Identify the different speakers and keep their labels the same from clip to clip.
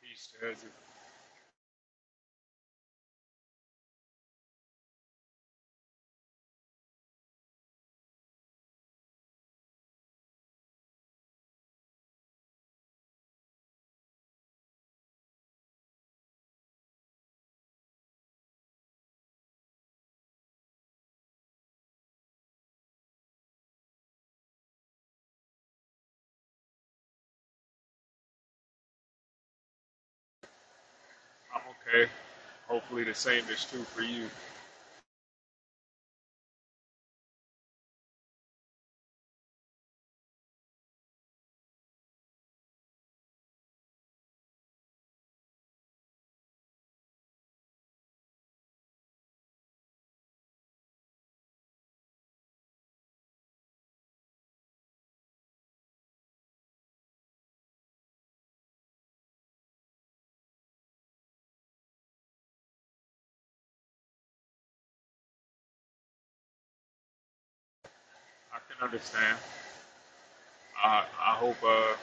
Speaker 1: He says, I'm okay. Hopefully, the same is true for you. I can understand. I, I hope uh,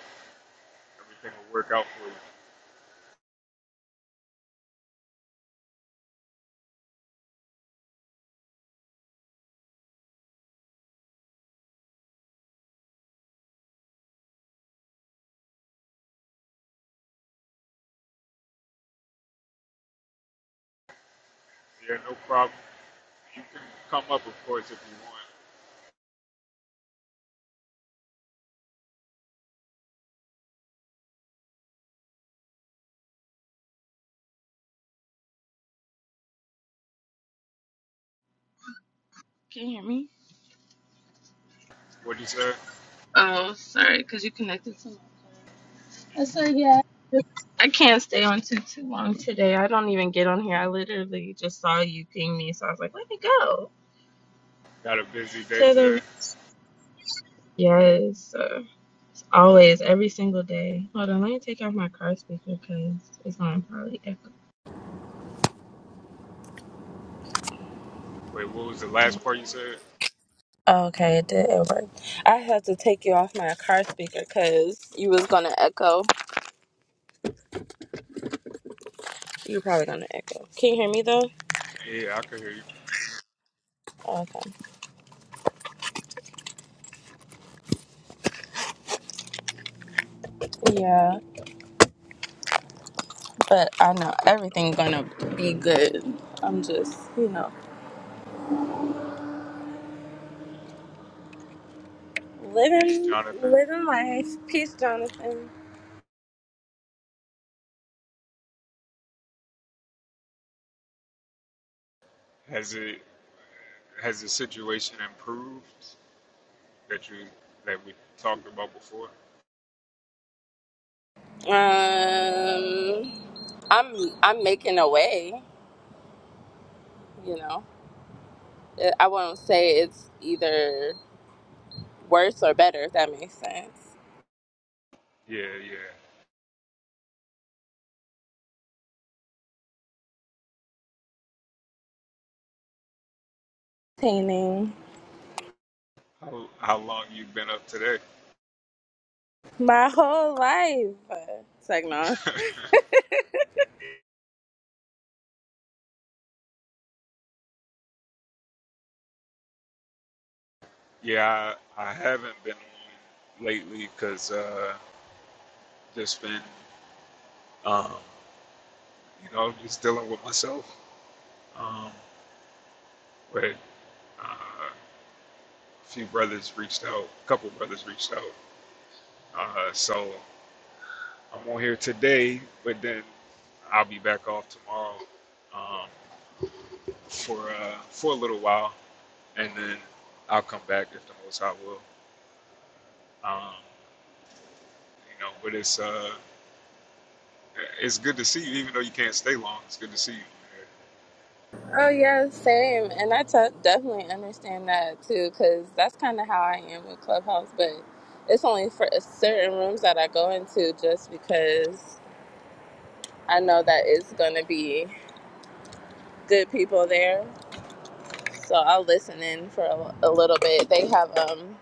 Speaker 1: everything will work out for you. Yeah, no problem. You can come up, of course, if you want.
Speaker 2: Can you hear me?
Speaker 1: What'd you say?
Speaker 2: Oh, sorry, because you connected to. I said, yeah. I can't stay on too too long today. I don't even get on here. I literally just saw you ping me, so I was like, let me go
Speaker 1: Got a busy
Speaker 2: to
Speaker 1: day today.
Speaker 2: the. Yes, uh, always, every single day. Hold on, let me take out my car speaker because it's going to probably echo.
Speaker 1: Wait, what was the last part you said?
Speaker 2: Okay, it did. It worked. I had to take you off my car speaker because you was going to echo. You're probably going to echo. Can you hear me though?
Speaker 1: Yeah, I can hear you.
Speaker 2: Okay. Yeah. But I know everything's gonna be good. I'm just, you know,
Speaker 1: Peace,
Speaker 2: living
Speaker 1: Jonathan.
Speaker 2: living life. Peace, Jonathan.
Speaker 1: Has it has the situation improved that you that we talked about before?
Speaker 2: Um, I'm I'm making a way. You know, I I won't say it's either worse or better. If that makes sense.
Speaker 1: Yeah, yeah.
Speaker 2: Painting
Speaker 1: How how long you been up today?
Speaker 2: my whole life. It's like no.
Speaker 1: Yeah, I, I haven't been on lately because uh, just been, um, you know, just dealing with myself. Um, but uh, a few brothers reached out, a couple brothers reached out. Uh, so I'm on here today, but then I'll be back off tomorrow um, for uh, for a little while, and then I'll come back if the Most High will. Um, you know, but it's uh, it's good to see you, even though you can't stay long. It's good to see you.
Speaker 2: Oh yeah, same. And I t- definitely understand that too, because that's kind of how I am with Clubhouse. But it's only for a certain rooms that I go into, just because I know that it's going to be good people there. So I'll listen in for a, a little bit. They have um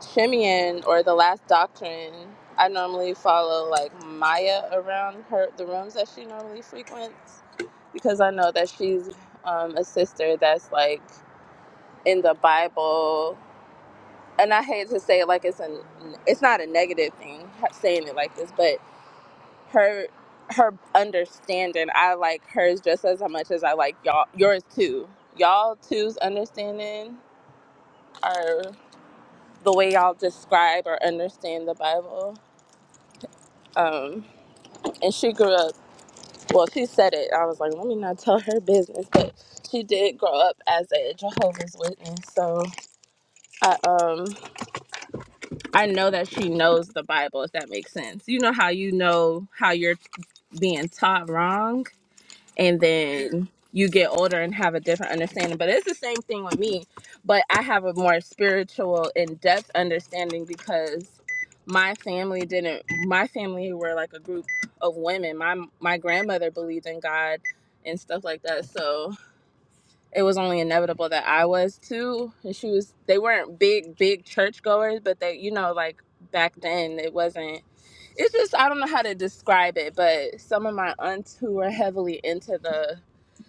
Speaker 2: Shimeon or the Last Doctrine. I normally follow like Maya around her the rooms that she normally frequents because I know that she's um, a sister that's like in the Bible, and I hate to say it like it's a, it's not a negative thing saying it like this, but her her understanding, I like hers just as much as I like y'all yours too. Y'all two's understanding or the way y'all describe or understand the Bible. Um, and she grew up. Well, she said it. I was like, let me not tell her business, but she did grow up as a Jehovah's Witness. So I um I know that she knows the Bible, if that makes sense. You know how you know how you're being taught wrong, and then you get older and have a different understanding. But it's the same thing with me, but I have a more spiritual, in depth understanding because my family didn't. My family were like a group of women. My my grandmother believed in God and stuff like that. So it was only inevitable that I was too. And she was they weren't big, big church goers, but they you know, like back then it wasn't it's just I don't know how to describe it, but some of my aunts who were heavily into the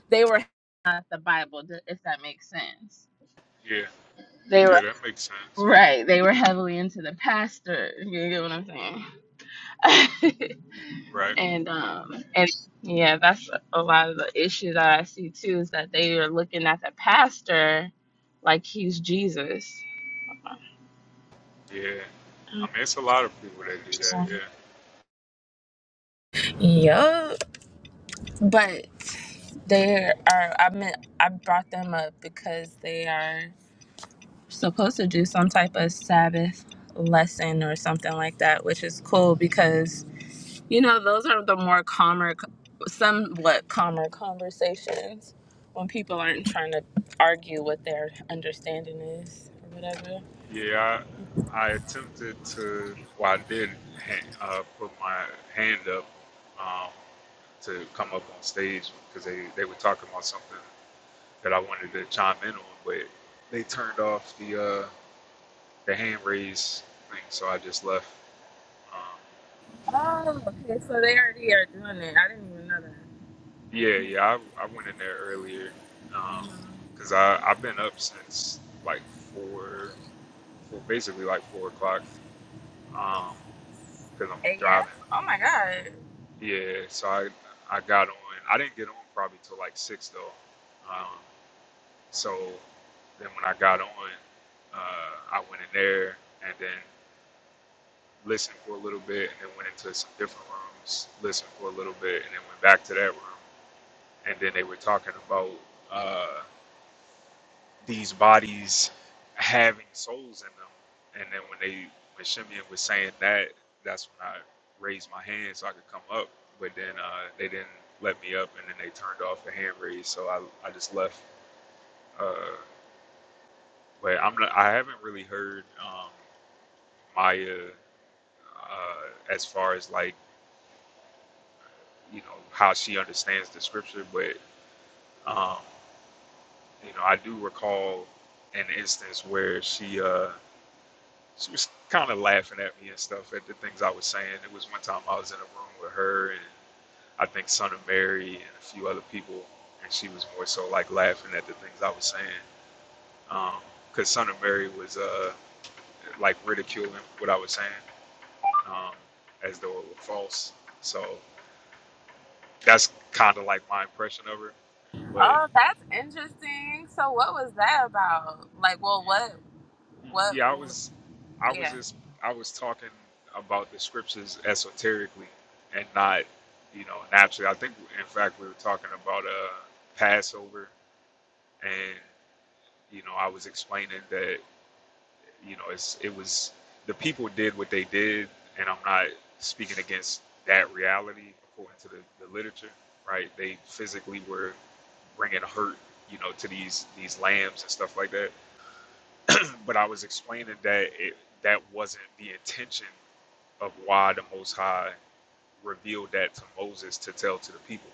Speaker 2: they were not the Bible, th- if that makes sense.
Speaker 1: Yeah.
Speaker 2: They were
Speaker 1: Yeah, that makes sense.
Speaker 2: right. They were heavily into the pastor. You get what I'm saying?
Speaker 1: Right.
Speaker 2: And um and yeah, that's a lot of the issue that I see too is that they are looking at the pastor like he's Jesus.
Speaker 1: Yeah. I mean, it's a lot of people that do that.
Speaker 2: Yup. But they are. I mean, I brought them up because they are supposed to do some type of Sabbath lesson or something like that, which is cool because You know, those are the more calmer, somewhat calmer conversations when people aren't trying to argue what their understanding is or whatever.
Speaker 1: Yeah. Yeah. I, I attempted to, well, I did ha- uh, put my hand up um, to come up on stage because they, they were talking about something that I wanted to chime in on, but they turned off the uh, the hand raise thing, so I just left. Um,
Speaker 2: Oh, okay. So they already are doing it. I didn't even know
Speaker 1: yeah, yeah, I, I went in there earlier because I I've been up since like four. for basically like four o'clock, um, because I'm
Speaker 2: that. AF?
Speaker 1: driving.
Speaker 2: Oh my god.
Speaker 1: Yeah, so I I got on. I didn't get on probably till like six though. Um, so then when I got on, uh, I went in there and then listened for a little bit, and then went into some different rooms, listened for a little bit, and then went back to that room. And then they were talking about. Uh, these bodies having souls in them. And then when they when Shimeon was saying that, that's when I raised my hand so I could come up. But then uh, they didn't let me up, and then they turned off the hand raise, so I, I just left. Uh, but I'm not, I haven't really heard um, Maya uh, as far as like you know how she understands the scripture, but um, you know I do recall an instance where she. Uh, she was kind of laughing at me and stuff at the things I was saying. It was one time I was in a room with her and I think Son of Mary and a few other people, and she was more so like laughing at the things I was saying. um, Because Son of Mary was uh, like ridiculing what I was saying um, as though it were false. So that's kind of like my impression of her. but.
Speaker 2: Oh, that's interesting. So what was that about? Like, well, what, what,
Speaker 1: Yeah, I was, I was
Speaker 2: yeah.
Speaker 1: just, I was talking about the scriptures esoterically, and not, you know, naturally. I think, in fact, we were talking about uh, Passover, and you know, I was explaining that, you know, it's it was the people did what they did, and I'm not speaking against that reality according to the, the literature, right? They physically were bringing hurt, you know, to these these lambs and stuff like that. but I was explaining that it, that wasn't the intention of why the Most High revealed that to Moses to tell to the people,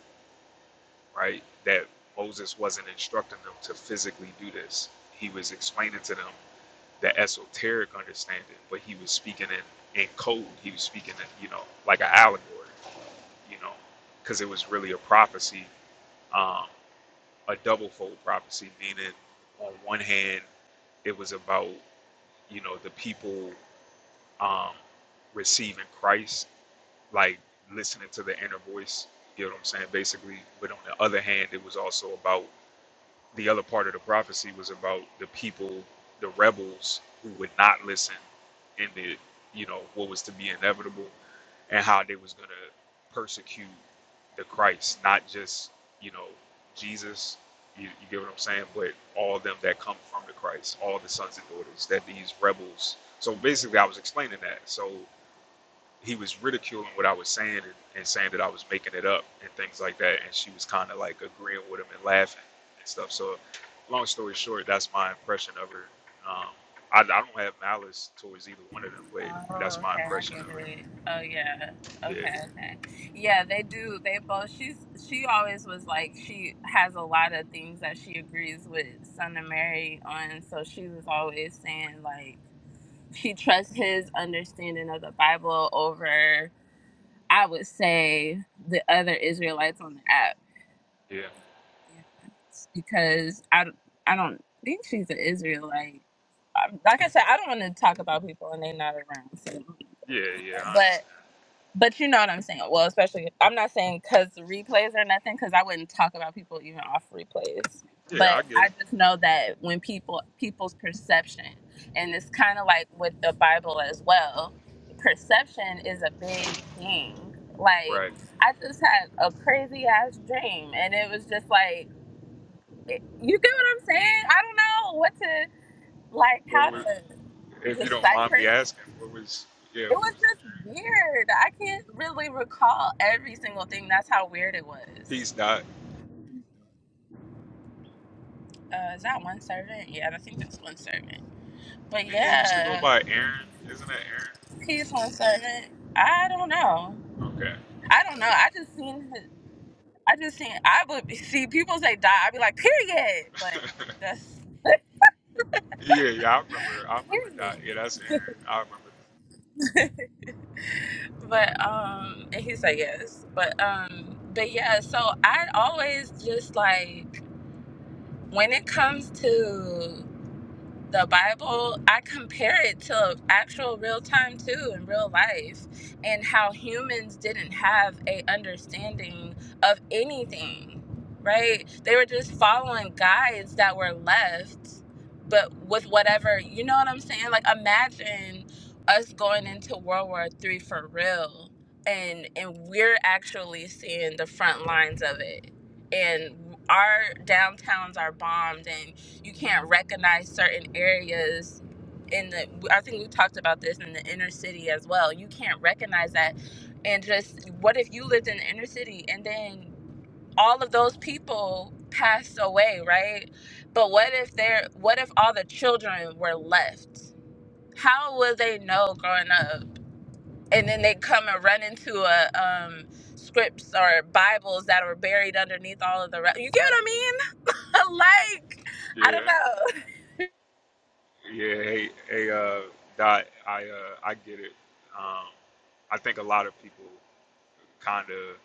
Speaker 1: right? That Moses wasn't instructing them to physically do this. He was explaining to them the esoteric understanding, but he was speaking in, in code. He was speaking in, you know, like an allegory, you know, because it was really a prophecy, um, a double fold prophecy, meaning on one hand, it was about, you know, the people um, receiving Christ, like listening to the inner voice. You know what I'm saying? Basically, but on the other hand, it was also about the other part of the prophecy was about the people, the rebels who would not listen, and the you know what was to be inevitable, and how they was gonna persecute the Christ, not just you know Jesus. You, you get what I'm saying? But all them that come from the Christ, all the sons and daughters that these rebels. So basically, I was explaining that. So he was ridiculing what I was saying and, and saying that I was making it up and things like that. And she was kind of like agreeing with him and laughing and stuff. So, long story short, that's my impression of her. Um, I, I don't have malice towards either one of them, but
Speaker 2: Oh,
Speaker 1: that's my
Speaker 2: okay, I
Speaker 1: impression
Speaker 2: get
Speaker 1: of her.
Speaker 2: it. Oh yeah.
Speaker 1: Yeah,
Speaker 2: Okay, okay. Yeah, they do. They both she's she always was like she has a lot of things that she agrees with Son of Mary on, so she was always saying like she trusts his understanding of the Bible over I would say the other Israelites on the app.
Speaker 1: yeah,
Speaker 2: Yeah. Because I don't- I don't think she's an Israelite. Um, Like I said, I don't want to talk about people when they're not around. So,
Speaker 1: yeah, yeah. I
Speaker 2: but
Speaker 1: understand.
Speaker 2: But you know what I'm saying. Well, especially I'm not saying because replays or nothing, because I wouldn't talk about people even off replays.
Speaker 1: Yeah,
Speaker 2: But
Speaker 1: I get
Speaker 2: I
Speaker 1: it.
Speaker 2: just know that when people people's perception, and it's kind of like with the Bible as well, perception is a big thing. Like
Speaker 1: Right.
Speaker 2: I just had a crazy ass dream, and it was just like, it- you get what I'm saying? I don't know what to like
Speaker 1: What
Speaker 2: how
Speaker 1: was,
Speaker 2: to
Speaker 1: if you don't mind me
Speaker 2: decipher
Speaker 1: asking, what was yeah,
Speaker 2: it
Speaker 1: what
Speaker 2: was
Speaker 1: was the
Speaker 2: just
Speaker 1: dream?
Speaker 2: weird. I can't really recall every single thing. That's how weird it was.
Speaker 1: Peace dot.
Speaker 2: Uh, is that one servant? Yeah, I think that's one servant. But
Speaker 1: Didn't he used to go
Speaker 2: yeah,
Speaker 1: by Aaron? Isn't that
Speaker 2: he's one servant. I don't know.
Speaker 1: Aaron?
Speaker 2: I don't know. I just seen. His, I just seen. I would be- see people say die. I'd be like period. But
Speaker 1: Okay.
Speaker 2: that's
Speaker 1: Yeah, yeah, I remember. I remember
Speaker 2: period.
Speaker 1: Dot. Yeah, that's Aaron. I
Speaker 2: But um, and he said yes. But um, but yeah. So I always just like when it comes to the Bible, I compare it to actual real time too in real life and how humans didn't have a understanding of anything, right? They were just following guides that were left, but with whatever, you know what I'm saying? Like imagine us going into World War Three for real and and we're actually seeing the front lines of it. And our downtowns are bombed and you can't recognize certain areas in the i think we talked about this in the inner city as well you can't recognize that and just what if you lived in the inner city and then all of those people passed away right but what if they're what if all the children were left how would they know growing up and then they come and run into a um scripts or bibles that were buried underneath all of the re- you get what i mean like i
Speaker 1: remember.
Speaker 2: don't know
Speaker 1: Yeah, yeah. Hey, hey, uh, Dot. I, uh, I get it. Um, I think a lot of people kind of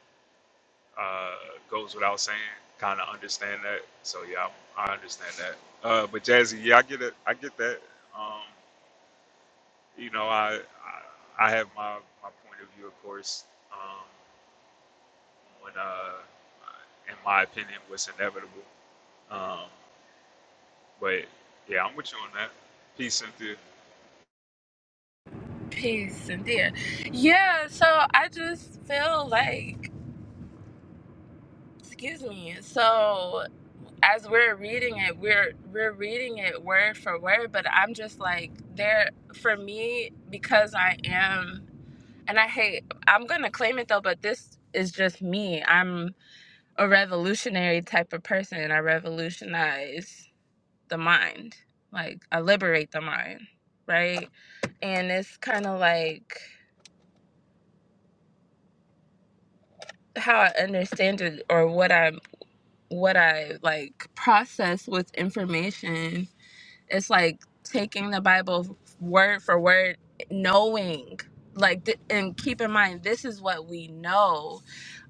Speaker 1: uh goes without saying, kind of understand that. So yeah, I, I understand that. Uh, but Jazzy, yeah, I get it. I get that. Um, you know, I, I, I have my my point of view, of course. Um, when uh, in my opinion, what's inevitable. Um, But yeah, I'm with you on that. Peace, Cynthia.
Speaker 2: Peace and dear. Yeah, so I just feel like excuse me. So as we're reading it, we're we're reading it word for word, but I'm just like there for me because I am and I hate I'm gonna claim it though, but this is just me. I'm a revolutionary type of person. I revolutionize the mind. Like I liberate the mind, right? And it's kinda like how I understand it or what I what I like process with information. It's like taking the Bible word for word, knowing like th- and keep in mind this is what we know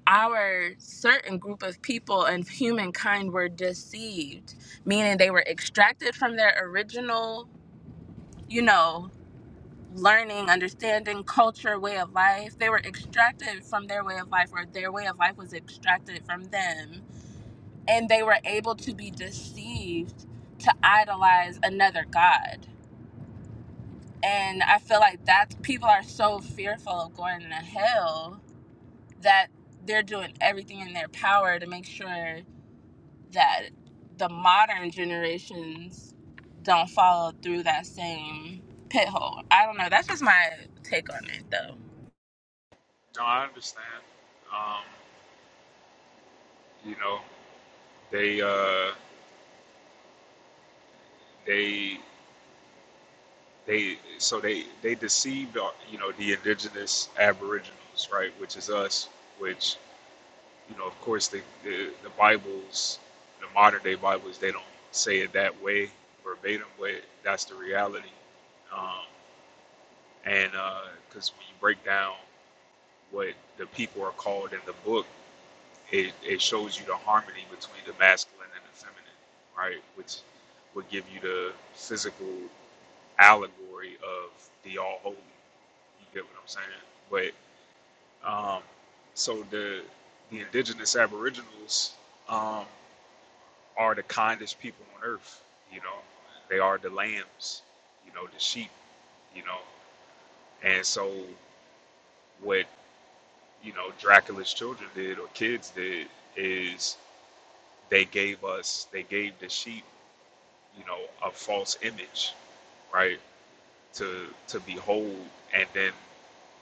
Speaker 2: our certain group of people and humankind were deceived meaning they were extracted from their original you know learning understanding culture way of life they were extracted from their way of life or their way of life was extracted from them and they were able to be deceived to idolize another god. And I feel like that's people are so fearful of going to hell that they're doing everything in their power to make sure that the modern generations don't follow through that same pit hole. I don't know. That's just my take on it, though.
Speaker 1: No, I understand. Um, you know, they uh, they they so they they deceived uh, you know the indigenous aboriginals, right? Which is us. Which you know, of course, the the, the Bibles, the modern day Bibles, they don't say it that way verbatim, but that's the reality. Um, and because when you break down what the people are called in the book it, it shows you the harmony between the masculine and the feminine, right? Which would give you the physical allegory of the all holy. You get what I'm saying? But um, so the the indigenous aboriginals um, are the kindest people on earth. You know, they are the lambs. You know, the sheep. You know, and so what you know Dracula's children did or kids did is they gave us they gave the sheep you know a false image right to to behold and then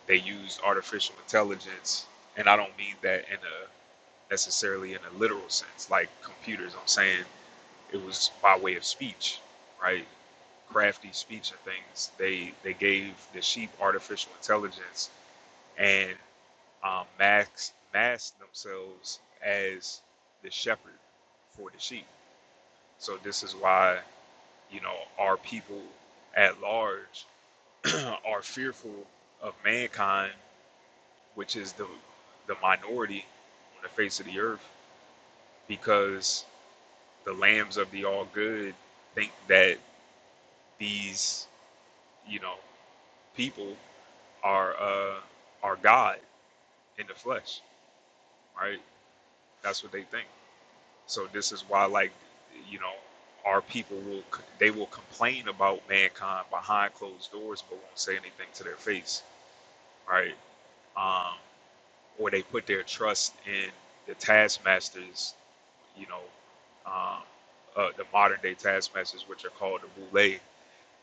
Speaker 1: they used artificial intelligence and i don't mean that in a necessarily in a literal sense like computers i'm saying it was by way of speech right crafty speech and things they they gave the sheep artificial intelligence and um, max masked themselves as the shepherd for the sheep so this is why you know, our people at large are fearful of mankind, which is the the minority on the face of the earth, because the lambs of the all good think that these, you know, people are uh, are God in the flesh, right? That's what they think. So this is why, like, you know, our people will they will complain about mankind behind closed doors, but won't say anything to their face, right? um, where they put their trust in the taskmasters, you know, um, uh, the modern day taskmasters, which are called the boule.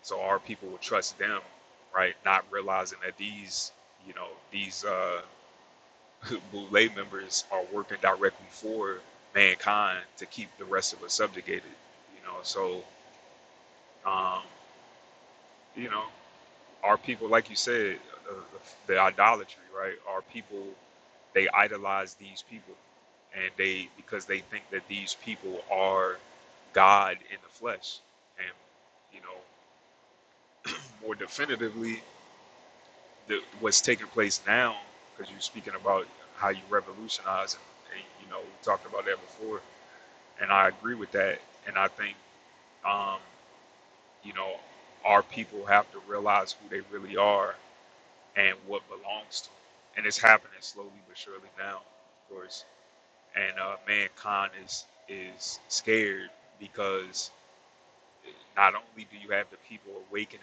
Speaker 1: So our people would trust them, right? Not realizing that these, you know, these uh, boule members are working directly for mankind to keep the rest of us subjugated, you know. So, um, you know. Are people, like you said, uh, the idolatry, right? Are people, they idolize these people. And they, because they think that these people are God in the flesh. And, you know, more definitively, the, what's taking place now, because you're speaking about how you revolutionize, and, and, you know, we talked about that before. And I agree with that. And I think, um, you know, our people have to realize who they really are and what belongs to him. And it's happening slowly but surely now, of course. And uh, mankind is is scared because not only do you have the people awakening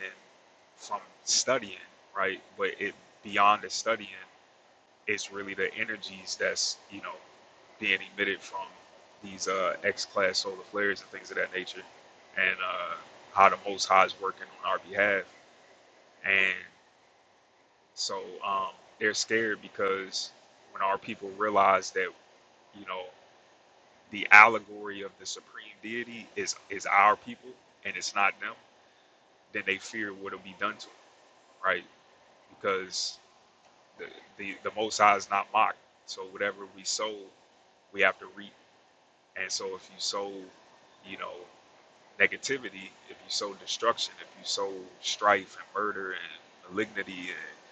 Speaker 1: from studying, right, but it beyond the studying, it's really the energies that's you know being emitted from these uh, X-class solar flares and things of that nature, and uh, how the Most High is working on our behalf. and. So um, they're scared because when our people realize that, you know, the allegory of the supreme deity is is our people and it's not them, then they fear what'll be done to them, right? Because the the, the Most High is not mocked. So whatever we sow, we have to reap. And so if you sow, you know, negativity, if you sow destruction, if you sow strife and murder and malignity and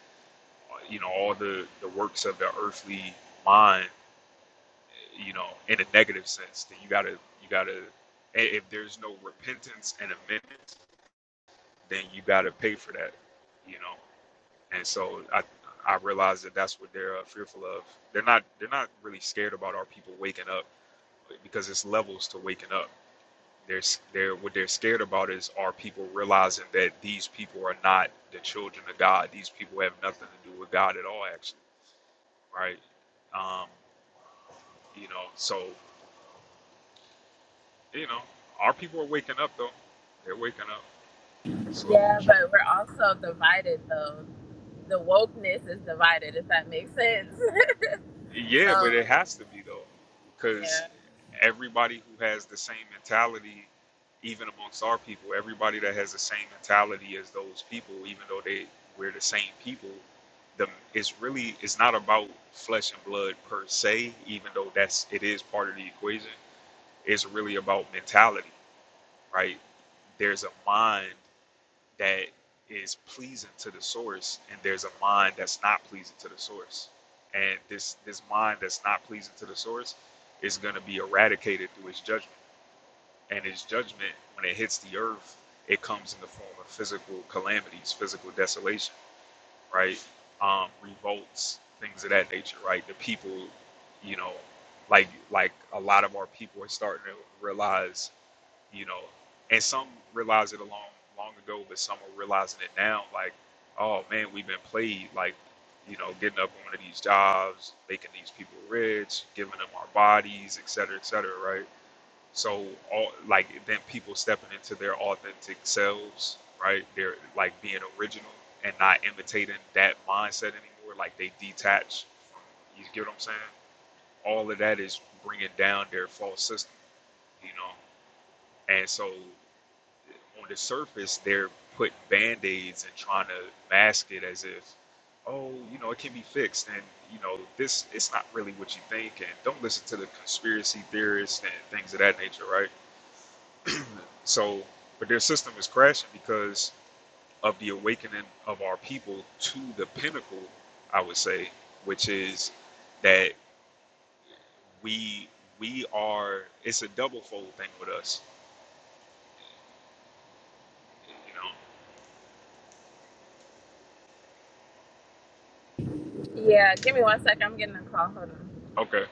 Speaker 1: uh, you know all the the works of the earthly mind you know, in a negative sense, then you gotta you gotta i- if there's no repentance and amendment, then you gotta pay for that, you know. And so I I realize that that's what they're uh, fearful of. They're not they're not really scared about our people waking up because it's levels to waking up. They're s- they're what they're scared about is our people realizing that these people are not the children of God. These people have nothing to do with God at all, actually, right? Um, you know, so You know, our people are waking up though. They're waking up slowly
Speaker 2: Yeah,
Speaker 1: but
Speaker 2: but
Speaker 1: surely.
Speaker 2: we're also divided though. The wokeness is divided, if that makes sense.
Speaker 1: Yeah, but it
Speaker 2: so
Speaker 1: has to be though,
Speaker 2: yeah.
Speaker 1: because everybody who has the same mentality, even amongst our people, everybody that has the same mentality as those people, even though they we're the same people, the it's really it's not about flesh and blood per se, even though that's it is part of the equation. It's really about mentality, right? There's a mind that is pleasing to the source and there's a mind that's not pleasing to the source and this this mind that's not pleasing to the source is going to be eradicated through its judgment and its judgment when it hits the earth it comes in the form of physical calamities physical desolation right um, revolts things of that nature right the people you know like like a lot of our people are starting to realize you know, and some realize it a long, long ago, but some are realizing it now. Like, oh man, we've been played. Like, you know, getting up on one of these jobs, making these people rich, giving them our bodies, et cetera, et cetera, right? So, all like then people stepping into their authentic selves, right? They're like being original and not imitating that mindset anymore. Like they detach. You get what I'm saying? All of that is bringing down their false system, you know. And so on the surface, they're putting band aids and trying to mask it as if, oh, you know, it can be fixed. And, you know, this, it's not really what you think. And don't listen to the conspiracy theorists and things of that nature, right? So, but their system is crashing because of the awakening of our people to the pinnacle, I would say, which is that we, we are, it's a double fold thing with us, you know?
Speaker 2: Yeah, give me one second. I'm getting a call. Hold on.
Speaker 1: Okay.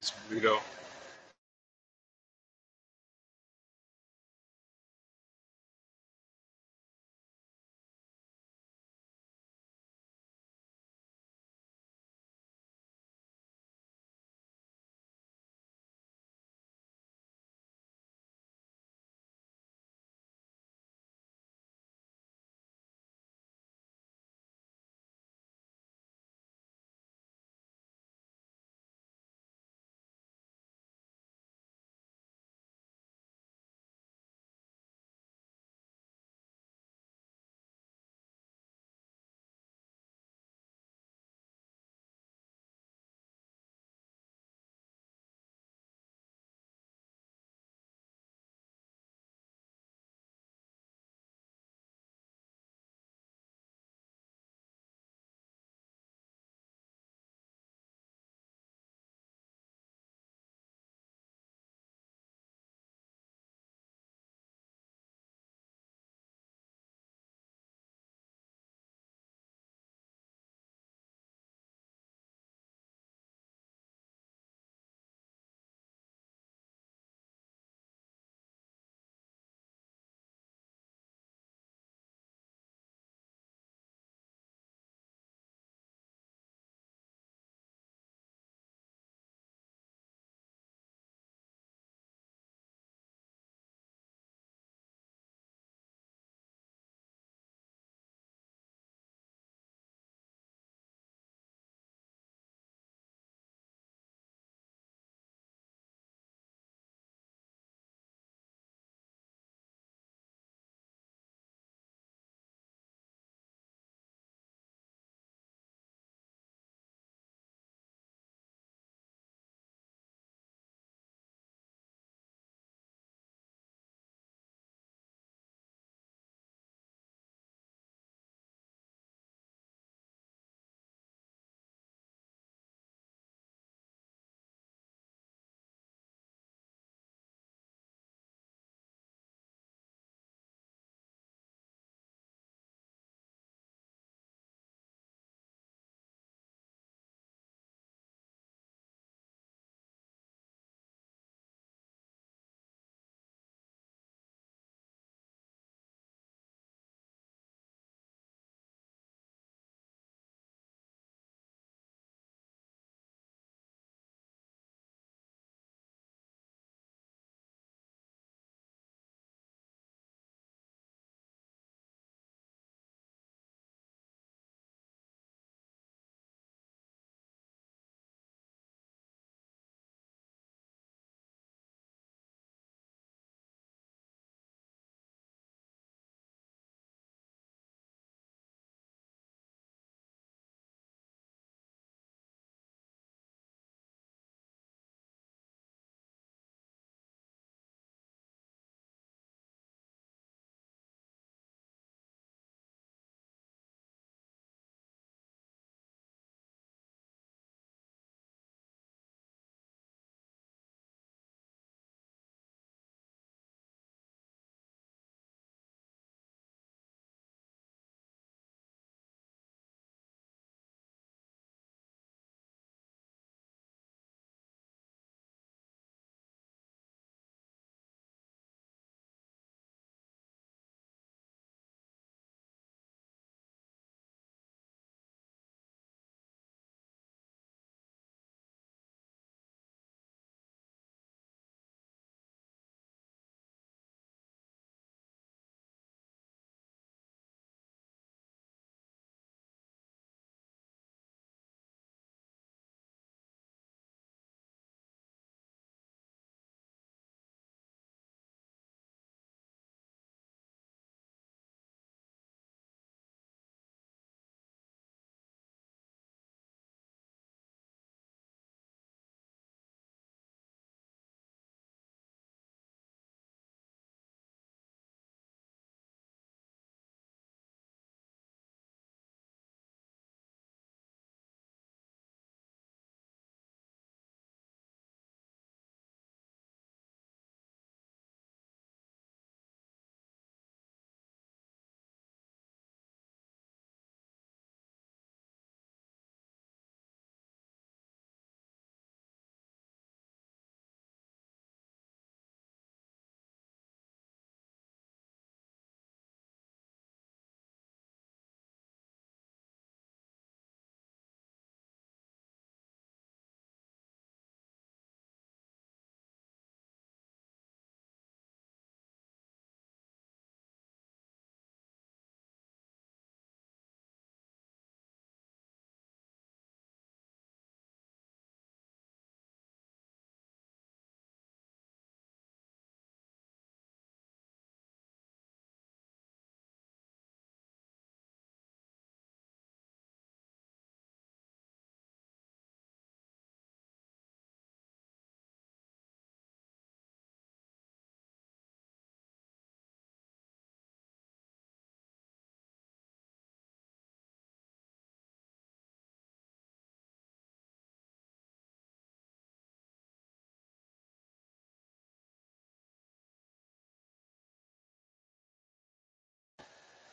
Speaker 1: It's Guido.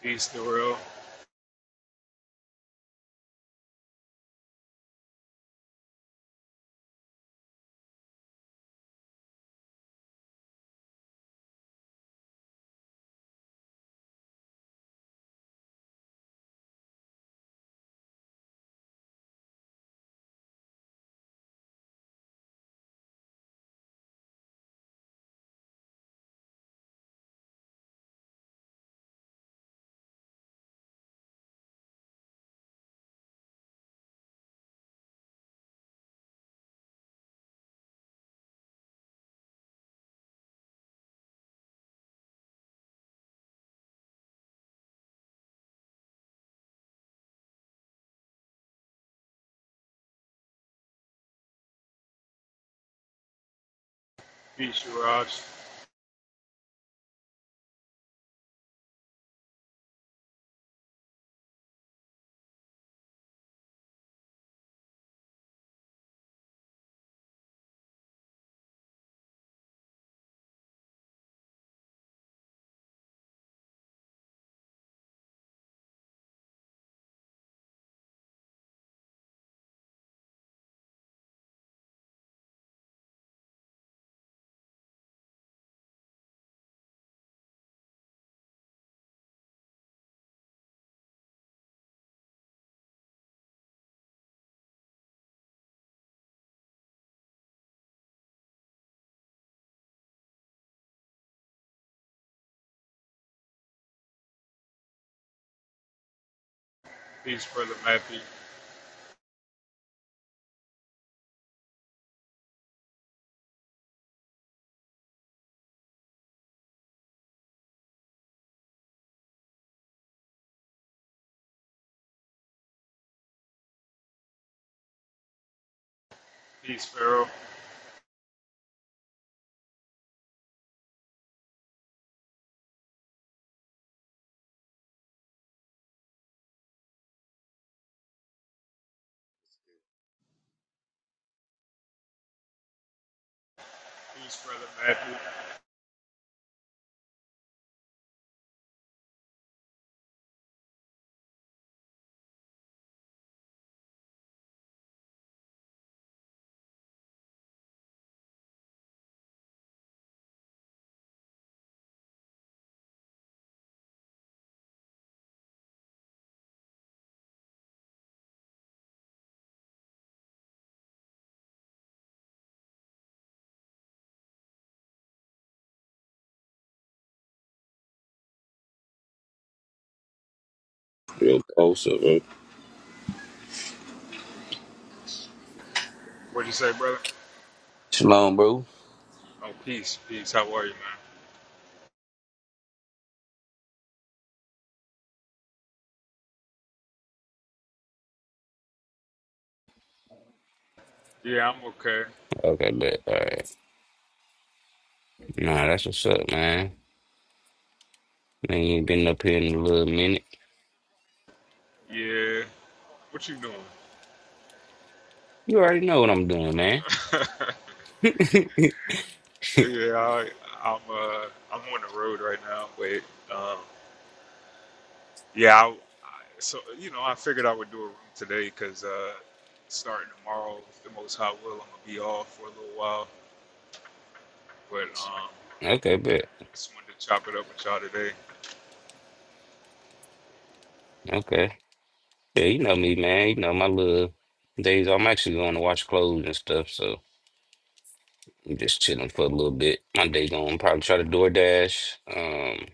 Speaker 1: Peace, the world. Peace, Raj. Peace, Brother Matthew. Peace, Pharaoh. Peace, Brother Matthew.
Speaker 3: Real close up, man.
Speaker 1: What'd you say, brother?
Speaker 3: Shalom, bro.
Speaker 1: Oh, peace, peace. How are you, man? Yeah, I'm okay.
Speaker 3: Okay, but all right. Nah, that's what's up, man. Man, you ain't been up here in a little minute.
Speaker 1: Yeah. What you doing?
Speaker 3: You already know what I'm doing, man.
Speaker 1: yeah, I, I'm uh, I'm on the road right now, but um, yeah, I, I, so you know, I figured I would do a room today because uh, starting tomorrow, if the Most High will, I'm gonna be off for a little while. But um,
Speaker 3: Okay, bet.
Speaker 1: I just wanted to chop it up with y'all today.
Speaker 3: Okay. Yeah, you know me, man. You know my little days. I'm actually going to wash clothes and stuff, so I'm just chilling for a little bit. My day going probably try to DoorDash. Um,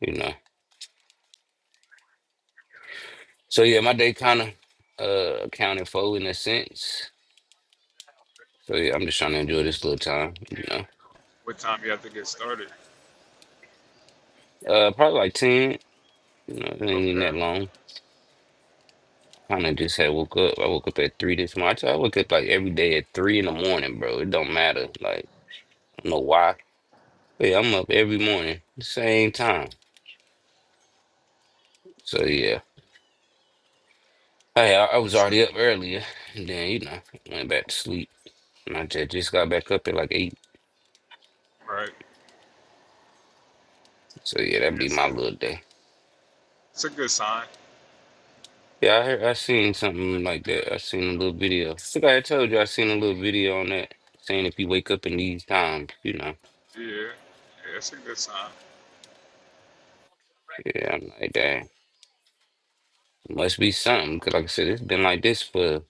Speaker 3: you know. So yeah, my day kind of uh accounted for in a sense. So yeah, I'm just trying to enjoy this little time. You know,
Speaker 1: What time you have to get started?
Speaker 3: uh, probably like 10. You know, it ain't even
Speaker 1: Okay.
Speaker 3: that long. Kind of just had woke up. I woke up at three this morning. I woke up like every day at three in the morning, bro. It don't matter. Like, I don't know why. But yeah, I'm up every morning, same time. So yeah. Hey, I, I was
Speaker 1: That's it.
Speaker 3: already up earlier. And then, you know, went back to sleep. And I just, just got back up at like eight.
Speaker 1: Right.
Speaker 3: So yeah, that'd be
Speaker 1: That's
Speaker 3: my
Speaker 1: it.
Speaker 3: little day.
Speaker 1: It's a good sign.
Speaker 3: Yeah, I heard, I seen something like that. I seen a little video. I think I had told you I seen a little video on that saying if you wake up in these times, you know.
Speaker 1: Yeah. yeah it's a good sign.
Speaker 3: Yeah, I'm like that. Must be something because, like I said, it's been like this for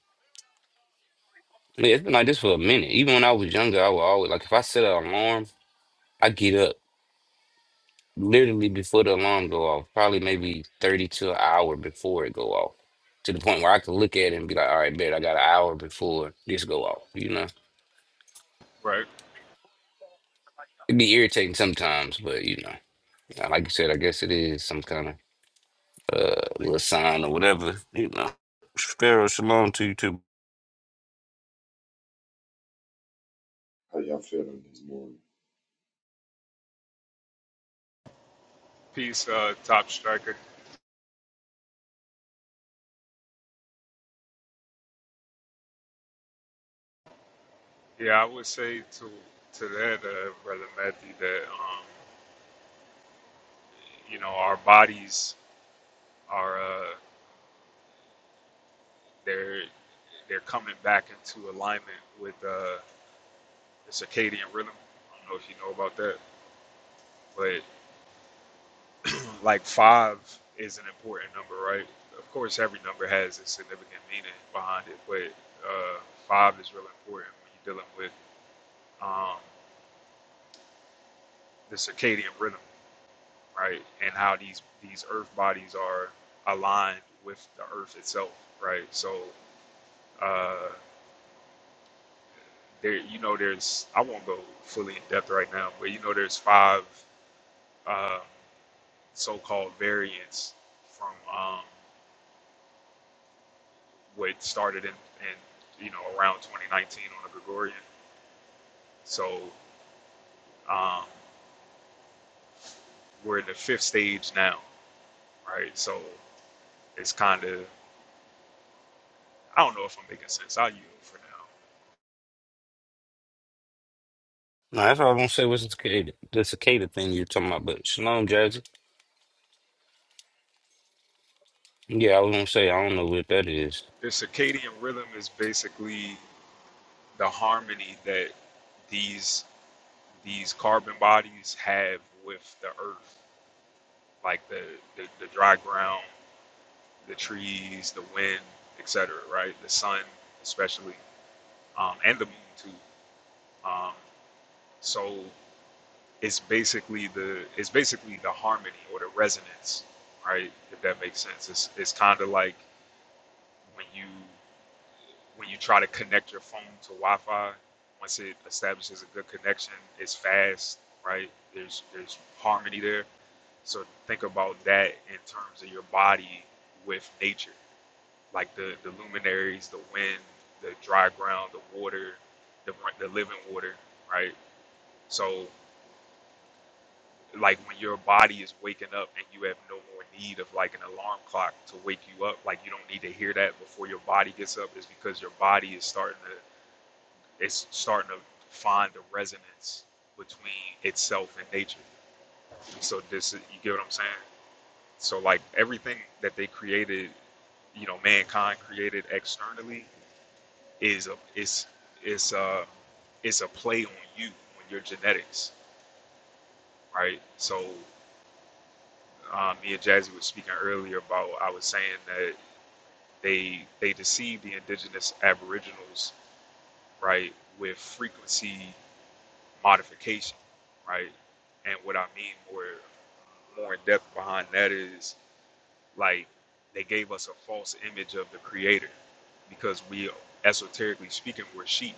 Speaker 3: I mean, it's been like this for a minute. Even when I was younger, I would always like if I set an alarm, I get up literally before the alarm go off, probably maybe 30 to an hour before it go off. To the point where I could look at it and be like, all right, bet I got an hour before this go off, you know?
Speaker 1: Right.
Speaker 3: It'd be irritating sometimes, but you know, uh, like you said, I guess it is some kind of uh little sign or whatever, you know. Sparrow, shalom to you too.
Speaker 4: How y'all feeling this morning?
Speaker 1: Peace, uh, top striker. Yeah, I would say to to that, uh, brother Matthew, that um, you know, our bodies are uh, they're they're coming back into alignment with uh, the circadian rhythm. I don't know if you know about that, but. like five is an important number, right? Of course, every number has a significant meaning behind it, but uh, five is really important when you're dealing with um, the circadian rhythm, right? And how these these Earth bodies are aligned with the Earth itself, right? So uh, there, you know, there's I won't go fully in depth right now, but you know, there's five uh, so-called variants from. Um, What started in, in you know around 2019 on a Gregorian. So um, we're in the fifth stage now, right? So it's kind of I don't know if I'm making sense. I'll yield for now.
Speaker 3: No, that's all I'm gonna say was the cicada, the cicada thing you're talking about, but shalom, Jazzy. Yeah, I was gonna say I don't know what that is.
Speaker 1: The circadian rhythm is basically the harmony that these these carbon bodies have with the earth, like the the, the dry ground, the trees, the wind, etc. Right, the sun especially, um, and the moon too. Um, so it's basically the it's basically the harmony or the resonance, right? If that makes sense, it's it's kind of like when you when you try to connect your phone to Wi-Fi. Once it establishes a good connection, it's fast, right? There's there's harmony there. So think about that in terms of your body with nature, like the the luminaries, the wind, the dry ground, the water, the the living water, right? So like when your body is waking up and you have no more need of like an alarm clock to wake you up like you don't need to hear that before your body gets up is because your body is starting to it's starting to find the resonance between itself and nature so this you get what i'm saying so like everything that they created you know mankind created externally is a it's it's uh it's a play on you on your genetics right so um, me and Jazzy were speaking earlier about I was saying that they they deceive the indigenous aboriginals right with frequency modification right and what I mean more more in depth behind that is like they gave us a false image of the creator because we esoterically speaking we're sheep,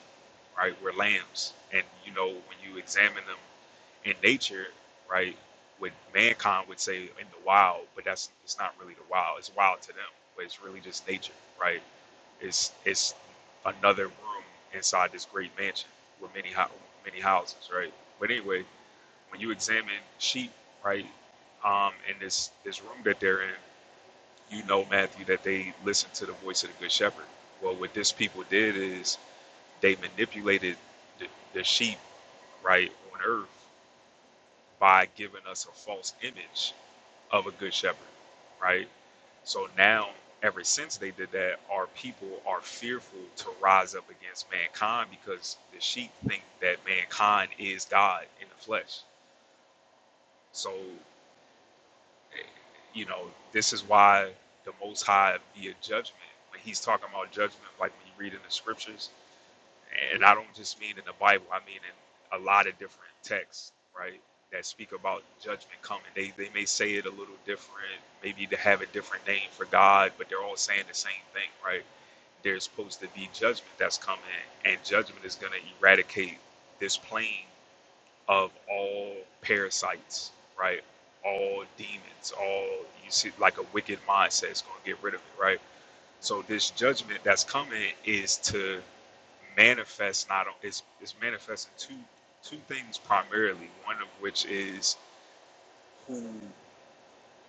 Speaker 1: right? We're lambs. And you know, when you examine them in nature, right, what mankind would say in the wild, but that's it's not really the wild. It's wild to them, but it's really just nature, right? It's it's another room inside this great mansion with many ho- many houses, right? But anyway, when you examine sheep, right, um, in this this room that they're in, you know, Matthew, that they listened to the voice of the good shepherd. Well, what this people did is they manipulated the, the sheep, right, on earth by giving us a false image of a good shepherd, right? So now, ever since they did that, our people are fearful to rise up against mankind because the sheep think that mankind is God in the flesh. So You know, this is why the Most High be a judgment. When he's talking about judgment, like when you read in the scriptures, and I don't just mean in the Bible, I mean in a lot of different texts, right? That speak about judgment coming. They, they may say it a little different, maybe to have a different name for God, but they're all saying the same thing, right? there's supposed to be judgment that's coming, and judgment is going to eradicate this plane of all parasites, right? All demons, all you see, like a wicked mindset is going to get rid of it, right? So this judgment that's coming is to manifest not on- is is manifesting two two things primarily. One of which is who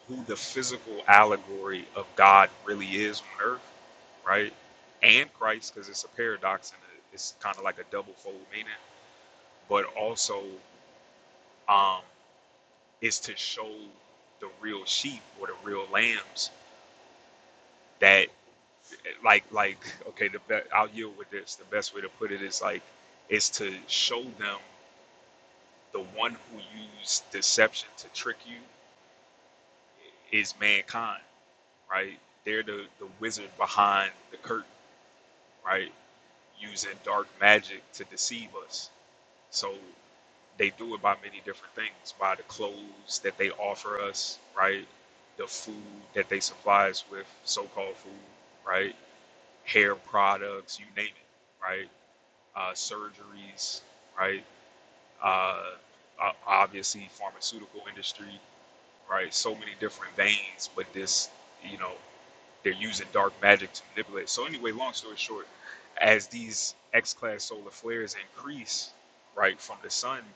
Speaker 1: who the physical allegory of God really is on earth, right? And Christ, because it's a paradox and it's kind of like a double fold meaning, but also um, is to show the real sheep or the real lambs that like like okay the be- I'll yield with this the best way to put it is like is to show them the one who used deception to trick you is mankind right they're the the wizard behind the curtain right using dark magic to deceive us So they do it by many different things, by the clothes that they offer us, right? The food that they supply us with, so-called food, right? Hair products, you name it, right? Uh, surgeries, right? Uh, uh, obviously, pharmaceutical industry, right? So many different veins, but this, you know, they're using dark magic to manipulate. So anyway, long story short, as these X-class solar flares increase, right, from the sun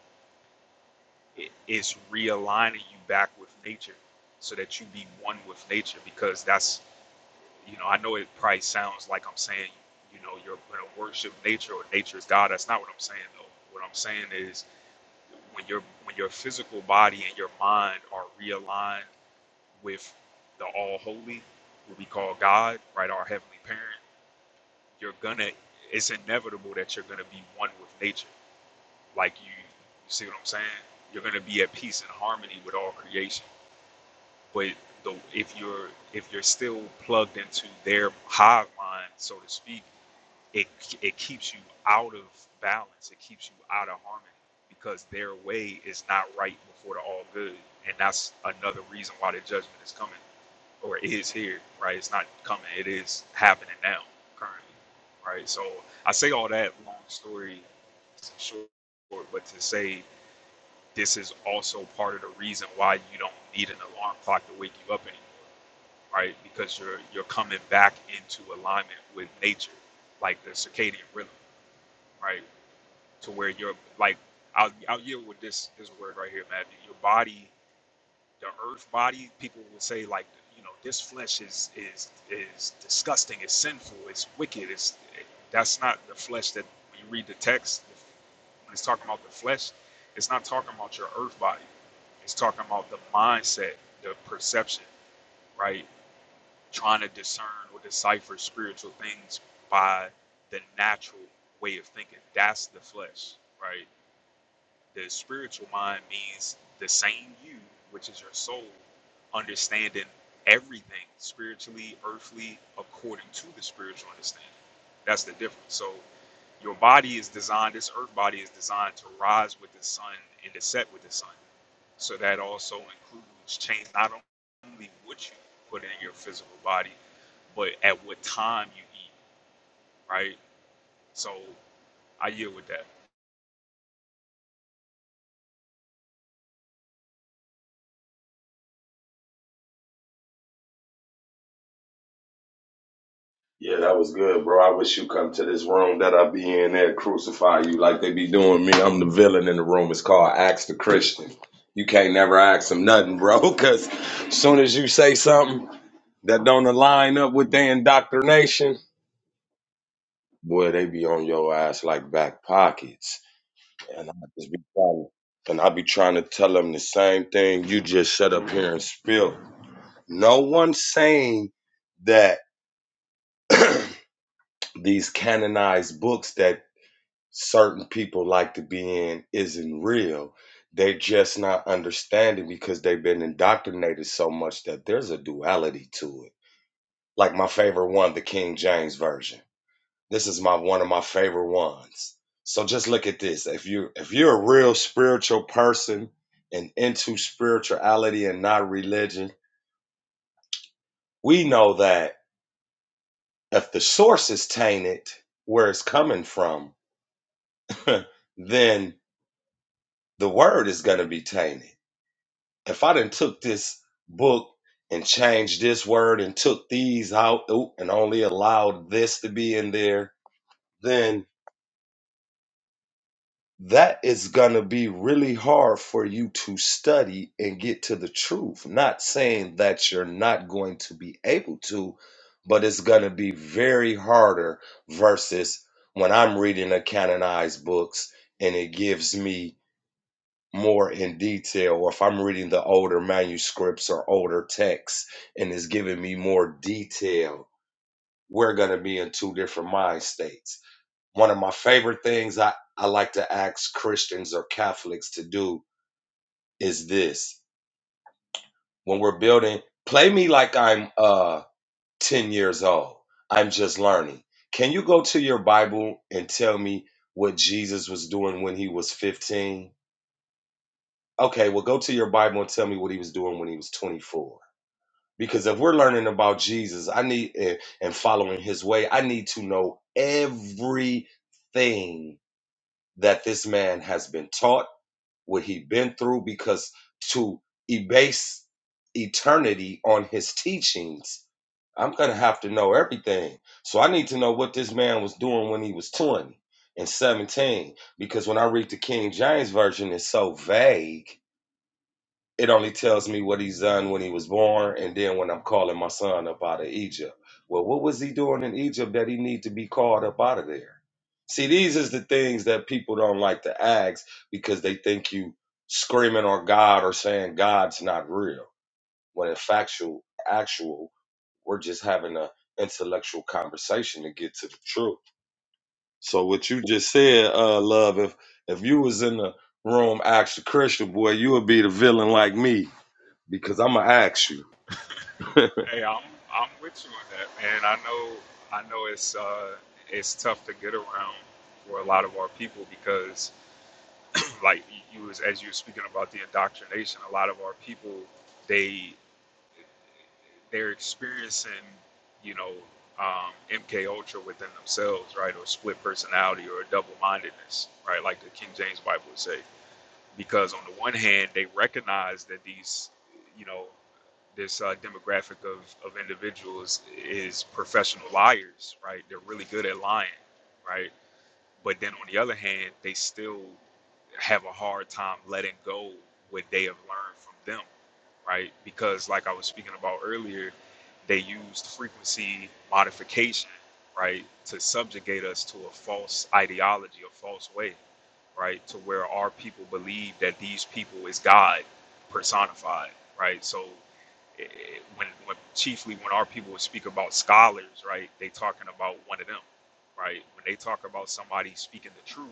Speaker 1: It- it's realigning you back with nature so that you be one with nature because that's you know i know it probably sounds like i'm saying you know you're going to worship nature or nature is god that's not what i'm saying though what i'm saying is when your when your physical body and your mind are realigned with the all holy what we call god right our heavenly parent you're gonna it's inevitable that you're gonna be one with nature like you, you see what i'm saying you're gonna be at peace and harmony with all creation but the, if you're if you're still plugged into their hive mind, so to speak, it it keeps you out of balance. It keeps you out of harmony because their way is not right before the all good, and that's another reason why the judgment is coming or is here. Right? It's not coming. It is happening now, currently. Right? So I say all that long story short, but to say this is also part of the reason why you don't need an alarm clock to wake you up anymore right? Because you're you're coming back into alignment with nature, like the circadian rhythm, right? To where you're like, I'll I'll yield with this this word right here, man. Your body, the earth body, people will say like, you know, this flesh is is is disgusting, it's sinful, it's wicked, it's that's not the flesh that when you read the text when it's talking about the flesh, it's not talking about your earth body. It's talking about the mindset, the perception, right? trying to discern or decipher spiritual things by the natural way of thinking. That's the flesh, right? The spiritual mind means the same you, which is your soul, understanding everything spiritually, earthly, according to the spiritual understanding. That's the difference. So your body is designed, this earth body is designed to rise with the sun and to set with the sun. So that also includes change not only what you put in your physical body, but at what time you eat, right? So I yield with that.
Speaker 4: Yeah, that was good, bro. I wish you come to this room that I be in there crucify you like they be doing me. I'm the villain in the room. It's called Ask the Christian. You can't never ask them nothing, bro, because soon as you say something that don't align up with their indoctrination, boy, they be on your ass like back pockets. And I just be trying, and I be trying to tell them the same thing you just shut up here and spill. No one's saying that these canonized books that certain people like to be in isn't real. They're just not understanding because they've been indoctrinated so much that there's a duality to it. Like my favorite one, the King James Version. This is my one of my favorite ones. So just look at this. If you if you're a real spiritual person and into spirituality and not religion, we know that if the source is tainted, where it's coming from, then the word is going to be tainted. If I done took this book and changed this word and took these out oop, and only allowed this to be in there, then that is going to be really hard for you to study and get to the truth. Not saying that you're not going to be able to, but it's going to be very harder versus when I'm reading the canonized books and it gives me more in detail or if I'm reading the older manuscripts or older texts and it's giving me more detail, we're going to be in two different mind states. One of my favorite things I, I like to ask Christians or Catholics to do is this. When we're building, play me like I'm uh 10 years old. I'm just learning. Can you go to your Bible and tell me what Jesus was doing when he was 15? Okay, well go to your Bible and tell me what he was doing when he was 24 Because if we're learning about Jesus, I need eh, and following his way, I need to know everything that this man has been taught, what he been through, because to base eternity on his teachings, I'm gonna have to know everything. So I need to know what this man was doing when he was 20 and 17, because when I read the King James version, it's so vague it only tells me what he's done when he was born and then when i'm calling my son up out of egypt well what was he doing in egypt that he need to be called up out of there see these is the things that people don't like to ask because they think you screaming on god or saying god's not real when in factual actual we're just having a intellectual conversation to get to the truth so what you just said uh love if if you was in the room ask the christian boy you would be the villain like me because I'm gonna ask you.
Speaker 1: Hey, I'm I'm with you on that, man. I know I know it's uh it's tough to get around for a lot of our people because like you was as you were speaking about the indoctrination, a lot of our people they they're experiencing, you know, um, MK Ultra within themselves, right, or split personality or double mindedness, right, like the King James Bible would say because on the one hand they recognize that these you know this uh, demographic of, of individuals is professional liars right they're really good at lying right but then on the other hand they still have a hard time letting go what they have learned from them right because like i was speaking about earlier they used frequency modification right to subjugate us to a false ideology a false way right? To where our people believe that these people is God personified, right? So eh, when, when chiefly when our people would speak about scholars, right, they talking about one of them, right? When they talk about somebody speaking the truth,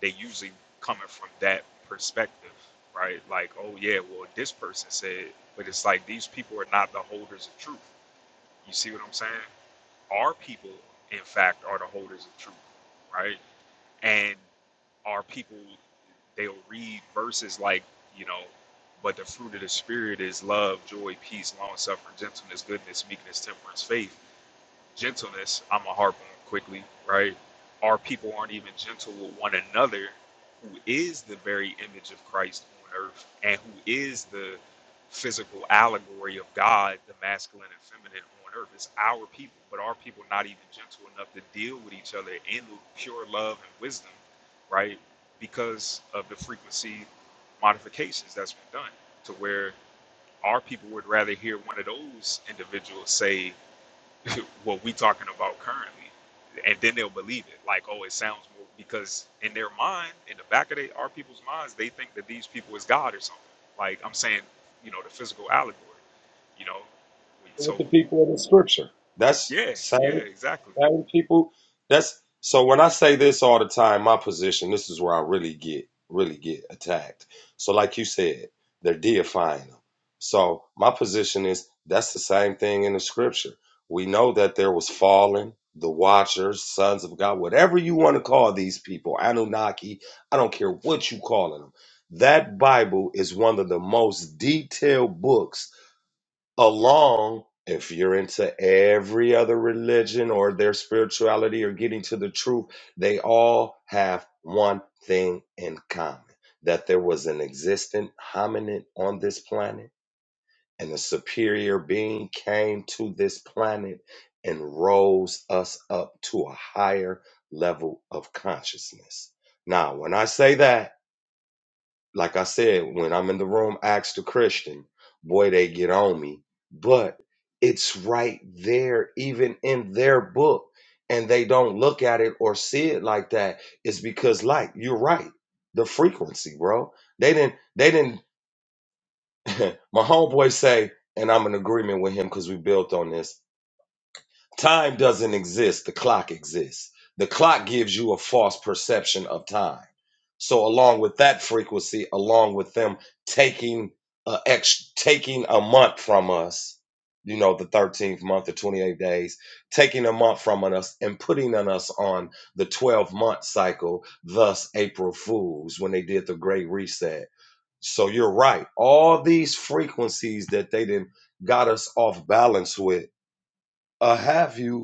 Speaker 1: they usually coming from that perspective, right? Like, oh yeah, well this person said, but it's like these people are not the holders of truth. You see what I'm saying? Our people, in fact, are the holders of truth, right? and are people they'll read verses like you know but the fruit of the spirit is love joy peace long suffering gentleness goodness meekness temperance faith gentleness, I'm going to harp on quickly, right? Our people aren't even gentle with one another, who is the very image of Christ on earth and who is the physical allegory of God, the masculine and feminine on earth. It's our people, but our people not even gentle enough to deal with each other in the pure love and wisdom, right? Because of the frequency modifications that's been done to where our people would rather hear one of those individuals say, what we talking about currently and then they'll believe it like oh it sounds more because in their mind in the back of they, our people's minds they think that these people is god or something like i'm saying you know the physical allegory you know
Speaker 4: What
Speaker 1: so
Speaker 4: the people in the scripture? That's
Speaker 1: yeah yeah
Speaker 4: same
Speaker 1: exactly
Speaker 4: same people. That's so when I say this all the time, my position. This is where I really get really get attacked. So like you said, they're deifying them. So my position is that's the same thing in the scripture. We know that there was fallen, the watchers, sons of God, whatever you want to call these people, Anunnaki. I don't care what you calling them. That Bible is one of the most detailed books along if you're into every other religion or their spirituality or getting to the truth they all have one thing in common that there was an existent hominid on this planet and a superior being came to this planet and rose us up to a higher level of consciousness now when i say that like I said, when I'm in the room, ask the Christian, boy, they get on me. But it's right there, even in their book, and they don't look at it or see it like that. It's because, like, you're right, the frequency, bro. They didn't, they didn't. my homeboy say, and I'm in agreement with him because we built on this. Time doesn't exist, the clock exists. The clock gives you a false perception of time. So along with that frequency, along with them taking a ex- taking a month from us, you know, the 13th month or 28 days, taking a month from us and putting on us on the 12 month cycle, thus April Fools when they did the great reset. So you're right. All these frequencies that they did got us off balance with, uh, have you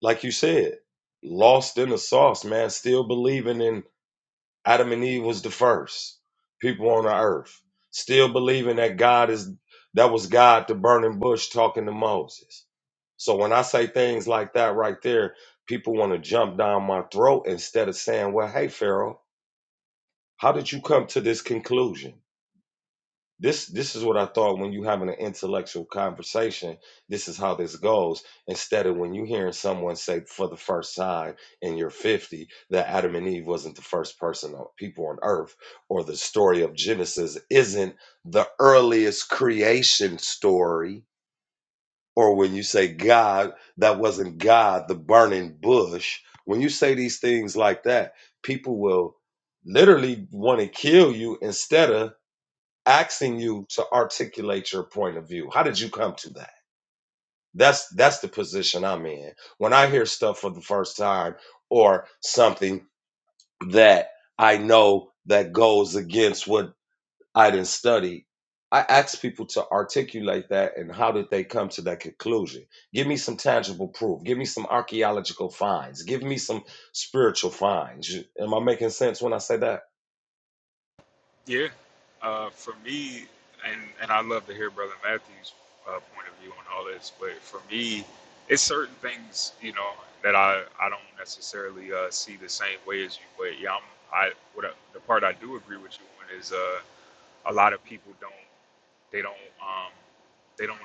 Speaker 4: like you said, lost in the sauce, man, still believing in Adam and Eve was the first people on the earth, still believing that God is that was God the burning bush talking to Moses. So when I say things like that right there, people want to jump down my throat instead of saying, "Well, hey Pharaoh, how did you come to this conclusion?" This this is what I thought when you having an intellectual conversation, this is how this goes. Instead of when you hearing someone say for the first time in your 50 that Adam and Eve wasn't the first person on people on earth, or the story of Genesis isn't the earliest creation story, or when you say God, that wasn't God, the burning bush. When you say these things like that, people will literally want to kill you instead of asking you to articulate your point of view. How did you come to that? That's that's the position I'm in. When I hear stuff for the first time or something that I know that goes against what I didn't study, I ask people to articulate that and how did they come to that conclusion? Give me some tangible proof. Give me some archaeological finds. Give me some spiritual finds. Am I making sense when I say that?
Speaker 1: Yeah, uh, for me, and and I love to hear Brother Matthew's uh, point of view on all this, but for me, it's certain things you know that I I don't necessarily uh, see the same way as you. But yeah, I'm, I what I, the part I do agree with you on is uh, a lot of people don't they don't um, they don't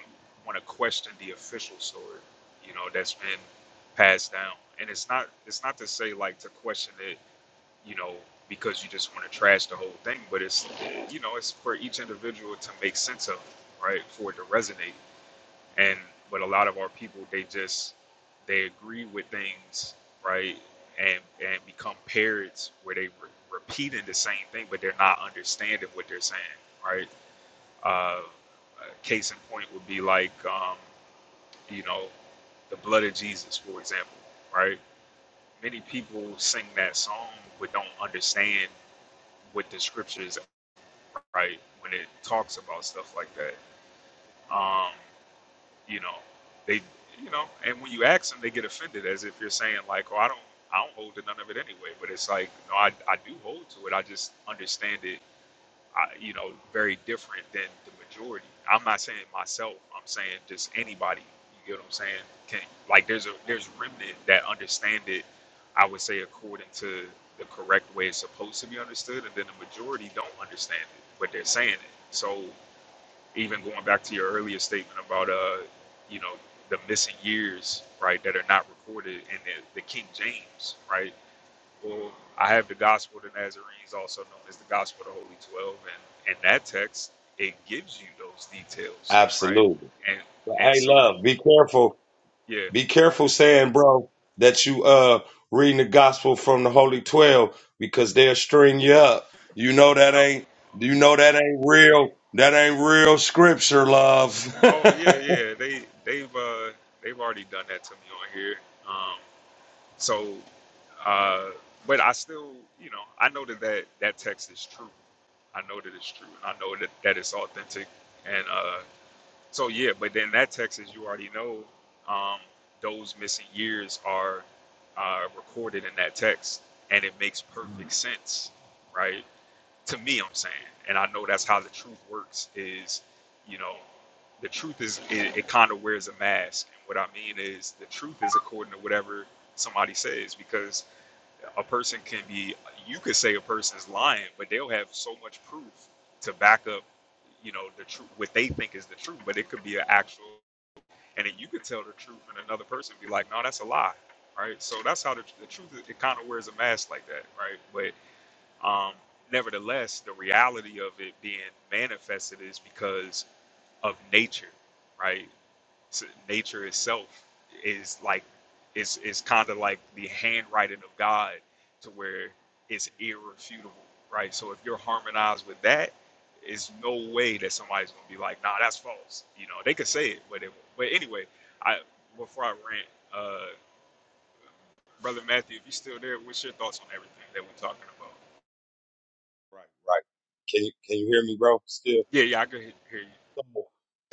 Speaker 1: want to question the official story, you know, that's been passed down, and it's not it's not to say like to question it you know, because you just want to trash the whole thing. But it's, you know, it's for each individual to make sense of, right? For it to resonate. And, but a lot of our people, they just, they agree with things, right? And, and become parrots where they re- repeating the same thing, but they're not understanding what they're saying, right? Uh, a case in point would be like, um, you know, the blood of Jesus, for example, right? Many people sing that song but don't understand what the scriptures are, right when it talks about stuff like that. Um, you know, they, you know, and when you ask them, they get offended as if you're saying like, "Oh, I don't, I don't hold to none of it anyway." But it's like, no, I, I do hold to it. I just understand it I, you know, very different than the majority. I'm not saying myself. I'm saying just anybody. You get what I'm saying? Can like there's a there's remnant that understand it. I would say according to the correct way it's supposed to be understood, and then the majority don't understand it, but they're saying it. So even going back to your earlier statement about uh, you know, the missing years, right, that are not recorded in the, the King James, right? Well, I have the Gospel of the Nazarenes, also known as the Gospel of the Holy Twelve, and in that text, it gives you those details, right?
Speaker 4: Absolutely.
Speaker 1: And and
Speaker 4: Hey,
Speaker 1: so,
Speaker 4: love, be careful
Speaker 1: yeah.
Speaker 4: Be careful saying, bro, that you uh reading the gospel from the Holy Twelve because they'll string you up. You know that
Speaker 1: Oh,
Speaker 4: ain't you know that ain't real that ain't real scripture, love. right,
Speaker 1: oh yeah,
Speaker 4: right.
Speaker 1: yeah. They they've uh they've already done that to me on here. Um, so, uh, but I still, you know, I know that that, that text is true. I know that it's true, and I know that that it's authentic, and uh. So yeah, but then that text, as you already know, um, those missing years are uh, recorded in that text, and it makes perfect sense, right? To me, I'm saying, and I know that's how the truth works. Is you know, the truth is it, it kind of wears a mask, and what I mean is the truth is according to whatever somebody says, because a person can be you could say a person's lying but they'll have so much proof to back up you know the truth what they think is the truth but it could be an actual and then you could tell the truth and another person be like no that's a lie right so that's how the, the truth is- it kind of wears a mask like that right but um nevertheless the reality of it being manifested is because of nature right nature itself is like is is kind of like the handwriting of God to where it's irrefutable, right? So if you're harmonized with that, it's no way that somebody's gonna be like, nah, that's false. You know, they could say it, but it, won't. but anyway, I before I rant, uh, brother Matthew, if you're still there, what's your thoughts on everything that we're talking about?
Speaker 4: Can you can you hear me, bro? Still.
Speaker 1: Yeah, yeah, I could he- hear you.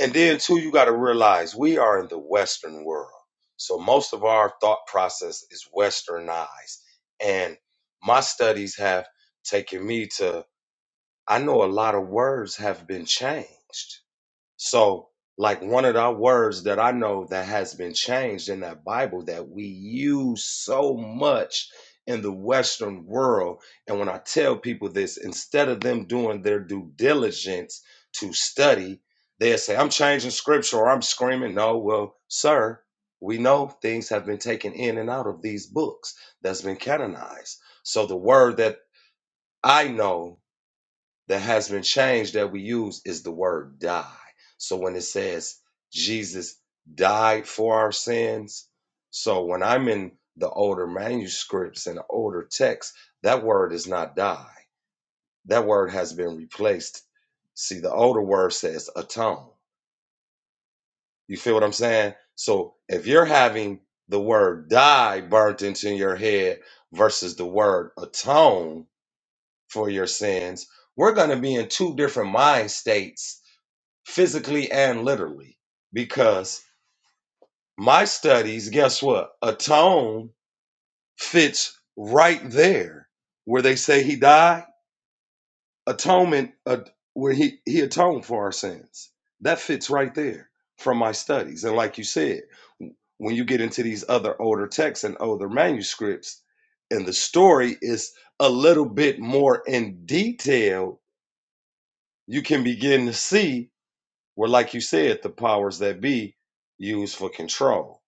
Speaker 4: And then too, you gotta realize we are in the Western world. So most of our thought process is westernized. And my studies have taken me to I know a lot of words have been changed So, like one of the words that I know that has been changed in that Bible that we use so much in the Western world. And when I tell people this, instead of them doing their due diligence to study, they'll say, I'm changing scripture or I'm screaming. No, well, sir, we know things have been taken in and out of these books that's been canonized. So the word that I know that has been changed that we use is the word die. So when it says Jesus died for our sins, so when I'm in the older manuscripts and older texts, that word is not die. That word has been replaced. See, the older word says atone. You feel what I'm saying? So if you're having the word die burnt into your head versus the word atone for your sins, we're going to be in two different mind states physically and literally because my studies guess what atone fits right there where they say he died atonement uh, where he he atoned for our sins that fits right there from my studies and like you said when you get into these other older texts and older manuscripts and the story is a little bit more in detail you can begin to see Were like you said, the powers that be used for control.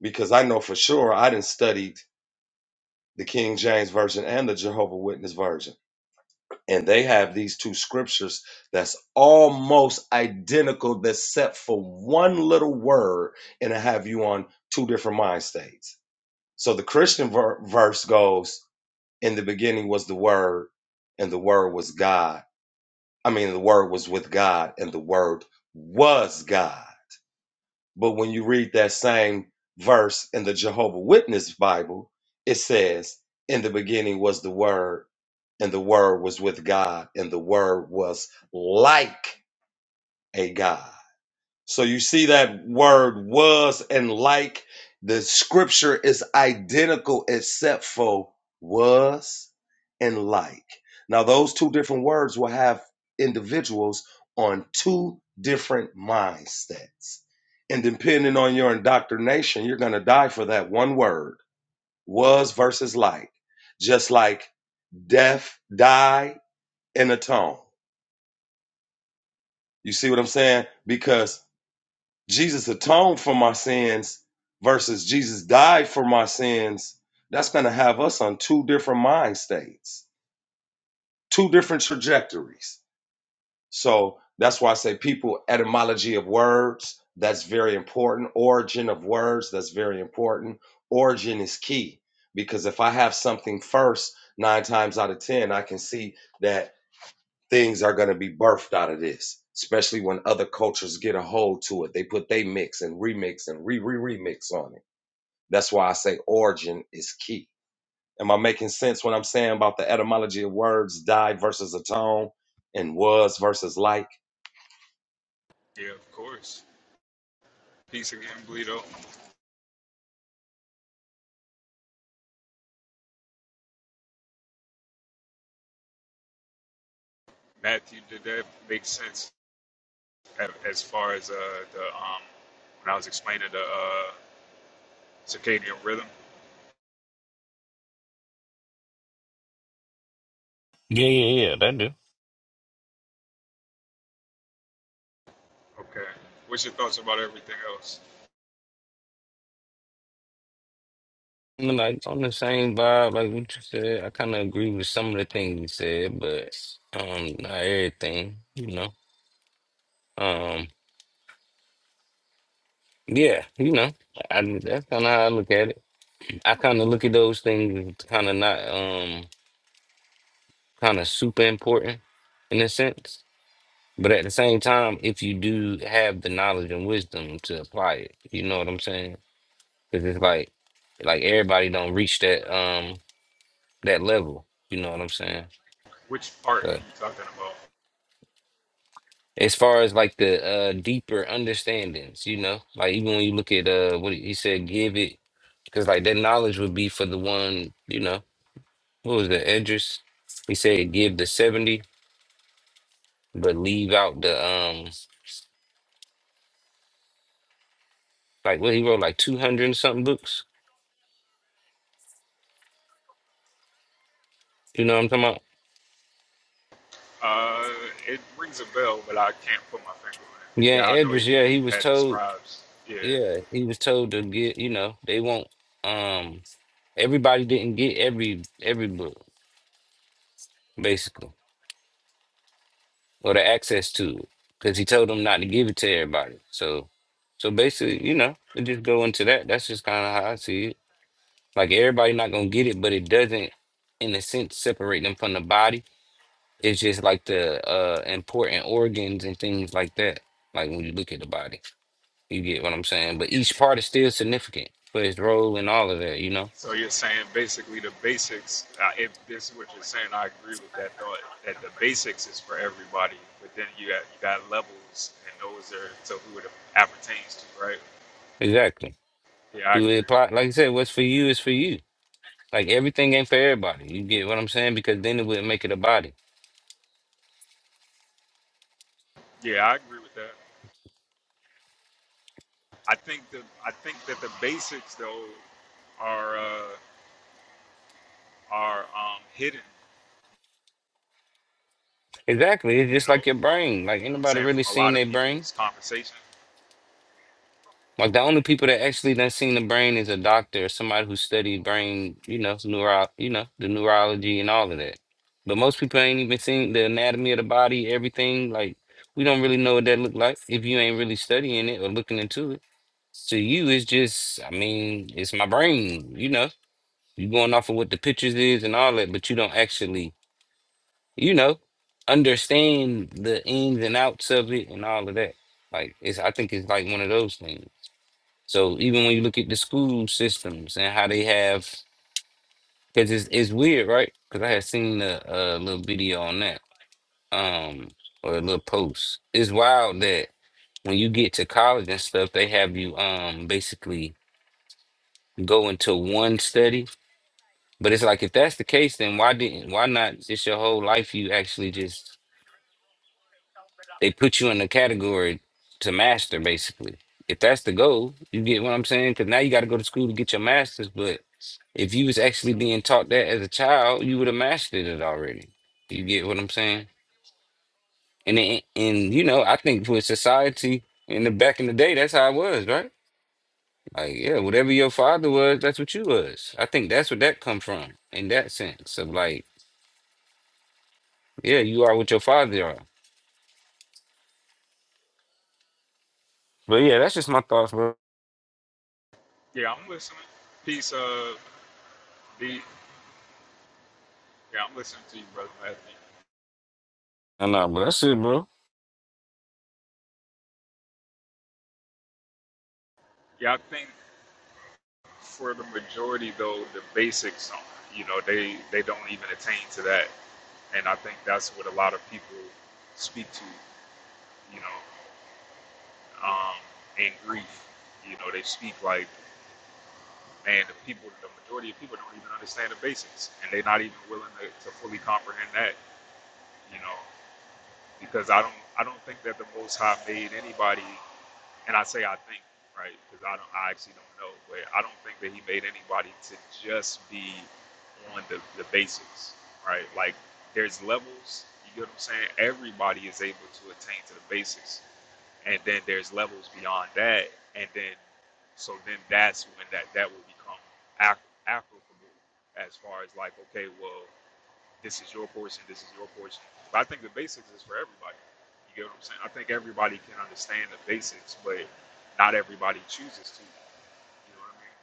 Speaker 4: Because I know for sure I didn't studied the King James Version and the Jehovah Witness Version. And they have these two scriptures that's almost identical, except for one little word, and it have you on two different mind states. So the Christian ver- verse goes, In the beginning was the Word, and the Word was God. I mean, the Word was with God, and the Word was God But when you read that same verse in the Jehovah Witness Bible, it says, "In the beginning was the Word, and the Word was with God, and the Word was like a God." So you see that word was and like the scripture is identical except for was and like. Now those two different words will have individuals on two different mindsets. And depending on your indoctrination, you're going to die for that one word, was versus like. Just like death, die, and atone. You see what I'm saying? Because Jesus atoned for my sins versus Jesus died for my sins, that's going to have us on two different mind states, two different trajectories. So that's why I say people, etymology of words, that's very important. Origin of words, that's very important. Origin is key because if I have something first, nine times out of 10, I can see that things are going to be birthed out of this, especially when other cultures get a hold to it. They put they mix and remix and re re remix on it. That's why I say origin is key. Am I making sense when I'm saying about the etymology of words, died versus atone and was versus light?
Speaker 1: Yeah, of course. Peace again, Bleedo. Matthew, did that make sense? as far as uh, the um, when I was explaining the uh, circadian rhythm.
Speaker 3: Yeah, yeah, yeah, that do.
Speaker 1: Okay. What's your thoughts about everything else?
Speaker 3: I like on the same vibe, like what you said, I kind of agree with some of the things you said, but um, not everything, you know. Um, yeah, you know, I, that's kind of how I look at it. I kind of look at those things kind of not um, kind of super important in a sense, but at the same time, if you do have the knowledge and wisdom to apply it, you know what I'm saying? Because it's like, like everybody don't reach that. Um, that level. You know what I'm saying?
Speaker 1: Which part
Speaker 3: So
Speaker 1: are you talking about?
Speaker 3: as far as like the uh deeper understandings, you know, like even when you look at uh what he said, give it because like that knowledge would be for the one, you know, what was the Edris? He said give the 70, but leave out the um like what he wrote, like two hundred and something books. You know what I'm talking about?
Speaker 1: Uh, it rings a bell, but I can't put my finger on it.
Speaker 3: Yeah,
Speaker 1: Yeah, I know
Speaker 3: Edris,
Speaker 1: you,
Speaker 3: yeah,
Speaker 1: you
Speaker 3: he was
Speaker 1: had the
Speaker 3: told
Speaker 1: scribes. Yeah.
Speaker 3: yeah, he was told to get, you know, they won't um everybody didn't get every every book, basically. or the access to it because he told them not to give it to everybody. So, so basically, you know, it just go into that. That's just kind of how I see it. Like everybody not gonna get it, but it doesn't, in a sense, separate them from the body. It's just like the uh important organs and things like that. Like when you look at the body, you get what I'm saying. But each part is still significant for its role and all of that. You know,
Speaker 1: So you're saying basically the basics. Uh, if this is what you're saying, I agree with that thought. That the basics is for everybody, but then you got you got levels, and those are to who it appertains to, right?
Speaker 3: exactly.
Speaker 1: Yeah, I
Speaker 3: Do it
Speaker 1: agree.
Speaker 3: apply? Like I said, what's for you is for you. Like everything ain't for everybody. You get what I'm saying? Because then it would make it a body.
Speaker 1: Yeah, I agree with that. I think that I think that the basics though are uh, are um, hidden,
Speaker 3: Exactly. It's
Speaker 1: you
Speaker 3: just
Speaker 1: know,
Speaker 3: like your
Speaker 1: from
Speaker 3: brain. Like
Speaker 1: I'm
Speaker 3: anybody
Speaker 1: saying
Speaker 3: really
Speaker 1: from a lot
Speaker 3: seen their
Speaker 1: of
Speaker 3: brain?
Speaker 1: people's conversation.
Speaker 3: Like the only people that actually done seen the brain is a doctor or somebody who studied brain, you know, neuro, you know, the neurology and all of that. But most people ain't even seen the anatomy of the body, everything. Like we don't really know what that look like if you ain't really studying it or looking into it. To you, it's just, I mean, it's my brain, you know. You going off of what the pictures is and all that, but you don't actually you know, understand the ins and outs of it and all of that. Like it's I think it's like one of those things. So even when you look at the school systems and how they have because it's it's weird, right? Because I had seen a, a little video on that, um, or a little post. It's wild that when you get to college and stuff, they have you um basically go into one study. But it's like if that's the case, then why didn't why not just your whole life you actually just They put you in the category to master, basically. If that's the goal, you get what I'm saying? Because now you got to go to school to get your master's. But if you was actually being taught that as a child, you would have mastered it already. You get what I'm saying? And it, and you know, I think for society in the back in the day, that's how it was, right? Like, yeah, whatever your father was, that's what you was. I think that's where that come from in that sense of like, yeah, you are what your father are. But yeah, that's just my thoughts, bro.
Speaker 1: Yeah, I'm listening. Peace, uh, B. Yeah, I'm listening to you, brother Matthew.
Speaker 3: I know, but that's it, bro.
Speaker 1: Yeah, I think for the majority though, the basics, don't, you know, they they don't even attain to that, and I think that's what a lot of people speak to, you know, um, in grief. You know, they speak like. And the people, the majority of people don't even understand the basics, and they're not even willing to, to fully comprehend that, you know, because I don't, I don't think that the Most High made anybody, and I say I think, right, because I don't, I actually don't know, but I don't think that He made anybody to just be on the, the basics, right? Like there's levels. You get what I'm saying? Everybody is able to attain to the basics and then there's levels beyond that, and then so then that's when that that will become app- applicable as far as like okay, well, this is your portion, this is your portion. But I think the basics is for everybody. You get what I'm saying? I think everybody can understand the basics, but not everybody chooses to. You know what I mean?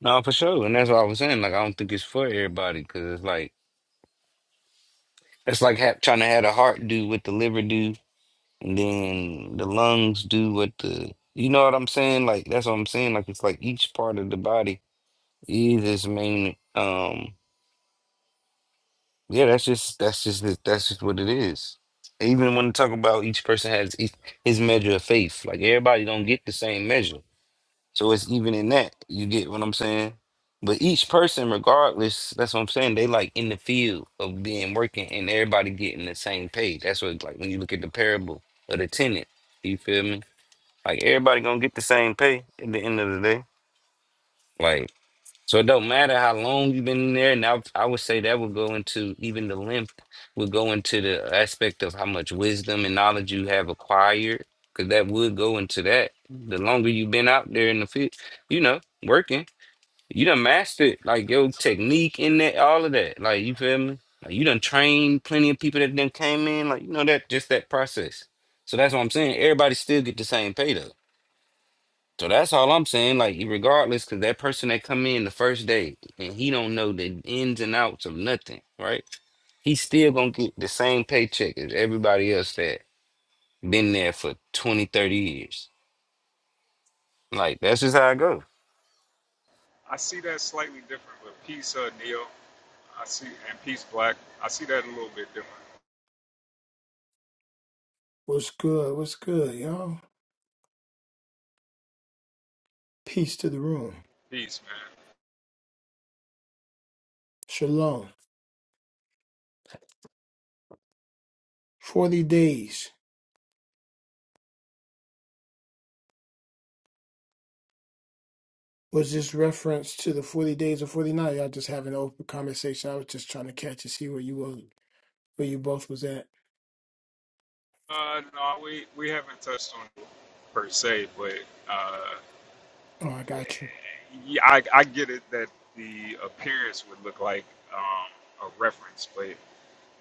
Speaker 3: No, for sure, and that's what I was saying. Like, I don't think it's for everybody because it's like it's like ha trying to have the heart do what the liver do, and then the lungs do what the you know what I'm saying. Like that's what I'm saying. Like it's like each part of the body is its main. Um, yeah, that's just that's just it- that's just what it is. Even when we talk about each person has each, his measure of faith. Like everybody don't get the same measure. So it's even in that. You get what I'm saying? But each person, regardless, that's what I'm saying. They like in the field of being working and everybody getting the same pay. That's what like when you look at the parable of the tenant. You feel me? Like everybody gonna get the same pay at the end of the day. like. So it don't matter how long you've been in there, and I, I would say that would go into even the length would go into the aspect of how much wisdom and knowledge you have acquired, because that would go into that. The longer you've been out there in the field, you know, working, you done mastered like your technique in that, all of that. Like you feel me? Like you done trained plenty of people that then came in, like you know that just that process. So that's what I'm saying. Everybody still get the same pay so that's all I'm saying. Like, regardless, because that person that come in the first day and he don't know the ins and outs of nothing, right? He's still gonna get the same paycheck as everybody else that been there for 20, 30 years. Like, that's just how it goes.
Speaker 1: I see that slightly different, but peace, uh, Neil. I see and peace, Black. I see that a little bit different.
Speaker 5: What's good? What's good, y'all? Peace to the room.
Speaker 1: Peace, man.
Speaker 5: Shalom. 40 days. Was this reference to the 40 days or 49? Y'all just having an open conversation. I was just trying to catch and see where you was, where you both was at.
Speaker 1: Uh, no, we we haven't touched on it per se, but. uh,
Speaker 5: Oh, I got you.
Speaker 1: Yeah, I, I get it that the appearance would look like um, a reference, but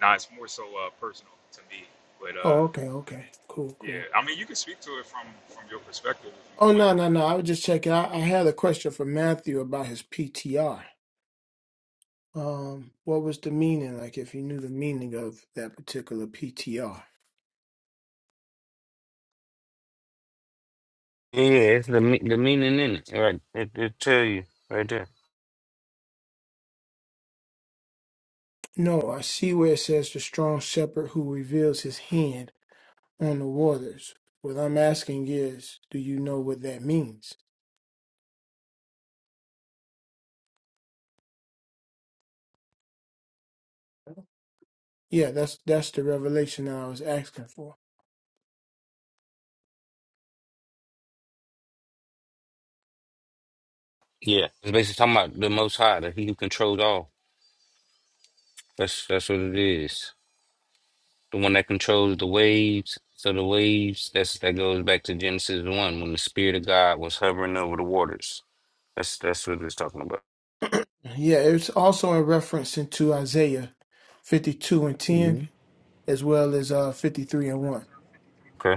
Speaker 1: nah, it's more so uh, personal to me. But
Speaker 5: Oh,
Speaker 1: uh,
Speaker 5: okay, okay. Cool,
Speaker 1: yeah,
Speaker 5: cool.
Speaker 1: I mean, you can speak to it from from your perspective if
Speaker 5: Oh,
Speaker 1: you
Speaker 5: no,
Speaker 1: want.
Speaker 5: no, no. I was just checking. I, I had a question for Matthew about his PTR. Um, what was the meaning? Like, if you knew the meaning of that particular PTR.
Speaker 3: Yeah, it's the me- the meaning in it. Right, it, it tell you right there.
Speaker 5: No, I see where it says the strong shepherd who reveals his hand. on the waters. What I'm asking is, do you know what that means? Yeah, that's that's the revelation that I was asking for.
Speaker 3: Yeah, it's basically talking about the Most High, that He who controls all. That's that's what it is. the one that controls the waves. So the waves, that's that goes back to Genesis one, when the Spirit of God was hovering over the waters. That's that's what it's talking about.
Speaker 5: Yeah, it's also a reference into Isaiah 52 and 10,
Speaker 6: Mm-hmm.
Speaker 5: as well as uh 53 and 1.
Speaker 3: Okay.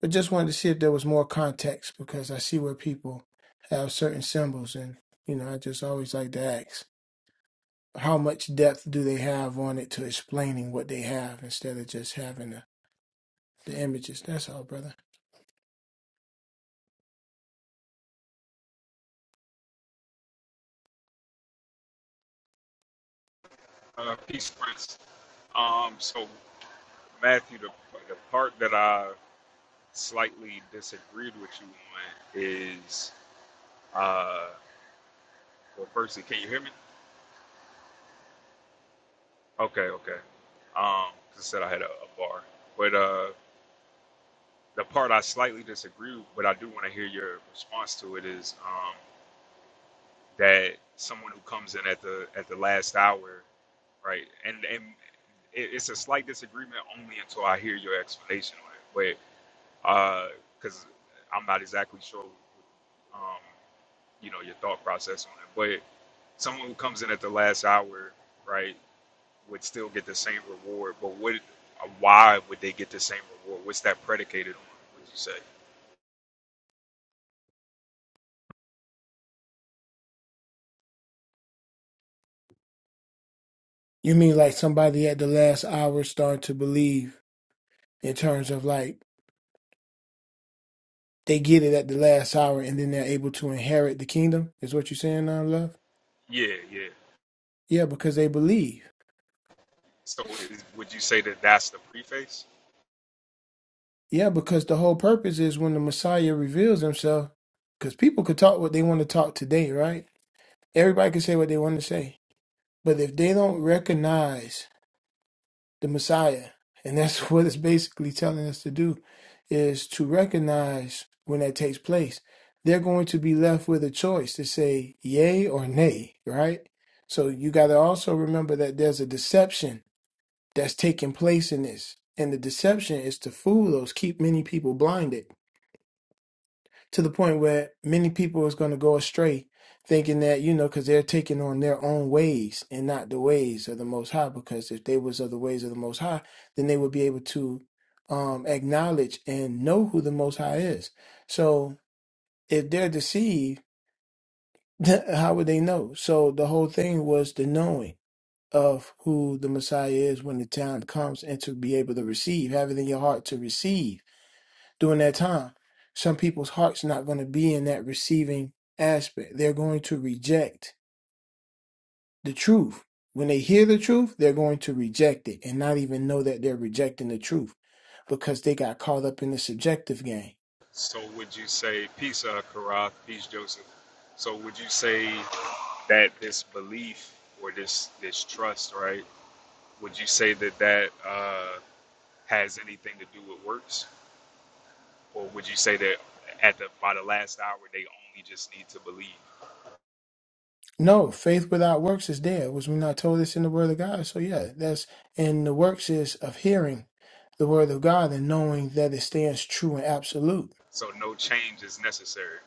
Speaker 5: But just wanted to see if there was more context because I see where people have certain symbols, and you know, I just always like to ask how much depth do they have on it to explaining what they have instead of just having the, the images. That's all, brother.
Speaker 1: Uh, peace, Prince. Um, so Matthew, the, the part that I slightly disagreed with you on is, uh, well, firstly, can you hear me? Okay, okay. Um, 'cause I said I had a, a bar, but uh. the part I slightly disagree with, but I do want to hear your response to it is um, that someone who comes in at the at the last hour, right? And and it, it's a slight disagreement only until I hear your explanation on it, but because I'm not exactly sure, um, you know, your thought process on it. But someone who comes in at the last hour, right, would still get the same reward, but what? Why would they get the same reward? What's that predicated on? Would you say?
Speaker 5: You mean like somebody at the last hour start to believe in terms of like they get it at the last hour and then they're able to inherit the kingdom? Is what you're saying now, love?
Speaker 1: Yeah, yeah,
Speaker 5: Yeah, because they believe.
Speaker 1: So is, would you say that that's the preface?
Speaker 5: Yeah, because the whole purpose is when the Messiah reveals himself, because people could talk what they want to talk today, right? Everybody can say what they want to say. But if they don't recognize the Messiah. And that's what it's basically telling us to do is to recognize when that takes place. They're going to be left with a choice to say yay or nay, right? So you got to also remember that there's a deception that's taking place in this. And the deception is to fool those, keep many people blinded to the point where many people is going to go astray thinking that you know because they're taking on their own ways and not the ways of the most high because if they was of the ways of the most high then they would be able to um acknowledge and know who the most high is so if they're deceived how would they know so the whole thing was the knowing of who the messiah is when the time comes and to be able to receive having in your heart to receive during that time. Some people's hearts not going to be in that receiving aspect. They're going to reject the truth. When they hear the truth, they're going to reject it and not even know that they're rejecting the truth because they got caught up in the subjective game.
Speaker 1: So would you say peace, uh, Karath, peace, Joseph? So would you say that this belief or this this trust, right? Would you say that that uh, has anything to do with works, or would you say that at the by the last hour they only just need to believe?
Speaker 5: No, faith without works is dead. Was we not told this in the word of God? So yeah, that's and the works is of hearing the word of God and knowing that it stands true and absolute.
Speaker 1: So no change is necessary.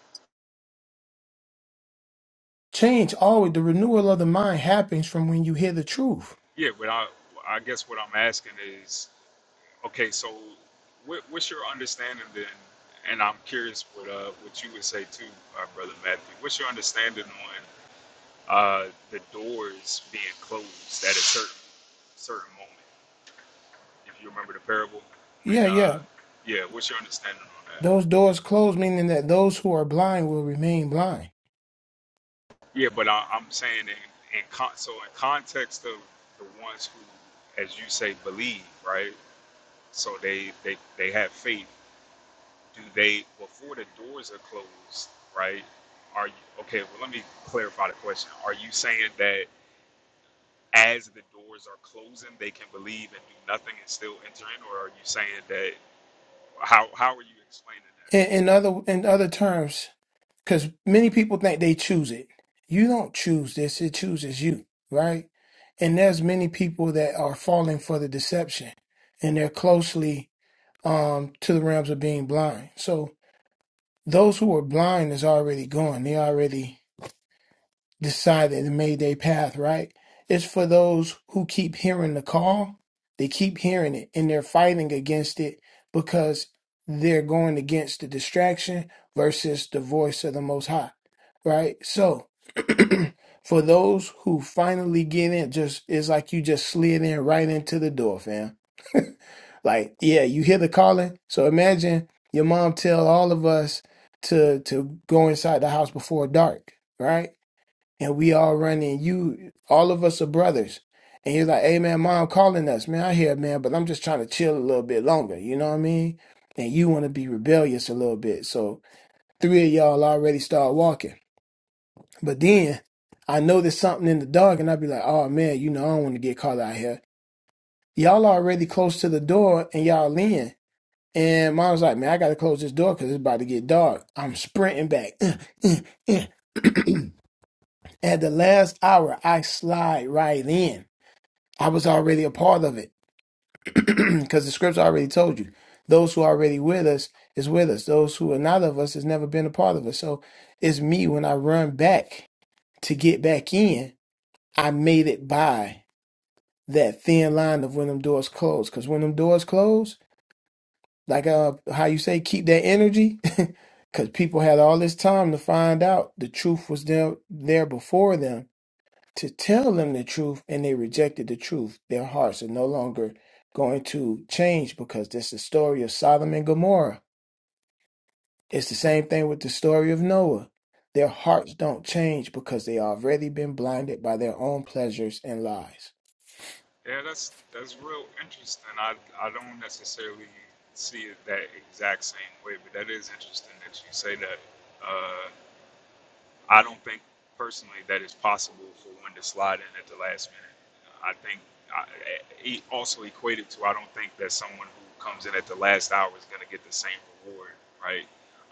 Speaker 5: Change always the renewal of the mind happens from when you hear the truth.
Speaker 1: Yeah, but I I guess what I'm asking is Okay, so what, what's your understanding then? And I'm curious what uh, what you would say too, uh, brother Matthew. What's your understanding on uh, the doors being closed at a certain certain moment? If you remember the parable, when
Speaker 5: Yeah, yeah.
Speaker 1: uh, yeah, what's your understanding on that?
Speaker 5: Those doors closed, meaning that those who are blind will remain blind.
Speaker 1: Yeah, but I, I'm saying in, in con- so in context of the ones who, as you say, believe, right? So they they they have faith do they before the doors are closed right are you okay well let me clarify the question are you saying that as the doors are closing they can believe and do nothing and still enter in or are you saying that how how are you explaining that
Speaker 5: In, in other in other terms, because many people think they choose it. You don't choose this; it chooses you, right? And there's many people that are falling for the deception, and they're closely um, to the realms of being blind. So those who are blind is already gone. They already decided and made their path right. It's for those who keep hearing the call, they keep hearing it and they're fighting against it because they're going against the distraction versus the voice of the most high, right? So for those who finally get in, just it's like you just slid in right into the door, fam. Like, yeah, you hear the calling. So imagine your mom tell all of us to to go inside the house before dark, right? and we all running. You, all of us are brothers. And he's like, "Hey man, mom calling us, man. I hear, man, but I'm just trying to chill a little bit longer. You know what I mean? And you want to be rebellious a little bit, so three of y'all already start walking. But then I notice something in the dark, and I'd be like, "Oh man, you know, I don't want to get caught out here. Y'all already close to the door, and y'all in." And mom's like, "Man, I gotta close this door because it's about to get dark." I'm sprinting back. At the last hour, I slide right in I was already a part of it because the scripture already told you those who are already with us is with us. Those who are not of us has never been a part of us. So it's me when I run back to get back in. I made it by that thin line of when them doors close. Because when them doors close, like uh, how you say, keep that energy. Because people had all this time to find out the truth was there there before them to tell them the truth and they rejected the truth, their hearts are no longer going to change because that's the story of Sodom and Gomorrah. It's the same thing with the story of Noah. Their hearts don't change because they already been blinded by their own pleasures and lies.
Speaker 1: yeah that's that's real interesting i i don't necessarily see it that exact same way but that is interesting that you say that Uh, I don't think personally that it's possible for one to slide in at the last minute. I think I, it also equated to I don't think that someone who comes in at the last hour is going to get the same reward, right?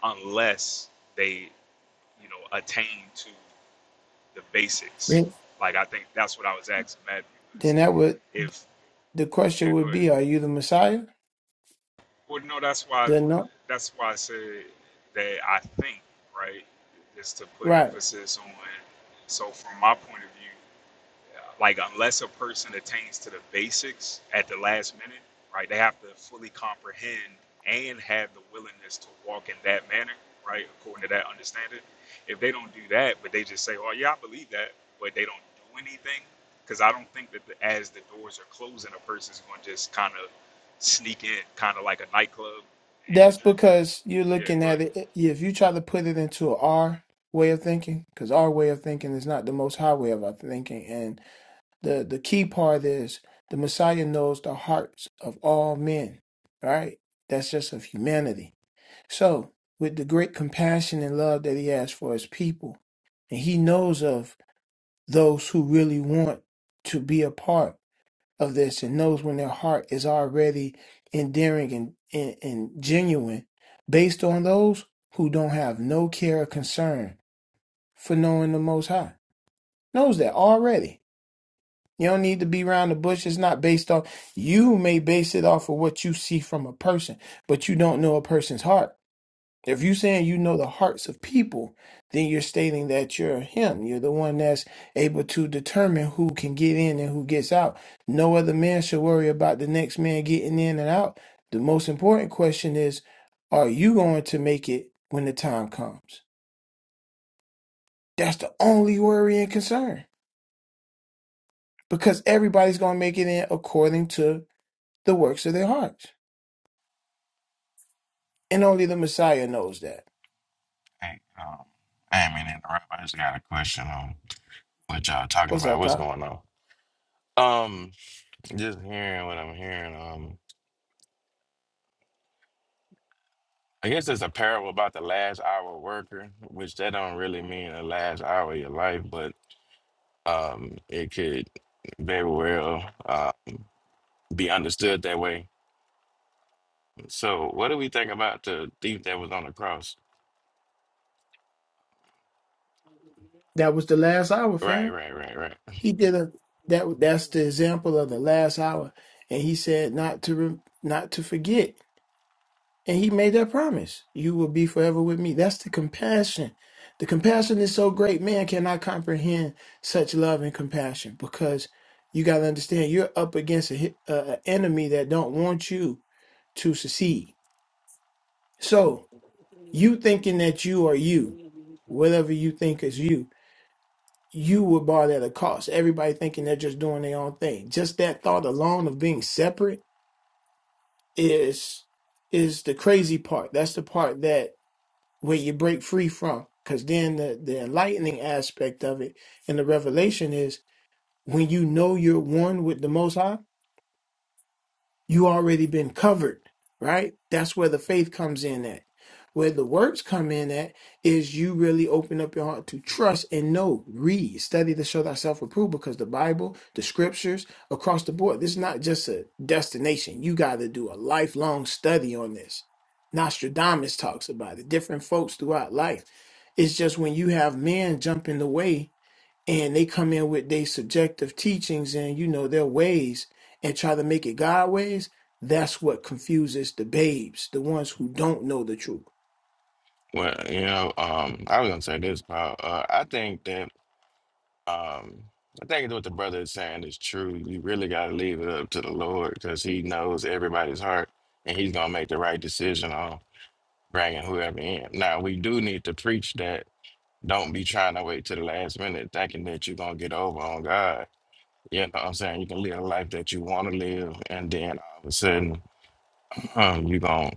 Speaker 1: Unless they, you know, attain to the basics.
Speaker 5: Then
Speaker 1: Like I think that's what I was asking Matthew
Speaker 5: then
Speaker 1: was
Speaker 5: that would
Speaker 1: if
Speaker 5: the
Speaker 1: yeah,
Speaker 5: question
Speaker 1: go
Speaker 5: would
Speaker 1: ahead.
Speaker 5: be, are you the Messiah?
Speaker 1: Well, no, that's why
Speaker 5: Then no,
Speaker 1: that's why I said that I think right is to put
Speaker 5: right.
Speaker 1: emphasis on. So from my point of view Like unless a person attains to the basics at the last minute, right? They have to fully comprehend and have the willingness to walk in that manner, right? According to that understanding. If they don't do that, but they just say, "Oh yeah, I believe that," but they don't do anything, because I don't think that the, as the doors are closing, a person's going to just kind of sneak in, kind of like a nightclub
Speaker 5: That's
Speaker 1: imagery.
Speaker 5: because you're
Speaker 1: Yeah,
Speaker 5: looking
Speaker 1: go
Speaker 5: at
Speaker 1: ahead.
Speaker 5: it. If you try to put it into our way of thinking, because our way of thinking is not the most high way of our thinking, and The the key part is the Messiah knows the hearts of all men, right? That's just of humanity. So, with the great compassion and love that he has for his people, and he knows of those who really want to be a part of this and knows when their heart is already endearing and, and, and genuine based on those who don't have no care or concern for knowing the most high knows that already you don't need to be around the bush. It's not based off. You may base it off of what you see from a person, but you don't know a person's heart. If you're saying you know the hearts of people, then you're stating that you're him. You're the one that's able to determine who can get in and who gets out. No other man should worry about the next man getting in and out. The most important question is, are you going to make it when the time comes? That's the only worry and concern because everybody's going to make it in according to the works of their hearts. And only the Messiah knows that.
Speaker 7: Hey, um, I ain't mean to interrupt. I just got a question on what y'all talking
Speaker 5: What's
Speaker 7: about.
Speaker 5: up,
Speaker 7: What's
Speaker 5: Kyle?
Speaker 7: going on? Um, just hearing what I'm hearing. Um, I guess it's a parable about the last hour worker, which that don't really mean the last hour of your life, but um, it could very well uh be understood that way. So, what do we think about the thief that was on the cross?
Speaker 5: That was the last hour,
Speaker 7: Right,
Speaker 5: fam.
Speaker 7: right, right, right.
Speaker 5: He did a that that's the example of the last hour. And he said not to re, not to forget. And he made that promise. You will be forever with me. That's the compassion. The compassion is so great, man cannot comprehend such love and compassion because you got to understand you're up against a, hi- a a enemy that don't want you to succeed. So. You thinking that you are you, whatever you think is you, you were bought at a cost. Everybody thinking they're just doing their own thing. Just that thought alone of being separate is is the crazy part. That's the part that where you break free from. Because then the, the enlightening aspect of it and the revelation is when you know you're one with the Most High you already been covered, right? That's where the faith comes in at. Where the works come in at is you really open up your heart to trust and know, read, study to show thyself approved because the Bible, the scriptures, across the board, this is not just a destination. You got to do a lifelong study on this. Nostradamus talks about it, different folks throughout life. It's just when you have men jump in the way and they come in with their subjective teachings and you know their ways and try to make it God ways, that's what confuses the babes, the ones who don't know the truth.
Speaker 7: Well, you know, um, I was gonna say this, Paul. Uh, I think that Um, I think what the brother is saying is true. You really got to leave it up to the Lord because He knows everybody's heart and He's going to make the right decision on bringing whoever in. Now, we do need to preach that. Don't be trying to wait to the last minute thinking that you're going to get over on God. You know what I'm saying? You can live a life that you want to live, and then all of a sudden, um, you're going to,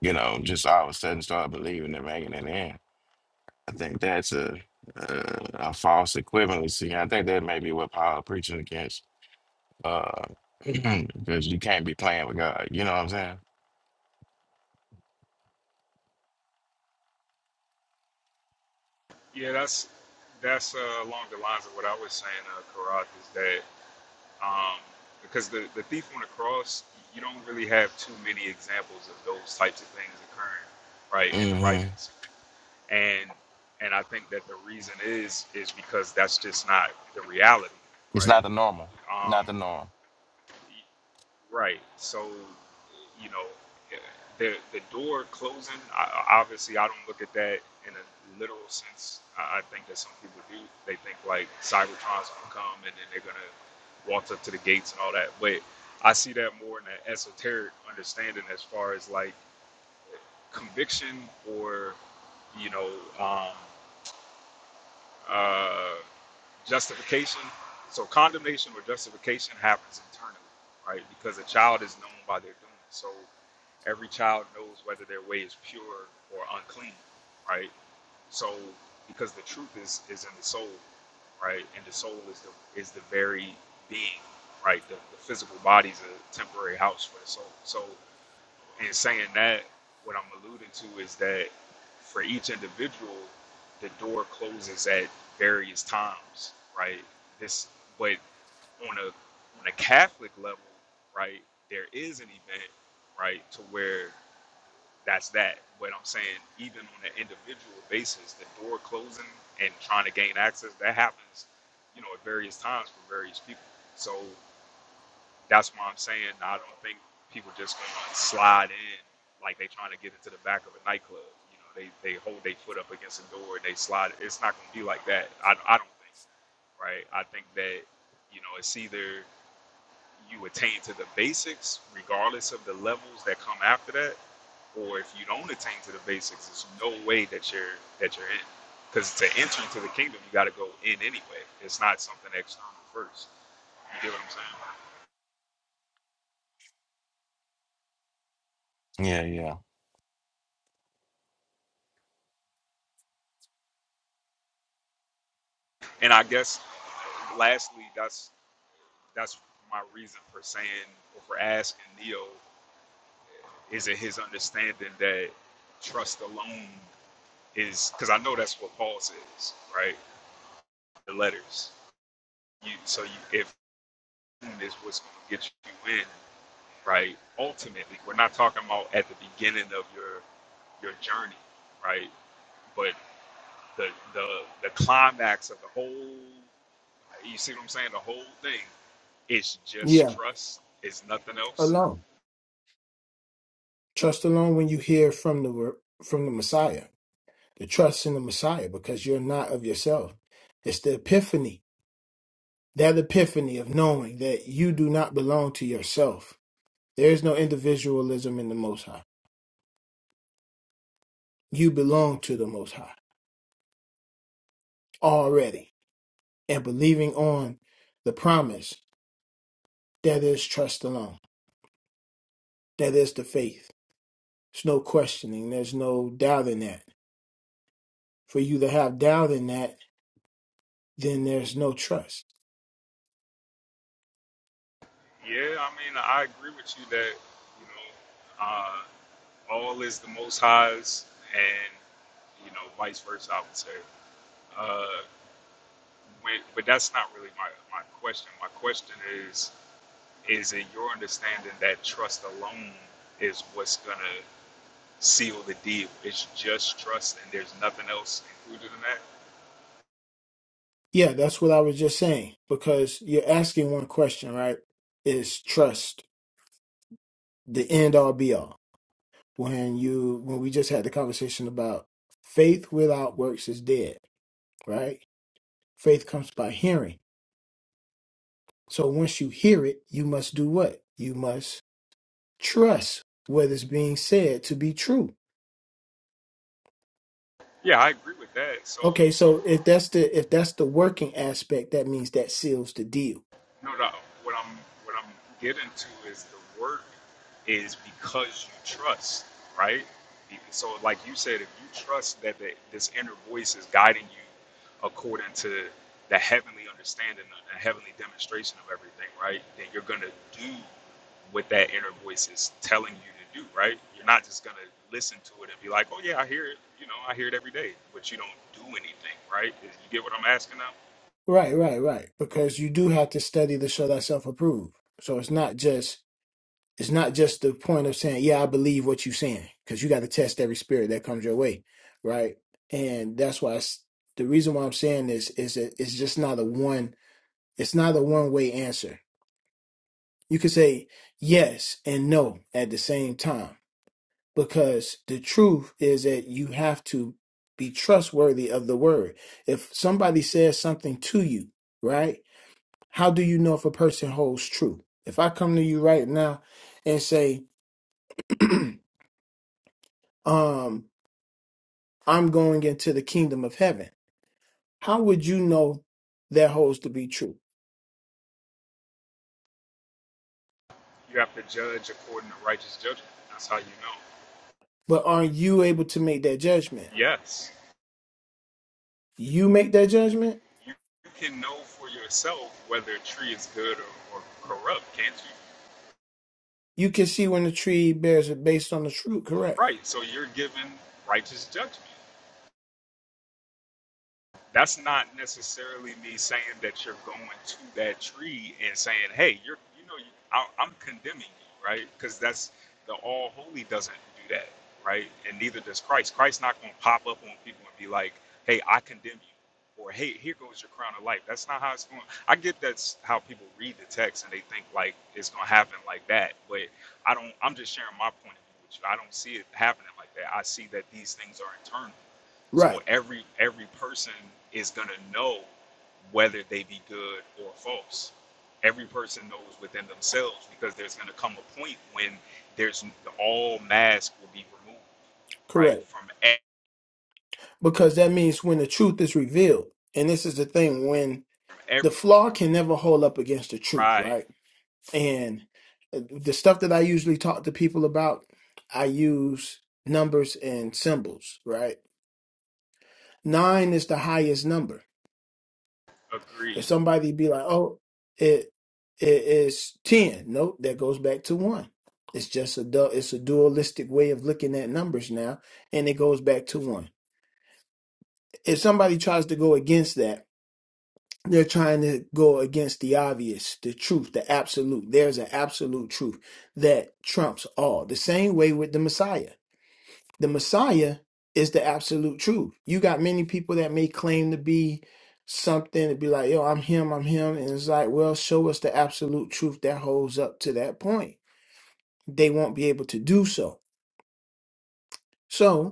Speaker 7: you know, just all of a sudden start believing and making it in. I think that's a, a, a false equivalency. I think that may be what Paul preaching against uh, because you can't be playing with God. You know what I'm saying?
Speaker 1: Yeah, that's that's uh, along the lines of what I was saying, uh, Karat, is that um, because the, the thief on the cross, you don't really have too many examples of those types of things occurring, right, in the
Speaker 7: hmm
Speaker 1: writings. And and I think that the reason is is because that's just not the reality,
Speaker 7: It's
Speaker 1: right?
Speaker 7: not the normal,
Speaker 1: Um,
Speaker 7: not the norm.
Speaker 1: Right. So, you know, the the door closing. I, I- obviously, I don't look at that in a literal sense. I, I think that some people do. They think like Cybertron's gonna come and then they're gonna walk up to the gates and all that. But I see that more in an esoteric understanding as far as like conviction or, you know, um, uh, Justification, so condemnation or justification happens internally, right? Because a child is known by their doing. So every child knows whether their way is pure or unclean, right? So because the truth is is in the soul, right? And the soul is the is the very being, right? The, the physical body is a temporary house for the soul. So in saying that, what I'm alluding to is that for each individual, the door closes at various times, right? This, but on a on a Catholic level, right, there is an event, right, to where that's that. But I'm saying, even on an individual basis, the door closing and trying to gain access that happens, you know, at various times for various people. So that's why I'm saying I don't think people just gonna slide in like they trying to get into the back of a nightclub. You know, they they hold their foot up against the door and they slide. It's not gonna be like that. I, I don't think. Right. I think that you know it's either you attain to the basics regardless of the levels that come after that, or if you don't attain to the basics, there's no way that you're that you're in. Because to enter into the kingdom, you got to go in anyway. It's not something external first. You get what I'm saying?
Speaker 7: Yeah, yeah.
Speaker 1: And I guess lastly, that's that's my reason for saying or for asking Neo, is it his understanding that trust alone is because I know that's what Paul says, right? The letters. You so you if alone is what's gonna get you in, right? Ultimately, we're not talking about at the beginning of your your journey, right? But the the the climax of the whole You see what I'm saying? The whole thing is just
Speaker 5: Yeah,
Speaker 1: trust. It's nothing else.
Speaker 5: alone. Trust alone when you hear from the from the Messiah. The trust in the Messiah because you're not of yourself. It's the epiphany, that epiphany of knowing that you do not belong to yourself. There is no individualism in the Most High. You belong to the Most High already and believing on the promise, there is trust alone. That is the faith. There's no questioning. There's no doubt in that. For you to have doubt in that, then there's no trust.
Speaker 1: Yeah, I mean, I agree with you that you know, uh, all is the Most High's, and you know, vice versa. I would say, uh, when, but that's not really my my question. My question is, is it your understanding that trust alone is what's gonna seal the deal? It's just trust, and there's nothing else included in that.
Speaker 5: Yeah, that's what I was just saying. Because you're asking one question, right? Is trust the end all be all? When you when we just had the conversation about faith without works is dead, right? Faith comes by hearing. So once you hear it, you must do what? You must trust what is being said to be true.
Speaker 1: Yeah, I agree with that. So,
Speaker 5: Okay,
Speaker 1: so
Speaker 5: so if that's the if that's the working aspect, that means that seals the deal.
Speaker 1: No, no. What I'm what I'm getting to is the work is because you trust, right? So, like you said, if you trust that the, this inner voice is guiding you according to the heavenly understanding, the heavenly demonstration of everything, right? Then you're gonna do what that inner voice is telling you to do, right? You're not just gonna listen to it and be like, "Oh yeah, I hear it." You know, I hear it every day, but you don't do anything, right? Is- You get what I'm asking now?
Speaker 5: Right, right, right. Because you do have to study to show thyself approved. So it's not just it's not just the point of saying, yeah, I believe what you're saying, because you got to test every spirit that comes your way, right? And that's why it's, the reason why I'm saying this is that it's just not a one it's not a one way answer. You could say yes and no at the same time because the truth is that you have to be trustworthy of the word. If somebody says something to you, right? How do you know if a person holds true? If I come to you right now and say, um, I'm going into the kingdom of heaven, how would you know that holds to be true?
Speaker 1: You have to judge according to righteous judgment. That's how you know.
Speaker 5: But are you able to make that judgment?
Speaker 1: Yes,
Speaker 5: You make that judgment,
Speaker 1: you, you can know for yourself whether a tree is good or, or corrupt, can't you?
Speaker 5: you can see when the tree bears it based on the fruit, correct?
Speaker 1: Right. So you're given righteous judgment. that's not necessarily me saying that you're going to that tree and saying, "Hey, you're," you know, you, I, I'm condemning you, right? Because that's the all holy doesn't do that, right? And neither does Christ. Christ's not going to pop up on people and be like, "Hey, I condemn you," or "Hey, here goes your crown of life." That's not how it's going. I get that's how people read the text and they think like it's going to happen like that, but I don't. I'm just sharing my point of view with you. I don't see it happening like that. I see that these things are internal so
Speaker 5: Right,
Speaker 1: every every person is gonna know whether they be good or false. Every person knows within themselves because there's gonna come a point when there's all mask will be removed,
Speaker 5: correct.
Speaker 1: right? From e-
Speaker 5: because that means when the truth is revealed and this is the thing when
Speaker 1: from
Speaker 5: the
Speaker 1: every
Speaker 5: flaw can never hold up against the truth
Speaker 1: right.
Speaker 5: right and uh, the stuff that i usually talk to people about i use numbers and symbols right nine is the highest number
Speaker 1: Agreed.
Speaker 5: if somebody be like oh it it is 10 nope that goes back to one it's just a du- it's a dualistic way of looking at numbers now and it goes back to one if somebody tries to go against that They're trying to go against the obvious, the truth, the absolute. There's an absolute truth that trumps all. The same way with the Messiah. The Messiah is the absolute truth. You got many people that may claim to be something and be like, yo, I'm him, I'm him. And it's like, well, show us the absolute truth that holds up to that point. They won't be able to do so. So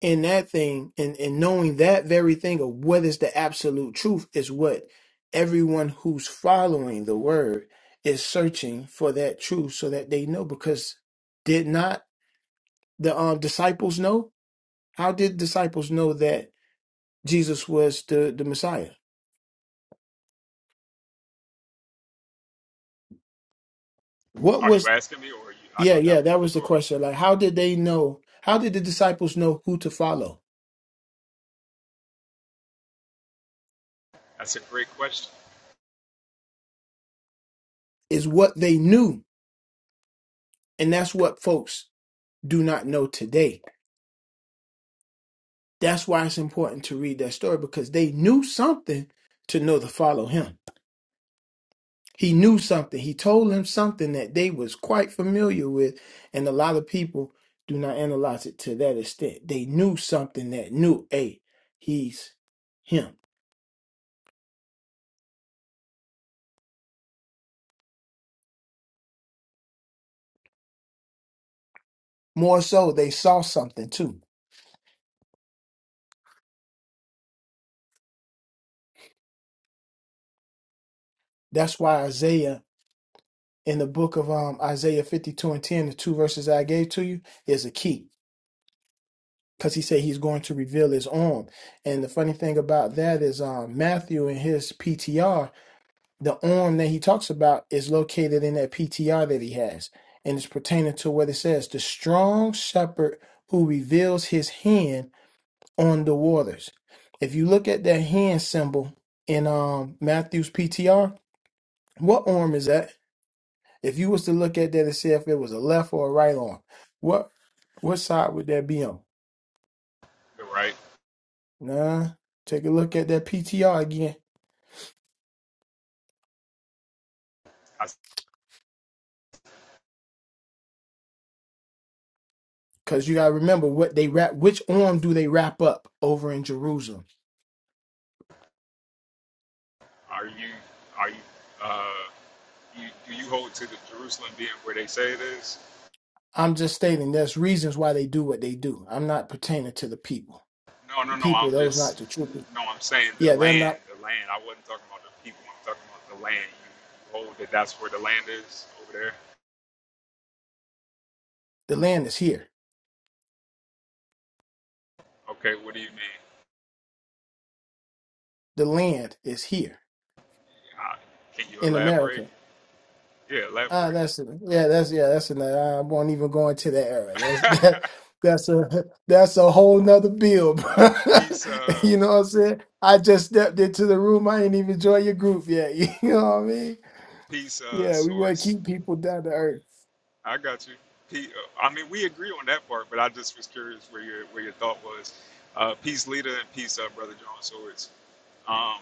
Speaker 5: in that thing and, and knowing that very thing of what is the absolute truth is what everyone who's following the word is searching for that truth so that they know because did not the um, disciples know how did disciples know that jesus was the, the messiah what
Speaker 1: Are you
Speaker 5: was
Speaker 1: asking me, or are you? I
Speaker 5: yeah
Speaker 1: thought that
Speaker 5: yeah
Speaker 1: was
Speaker 5: that was the
Speaker 1: rhetorical.
Speaker 5: question like how did they know how did the disciples know who to follow
Speaker 1: That's a great question,
Speaker 5: is what they knew and that's what folks do not know today That's why it's important to read that story because they knew something to know to follow him. He knew something. He told them something that they was quite familiar with, and a lot of people do not analyze it to that extent. They knew something that knew, hey, he's him. More so, they saw something too. That's why Isaiah in the book of um, Isaiah 52 and 10, the two verses I gave to you, is a key because he said he's going to reveal his arm. And the funny thing about that is um, Matthew in his PTR, the arm that he talks about is located in that PTR that he has. And it's pertaining to what it says the strong shepherd who reveals his hand on the waters. If you look at that hand symbol in um, Matthew's PTR, what arm is that? If you was to look at that and see if it was a left or a right arm, what what side would that be on?
Speaker 1: You're right?
Speaker 5: Nah, take a look at that PTR again.
Speaker 1: I,
Speaker 5: Because you got to remember what they wrap, which arm do they wrap up over in Jerusalem?
Speaker 1: are you are you uh you, do you hold to the Jerusalem being where they say it is?
Speaker 5: I'm just stating there's reasons why they do what they do. I'm not pertaining to the people.
Speaker 1: No,
Speaker 5: The
Speaker 1: no, no.
Speaker 5: people,
Speaker 1: I'm
Speaker 5: those not
Speaker 1: just
Speaker 5: the true people.
Speaker 1: no. I'm saying the
Speaker 5: Yeah, they're
Speaker 1: land,
Speaker 5: not,
Speaker 1: the land. I wasn't talking about the people. I'm talking about the land. You hold that. That's where the land is over there.
Speaker 5: the land is here.
Speaker 1: Okay. What do you mean?
Speaker 5: The land is here
Speaker 1: Uh, can you
Speaker 5: in America.
Speaker 1: elaborate? Yeah,
Speaker 5: Ah,
Speaker 1: elaborate.
Speaker 5: that's yeah, that's yeah, that's in the, I won't even go into that era. That's that that's a that's a whole nother bill, bro.
Speaker 1: Peace. Uh,
Speaker 5: You know what I'm saying? I just stepped into the room. I ain't even joined your group yet. You know what I mean?
Speaker 1: peace. Uh,
Speaker 5: Yeah, we want to
Speaker 1: source.
Speaker 5: keep people down to earth.
Speaker 1: I got you. Pe- uh, I mean, we agree on that part, but I just was curious where your where your thought was. Uh, peace, leader, and peace, uh, brother John Swords. Um,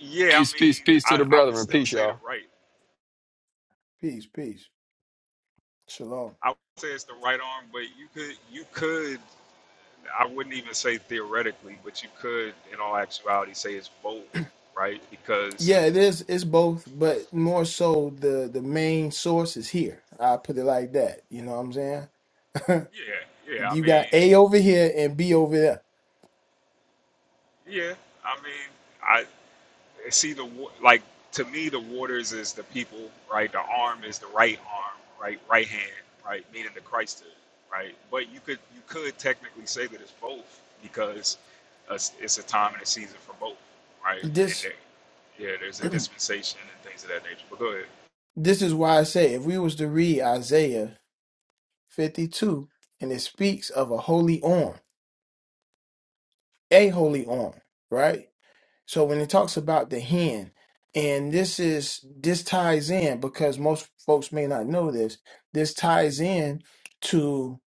Speaker 1: yeah, I
Speaker 8: Peace, peace,
Speaker 1: mean,
Speaker 8: peace to
Speaker 1: I,
Speaker 8: the
Speaker 1: I would
Speaker 8: brethren.
Speaker 1: still
Speaker 8: Peace,
Speaker 1: say the
Speaker 8: y'all.
Speaker 1: right.
Speaker 5: Peace, peace, shalom.
Speaker 1: I would say it's the right arm, but you could you could I wouldn't even say theoretically, but you could in all actuality say it's both, right? Because
Speaker 5: Yeah, it is. It's both, but more so the the main source is here. I put it like that. You know what I'm saying?
Speaker 1: yeah, yeah, I
Speaker 5: You got
Speaker 1: mean,
Speaker 5: A over here and B over there.
Speaker 1: yeah, I mean, I. see the wa- like to me the waters is the people right the arm is the right arm right right hand right meaning the christhood right but you could you could technically say that it's both because it's, it's a time and a season for both right and
Speaker 5: This.
Speaker 1: there, yeah there's a dispensation and things of that nature but go ahead
Speaker 5: This is why I say if we was to read Isaiah 52 and it speaks of a holy arm, a holy arm, right? So when it talks about the hand, and this is this ties in because most folks may not know this, this ties in to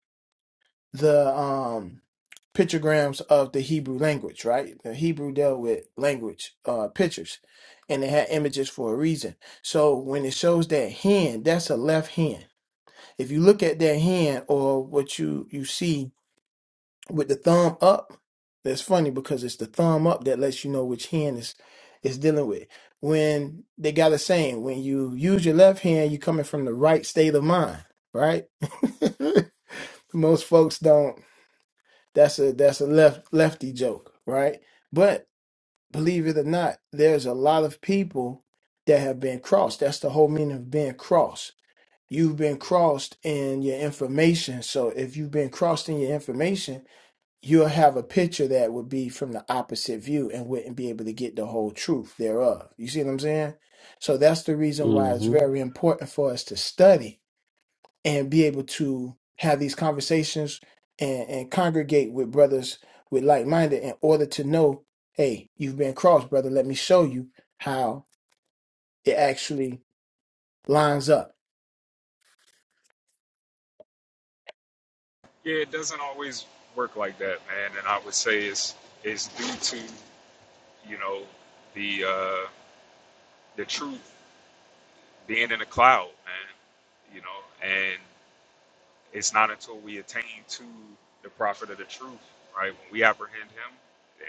Speaker 5: the um pictograms of the Hebrew language, right? The Hebrew dealt with language, uh pictures, and they had images for a reason. So when it shows that hand, that's a left hand If you look at their hand or what you you see with the thumb up, that's funny because it's the thumb up that lets you know which hand is is dealing with. When they got a saying, when you use your left hand, you coming from the right state of mind, right? Most folks don't. That's a that's a left lefty joke, right? But believe it or not, there's a lot of people that have been crossed. That's the whole meaning of being crossed you've been crossed in your information. So if you've been crossed in your information, you'll have a picture that would be from the opposite view and wouldn't be able to get the whole truth thereof. You see what I'm saying? So that's the reason why it's very important for us to study and be able to have these conversations and, and congregate with brothers with like minded in order to know, hey, you've been crossed, brother. Let me show you how it actually lines up
Speaker 1: yeah it doesn't always work like that man and i would say it's it's due to you know the uh the truth being in a cloud man you know and. It's not until we attain to the prophet of the truth, right? When we apprehend him,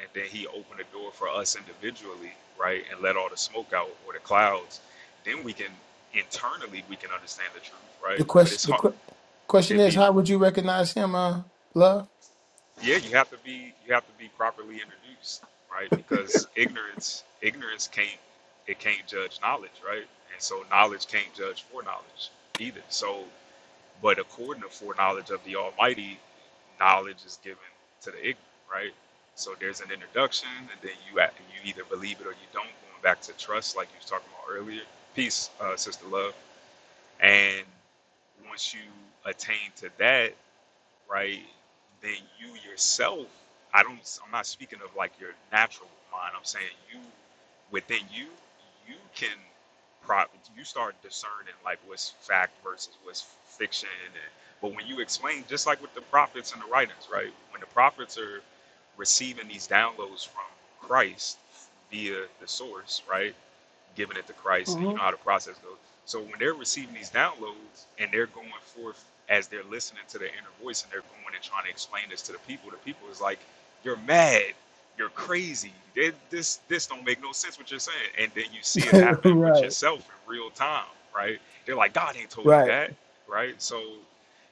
Speaker 1: and then he opened the door for us individually, right, and let all the smoke out or the clouds, then we can internally we can understand the truth,
Speaker 5: The
Speaker 1: right? But it's
Speaker 5: question the
Speaker 1: hard.
Speaker 5: qu- question
Speaker 1: It'd
Speaker 5: is,
Speaker 1: be
Speaker 5: how would you recognize him, uh, love?
Speaker 1: yeah, you have to be you have to be properly introduced, right? Because ignorance ignorance can't it can't judge knowledge, right? And so knowledge can't judge for knowledge either. So But according to foreknowledge of the Almighty, knowledge is given to the ignorant, right? So there's an introduction, and then you act- you either believe it or you don't. Going back to trust, like you was talking about earlier. Peace, uh, sister love. And once you attain to that, right? Then you yourself, I don't, I'm not speaking of like your natural mind. I'm saying you, within you, you can, pro, you start discerning like what's fact versus what's fiction. And, but when you explain, just like with the prophets and the writings, right? When the prophets are receiving these downloads from Christ via the source, right? giving it to Christ. And you know
Speaker 5: Mhm.
Speaker 1: how the process goes. So when they're receiving these downloads and they're going forth as they're listening to their inner voice and they're going and trying to explain this to the people, the people is like, "You're mad. You're crazy. They- This this don't make no sense what you're saying." And then you see it happen with
Speaker 5: right,
Speaker 1: yourself in real time, right? They're like, "God ain't told you
Speaker 5: right.
Speaker 1: that, right?" So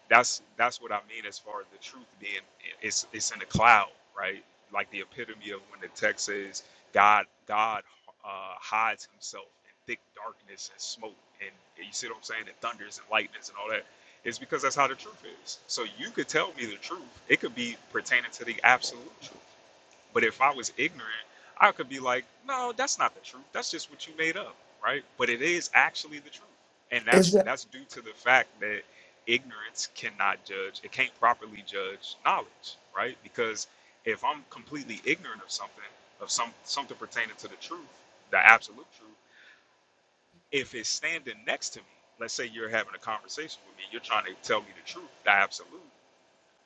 Speaker 1: that's that's what I mean as far as the truth being it's it's in the cloud, right? Like the epitome of when the text says God God uh, hides himself in thick darkness and smoke and you see what I'm saying and thunders and lightnings and all that is because that's how the truth is. So you could tell me the truth. It could be pertaining to the absolute truth. But if I was ignorant, I could be like, no, that's not the truth. That's just what you made up, right? But it is actually the truth. And
Speaker 5: Is
Speaker 1: that's
Speaker 5: that
Speaker 1: that's due to the fact that ignorance cannot judge, it can't properly judge knowledge, right? Because if I'm completely ignorant of something, of some something pertaining to the truth, the absolute truth, if it's standing next to me, let's say you're having a conversation with me, you're trying to tell me the truth, the absolute,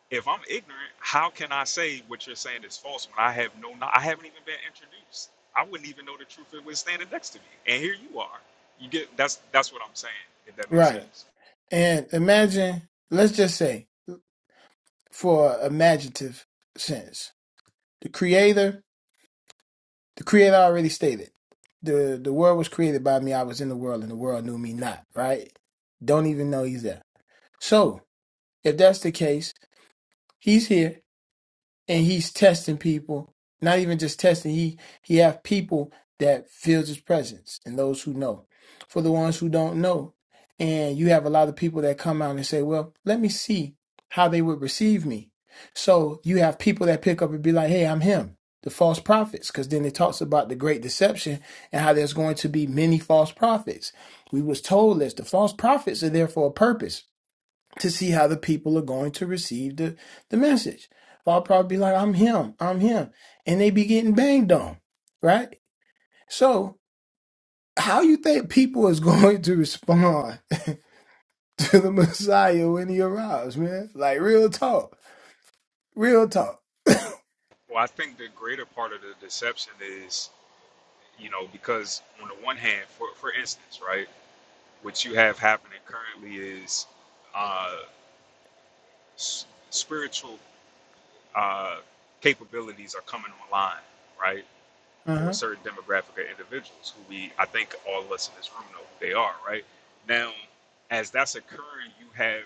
Speaker 1: if I'm ignorant, how can I say what you're saying is false when I have no, kno- I haven't even been introduced. I wouldn't even know the truth if it was standing next to me. And here you are. You get that's that's what I'm saying. If that makes
Speaker 5: right?
Speaker 1: sense.
Speaker 5: And imagine, let's just say, for imaginative sense, the creator, the creator already stated, the the world was created by me. I was in the world, and the world knew me not. Right? Don't even know he's there. So if that's the case, he's here and he's testing people. Not even just testing, he he have people that feels his presence and those who know. For the ones who don't know, and you have a lot of people that come out and say, Well, let me see how they would receive me. So you have people that pick up and be like, Hey, I'm him. The false prophets, because then it talks about the great deception and how there's going to be many false prophets. We was told this. The false prophets are there for a purpose to see how the people are going to receive the, the message. I'll probably be like, I'm him, I'm him. And they be getting banged on, right? So how you think people is going to respond to the Messiah when he arrives, man? Like real talk. Real talk.
Speaker 1: Well, I think the greater part of the deception is, you know, because on the one hand, for for instance, right, what you have happening currently is uh, s- spiritual uh, capabilities are coming online, right? for a
Speaker 5: Uh-huh.
Speaker 1: certain demographic of individuals who we, I think all of us in this room know who they are, right? Now, as that's occurring, you have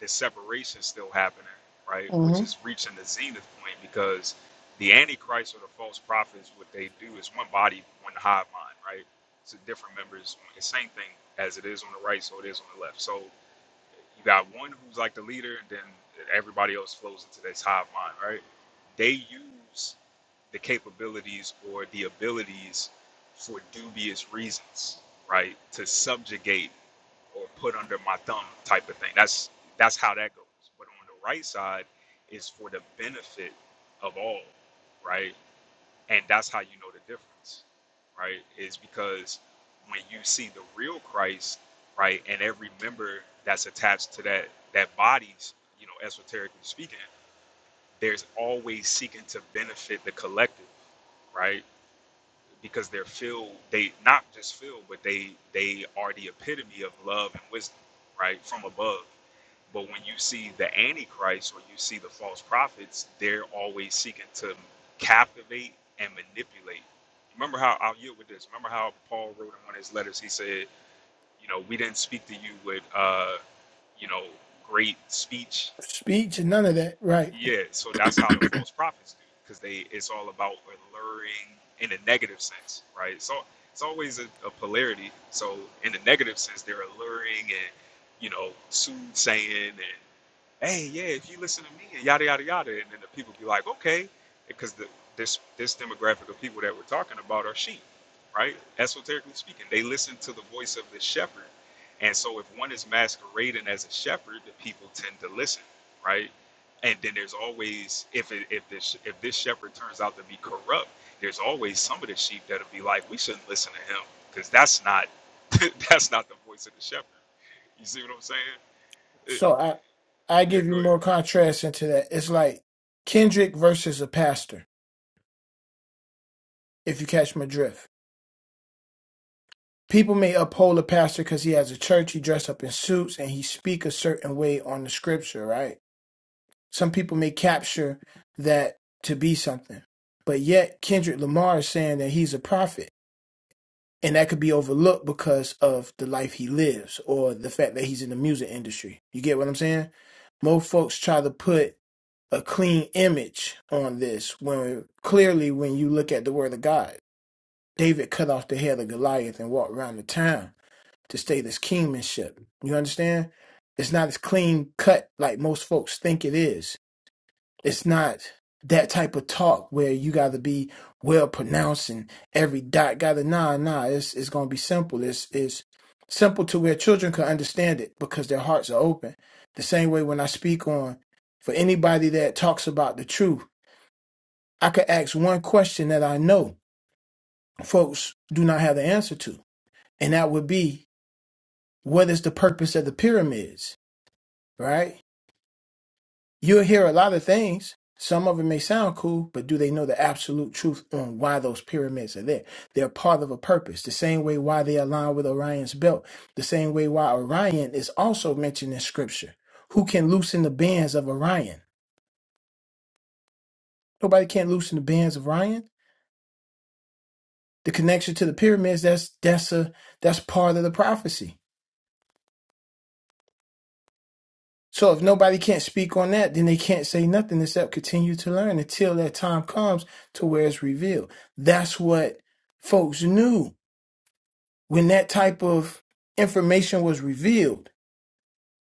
Speaker 1: the separation still happening, right? Which
Speaker 5: hmm
Speaker 1: is reaching the zenith point because the Antichrist or the false prophets, what they do is one body, one hive mind, right? So different members, the same thing as it is on the right, so it is on the left. So you got one who's like the leader, then everybody else flows into this hive mind, right? They use the capabilities or the abilities for dubious reasons, right? To subjugate or put under my thumb type of thing. That's that's how that goes. But on the right side is for the benefit of all, right? And that's how you know the difference, right? Is because when you see the real Christ, right, and every member that's attached to that that body's, you know, esoterically speaking, there's always seeking to benefit the collective, right? because they're filled they not just filled but they they are the epitome of love and wisdom right from above but when you see the antichrist or you see the false prophets they're always seeking to captivate and manipulate remember how i'll yield with this remember how paul wrote in one of his letters he said you know we didn't speak to you with uh you know great speech
Speaker 5: Speech and none of that. Right.
Speaker 1: yeah, so that's how the false prophets do, because they it's all about alluring in a negative sense, right? So it's always a, a polarity. So in the negative sense, they're alluring and you know soothsaying and hey, yeah, if you listen to me and yada yada yada, and then the people be like, okay, because the this this demographic of people that we're talking about are sheep, right? Esoterically speaking, they listen to the voice of the shepherd, and so if one is masquerading as a shepherd, the people tend to listen, right? And then there's always if it, if this if this shepherd turns out to be corrupt, there's always some of the sheep that'll be like, we shouldn't listen to him because that's not that's not the voice of the shepherd. You see what I'm saying? Eh,
Speaker 5: So I I
Speaker 1: yeah,
Speaker 5: give you
Speaker 1: go ahead.
Speaker 5: more contrast into that. It's like Kendrick versus a pastor, if you catch my drift People may uphold a pastor because he has a church, he dressed up in suits, and he speak a certain way on the scripture, right? Some people may capture that to be something. But yet Kendrick Lamar is saying that he's a prophet. And that could be overlooked because of the life he lives or the fact that he's in the music industry. You get what I'm saying? Most folks try to put a clean image on this when clearly when you look at the word of God, David cut off the head of Goliath and walked around the town to stay this kingmanship. You understand? It's not as clean cut like most folks think it is. It's not that type of talk where you got to be well pronounced and every dot got to nah nah. It's it's gonna be simple. It's it's simple to where children can understand it because their hearts are open. The same way when I speak on for anybody that talks about the truth, I could ask one question that I know folks do not have the answer to, and that would be, what is the purpose of the pyramids? right? You'll hear a lot of things. Some of it may sound cool, but do they know the absolute truth on why those pyramids are there? They're part of a purpose, the same way why they align with Orion's belt, the same way why Orion is also mentioned in scripture. Who can loosen the bands of Orion? Nobody can loosen the bands of Orion. The connection to the pyramids, that's that's a that's part of the prophecy. So if nobody can't speak on that, then they can't say nothing except continue to learn until that time comes to where it's revealed. That's what folks knew when that type of information was revealed.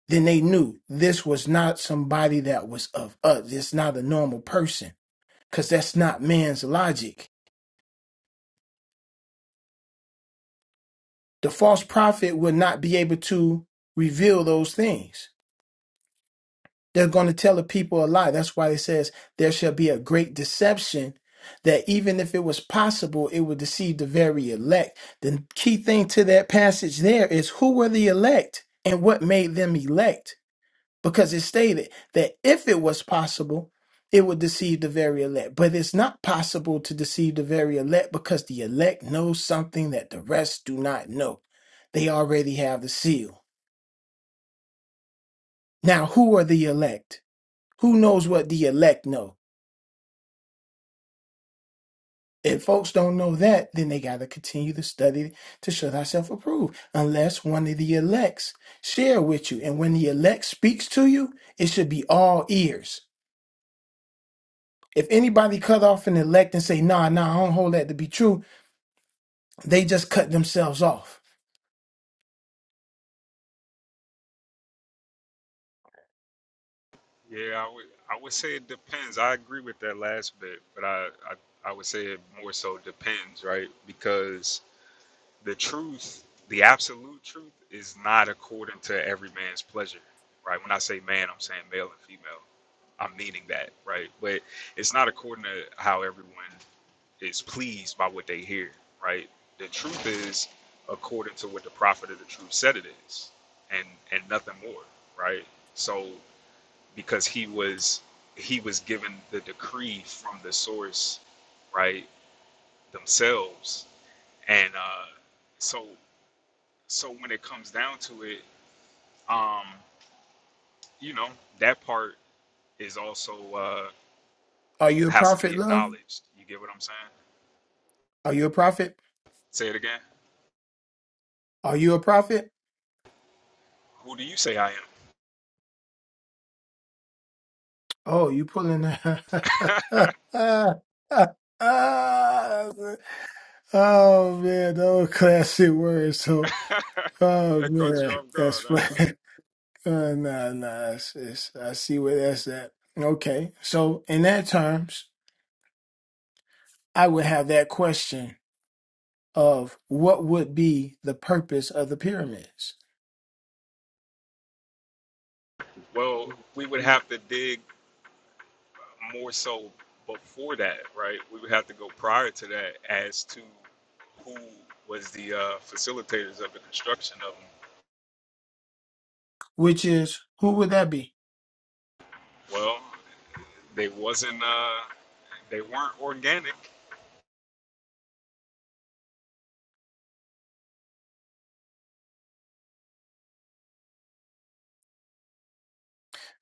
Speaker 5: Then they knew this was not somebody that was of us. It's not a normal person because that's not man's logic. The false prophet will not be able to reveal those things They're going to tell the people a lie. That's why it says there shall be a great deception that even if it was possible, it would deceive the very elect. The key thing to that passage there is who were the elect and what made them elect? Because it stated that if it was possible, it would deceive the very elect. But it's not possible to deceive the very elect because the elect knows something that the rest do not know. They already have the seal. Now, who are the elect? Who knows what the elect know? If folks don't know that, then they got to continue to study to show thyself approved, unless one of the elects share with you. And when the elect speaks to you, it should be all ears. If anybody cut off an elect and say, nah, nah, I don't hold that to be true, they just cut themselves off.
Speaker 1: Yeah, I would I would say it depends. I agree with that last bit, but I I, I would say it more so depends, right? Because the truth, the absolute truth, is not according to every man's pleasure, right? When I say man, I'm saying male and female. I'm meaning that, right? But it's not according to how everyone is pleased by what they hear, right? The truth is according to what the prophet of the truth said it is, and and nothing more, right? So because he was he was given the decree from the source, right? Themselves, and uh, so so when it comes down to it, um, you know, that part is also uh,
Speaker 5: Are you a
Speaker 1: has to be
Speaker 5: prophet, love?
Speaker 1: acknowledged. You get what I'm saying?
Speaker 5: Are you a prophet?
Speaker 1: Say it again.
Speaker 5: Are you a prophet?
Speaker 1: Who do you say I am?
Speaker 5: Oh, you pulling. oh, man, those classic words. So. Oh
Speaker 1: that caught you
Speaker 5: man,
Speaker 1: off
Speaker 5: that's
Speaker 1: guard, huh?
Speaker 5: funny. Uh, nah, nah. It's, it's, I see where that's at. Okay, so in that terms, I would have that question of what would be the purpose of the pyramids,
Speaker 1: Well, we would have to dig more so before that, right? We would have to go prior to that as to who was the uh, facilitators of the construction of them.
Speaker 5: which is who would that be?
Speaker 1: Well, they wasn't. Uh, they weren't organic.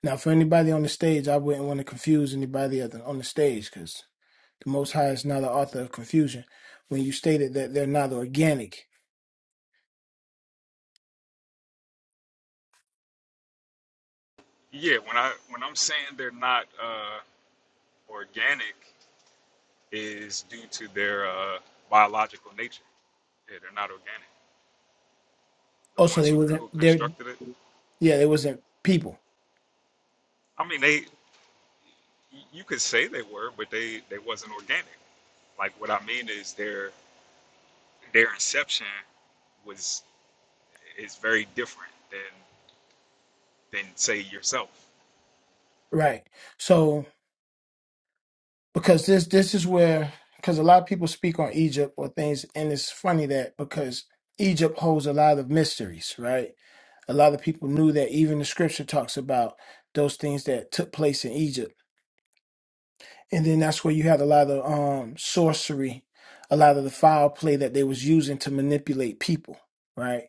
Speaker 5: Now, for anybody on the stage, I wouldn't want to confuse anybody other on the stage because the Most High is not the author of confusion. When you stated that they're not organic,
Speaker 1: Yeah, when I when I'm saying they're not. Uh, organic is due to their uh, biological nature. Yeah, they're not organic. The
Speaker 5: also
Speaker 1: ones
Speaker 5: they
Speaker 1: who,
Speaker 5: wasn't.
Speaker 1: who
Speaker 5: they
Speaker 1: constructed it,
Speaker 5: yeah, they wasn't people,
Speaker 1: I mean, they you could say they were, but they they wasn't organic. Like what I mean is their their inception was is very different than than say yourself.
Speaker 5: right? So. because this this is where because a lot of people speak on Egypt or things, and it's funny that because Egypt holds a lot of mysteries, right? A lot of people knew that even the scripture talks about those things that took place in Egypt, and then that's where you had a lot of um sorcery, a lot of the foul play that they was using to manipulate people, right?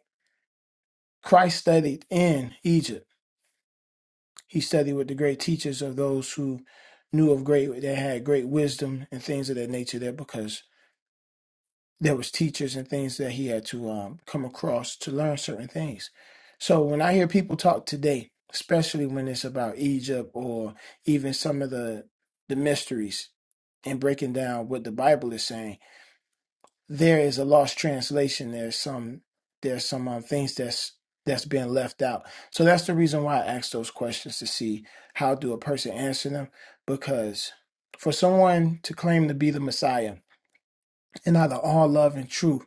Speaker 5: Christ studied in Egypt. He studied with the great teachers of those who knew of great that had great wisdom and things of that nature there because there was teachers and things that he had to um, come across to learn certain things. So when I hear people talk today, especially when it's about Egypt or even some of the the mysteries and breaking down what the Bible is saying, there is a lost translation. There's some there's some um, things that's that's being left out. So that's the reason why I ask those questions to see how do a person answer them because for someone to claim to be the Messiah and either all love and truth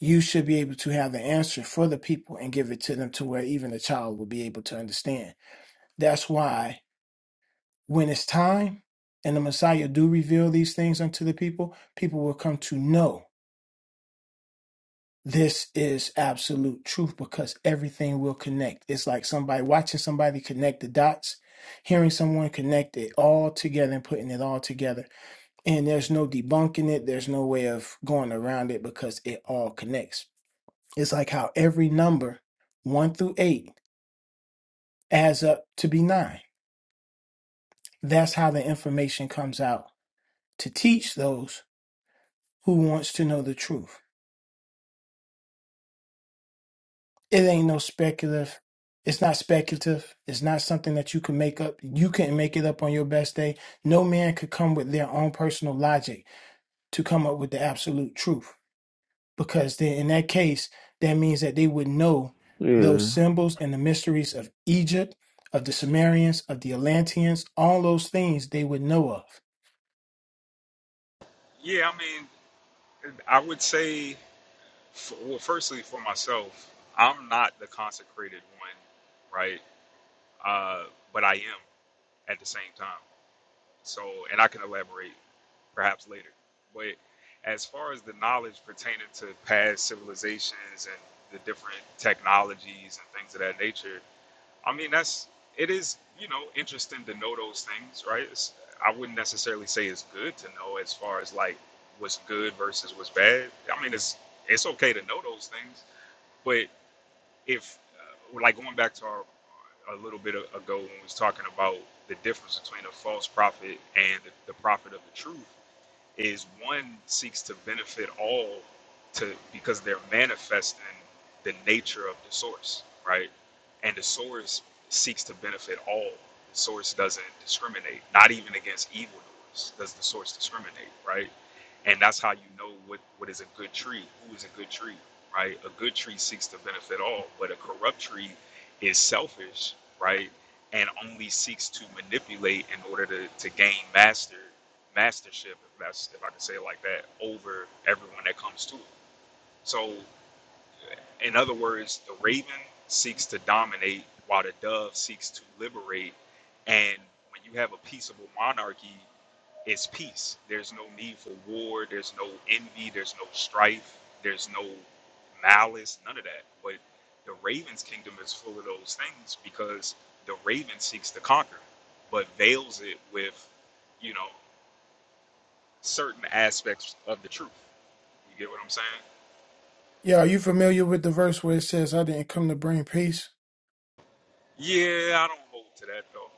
Speaker 5: you should be able to have the answer for the people and give it to them to where even a child will be able to understand. That's why when it's time and the Messiah do reveal these things unto the people, people will come to know this is absolute truth because everything will connect. It's like somebody watching somebody connect the dots, hearing someone connect it all together and putting it all together. And there's no debunking it, there's no way of going around it because it all connects It's like how every number, one through eight, adds up to be nine. That's how the information comes out to teach those who wants to know the truth. It ain't no speculative. It's not speculative. It's not something that you can make up. You can not make it up on your best day. No man could come with their own personal logic to come up with the absolute truth. because then in that case that means that they would know
Speaker 6: Mm-hmm.
Speaker 5: those
Speaker 6: Yeah.
Speaker 5: symbols and the mysteries of egypt of the sumerians of the atlanteans all those things they would know of
Speaker 1: Yeah, I mean, I would say, for, well, firstly for myself, I'm not the consecrated one, right? Uh, but I am at the same time. So, and I can elaborate perhaps later. But as far as the knowledge pertaining to past civilizations and the different technologies and things of that nature, I mean, that's it is, you know, interesting to know those things, right? It's, I wouldn't necessarily say it's good to know as far as like what's good versus what's bad. I mean, it's it's okay to know those things, but if uh, like going back to our, a little bit ago when we was talking about the difference between a false prophet and the, the prophet of the truth is one seeks to benefit all to because they're manifesting the nature of the source, right? And the source seeks to benefit all. The source doesn't discriminate, not even against evildoers does the source discriminate, right? And that's how you know what, what is a good tree, who is a good tree, right? A good tree seeks to benefit all, but a corrupt tree is selfish, right? And only seeks to manipulate in order to, to gain mastery mastership, if that's if I can say it like that, over everyone that comes to it. So, in other words, the raven seeks to dominate while the dove seeks to liberate. And when you have a peaceable monarchy, it's peace. There's no need for war. There's no envy. There's no strife. There's no malice. None of that. But the raven's kingdom is full of those things because the raven seeks to conquer, but veils it with, you know certain aspects of the truth. You get what I'm saying?
Speaker 5: Yeah, are you familiar with the verse where it says, I didn't come to bring peace?
Speaker 1: Yeah, I don't hold to that though.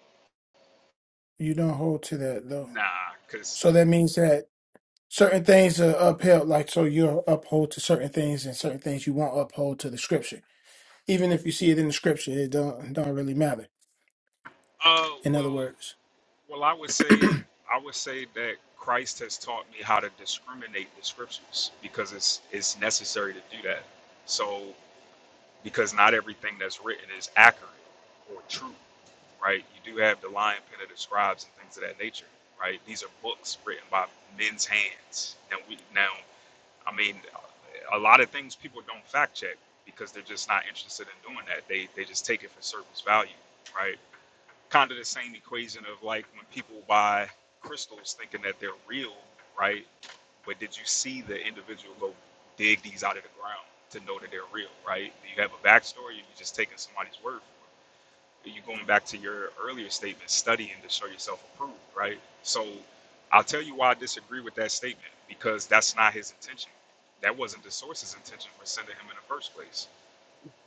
Speaker 5: You don't hold to that, though.
Speaker 1: Nah, cause
Speaker 5: So that means that certain things are upheld, like, so you'll uphold to certain things and certain things you won't uphold to the scripture. Even if you see it in the scripture, it don't, don't really matter,
Speaker 1: uh,
Speaker 5: in other
Speaker 1: well,
Speaker 5: words.
Speaker 1: well, I would say I would say that Christ has taught me how to discriminate the scriptures because it's it's necessary to do that. So because not everything that's written is accurate or true, right? You do have the lion pen of the scribes and things of that nature, right? These are books written by men's hands. Now we now I mean, a lot of things people don't fact check because they're just not interested in doing that. They they just take it for surface value, right? Kind of the same equation of like when people buy crystals thinking that they're real, right? But did you see the individual go dig these out of the ground to know that they're real, right? Do you have a backstory? Or you just taking somebody's word for it? you going back to your earlier statement, studying to show yourself approved, right? So I'll tell you why I disagree with that statement because that's not his intention. That wasn't the source's intention for sending him in the first place.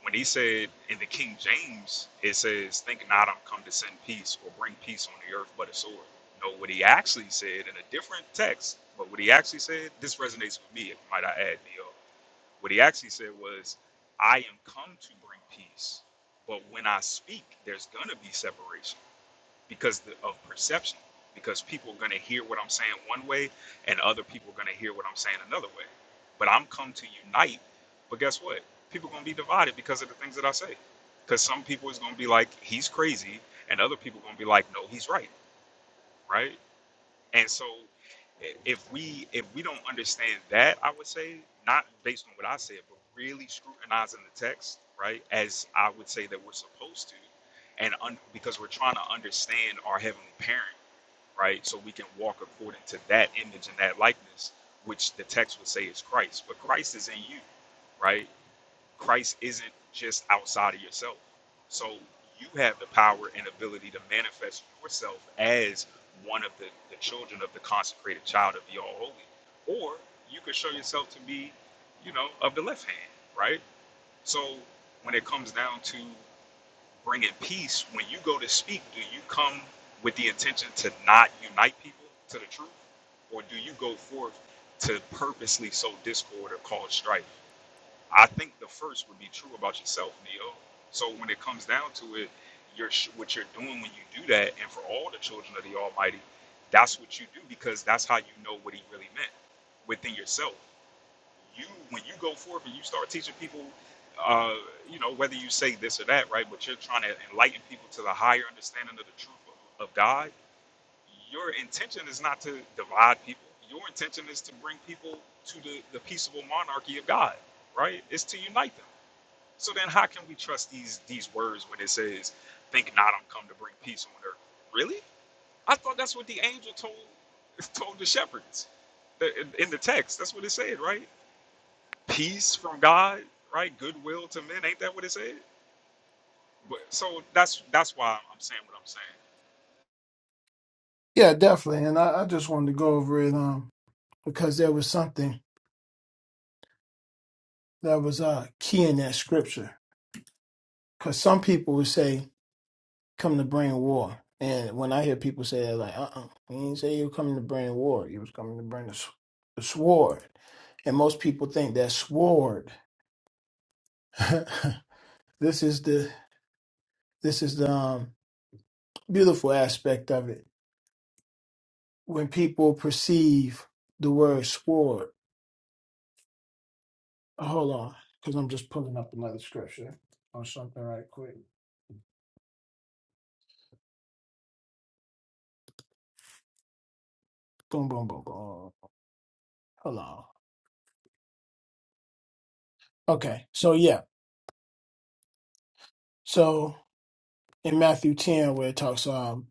Speaker 1: When he said in the King James, it says, Think not I'm come to send peace or bring peace on the earth but a sword. No, what he actually said in a different text, but what he actually said, this resonates with me, if might I add, Neo. What he actually said was, I am come to bring peace, but when I speak, there's going to be separation because the, of perception, because people are going to hear what I'm saying one way and other people are going to hear what I'm saying another way. But I'm come to unite, but guess what? People are going to be divided because of the things that I say. Because some people is going to be like, he's crazy, and other people are going to be like, no, he's right, right? And so i- if we if we don't understand that, I would say not based on what I said, but really scrutinizing the text, right? As I would say that we're supposed to, and un, because we're trying to understand our heavenly parent, right? So we can walk according to that image and that likeness, which the text would say is Christ. But Christ is in you, right? Christ isn't just outside of yourself. So you have the power and ability to manifest yourself as one of the, the children of the consecrated child of the All Holy. Or you could show yourself to be, you know, of the left hand, right? So when it comes down to bringing peace, when you go to speak, do you come with the intention to not unite people to the truth? Or do you go forth to purposely sow discord or cause strife? I think the first would be true about yourself, Neo. So when it comes down to it, you're what you're doing when you do that, and for all the children of the Almighty, that's what you do because that's how you know what He really meant within yourself. You, when you go forth and you start teaching people, uh, you know, whether you say this or that, right? But you're trying to enlighten people to the higher understanding of the truth of, of God your intention is not to divide people. Your intention is to bring people to the, the peaceable monarchy of God, right? It's to unite them. So then how can we trust these these words when it says, think not I'm come to bring peace on earth? Really? I thought that's what the angel told told the shepherds in, in the text. That's what it said, right? Peace from God, right? Goodwill to men. Ain't that what it said? But, so that's that's why I'm saying what I'm saying.
Speaker 5: Yeah, definitely. And I, I just wanted to go over it um, because there was something that was uh, key in that scripture. Because some people would say, come to bring war. And when I hear people say that, like, uh uh you didn't say you were coming to bring war. You was coming to bring the, s- the sword. And most people think that sword, this is the, this is the um, beautiful aspect of it. When people perceive the word sword, hold on, because I'm just pulling up another scripture or something right quick. Boom, boom, boom, boom. Hold on. Okay, so yeah, so in Matthew ten, where it talks um,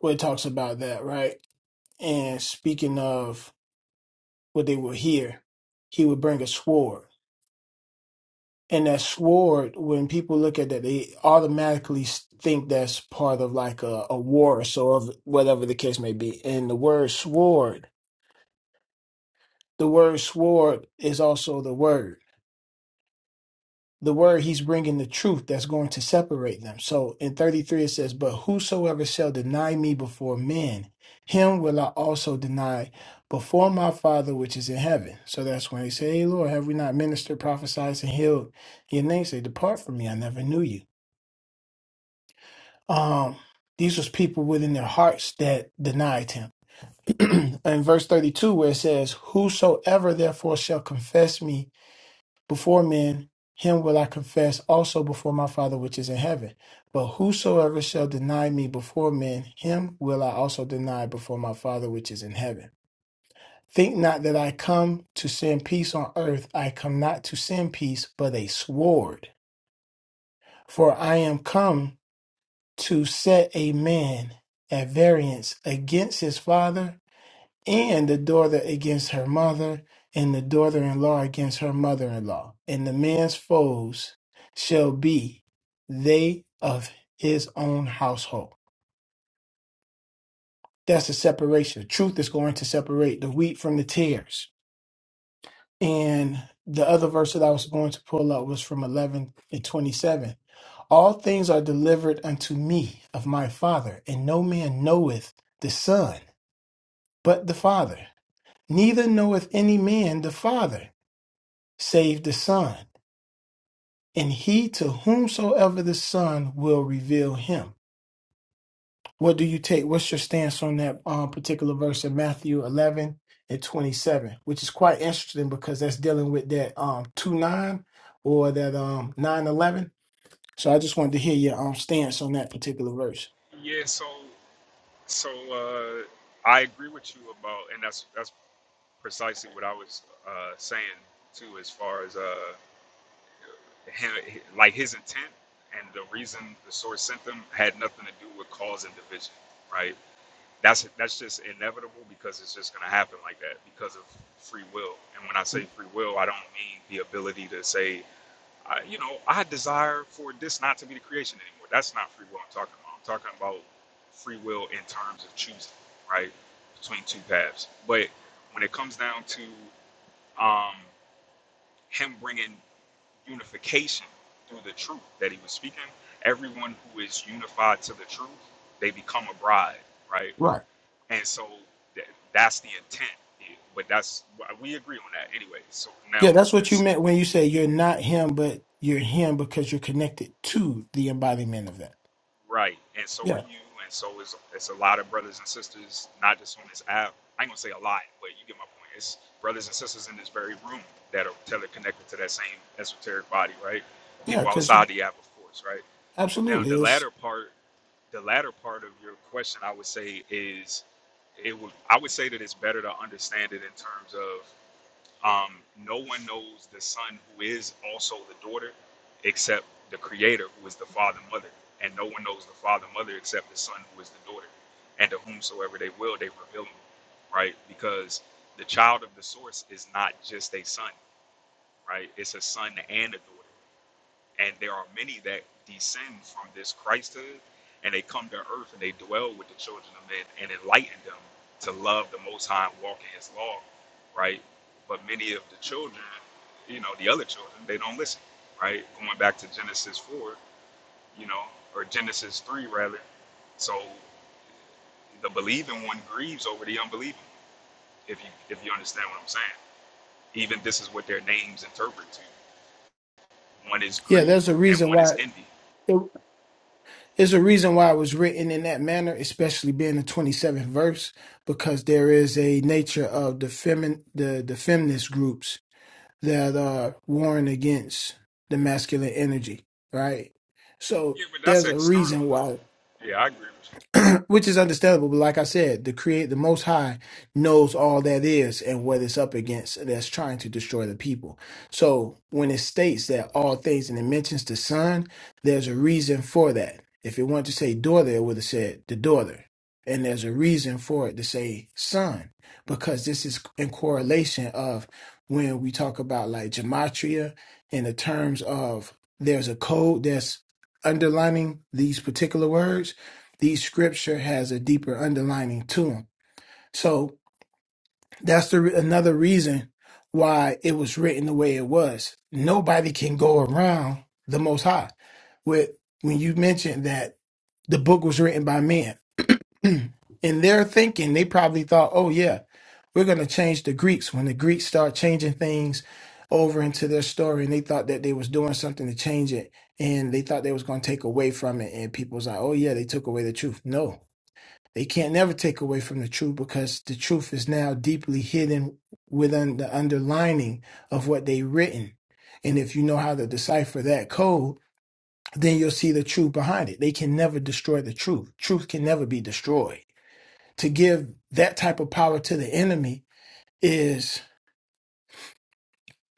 Speaker 5: where it talks about that, right? And speaking of what they will hear, he would bring a sword, and that sword, when people look at that, they automatically s- think that's part of like a, a war or so of whatever the case may be. And the word sword, the word sword is also the word. the word he's bringing the truth that's going to separate them so in 33 it says but whosoever shall deny me before men him will i also deny before my father which is in heaven so that's when they say hey lord have we not ministered prophesied and healed your name say depart from me i never knew you um these was people within their hearts that denied him in verse 32 where it says whosoever therefore shall confess me before men, him will I confess also before my Father which is in heaven. But whosoever shall deny me before men, him will I also deny before my Father which is in heaven. Think not that I come to send peace on earth. I come not to send peace, but a sword. For I am come to set a man at variance against his father and the daughter against her mother, and the daughter in law against her mother in law. And the man's foes shall be they of his own household. That's the separation. Truth is going to separate the wheat from the tares. And the other verse that I was going to pull up was from 11 and 27. All things are delivered unto me of my Father, and no man knoweth the Son but the Father, neither knoweth any man the Father save the Son, and he to whomsoever the Son will reveal him. What do you take? What's your stance on that um, particular verse in Matthew 11 and 27, which is quite interesting because that's dealing with that um, 2 9 or that um, 9 eleven. So I just wanted to hear your um, stance on that particular verse.
Speaker 1: Yeah, so So uh, I agree with you about, and that's that's precisely what I was uh, saying too, as far as uh, him, like his intent and the reason the source sent them had nothing to do with cause and division, right? That's that's just inevitable because it's just going to happen like that because of free will. And when I say free will, I don't mean the ability to say I, you know, I desire for this not to be the creation anymore. That's not free will I'm talking about. I'm talking about free will in terms of choosing, right? Between two paths. But when it comes down to um, him bringing unification through the truth that he was speaking, everyone who is unified to the truth, they become a bride, right?
Speaker 5: Right.
Speaker 1: And so th- that's the intent. But that's, we agree on that anyway. So now
Speaker 5: Yeah, that's what you meant when you say you're not him, but you're him because you're connected to the embodiment of that.
Speaker 1: Right, and so are
Speaker 5: Yeah.
Speaker 1: you, and so is it's a lot of brothers and sisters, not just on this app. I ain't gonna say a lot, but you get my point. It's brothers and sisters in this very room that are teleconnected to that same esoteric body, right?
Speaker 5: Yeah,
Speaker 1: People
Speaker 5: because
Speaker 1: outside the app, of course, right? Now
Speaker 5: absolutely.
Speaker 1: the
Speaker 5: It's,
Speaker 1: latter part, the latter part of your question, I would say is, it would I would say that it's better to understand it in terms of um, no one knows the son who is also the daughter except the creator who is the father and mother. And no one knows the father and mother except the son who is the daughter. And to whomsoever they will, they reveal him, right? Because the child of the source is not just a son, right? It's a son and a daughter. And there are many that descend from this Christhood and they come to earth and they dwell with the children of men and enlighten them to love the Most High and walk in His law, right? But many of the children, you know, the other children, they don't listen, right? Going back to Genesis 4, you know, or Genesis 3 rather. So the believing one grieves over the unbelieving, if you if you understand what I'm saying. Even this is what their names interpret to. One is
Speaker 5: yeah,
Speaker 1: grief
Speaker 5: there's a
Speaker 1: and
Speaker 5: reason
Speaker 1: one
Speaker 5: why
Speaker 1: is envy
Speaker 5: So There's a reason why it was written in that manner, especially being the 27th verse, because there is a nature of the femin the, the feminist groups that are warring against the masculine energy, right? So
Speaker 1: Yeah, but that's
Speaker 5: there's a
Speaker 1: external
Speaker 5: reason why
Speaker 1: though. Yeah, I agree with
Speaker 5: which is understandable. But like I said, the create the Most High knows all that is and what it's up against that's trying to destroy the people. So when it states that all things and it mentions the son, there's a reason for that. If it wanted to say daughter, it would have said the daughter. And there's a reason for it to say son, because this is in correlation of when we talk about like gematria in the terms of there's a code that's underlining these particular words these scripture has a deeper underlining to them. So that's the another reason why it was written the way it was. Nobody can go around the Most High. With when you mentioned that the book was written by men, in their thinking, they probably thought, "Oh yeah, we're going to change the Greeks." When the Greeks start changing things over into their story, and they thought that they was doing something to change it, and they thought they was going to take away from it, and people's like, "Oh yeah, they took away the truth." No, they can't never take away from the truth because the truth is now deeply hidden within the underlining of what they written. And if you know how to decipher that code, then you'll see the truth behind it. They can never destroy the truth. Truth can never be destroyed. To give that type of power to the enemy is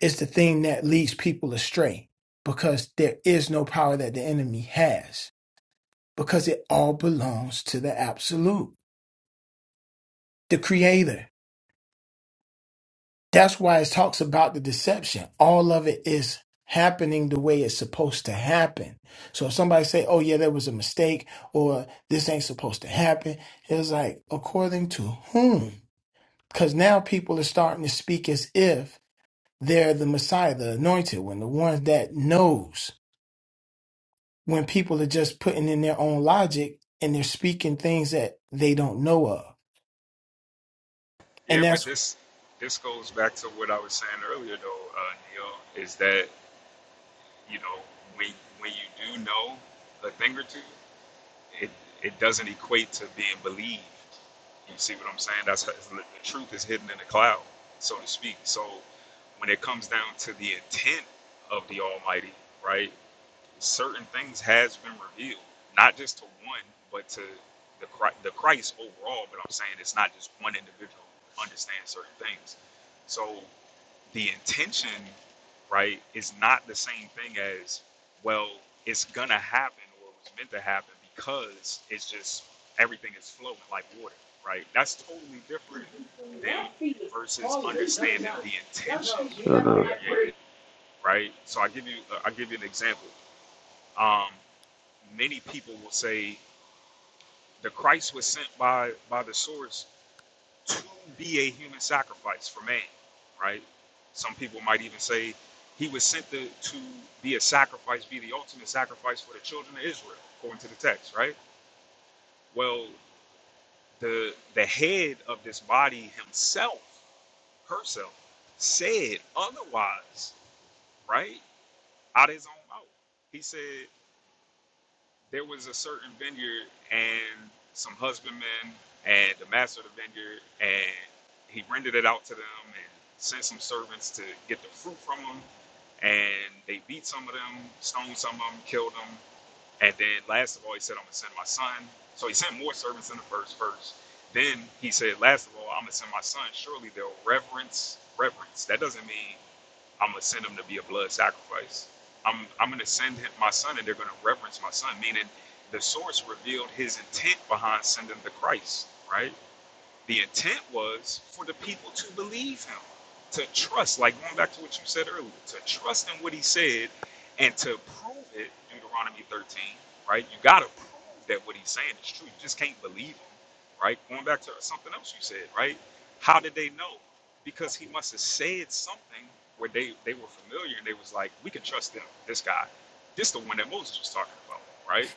Speaker 5: is the thing that leads people astray because there is no power that the enemy has because it all belongs to the absolute, the creator. That's why it talks about the deception. All of it is happening the way it's supposed to happen. So if somebody say, "Oh yeah, that was a mistake," or "This ain't supposed to happen," it's like according to whom? Because now people are starting to speak as if they're the Messiah, the Anointed One, the one that knows. When people are just putting in their own logic and they're speaking things that they don't know of,
Speaker 1: you. Yeah,
Speaker 5: and
Speaker 1: but
Speaker 5: that's
Speaker 1: this this goes back to what I was saying earlier though, uh, Neil, is that you know when when you do know a thing or two, it it doesn't equate to being believed. You see what I'm saying? That's the truth is hidden in the cloud, so to speak. So when it comes down to the intent of the Almighty, right? certain things has been revealed, not just to one, but to the Christ, the Christ overall. But I'm saying it's not just one individual who understands certain things. So the intention, right, is not the same thing as well. It's gonna happen, or it was meant to happen, because it's just everything is flowing like water, right? That's totally different than versus understanding the intention
Speaker 6: Shut
Speaker 1: of the
Speaker 6: up.
Speaker 1: Creator, right? So I give you, uh, I give you an example. Um, many people will say the Christ was sent by by the source to be a human sacrifice for man, right? Some people might even say he was sent to, to be a sacrifice, be the ultimate sacrifice for the children of Israel, according to the text, right? Well, the the head of this body himself, herself, said otherwise, right? Out of his own mouth. He said, there was a certain vineyard and some husbandmen and the master of the vineyard and he rented it out to them and sent some servants to get the fruit from them and they beat some of them stoned some of them killed them and then last of all he said i'm gonna send my son so he sent more servants than the first first then he said last of all i'm gonna send my son surely they'll reverence reverence that doesn't mean I'm gonna send him to be a blood sacrifice. I'm I'm gonna send him, my son, and they're gonna reverence my son. Meaning, the source revealed his intent behind sending the Christ, right? The intent was for the people to believe him, to trust, like going back to what you said earlier, to trust in what he said and to prove it, Deuteronomy 13, right? You got to prove that what he's saying is true. You just can't believe him, right? Going back to something else you said, right? How did they know? Because he must have said something where they, they were familiar and they was like, we can trust them, this guy. This the one that Moses was talking about, right?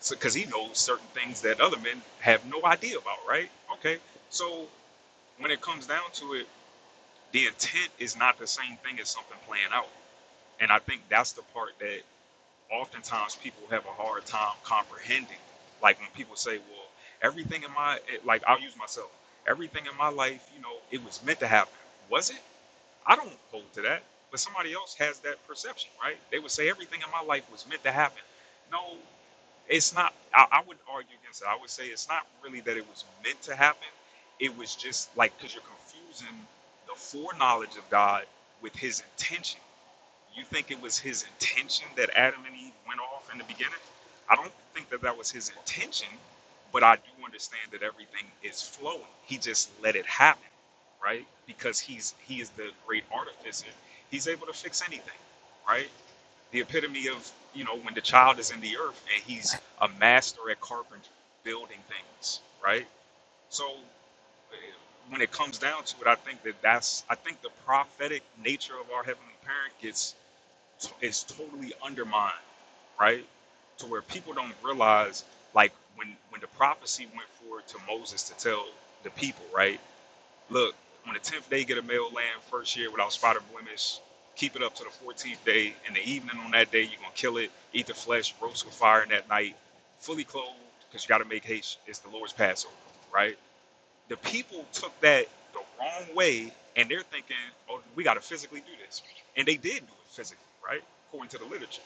Speaker 1: So, because he knows certain things that other men have no idea about, right? Okay, so when it comes down to it, the intent is not the same thing as something playing out, and I think that's the part that oftentimes people have a hard time comprehending. Like when people say, "Well, everything in my eh, like," I'll use myself. Everything in my life, you know, it was meant to happen. Was it? I don't hold to that, but somebody else has that perception, right? They would say everything in my life was meant to happen. No, it's not I, I would argue against it i would say it's not really that it was meant to happen it was just like because you're confusing the foreknowledge of god with his intention you think it was his intention that adam and eve went off in the beginning i don't think that that was his intention but i do understand that everything is flowing he just let it happen right because he's he is the great artificer he's able to fix anything right the epitome of you know when the child is in the earth and he's a master at carpentry building things right so eh, when it comes down to it i think that that's i think the prophetic nature of our heavenly parent gets is totally undermined right to where people don't realize like when when the prophecy went forward to moses to tell the people right Look, on the tenth day, get a male lamb first year without spot or blemish. Keep it up to the fourteenth day. In the evening on that day, you're gonna kill it, eat the flesh, roast with fire in that night, fully clothed, because you gotta make haste. It's the Lord's Passover, right? The people took that the wrong way, and they're thinking, oh, we gotta physically do this, and they did do it physically, right? According to the literature,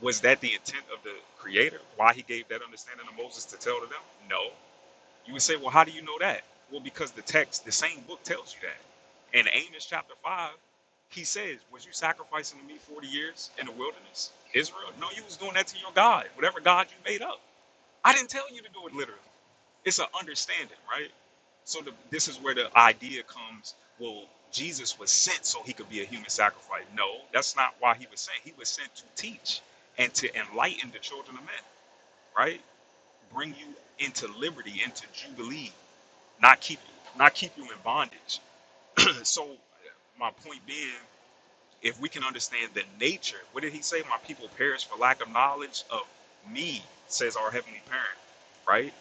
Speaker 1: was that the intent of the Creator? Why He gave that understanding to Moses to tell to them? No, you would say, well, how do you know that? Well, because the text, the same book tells you that. In Amos chapter 5, he says, Was you sacrificing to me 40 years in the wilderness, Israel? No, you was doing that to your God, whatever God you made up. I didn't tell you to do it literally. It's an understanding, right? So the, this is where the idea comes well, Jesus was sent so he could be a human sacrifice. No, that's not why he was sent. He was sent to teach and to enlighten the children of men, right? Bring you into liberty, into jubilee not keep not keep you in bondage. so my point being, if we can understand the nature, what did he say? My people perish for lack of knowledge of me, says our heavenly parent, right?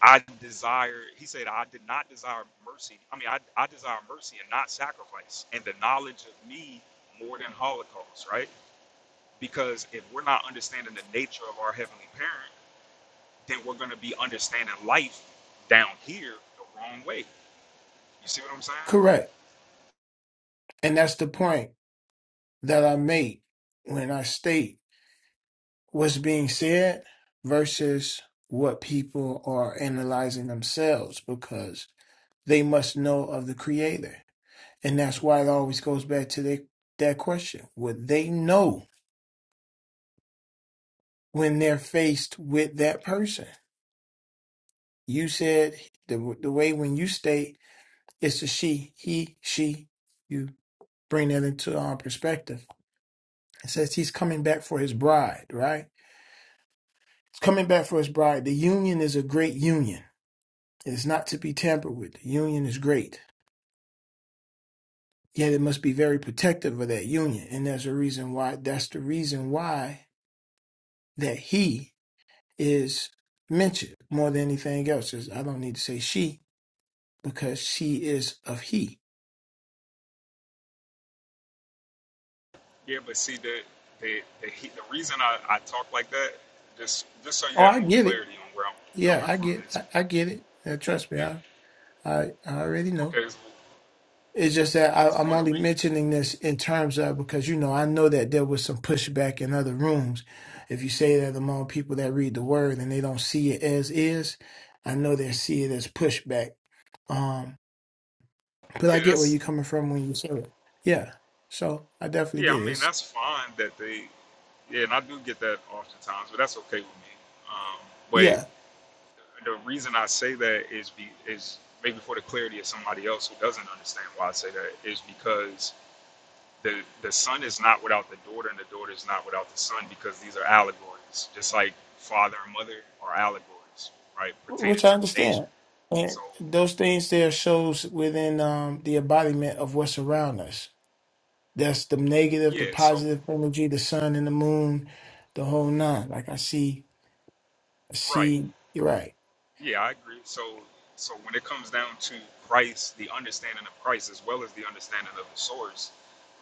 Speaker 1: I desire, he said, I did not desire mercy. I mean, I, I desire mercy and not sacrifice, and the knowledge of me more than holocaust, right? Because if we're not understanding the nature of our heavenly parent, then we're going to be understanding life down here the wrong way. You see what I'm saying?
Speaker 5: correct. And that's the point that I made when I state. what's being said versus what people are analyzing themselves because they must know of the creator and that's why it always goes back to the, that question would they know when they're faced with that person you said the, the way when you state it's a she he she you bring that into our perspective it says he's coming back for his bride right he's coming back for his bride the union is a great union It is not to be tampered with. The union is great. Yet it must be very protective of that union. And there's a reason why that's the reason why that he is mentioned more than anything else. Is I don't need to say she because she is of he.
Speaker 1: Yeah, but see the the the, he, the reason I, I talk like that, just just so
Speaker 5: Oh,
Speaker 1: you have
Speaker 5: I
Speaker 1: more
Speaker 5: get it.
Speaker 1: clarity on where I'm
Speaker 5: Yeah,
Speaker 1: coming
Speaker 5: I
Speaker 1: from
Speaker 5: get
Speaker 1: is,
Speaker 5: I, I get it. Uh, trust me,
Speaker 1: it,
Speaker 5: I, I I already know.
Speaker 1: okay, it's,
Speaker 5: It's just that I,
Speaker 1: it's
Speaker 5: I'm
Speaker 1: what the
Speaker 5: only
Speaker 1: re-
Speaker 5: mentioning this in terms of because you know I know that there was some pushback in other rooms. If you say that among people that read the word and they don't see it as is, I know they see it as pushback. Um, but I
Speaker 1: yeah
Speaker 5: get where you're
Speaker 1: that's
Speaker 5: coming from when you say it. Yeah. So I definitely
Speaker 1: yeah
Speaker 5: get
Speaker 1: I
Speaker 5: it.
Speaker 1: mean
Speaker 5: It's,
Speaker 1: that's fine that they yeah and I do get that oftentimes, but that's okay with me. Um, but
Speaker 5: yeah,
Speaker 1: the reason I say that is be is maybe for the clarity of somebody else who doesn't understand why I say that is because the the son is not without the daughter and the daughter is not without the son because these are allegories just like father and mother are allegories right pertaining
Speaker 5: which I
Speaker 1: to the nature
Speaker 5: understand. And
Speaker 1: so
Speaker 5: those things there shows within um, the embodiment of what's around us. That's the negative, the
Speaker 1: yeah so
Speaker 5: positive energy, the sun and the moon, the whole nine. Like I see, I
Speaker 1: right
Speaker 5: see. You're right,
Speaker 1: yeah i agree so so when it comes down to christ the understanding of christ as well as the understanding of the source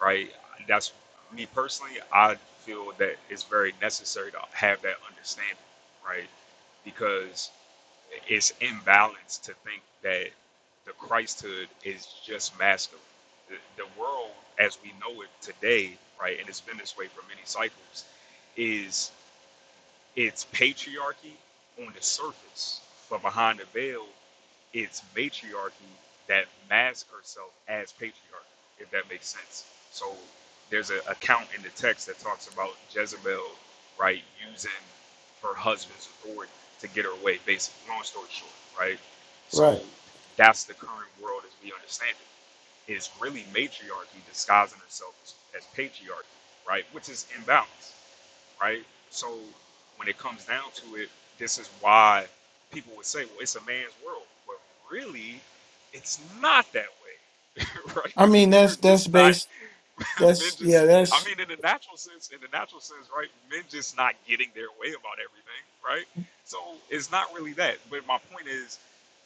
Speaker 1: right that's me personally i feel that it's very necessary to have that understanding right because it's imbalanced to think that the Christhood is just masculine. The, the world, as we know it today, right, and it's been this way for many cycles, is it's patriarchy on the surface, but behind the veil, it's matriarchy that masks herself as patriarch, if that makes sense. So there's an account in the text that talks about Jezebel, right, using her husband's authority to get her way, basically. Long story short, right? So
Speaker 5: right.
Speaker 1: that's the current world as we understand it. It's really matriarchy disguising herself as, as patriarchy, right? Which is imbalanced right? So when it comes down to it, this is why people would say, well, it's a man's world. But really, it's not that way, right?
Speaker 5: I
Speaker 1: Because
Speaker 5: mean,
Speaker 1: men
Speaker 5: that's
Speaker 1: are
Speaker 5: that's
Speaker 1: just not,
Speaker 5: based.
Speaker 1: men
Speaker 5: That's
Speaker 1: just,
Speaker 5: yeah,
Speaker 1: I
Speaker 5: that's
Speaker 1: mean, in the natural sense, in the natural sense, right? Men just not getting their way about everything, right? So it's not really that. But my point is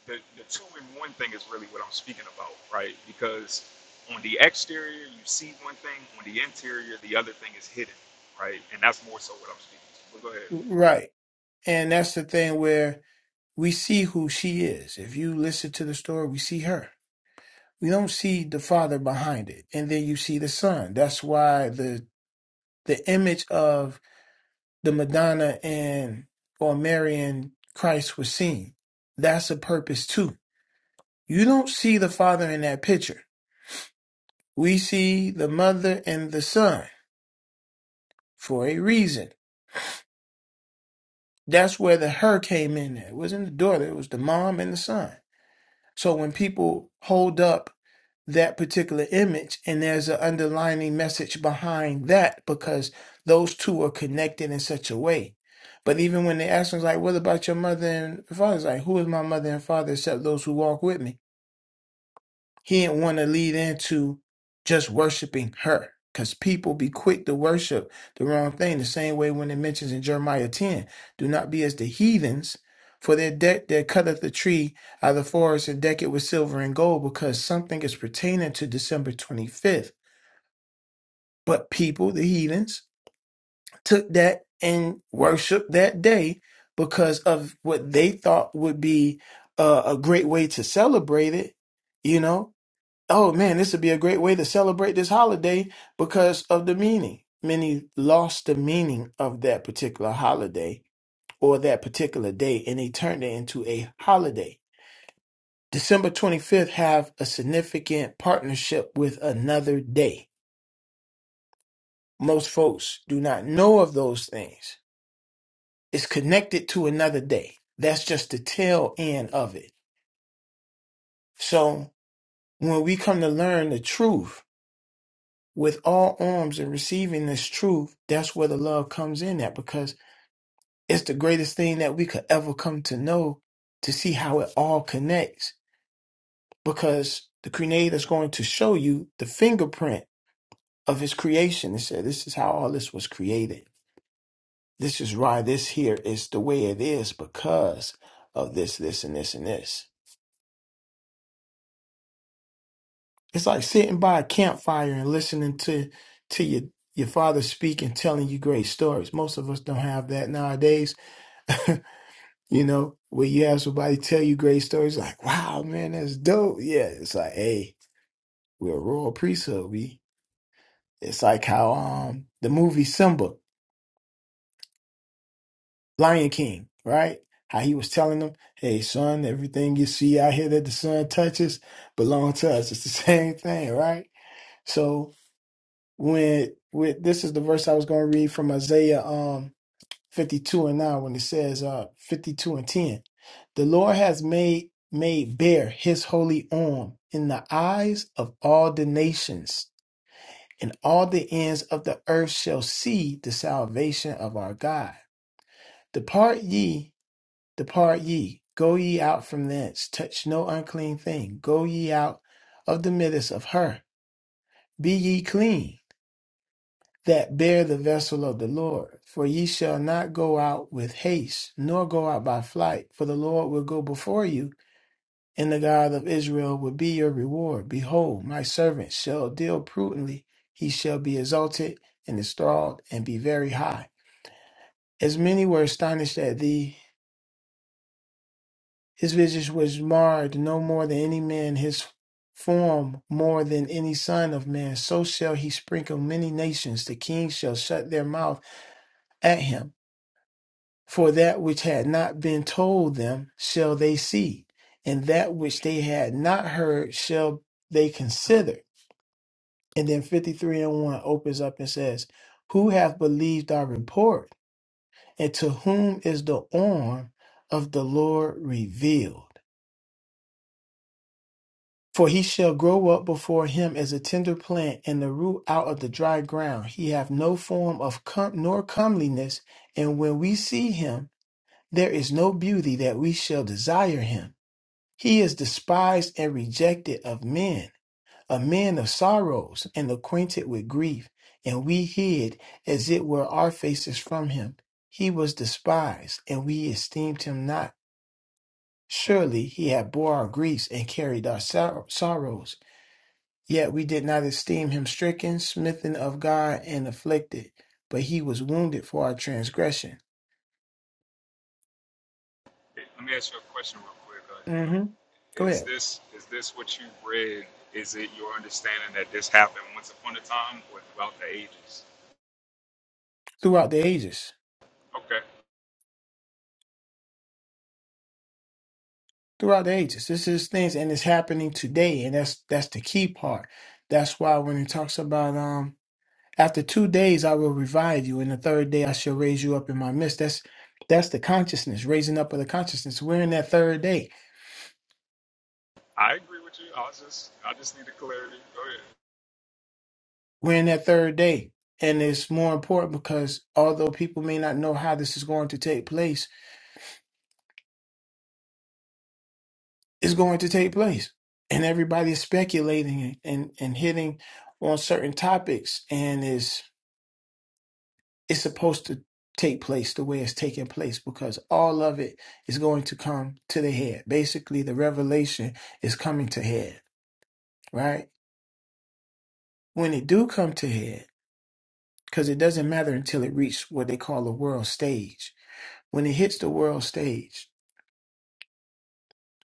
Speaker 1: the, the two in one thing is really what I'm speaking about, right? Because on the exterior, you see one thing, on the interior, the other thing is hidden, right? And that's more so what I'm speaking to. But go ahead.
Speaker 5: right. And that's the thing where we see who she is. If you listen to the story, we see her. We don't see the father behind it, and then you see the son. That's why the the image of the Madonna and or Mary and Christ was seen. That's a purpose too You don't see the father in that picture. We see the mother and the son for a reason. That's where the her came in at. It wasn't the daughter, it was the mom and the son. So when people hold up that particular image and there's an underlining message behind that because those two are connected in such a way. But even when they ask us like, what about your mother and father? It's like, who is my mother and father except those who walk with me? He didn't want to lead into just worshiping her because people be quick to worship the wrong thing. The same way when it mentions in Jeremiah 10 do not be as the heathens, for their deck that cutteth the tree out of the forest and deck it with silver and gold, because something is pertaining to December 25th. But people, the heathens, took that and worshiped that day because of what they thought would be uh, a great way to celebrate it, you know oh man, this would be a great way to celebrate this holiday because of the meaning. Many lost the meaning of that particular holiday or that particular day and they turned it into a holiday. December 25th have a significant partnership with another day. Most folks do not know of those things. It's connected to another day. That's just the tail end of it. So when we come to learn the truth with all arms and receiving this truth, that's where the love comes in at because it's the greatest thing that we could ever come to know to see how it all connects. Because the creator's going to show you the fingerprint of his creation and say, This is how all this was created. This is why this here is the way it is because of this, this, and this, and this. It's like sitting by a campfire and listening to to your your father speak and telling you great stories. Most of us don't have that nowadays. You know, when you have somebody tell you great stories, like, wow, man, that's dope. Yeah, it's like, hey, we're a royal priesthood. We, it's like how um the movie Simba, Lion King, right? How he was telling them, hey, son, everything you see out here that the sun touches belongs to us. It's the same thing, right? So when with this is the verse I was going to read from Isaiah. um. 52 and 9 when it says uh 52 and 10 the lord has made made bare his holy arm in the eyes of all the nations and all the ends of the earth shall see the salvation of our god depart ye depart ye go ye out from thence touch no unclean thing go ye out of the midst of her be ye clean that bear the vessel of the Lord. For ye shall not go out with haste, nor go out by flight, for the Lord will go before you, and the God of Israel will be your reward. Behold, my servant shall deal prudently, he shall be exalted and installed, and be very high. As many were astonished at thee, his visage was marred no more than any man, his form more than any son of man. So shall he sprinkle many nations, the kings shall shut their mouth at him. For that which had not been told them shall they see, and that which they had not heard shall they consider. And then 53 and 1 opens up and says, Who hath believed our report, and to whom is the arm of the Lord revealed? For he shall grow up before him as a tender plant and the root out of the dry ground. He hath no form of com- nor comeliness, and when we see him, there is no beauty that we shall desire him. He is despised and rejected of men, a man of sorrows and acquainted with grief, and we hid as it were our faces from him. He was despised, and we esteemed him not. Surely he had bore our griefs and carried our sor- sorrows. Yet we did not esteem him stricken, smitten of God, and afflicted. But he was wounded for our transgression.
Speaker 1: Hey, Let me ask you a question real quick, uh,
Speaker 5: hmm Go
Speaker 1: Neil. Is
Speaker 5: ahead.
Speaker 1: this is this what you read? Is it your understanding that this happened once upon a time or throughout the ages?
Speaker 5: Throughout the ages.
Speaker 1: Okay,
Speaker 5: throughout the ages. This is things and it's happening today, and that's that's the key part. That's why when it talks about um after two days I will revive you, and the third day I shall raise you up in my midst. That's that's the consciousness, raising up of the consciousness. We're in that third day.
Speaker 1: I agree with you. I was just I just needed clarity. Go ahead.
Speaker 5: We're in that third day. And it's more important because although people may not know how this is going to take place, it's going to take place. And everybody is speculating and, and, and hitting on certain topics and is it's supposed to take place the way it's taking place because all of it is going to come to the head. Basically, the revelation is coming to head, right? When it do come to head, because it doesn't matter until it reaches what they call the world stage. When it hits the world stage,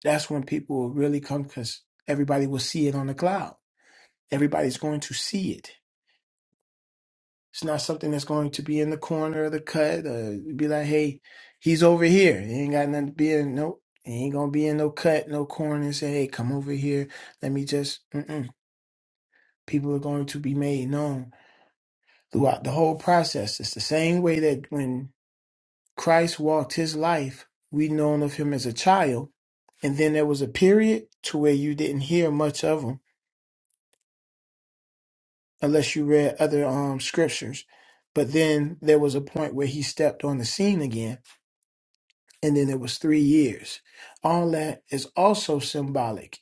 Speaker 5: that's when people will really come because everybody will see it on the cloud. Everybody's going to see it It's not something that's going to be in the corner of the cut or be like, hey, he's over here. He ain't got nothing to be in. Nope. He ain't going to be in no cut, no corner and say, hey, come over here. Let me just, mm-mm. people are going to be made known throughout the whole process. It's the same way that when Christ walked his life, we known of him as a child. And then there was a period to where you didn't hear much of him unless you read other um, scriptures. But then there was a point where he stepped on the scene again and then it was three years. All that is also symbolic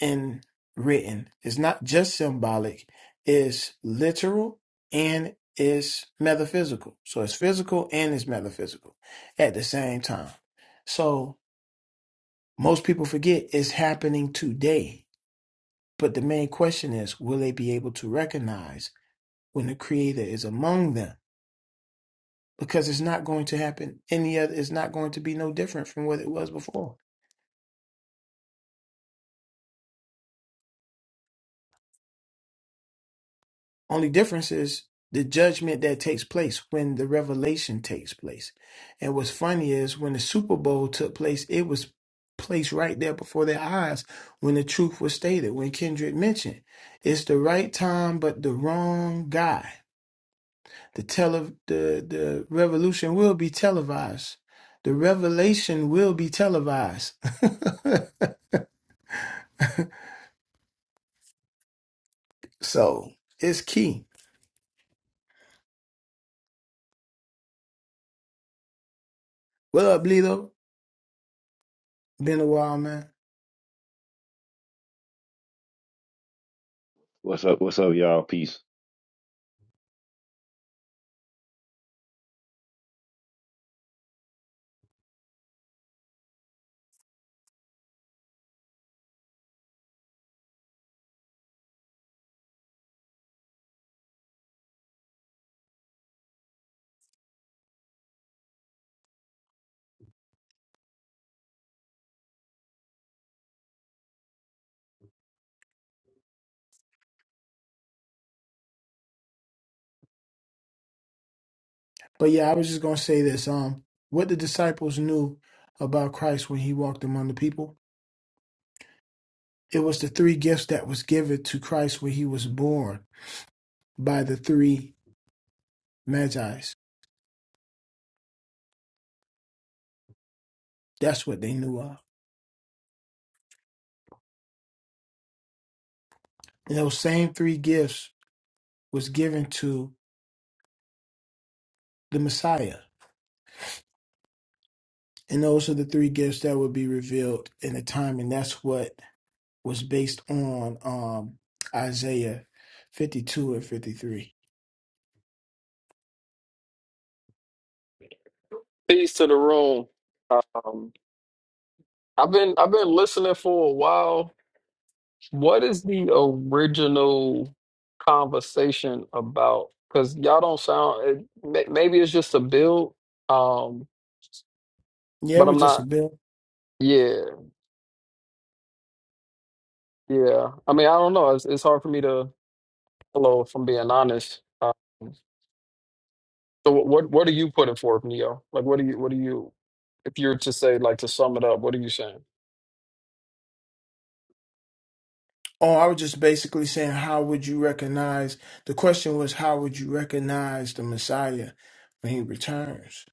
Speaker 5: and written. It's not just symbolic, it's literal and it's metaphysical. So it's physical and it's metaphysical at the same time. So most people forget it's happening today. But the main question is will they be able to recognize when the creator is among them? Because it's not going to happen any other, it's not going to be no different from what it was before. Only difference is the judgment that takes place when the revelation takes place. And what's funny is when the Super Bowl took place, it was placed right there before their eyes when the truth was stated, when Kendrick mentioned it's the right time but the wrong guy. The tele the, the revolution will be televised. The revelation will be televised. so it's key. What up, Lilo? Been a while, man.
Speaker 9: What's up? What's up, y'all? Peace.
Speaker 5: But yeah, I was just gonna say this. Um, what the disciples knew about Christ when he walked among the people, it was the three gifts that was given to Christ when he was born by the three magi's. That's what they knew of. And those same three gifts was given to the Messiah. And those are the three gifts that would be revealed in the time, and that's what was based on um Isaiah fifty two and fifty three.
Speaker 8: Peace to the room. Um, I've been I've been listening for a while. What is the original conversation about? Because y'all don't sound. It, may, maybe it's just a build. Um,
Speaker 5: Yeah, it
Speaker 8: but
Speaker 5: was
Speaker 8: I'm
Speaker 5: just a
Speaker 8: not.
Speaker 5: bill.
Speaker 8: Yeah, yeah. I mean, I don't know. It's, it's hard for me to. Hello, if I'm being honest. Um, so what what what are you putting forth, Neo? Like, what are you what are you? If you're to say like to sum it up, what are you saying?
Speaker 5: Oh, I was just basically saying, how would you recognize? The question was, how would you recognize the Messiah when he returns?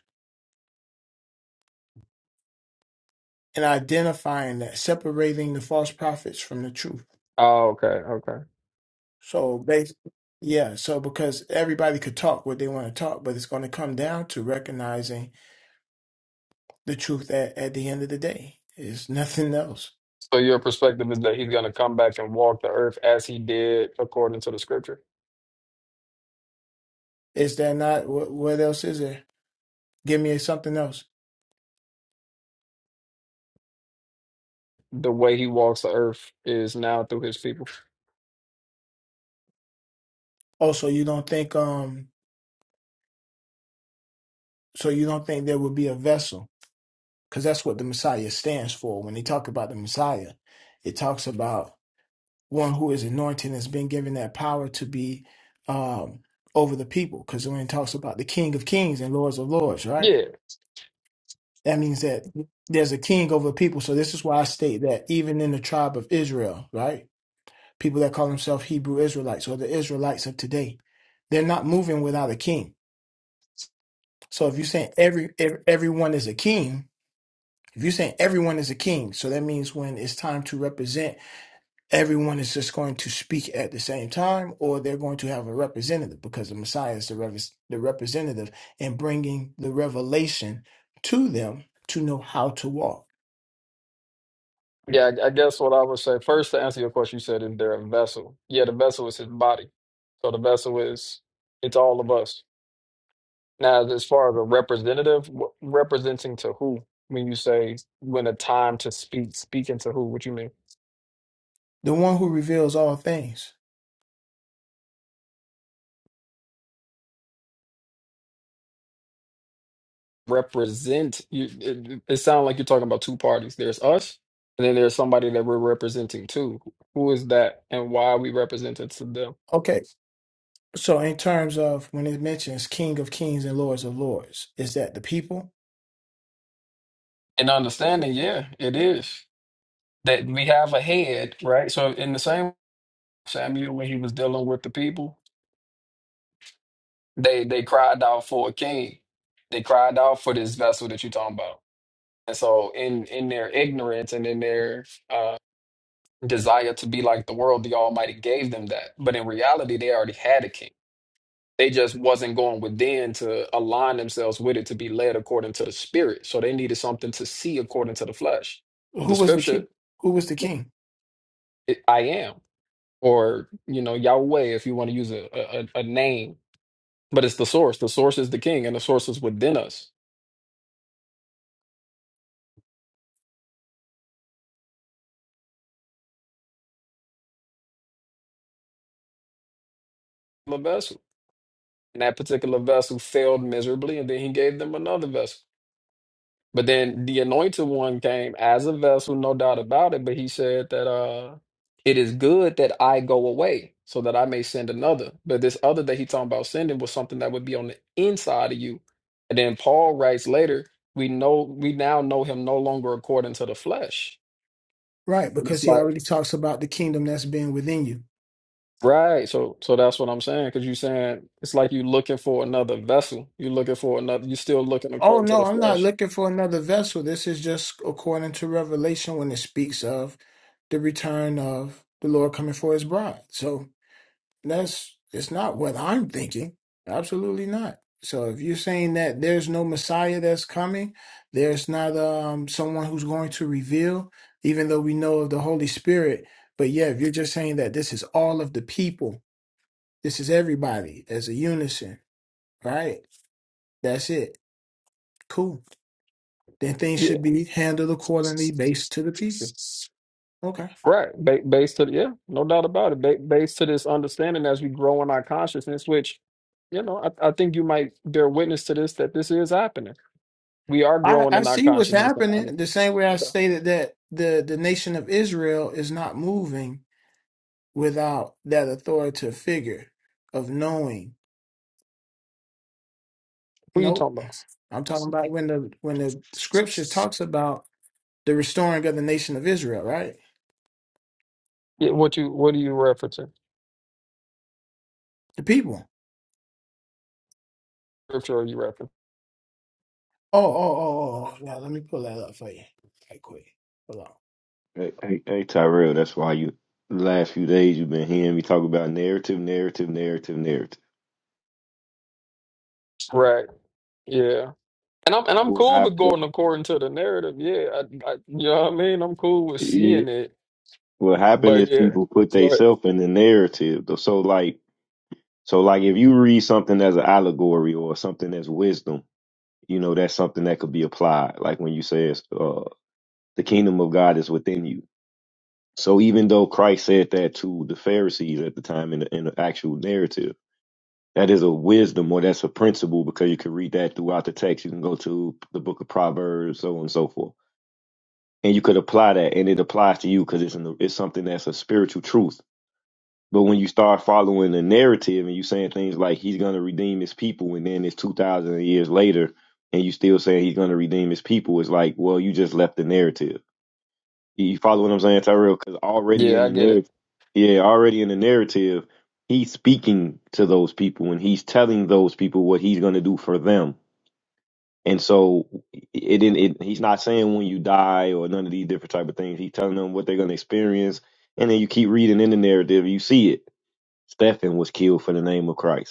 Speaker 5: And identifying that, separating the false prophets from the truth.
Speaker 8: Oh, okay, okay.
Speaker 5: So, basically, yeah, so because everybody could talk what they want to talk, but it's going to come down to recognizing the truth at, at the end of the day. It's nothing else.
Speaker 8: So your perspective is that he's going to come back and walk the earth as he did according to the scripture.
Speaker 5: Is there not? What, what else is there? Give me something else.
Speaker 8: The way he walks the earth is now through his people.
Speaker 5: Oh, so you don't think, um, so you don't think there would be a vessel? because that's what the Messiah stands for. When they talk about the Messiah, it talks about one who is anointed and has been given that power to be um, over the people. Because when it talks about the King of Kings and Lords of Lords, right?
Speaker 8: Yeah,
Speaker 5: That means that there's a king over people. So this is why I state that even in the tribe of Israel, right? People that call themselves Hebrew Israelites or the Israelites of today, they're not moving without a king. So if you're saying every, every everyone is a king, if you're saying everyone is a king, so that means when it's time to represent everyone is just going to speak at the same time or they're going to have a representative because the messiah is the, rev- the representative and bringing the revelation to them to know how to walk
Speaker 8: yeah. I I guess what I would say first to answer your question, you said is there a vessel? Yeah, the vessel is his body. So the vessel is it's all of us. Now, as far as a representative, wh- representing to who? When you say when a time to speak, speaking to who? What you mean?
Speaker 5: the one who reveals all things
Speaker 8: represent you it, it sounds like you're talking about two parties there's us and then there's somebody that we're representing too who is that and why are we represented to them
Speaker 5: okay so in terms of when it mentions king of kings and lords of lords is that the people
Speaker 8: and understanding yeah it is that we have a head right so in the same samuel when he was dealing with the people they they cried out for a king they cried out for this vessel that you're talking about and so in in their ignorance and in their uh desire to be like the world the almighty gave them that but in reality they already had a king They just wasn't going within to align themselves with it to be led according to the spirit. So they needed something to see according to the flesh. But
Speaker 5: who
Speaker 8: the
Speaker 5: was the
Speaker 8: scripture,
Speaker 5: king who was the king
Speaker 8: it, I am, or you know Yahweh, if you want to use a, a a a name, but it's the source. The source is the king, and the source is within us. The vessel, and that particular vessel failed miserably, and then he gave them another vessel. But then the anointed one came as a vessel, no doubt about it. But he said that uh it is good that I go away so that I may send another. But this other that he talking about sending was something that would be on the inside of you. And then Paul writes later, we know we now know him no longer according to the flesh.
Speaker 5: right
Speaker 8: But
Speaker 5: because
Speaker 8: It's
Speaker 5: he
Speaker 8: like
Speaker 5: already talks about the kingdom that's been within you
Speaker 8: right, so so that's what I'm saying. Because you're saying it's like you are looking for another vessel. You're looking for another. You're still looking
Speaker 5: Oh
Speaker 8: according to
Speaker 5: no,
Speaker 8: the
Speaker 5: I'm not
Speaker 8: flesh.
Speaker 5: looking for another vessel. This is just according to Revelation when it speaks of the return of the Lord coming for his bride. So that's it's not what I'm thinking. Absolutely not. So if you're saying that there's no Messiah that's coming, there's not um someone who's going to reveal, even though we know of the Holy Spirit, but yeah, if you're just saying that this is all of the people, this is everybody as a unison, right? That's it. Cool. Then things
Speaker 8: Yeah.
Speaker 5: should be handled accordingly based to the people. Okay.
Speaker 8: Right. Ba- based to yeah, no doubt about it. Ba- based to this understanding as we grow in our consciousness, which, you know, I, I think you might bear witness to this that this is happening. We are
Speaker 5: I,
Speaker 8: growing
Speaker 5: I
Speaker 8: in our
Speaker 5: see what's
Speaker 8: consciousness and our
Speaker 5: happening. The
Speaker 8: understanding.
Speaker 5: same way I
Speaker 8: Okay.
Speaker 5: stated that the, the nation of Israel is not moving without that authoritative figure of knowing.
Speaker 8: Who you
Speaker 5: Nope.
Speaker 8: talking about?
Speaker 5: I'm talking about when the when the scripture talks about the restoring of the nation of Israel, right?
Speaker 8: Yeah, what you what are you referencing?
Speaker 5: The people.
Speaker 8: Scripture are you referencing?
Speaker 5: Oh, oh, oh, oh. oh. Now let me pull that up for you. Right quick. Hold
Speaker 9: Hey, hey, hey, Tyrell, that's why you the last few days you've been hearing me talk about narrative, narrative, narrative, narrative.
Speaker 8: Right. Yeah. And I'm and I'm
Speaker 9: What
Speaker 8: cool with
Speaker 9: happened?
Speaker 8: going according to the narrative. Yeah. I, I, you know what I mean? I'm cool with
Speaker 9: Yeah.
Speaker 8: seeing it.
Speaker 9: What happened
Speaker 8: But
Speaker 9: is
Speaker 8: yeah.
Speaker 9: people put
Speaker 8: Go ahead.
Speaker 9: themselves in the narrative. So like, so like, if you read something as an allegory or something as wisdom, you know that's something that could be applied. Like when you says, uh, "The kingdom of God is within you." So even though Christ said that to the Pharisees at the time in the, in the actual narrative That is a wisdom or that's a principle because you can read that throughout the text. You can go to the book of Proverbs, so on and so forth. And you could apply that and it applies to you because it's, in the- it's something that's a spiritual truth. But when you start following the narrative and you saying things like he's going to redeem his people and then it's 2,000 years later and you still saying he's going to redeem his people, it's like, well, you just left the narrative. You you follow what I'm saying, Tyrell? Because already
Speaker 8: Yeah,
Speaker 9: in
Speaker 8: I
Speaker 9: the
Speaker 8: get it.
Speaker 9: narrative, yeah, already in the narrative, he's speaking to those people and he's telling those people what he's going to do for them. And so it, didn't. it he's not saying when you die or none of these different type of things. He's telling them what they're going to experience, and then you keep reading in the narrative, you see it. Stephen was killed for the name of Christ.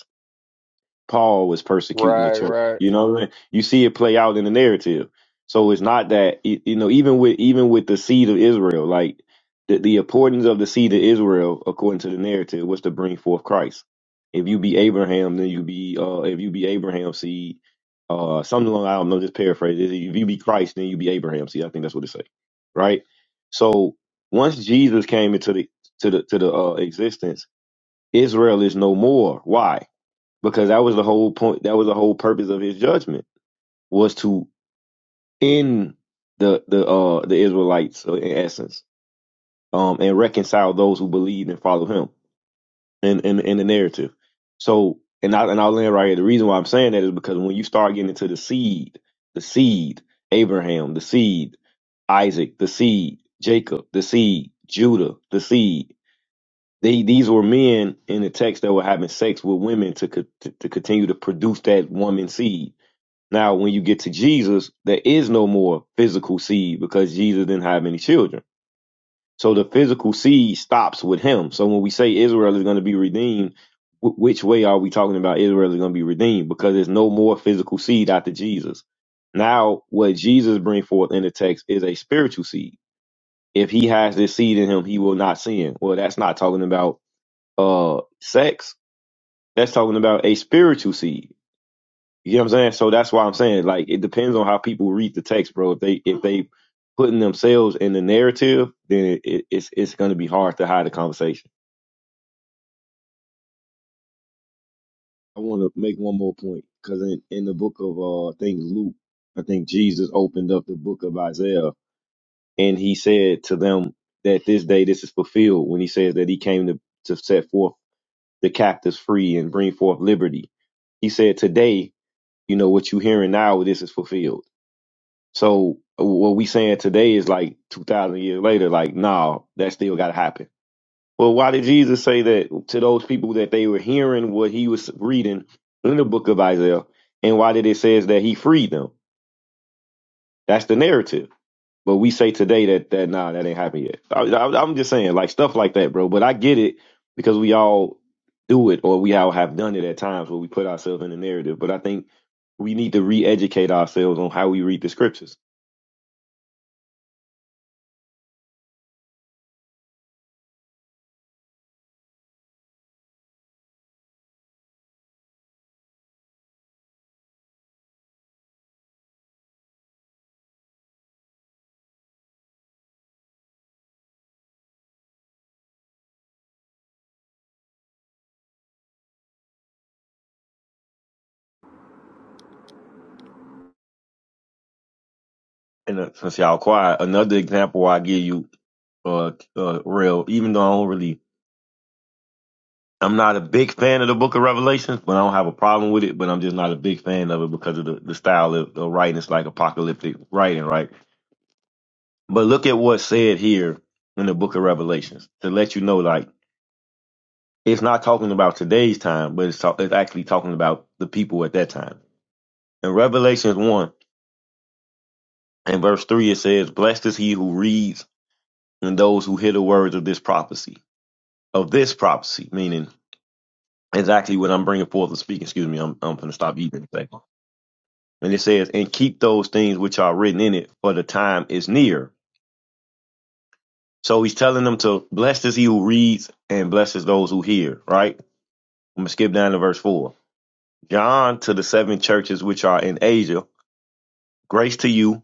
Speaker 9: Paul was persecuting the
Speaker 8: Right,
Speaker 9: church.
Speaker 8: right.
Speaker 9: You know, what I mean? you see it play out in the narrative. So it's not that y- you know, even with even with the seed of Israel, like the, the importance of the seed of Israel, according to the narrative, was to bring forth Christ. If you be Abraham, then you be uh, if you be Abraham's seed, uh, something along I don't know, just paraphrase. it. If you be Christ, then you be Abraham's seed. I think that's what it say, right? So once Jesus came into the to the to the uh, existence, Israel is no more. Why? because that was the whole point that was the whole purpose of his judgment was to end the the uh the israelites uh, in essence um and reconcile those who believed and follow him in in, in the narrative so and I, and I'll land right here. The reason why I'm saying that is because when you start getting into the seed, the seed, Abraham, the seed, Isaac, the seed, Jacob, the seed, Judah, the seed. They, these were men in the text that were having sex with women to, co- to to continue to produce that woman seed Now, when you get to Jesus, there is no more physical seed because Jesus didn't have any children. So the physical seed stops with him. So when we say Israel is going to be redeemed, wh- which way are we talking about Israel is going to be redeemed? Because there's no more physical seed after Jesus. Now, what Jesus brings forth in the text is a spiritual seed. If he has this seed in him, he will not sin. Well, that's not talking about uh sex. That's talking about a spiritual seed you know what I'm saying? So that's why I'm saying like it depends on how people read the text, bro. If they if they putting themselves in the narrative, then it, it, it's it's going to be hard to hide the conversation. I want to make one more point because in in the book of uh, I think Luke, I think Jesus opened up the book of Isaiah and he said to them that this day this is fulfilled when he says that he came to to set forth the captives free and bring forth liberty. He said today, you know what you are hearing now, this is fulfilled So what we saying today is like two thousand years later, like, nah, that still gotta happen. Well, why did Jesus say that to those people that they were hearing what he was reading in the book of Isaiah, and why did it says that he freed them? That's the narrative. But we say today that that nah, that ain't happened yet. I, I, I'm just saying like stuff like that, bro. But I get it because we all do it, or we all have done it at times where we put ourselves in the narrative. But I think we need to re-educate ourselves on how we read the scriptures and uh, since y'all quiet, another example I give you, uh, uh, real. Even though I don't really, I'm not a big fan of the Book of Revelations, but I don't have a problem with it. But I'm just not a big fan of it because of the, the style of, of writing. It's like apocalyptic writing, right? But look at what's said here in the Book of Revelations to let you know, like it's not talking about today's time, but it's talk, it's actually talking about the people at that time. In Revelations one and verse three, it says, "Blessed is he who reads and those who hear the words of this prophecy." of this prophecy, meaning exactly what I'm bringing forth and speaking. Excuse me, I'm I'm gonna stop eating anything. And it says, and keep those things which are written in it, for the time is near. So he's telling them to blessed is he who reads and blesses those who hear. Right. I'm gonna skip down to verse four. John to the seven churches which are in Asia, grace to you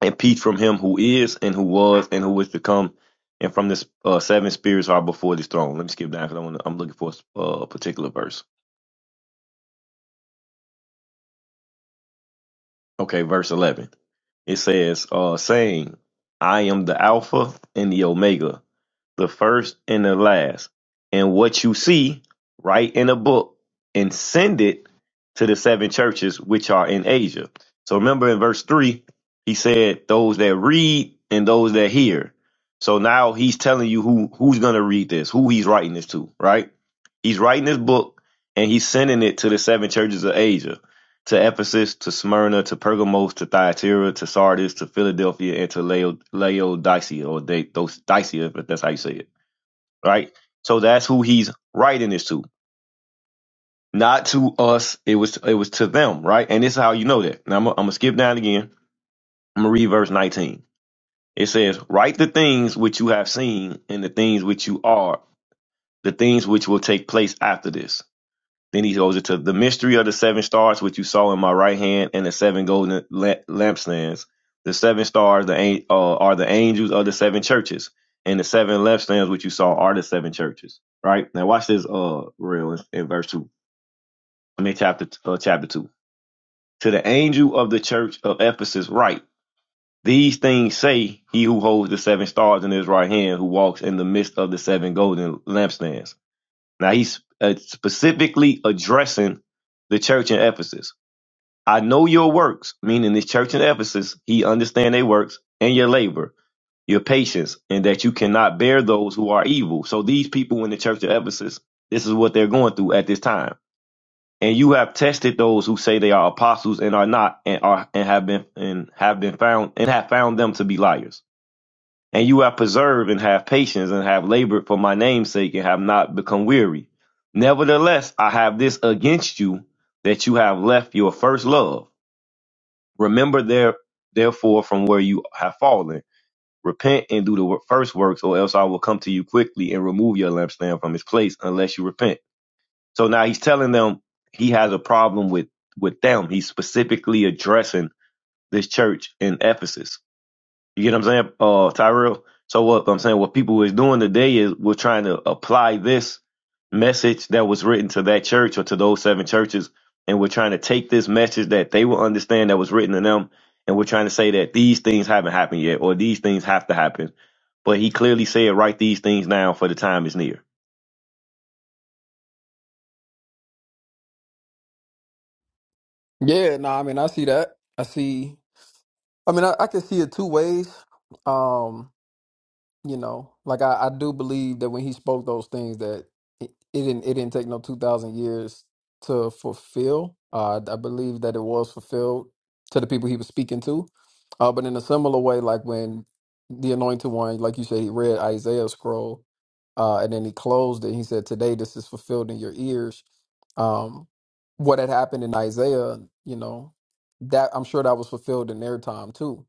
Speaker 9: and peace from him who is and who was and who is to come. And from the uh, seven spirits who are before this throne. Let me skip down because I'm looking for a s- uh, a particular verse. Okay, verse 11. It says, uh, saying, I am the Alpha and the Omega, the first and the last. And what you see, write in a book and send it to the seven churches which are in Asia. So remember in verse 3, he said, those that read and those that hear. So now he's telling you who, who's going to read this, who he's writing this to, right? He's writing this book and he's sending it to the seven churches of Asia to Ephesus, to Smyrna, to Pergamos, to Thyatira, to Sardis, to Philadelphia, and to Lao- Laodicea, or they, those Dicia, if that's how you say it, right? So that's who he's writing this to, not to us. It was it was to them, right? And this is how you know that. Now I'm, gonna- I'm gonna skip down again. I'm gonna read verse 19. It says, "Write the things which you have seen, and the things which you are, the things which will take place after this." Then he goes into the mystery of the seven stars, which you saw in my right hand, and the seven golden la- lampstands. The seven stars the an- uh, are the angels of the seven churches, and the seven lampstands, which you saw, are the seven churches. Right now, watch this. Uh, real in, in verse two. I mean, chapter uh, chapter two. To the angel of the church of Ephesus, write: These things say he who holds the seven stars in his right hand, who walks in the midst of the seven golden lampstands. Now he's uh, specifically addressing the church in Ephesus I know your works, meaning this church in Ephesus, he understand their works and your labor, your patience, and that you cannot bear those who are evil. So these people in the church of Ephesus, this is what they're going through at this time. And you have tested those who say they are apostles and are not, and are and have been and have been found and have found them to be liars. And you have preserved and have patience and have labored for my name's sake and have not become weary. Nevertheless, I have this against you that you have left your first love. Remember there, therefore, from where you have fallen. Repent and do the wor- first works, or else I will come to you quickly and remove your lampstand from its place, unless you repent. So now he's telling them he has a problem with with them. He's specifically addressing this church in Ephesus. You get what I'm saying, uh, Tyrell? So what I'm saying, what people is doing today is we're trying to apply this message that was written to that church or to those seven churches, and we're trying to take this message that they will understand that was written to them, and we're trying to say that these things haven't happened yet, or these things have to happen. But he clearly said, write these things down for the time is near.
Speaker 8: Yeah, no, I mean I see that. I see. I mean, I, I can see it two ways. Um, you know, like I, I do believe that when he spoke those things, that it, it didn't it didn't take no two thousand years to fulfill. Uh, I believe that it was fulfilled to the people he was speaking to. Uh, but in a similar way, like when the Anointed One, like you said, he read Isaiah scroll, uh, and then he closed it. He said, "Today, this is fulfilled in your ears." Um, what had happened in Isaiah, you know, that I'm sure that was fulfilled in their time too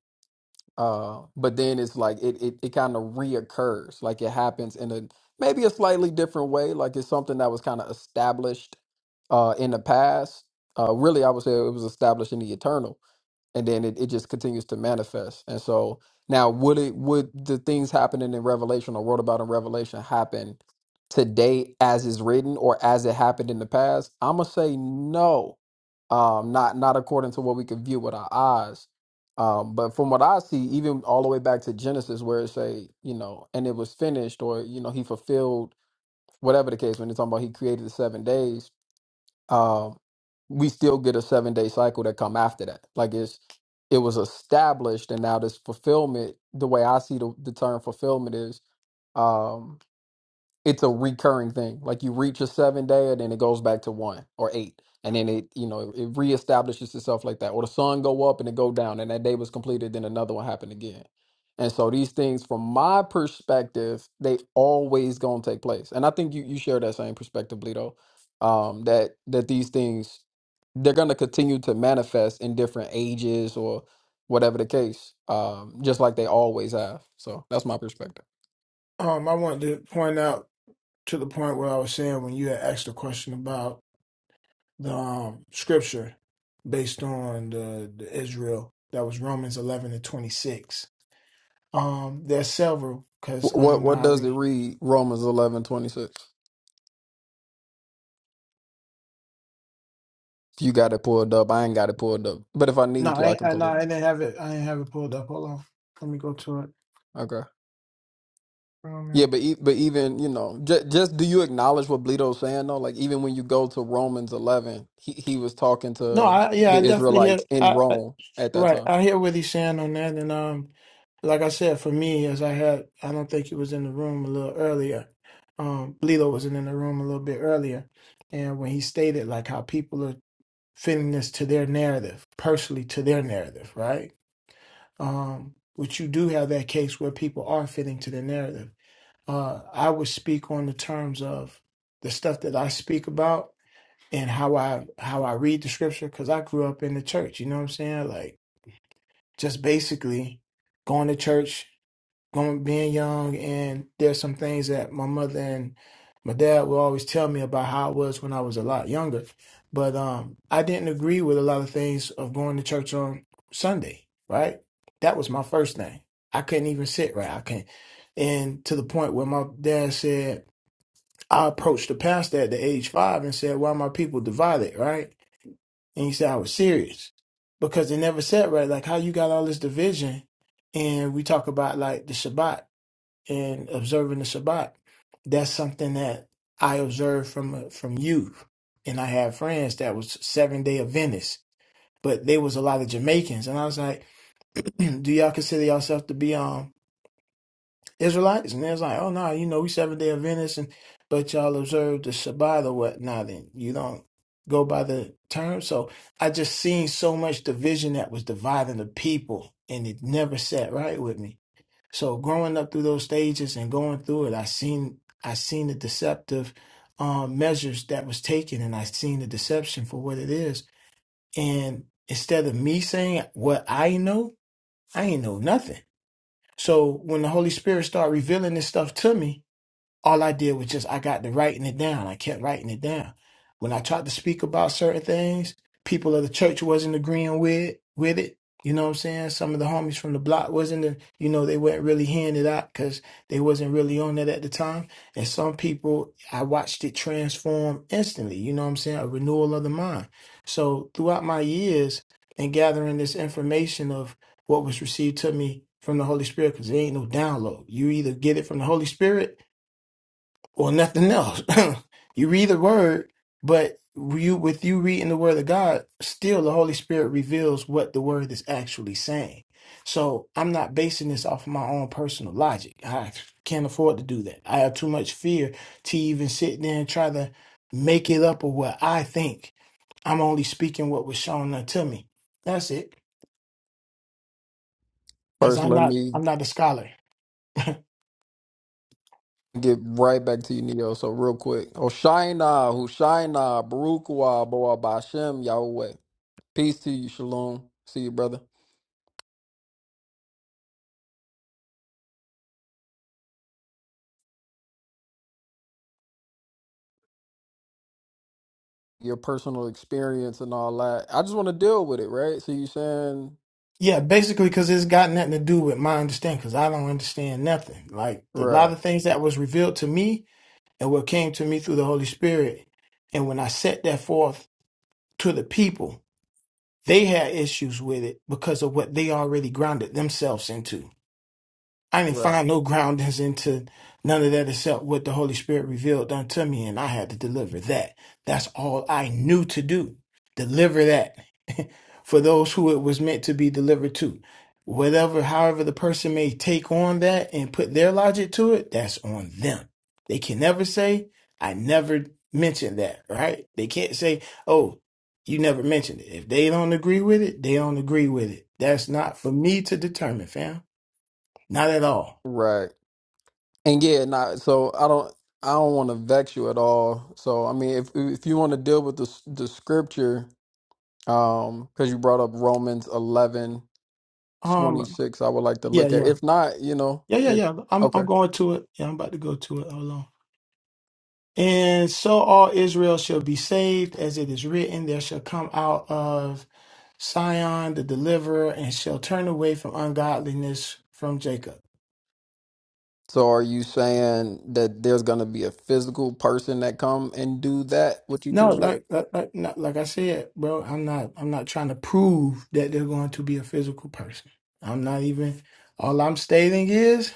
Speaker 8: uh, but then it's like it it, it kind of reoccurs, like it happens in a maybe a slightly different way. Like it's something that was kind of established uh in the past. Uh, really, I would say it was established in the eternal and then it, it just continues to manifest. And so now would it would the things happening in Revelation or wrote about in Revelation happen today as is written or as it happened in the past? I'm gonna say no. Um not not according to what we can view with our eyes. Um, but from what I see, even all the way back to Genesis where it say, you know, and it was finished or, you know, he fulfilled whatever the case when they're talking about he created the seven days um, we still get a seven day cycle that come after that. Like it's it was established, and now this fulfillment. The way I see the, the term fulfillment is um, it's a recurring thing. Like you reach a seven day and then it goes back to one or eight. And then it, you know, it reestablishes itself like that. Or the sun go up and it go down and that day was completed, then another one happened again. And so these things, from my perspective, they always gonna take place. And I think you, you share that same perspective, Lito. Um, that that these things they're gonna continue to manifest in different ages or whatever the case. Um, just like they always have. So that's my perspective.
Speaker 5: on. Um, I wanted to point out to the point where I was saying when you had asked the question about the um, scripture based on the, the Israel that was Romans 11 and 26. Um, there's several because
Speaker 8: Wh-
Speaker 5: I
Speaker 8: What
Speaker 5: don't know
Speaker 8: what
Speaker 5: how
Speaker 8: does it
Speaker 5: we.
Speaker 8: read? Romans eleven twenty six. you got it pulled up, I ain't got it pulled up. But if I
Speaker 5: No,
Speaker 8: need to,
Speaker 5: I,
Speaker 8: I
Speaker 5: ain't-
Speaker 8: can
Speaker 5: I no,
Speaker 8: pull it.
Speaker 5: I didn't have it. I didn't have it pulled up. Hold on, let me go to it.
Speaker 8: up. Okay. Yeah,
Speaker 5: Romans.
Speaker 8: but e- but even you know, just just do you acknowledge what Bleedo's saying though? Like even when you go to Romans eleven, he he was talking
Speaker 5: No,
Speaker 8: to
Speaker 5: I yeah, I
Speaker 8: the
Speaker 5: definitely hear.
Speaker 8: Israelites in
Speaker 5: I, I
Speaker 8: Rome at that
Speaker 5: right,
Speaker 8: time.
Speaker 5: I hear what he's saying on that, and um, like I said, for me, as I had, I don't think he was in the room a little earlier. Um, Lilo wasn't in the room a little bit earlier, and when he stated like how people are fittingness to their narrative, personally to their narrative, right? Um, which you do have that case where people are fitting to their narrative. Uh, I would speak on the terms of the stuff that I speak about and how I how I read the scripture because I grew up in the church. You know what I'm saying? Like just basically going to church going being young and there's some things that my mother and my dad would always tell me about how it was when I was a lot younger. But um I didn't agree with a lot of things of going to church on Sunday, right? That was my first thing. I couldn't even sit right. I can't and to the point where my dad said I approached the pastor at the age five and said, Why are my people divided, right? And he said I was serious. Because they never said right, like how you got all this division and we talk about like the Shabbat and observing the Shabbat, that's something that I observed from uh, from youth. And I had friends that was seven day Adventists, but they was a lot of Jamaicans, and I was like, "Do y'all consider yourself to be um Israelites?" And they was like, "Oh no, you know we seven day Adventists, and but y'all observe the Shabbat or whatnot, and you don't go by the term." So I just seen so much division that was dividing the people, and it never sat right with me. So growing up through those stages and going through it, I seen I seen the deceptive um, measures that was taken, and I seen the deception for what it is. And instead of me saying what I know, I ain't know nothing. So when the Holy Spirit started revealing this stuff to me, all I did was just I got to writing it down. I kept writing it down. When I tried to speak about certain things, people of the church wasn't agreeing with with it. You know what I'm saying? Some of the homies from the block wasn't, the, you know, they weren't really hearing it out because they wasn't really on it at the time. And some people, I watched it transform instantly. You know what I'm saying? A renewal of the mind. So throughout my years and gathering this information of what was received to me from the Holy Spirit, because there ain't no download. You either get it from the Holy Spirit or nothing else. you read the word, but you with you reading the word of God, still the Holy Spirit reveals what the word is actually saying. So I'm not basing this off of my own personal logic. I can't afford to do that. I have too much fear to even sit there and try to make it up or what I think. I'm only speaking what was shown unto me. That's it. Cause
Speaker 8: First,
Speaker 5: I'm
Speaker 8: let
Speaker 5: not
Speaker 8: me
Speaker 5: I'm not a scholar.
Speaker 8: get right back to you, Neo. So real quick, Hoshaina, Hushaina, Baruch Wa, Boa Bashem, Yahweh. Peace to you, Shalom. See you, brother. your personal experience and all that. I just want to deal with it, right? So you saying
Speaker 5: Yeah, basically, because it's got nothing to do with my understanding, because I don't understand nothing. Like the, a lot
Speaker 8: right,
Speaker 5: of things that was revealed to me and what came to me through the Holy Spirit, and when I set that forth to the people, they had issues with it because of what they already grounded themselves into. I didn't
Speaker 8: right,
Speaker 5: find no groundings into none of that except what the Holy Spirit revealed unto me, and I had to deliver that. That's all I knew to do. Deliver that for those who it was meant to be delivered to. Whatever, however, the person may take on that and put their logic to it, that's on them. They can never say, I never mentioned that, right? They can't say, oh, you never mentioned it. If they don't agree with it, they don't agree with it. That's not for me to determine, fam. Not at all.
Speaker 8: right, and yeah, not so I don't I don't want to vex you at all. So I mean, if if you want to deal with the s- the scripture, um, because you brought up Romans eleven twenty
Speaker 5: Um,
Speaker 8: six, I would like to
Speaker 5: yeah,
Speaker 8: look at.
Speaker 5: yeah.
Speaker 8: If not, you know,
Speaker 5: Yeah, yeah,
Speaker 8: if,
Speaker 5: yeah. I'm
Speaker 8: okay.
Speaker 5: I'm going to it. Yeah, I'm about to go to it. Hold on. And so all Israel shall be saved, as it is written, there shall come out of Sion the deliverer, and shall turn away from ungodliness from Jacob.
Speaker 8: So are you saying that there's gonna be a physical person that come and do that? What you
Speaker 5: No,
Speaker 8: just read?
Speaker 5: like
Speaker 8: I
Speaker 5: like like, not- like I said, bro, I'm not I'm not trying to prove that they're going to be a physical person. I'm not even. All I'm stating is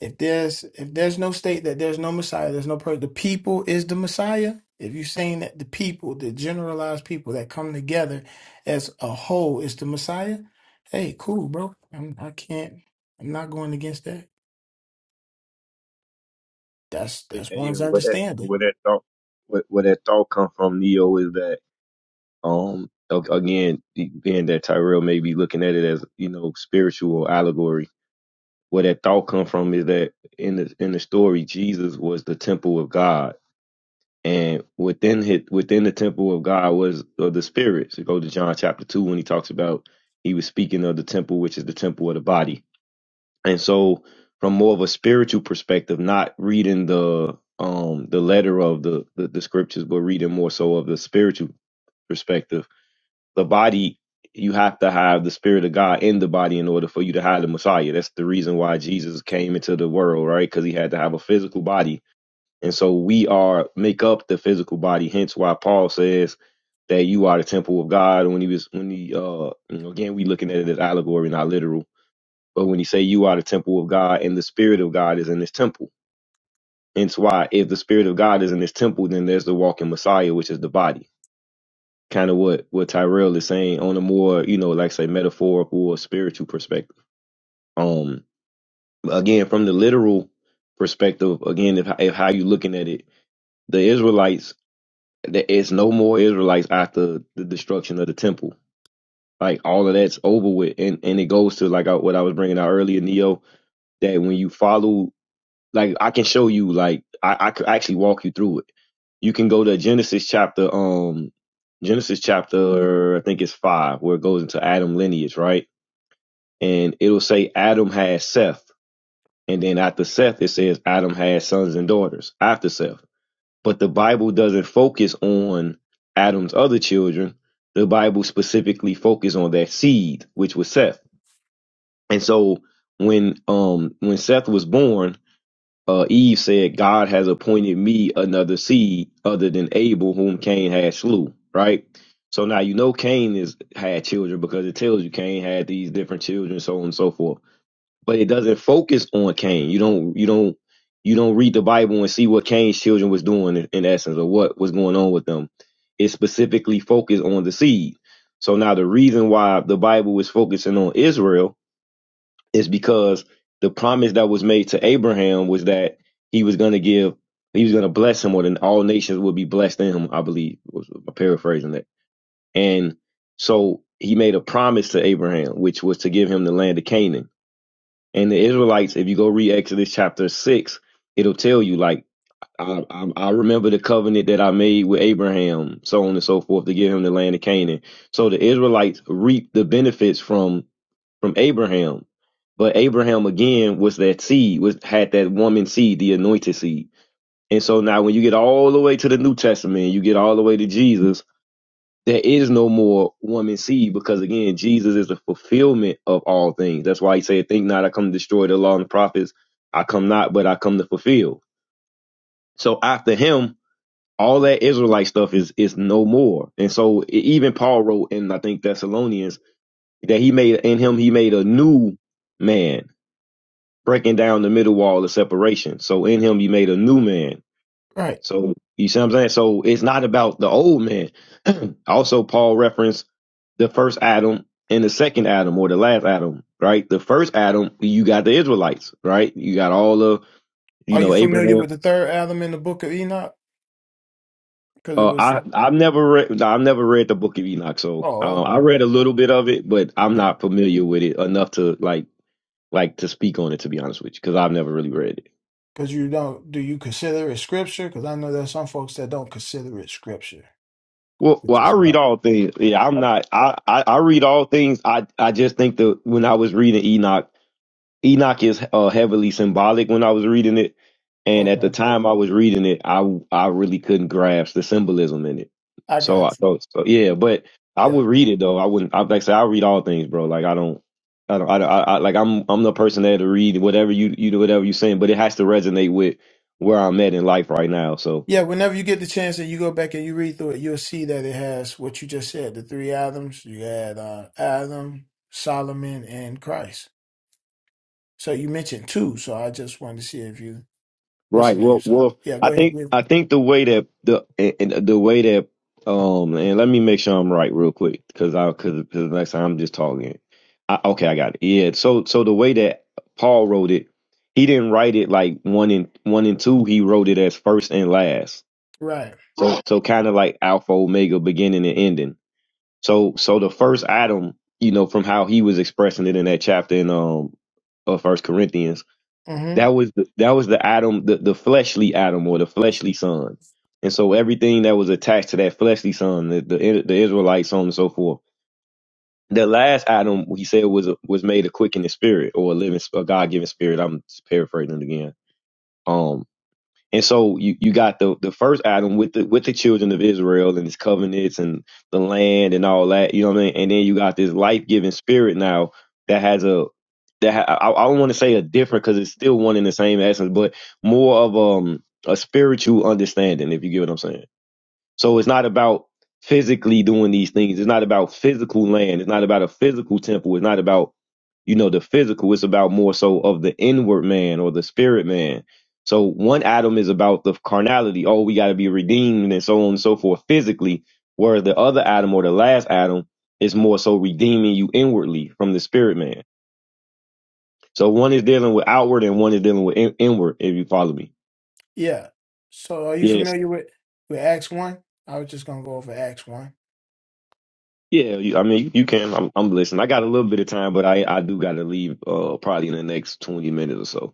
Speaker 5: If there's if there's no state that there's no Messiah, there's no person. The people is the Messiah. If you're saying that the people, the generalized people that come together as a whole is the Messiah, hey, cool, bro. I'm, I can't. I'm not going against that. That's
Speaker 9: And
Speaker 5: that's one's
Speaker 9: even where that
Speaker 5: understanding.
Speaker 9: where that thought where, where that thought come from, Neo, is that Um, a- again, being that Tyrell may be looking at it as you know spiritual allegory, where that thought come from is that in the in the story, Jesus was the temple of God, and within his, within the temple of God was of the spirits. So go to John chapter two when he talks about he was speaking of the temple, which is the temple of the body, and so from more of a spiritual perspective, not reading the um the letter of the the, the scriptures, but reading more so of the spiritual perspective the body you have to have the spirit of god in the body in order for you to have the messiah that's the reason why jesus came into the world right because he had to have a physical body and so we are make up the physical body hence why paul says that you are the temple of god when he was when he uh you know, again we looking at it as allegory not literal but when he say you are the temple of god and the spirit of god is in this temple hence why if the spirit of god is in this temple then there's the walking messiah which is the body kind of what what Tyrell is saying on a more you know like say metaphorical or spiritual perspective. Um, again from the literal perspective, again if if how you looking at it, the Israelites there is no more Israelites after the destruction of the temple. Like all of that's over with, and and it goes to like I, what I was bringing out earlier, Neo, that when you follow Like I can show you. Like I, I could actually walk you through it. You can go to Genesis chapter um Genesis chapter I think it's five where it goes into Adam lineage, right? And it'll say Adam had Seth, and then after Seth it says Adam had sons and daughters after Seth. But the Bible doesn't focus on Adam's other children. The Bible specifically focuses on that seed, which was Seth. And so when um when Seth was born, uh, Eve said, God has appointed me another seed other than Abel, whom Cain had slew, right? So now you know Cain is had children because it tells you Cain had these different children, so on and so forth. But it doesn't focus on Cain. You don't you don't you don't read the Bible and see what Cain's children was doing in, in essence or what was going on with them. It specifically focused on the seed. So now the reason why the Bible is focusing on Israel is because the promise that was made to Abraham was that he was going to give, he was going to bless him, or then all nations would be blessed in him. I believe was I'm paraphrasing that. And so he made a promise to Abraham, which was to give him the land of Canaan. And the Israelites, if you go read Exodus chapter six, it'll tell you like. I, I, I remember the covenant that I made with Abraham, so on and so forth, to give him the land of Canaan. So the Israelites reaped the benefits from from Abraham. But Abraham again was that seed, was had that woman seed, the anointed seed. And so now when you get all the way to the New Testament, you get all the way to Jesus, there is no more woman seed because again, Jesus is the fulfillment of all things. That's why he said, Think not I come to destroy the law and the prophets. I come not, but I come to fulfill. So after him, all that Israelite stuff is is no more. And so e- even Paul wrote in I think Thessalonians that he made in him he made a new man breaking down the middle wall of separation. So in him you made a new man.
Speaker 5: Right.
Speaker 9: So you see what I'm saying? So it's not about the old man. also Paul referenced the first Adam and the second Adam or the last Adam, right? The first Adam, you got the Israelites, right? You got all of, you
Speaker 5: Are you
Speaker 9: know,
Speaker 5: familiar
Speaker 9: Abraham.
Speaker 5: with the third Adam in the Book of Enoch? Because it
Speaker 9: Uh,
Speaker 5: was.
Speaker 9: I I've never read nah, I've never read the Book of Enoch, so uh,
Speaker 5: Oh,
Speaker 9: I read a little bit of it, but I'm
Speaker 5: okay.
Speaker 9: not familiar with it enough to like like to speak on it. To be honest with you, because I've never really read it.
Speaker 5: Because you don't, do you consider it scripture? Because I know there's some folks that don't consider it scripture,
Speaker 9: Well,
Speaker 5: which
Speaker 9: well, I
Speaker 5: is why.
Speaker 9: read all things. Yeah, I'm
Speaker 5: Oh,
Speaker 9: not. I, I, I read all things. I, I just think that when I was reading Enoch, Enoch is uh, heavily symbolic. When I was reading it, and at
Speaker 5: okay.
Speaker 9: the time I was reading it, I, I really couldn't grasp the symbolism in it.
Speaker 5: I
Speaker 9: So
Speaker 5: got
Speaker 9: I
Speaker 5: you.
Speaker 9: thought, so yeah. But I
Speaker 5: Yeah.
Speaker 9: would read it though. I wouldn't. I like I say I read all things, bro. Like I don't. I don't. I, don't- I, I like I'm. I'm the person that to read whatever you you do whatever you saying, but it has to resonate with where I'm at in life right now. So.
Speaker 5: Yeah. Whenever you get the chance and you go back and you read through it, you'll see that it has what you just said the three Adams. You had uh, Adam, Solomon, and Christ. So you mentioned two. So I just wanted to see if you, what's the
Speaker 9: Right.
Speaker 5: name?
Speaker 9: Well,
Speaker 5: So
Speaker 9: well,
Speaker 5: yeah, go
Speaker 9: I
Speaker 5: ahead.
Speaker 9: think
Speaker 5: with-
Speaker 9: I think the way that the and, and the way that um and let me make sure I'm right real quick because I because the next time I'm just talking. I, okay, I got it. Yeah. So so the way that Paul wrote it, he didn't write it like one and one and two. He wrote it as first and last.
Speaker 5: Right.
Speaker 9: So so kind of like alpha omega, beginning and ending. So so the first Adam, you know, from how he was expressing it in that chapter in um of First Corinthians
Speaker 5: Mm-hmm.
Speaker 9: that was the that was the Adam, the, the fleshly Adam or the fleshly son. And so everything that was attached to that fleshly son, the the, the Israelites, so on and so forth. The last Adam, he said, was was made a quickening spirit or a living, a God given spirit. I'm paraphrasing it again. Um, and so you, you got the, the first Adam with the with the children of Israel and his covenants and the land and all that, you know what I mean? And then you got this life giving spirit now that has a that ha- I, I don't want to say a different because it's still one in the same essence, but more of um a spiritual understanding, if you get what I'm saying. So it's not about physically doing these things. It's not about physical land. It's not about a physical temple. It's not about, you know, the physical. It's about more so of the inward man or the spirit man. So one atom is about the carnality. Oh, we got to be redeemed and so on and so forth physically, where the other atom or the last atom is more so redeeming you inwardly from the spirit man. So one is dealing with outward and one is dealing with in- inward, if you follow me.
Speaker 5: Yeah. So are you
Speaker 9: Yes.
Speaker 5: familiar with, with Acts 1? I was just going to go over Acts 1.
Speaker 9: Yeah, you, I mean, you, you can. I'm, I'm listening. I got a little bit of time, but I, I do got to leave uh, probably in the next 20 minutes or so.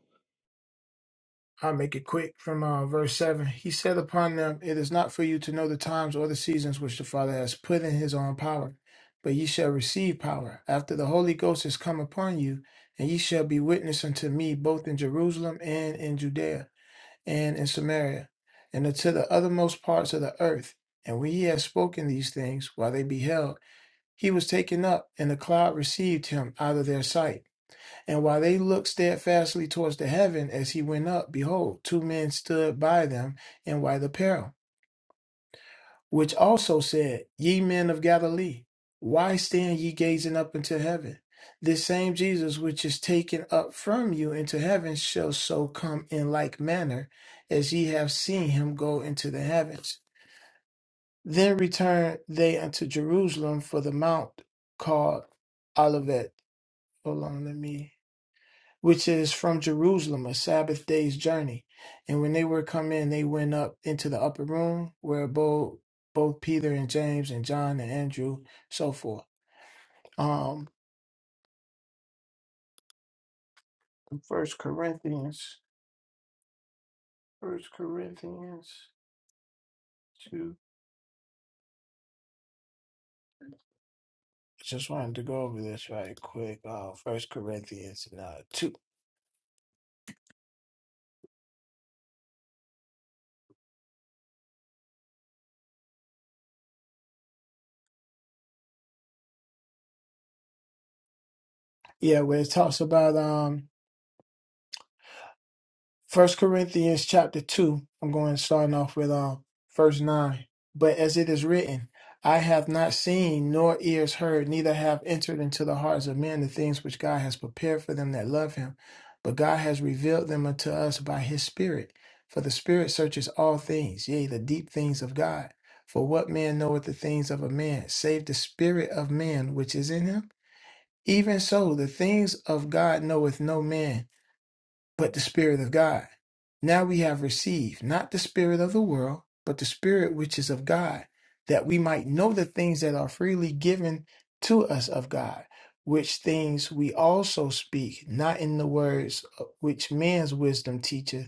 Speaker 5: I'll make it quick from uh, verse 7. He said upon them, It is not for you to know the times or the seasons which the Father has put in his own power, but ye shall receive power after the Holy Ghost has come upon you, and ye shall be witness unto me both in Jerusalem and in Judea and in Samaria and unto the uttermost parts of the earth. And when he had spoken these things, while they beheld, he was taken up, and the cloud received him out of their sight. And while they looked steadfastly towards the heaven as he went up, behold, two men stood by them in white apparel, which also said, Ye men of Galilee, why stand ye gazing up into heaven? This same Jesus which is taken up from you into heaven shall so come in like manner as ye have seen him go into the heavens. Then returned they unto Jerusalem for the mount called Olivet. Hold on, let me which is from Jerusalem, a Sabbath day's journey. And when they were come in, they went up into the upper room where abode both Peter and James and John and Andrew, so forth. Um, First Corinthians, First Corinthians two. Just wanted to go over this right quick. Uh, First Corinthians uh, two. Yeah, where it talks about um First Corinthians chapter two. I'm going starting off with um verse nine. But as it is written, I have not seen nor ears heard, neither have entered into the hearts of men the things which God has prepared for them that love him. But God has revealed them unto us by his Spirit. For the Spirit searches all things, yea, the deep things of God. For what man knoweth the things of a man, save the spirit of man which is in him? Even so, the things of God knoweth no man but the Spirit of God. Now we have received not the Spirit of the world, but the Spirit which is of God, that we might know the things that are freely given to us of God, which things we also speak, not in the words uh, which man's wisdom teacheth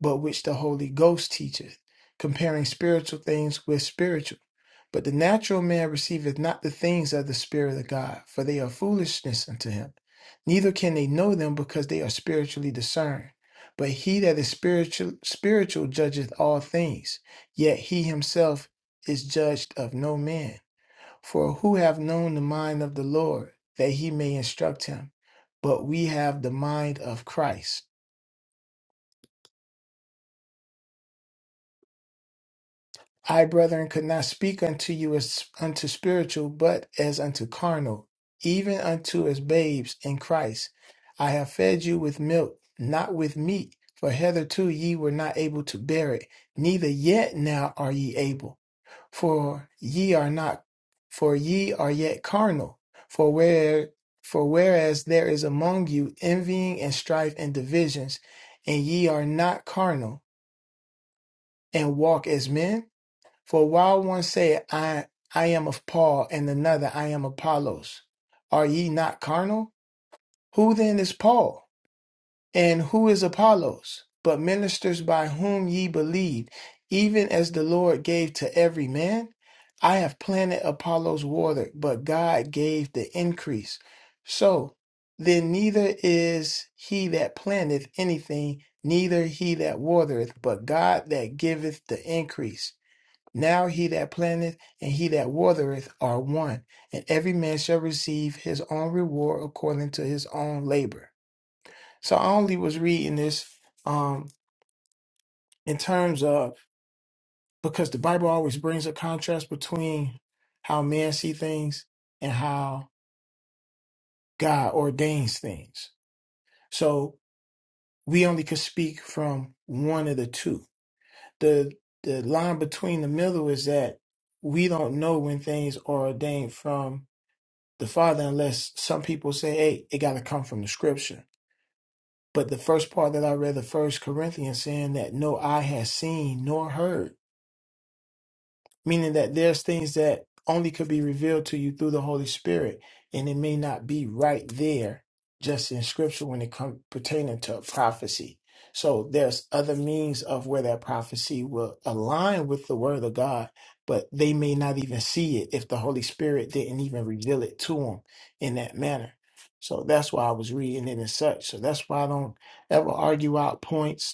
Speaker 5: but which the Holy Ghost teacheth, comparing spiritual things with spiritual. But the natural man receiveth not the things of the Spirit of God, for they are foolishness unto him. Neither can they know them because they are spiritually discerned. But he that is spiritual spiritual judgeth all things, yet he himself is judged of no man. For who have known the mind of the Lord, that he may instruct him? But we have the mind of Christ. I, brethren, could not speak unto you as unto spiritual, but as unto carnal, even unto as babes in Christ. I have fed you with milk, not with meat, for hitherto ye were not able to bear it, neither yet now are ye able, for ye are not, for ye are yet carnal. For where, for whereas there is among you envying and strife and divisions, and ye are not carnal, and walk as men, for while one said, I, I am of Paul, and another, I am Apollos, are ye not carnal? Who then is Paul? And who is Apollos? But ministers by whom ye believed, even as the Lord gave to every man? I have planted Apollos watered, but God gave the increase. So then neither is he that planteth anything, neither he that watereth, but God that giveth the increase. Now he that planteth and he that watereth are one, and every man shall receive his own reward according to his own labor. So I only was reading this um, in terms of because the Bible always brings a contrast between how man see things and how God ordains things. So we only could speak from one of the two. The the line between the middle is that we don't know when things are ordained from the Father unless some people say, hey, it got to come from the scripture. But the first part that I read, the first Corinthians saying that no eye has seen nor heard meaning that there's things that only could be revealed to you through the Holy Spirit, and it may not be right there just in Scripture when it comes pertaining to prophecy. So there's other means of where that prophecy will align with the Word of God, but they may not even see it if the Holy Spirit didn't even reveal it to them in that manner. So that's why I was reading it and such. So that's why I don't ever argue out points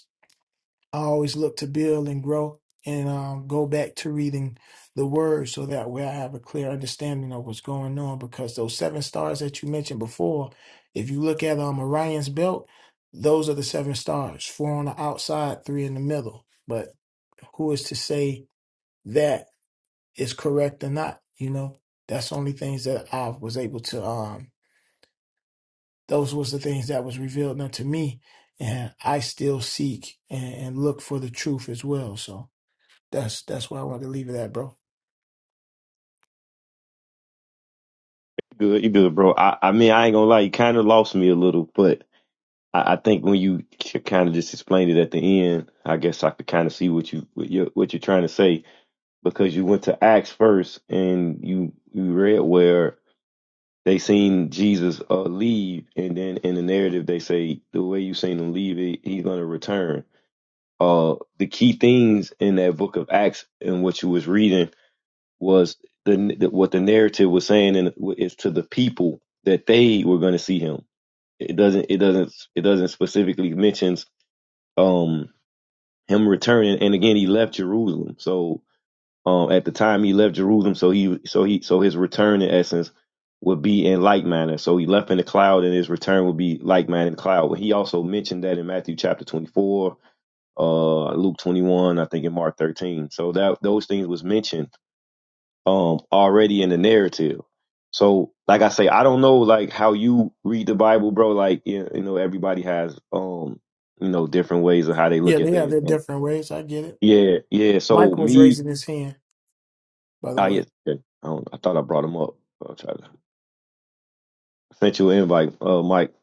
Speaker 5: I always look to build and grow and um, go back to reading the word so that way I have a clear understanding of what's going on. Because those seven stars that you mentioned before, if you look at um, Orion's belt, those are the seven stars four on the outside, three in the middle. But who is to say that is correct or not? You know, that's only things that I was able to, um, those was the things that was revealed unto me. And I still seek and, and look for the truth as well. So, that's that's where I wanted to leave it at, bro.
Speaker 9: Good, you good, bro. I, I mean, I ain't gonna lie, you kind of lost me a little, but I, I think when you kind of just explained it at the end, I guess I could kind of see what you what you're, what you're trying to say because you went to Acts first and you you read where they seen Jesus uh, leave, and then in the narrative they say the way you seen him leave, he, he's gonna return. uh, the key things in that book of Acts and what you was reading was the, the what the narrative was saying, and it's to the people that they were going to see him. It doesn't. It doesn't. It doesn't specifically mentions um him returning. And again, he left Jerusalem. So um at the time he left Jerusalem, so he so he so his return in essence would be in like manner. So he left in the cloud, and his return would be like manner in the cloud. He also mentioned that in Matthew chapter twenty four uh Luke 21, I think in Mark 13. So that those things was mentioned um already in the narrative. So like I say, I don't know like how you read the Bible, bro. Like you you know, everybody has um you know different ways of how they look
Speaker 5: Yeah,
Speaker 9: at
Speaker 5: they have
Speaker 9: things.
Speaker 5: their
Speaker 9: So,
Speaker 5: different ways. I get it.
Speaker 9: yeah, yeah. So
Speaker 5: Mike was
Speaker 9: me,
Speaker 5: raising his hand, by the
Speaker 9: I yeah,
Speaker 5: way.
Speaker 9: okay. I, don't, I thought I brought him up. I'll try to send you an invite, uh, Mike.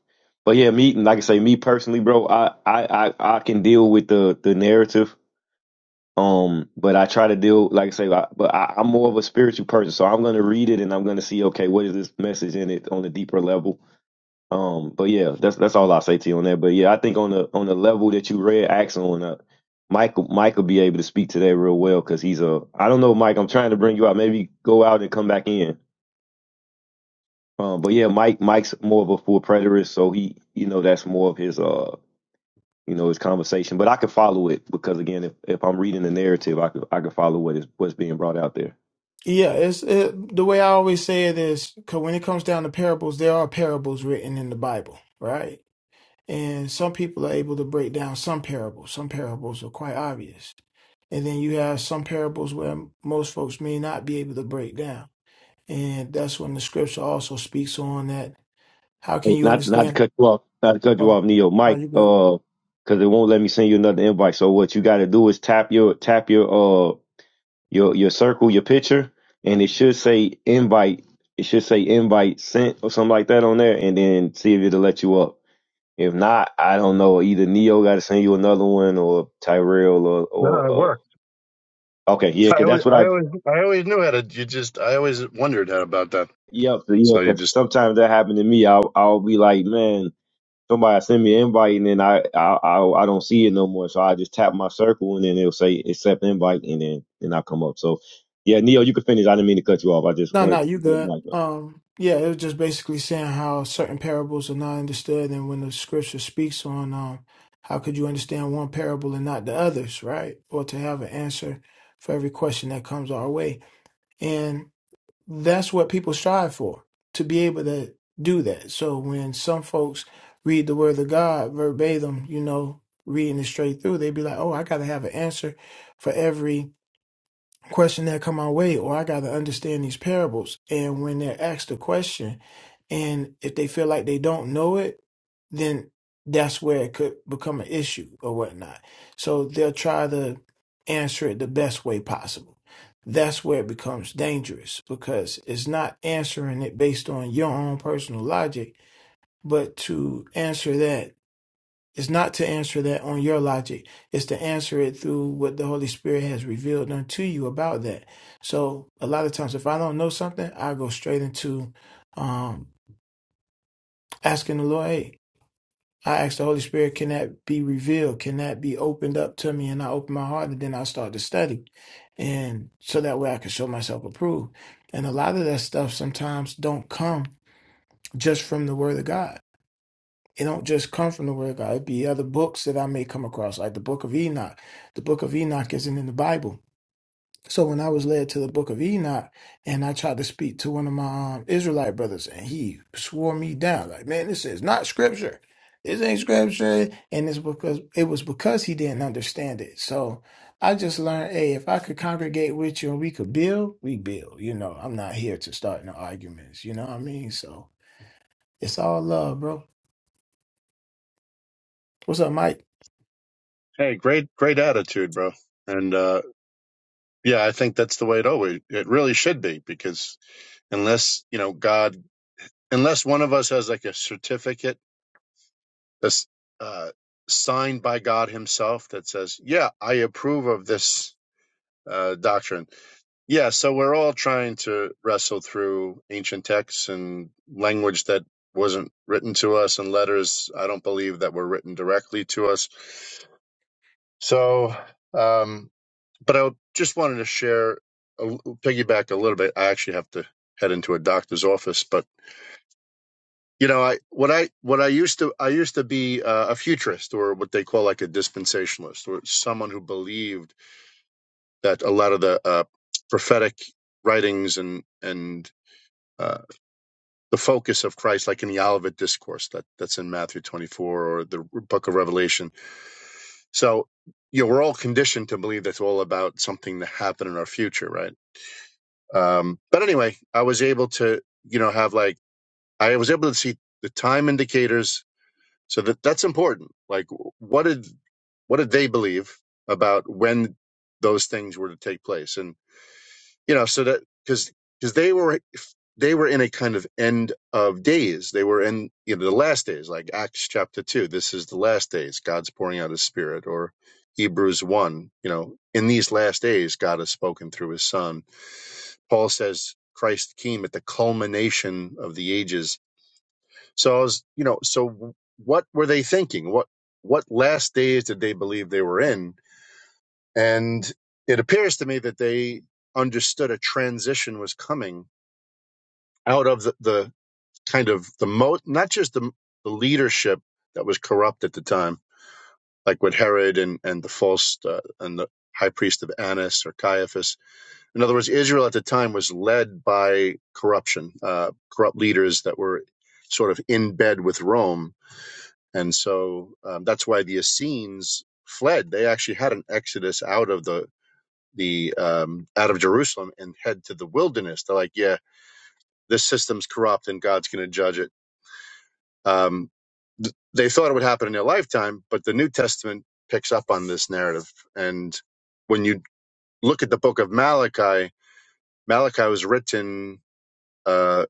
Speaker 9: But yeah, me like I say, me personally, bro, I I I, I can deal with the the narrative Um, but I try to deal, like I say, I, but I, I'm more of a spiritual person, so I'm going to read it and I'm going to see, okay, what is this message in it on a deeper level. Um, but yeah, that's that's all I say to you on that. But yeah, I think on the on the level that you read Axel on, uh, Michael Mike will be able to speak to that real well because he's a I don't know, Mike. I'm trying to bring you out. Maybe go out and come back in. Um, but yeah, Mike Mike's more of a full preterist, so he you know that's more of his uh you know, his conversation. But I could follow it because again, if, if I'm reading the narrative, I could I could follow what is what's being brought out there.
Speaker 5: Yeah, it's it, the way I always say it is because when it comes down to parables, there are parables written in the Bible, right? And some people are able to break down some parables. Some parables are quite obvious, and then you have some parables where most folks may not be able to break down, and that's when the scripture also speaks on that. How can
Speaker 9: Hey,
Speaker 5: you
Speaker 9: Not not to
Speaker 5: understand?
Speaker 9: cut you off, not to cut you
Speaker 5: Oh,
Speaker 9: off, Neo,
Speaker 5: are
Speaker 9: Mike,
Speaker 5: you good?
Speaker 9: uh, because it won't let me send you another invite. So what you got to do is tap your tap your uh your your circle, your picture, and it should say invite. It should say invite sent or something like that on there, and then see if it'll let you up. If not, I don't know. Either Neo got to send you another one, or Tyrell, or
Speaker 10: No, it
Speaker 9: or
Speaker 10: worked.
Speaker 9: uh, okay, yeah,
Speaker 10: I
Speaker 9: because
Speaker 10: always,
Speaker 9: that's what
Speaker 10: I
Speaker 9: I
Speaker 10: always, I always knew how to. You just, I always wondered how, about that.
Speaker 9: Yep, so, yeah,
Speaker 10: So you
Speaker 9: because
Speaker 10: just,
Speaker 9: sometimes that happened to me. I'll I'll be like, man, somebody send me an invite, and then I I I, I don't see it no more. So I just tap my circle, and then it'll say accept invite, and then then I come up. So yeah, Neo, you can finish. I didn't mean to cut you off. I just
Speaker 5: No, no,
Speaker 9: wanted
Speaker 5: you
Speaker 9: to,
Speaker 5: good.
Speaker 9: like,
Speaker 5: Um, yeah, it was just basically saying how certain parables are not understood, and when the scripture speaks on um, how could you understand one parable and not the others, right? Or to have an answer for every question that comes our way, and that's what people strive for to be able to do that. So when some folks read the Word of God verbatim, you know, reading it straight through, they be like, "Oh, I got to have an answer for every." question that come my way or I got to understand these parables. And when they're asked a question and if they feel like they don't know it, then that's where it could become an issue or whatnot. So they'll try to answer it the best way possible. That's where it becomes dangerous because it's not answering it based on your own personal logic, but to answer that it's not to answer that on your logic. It's to answer it through what the Holy Spirit has revealed unto you about that. So a lot of times, if I don't know something, I go straight into um, asking the Lord. Hey, I ask the Holy Spirit, can that be revealed? Can that be opened up to me? And I open my heart, and then I start to study, and so that way I can show myself approved. And a lot of that stuff sometimes don't come just from the Word of God it don't just come from the word of God. It be other books that I may come across, like the book of Enoch. The book of Enoch isn't in the Bible. So when I was led to the book of Enoch and I tried to speak to one of my um, Israelite brothers and he swore me down, like, man, this is not scripture. This ain't scripture. And it's because it was because he didn't understand it. So I just learned, hey, if I could congregate with you and we could build, we build. You know, I'm not here to start no arguments. You know what I mean? So it's all love, bro. What's up, Mike?
Speaker 10: hey, great, great attitude, bro. And uh, yeah, I think that's the way it always, it really should be because unless you know God, unless one of us has like a certificate that's uh, signed by God Himself that says, yeah, I approve of this uh, doctrine Yeah, so we're all trying to wrestle through ancient texts and language that wasn't written to us and letters I don't believe that were written directly to us. So, um, but I just wanted to share, a, piggyback a little bit. I actually have to head into a doctor's office, but you know, I what I what I used to I used to be uh, a futurist or what they call like a dispensationalist or someone who believed that a lot of the uh, prophetic writings and and uh, the focus of Christ, like in the Olivet Discourse that, that's in Matthew 24 or the book of Revelation. So, you know, we're all conditioned to believe that's all about something that happened in our future, right? Um, but anyway, I was able to, you know, have like, I was able to see the time indicators. So that that's important. Like, what did, what did they believe about when those things were to take place? And you know so that because because they were they were in a kind of end of days they were in you know the last days like acts chapter 2 this is the last days god's pouring out his spirit or hebrews 1 you know in these last days god has spoken through his son paul says christ came at the culmination of the ages so i was you know so what were they thinking what what last days did they believe they were in and it appears to me that they understood a transition was coming out of the, the kind of the most, not just the, the leadership that was corrupt at the time, like with Herod and, and the false uh, and the high priest of Annas or Caiaphas. In other words, Israel at the time was led by corruption, uh, corrupt leaders that were sort of in bed with Rome. And so um, that's why the Essenes fled. They actually had an exodus out of the the um, out of Jerusalem and head to the wilderness. They're like, yeah, this system's corrupt and God's going to judge it Um, th- they thought it would happen in their lifetime, but the New Testament picks up on this narrative. And when you look at the book of Malachi, Malachi was written uh,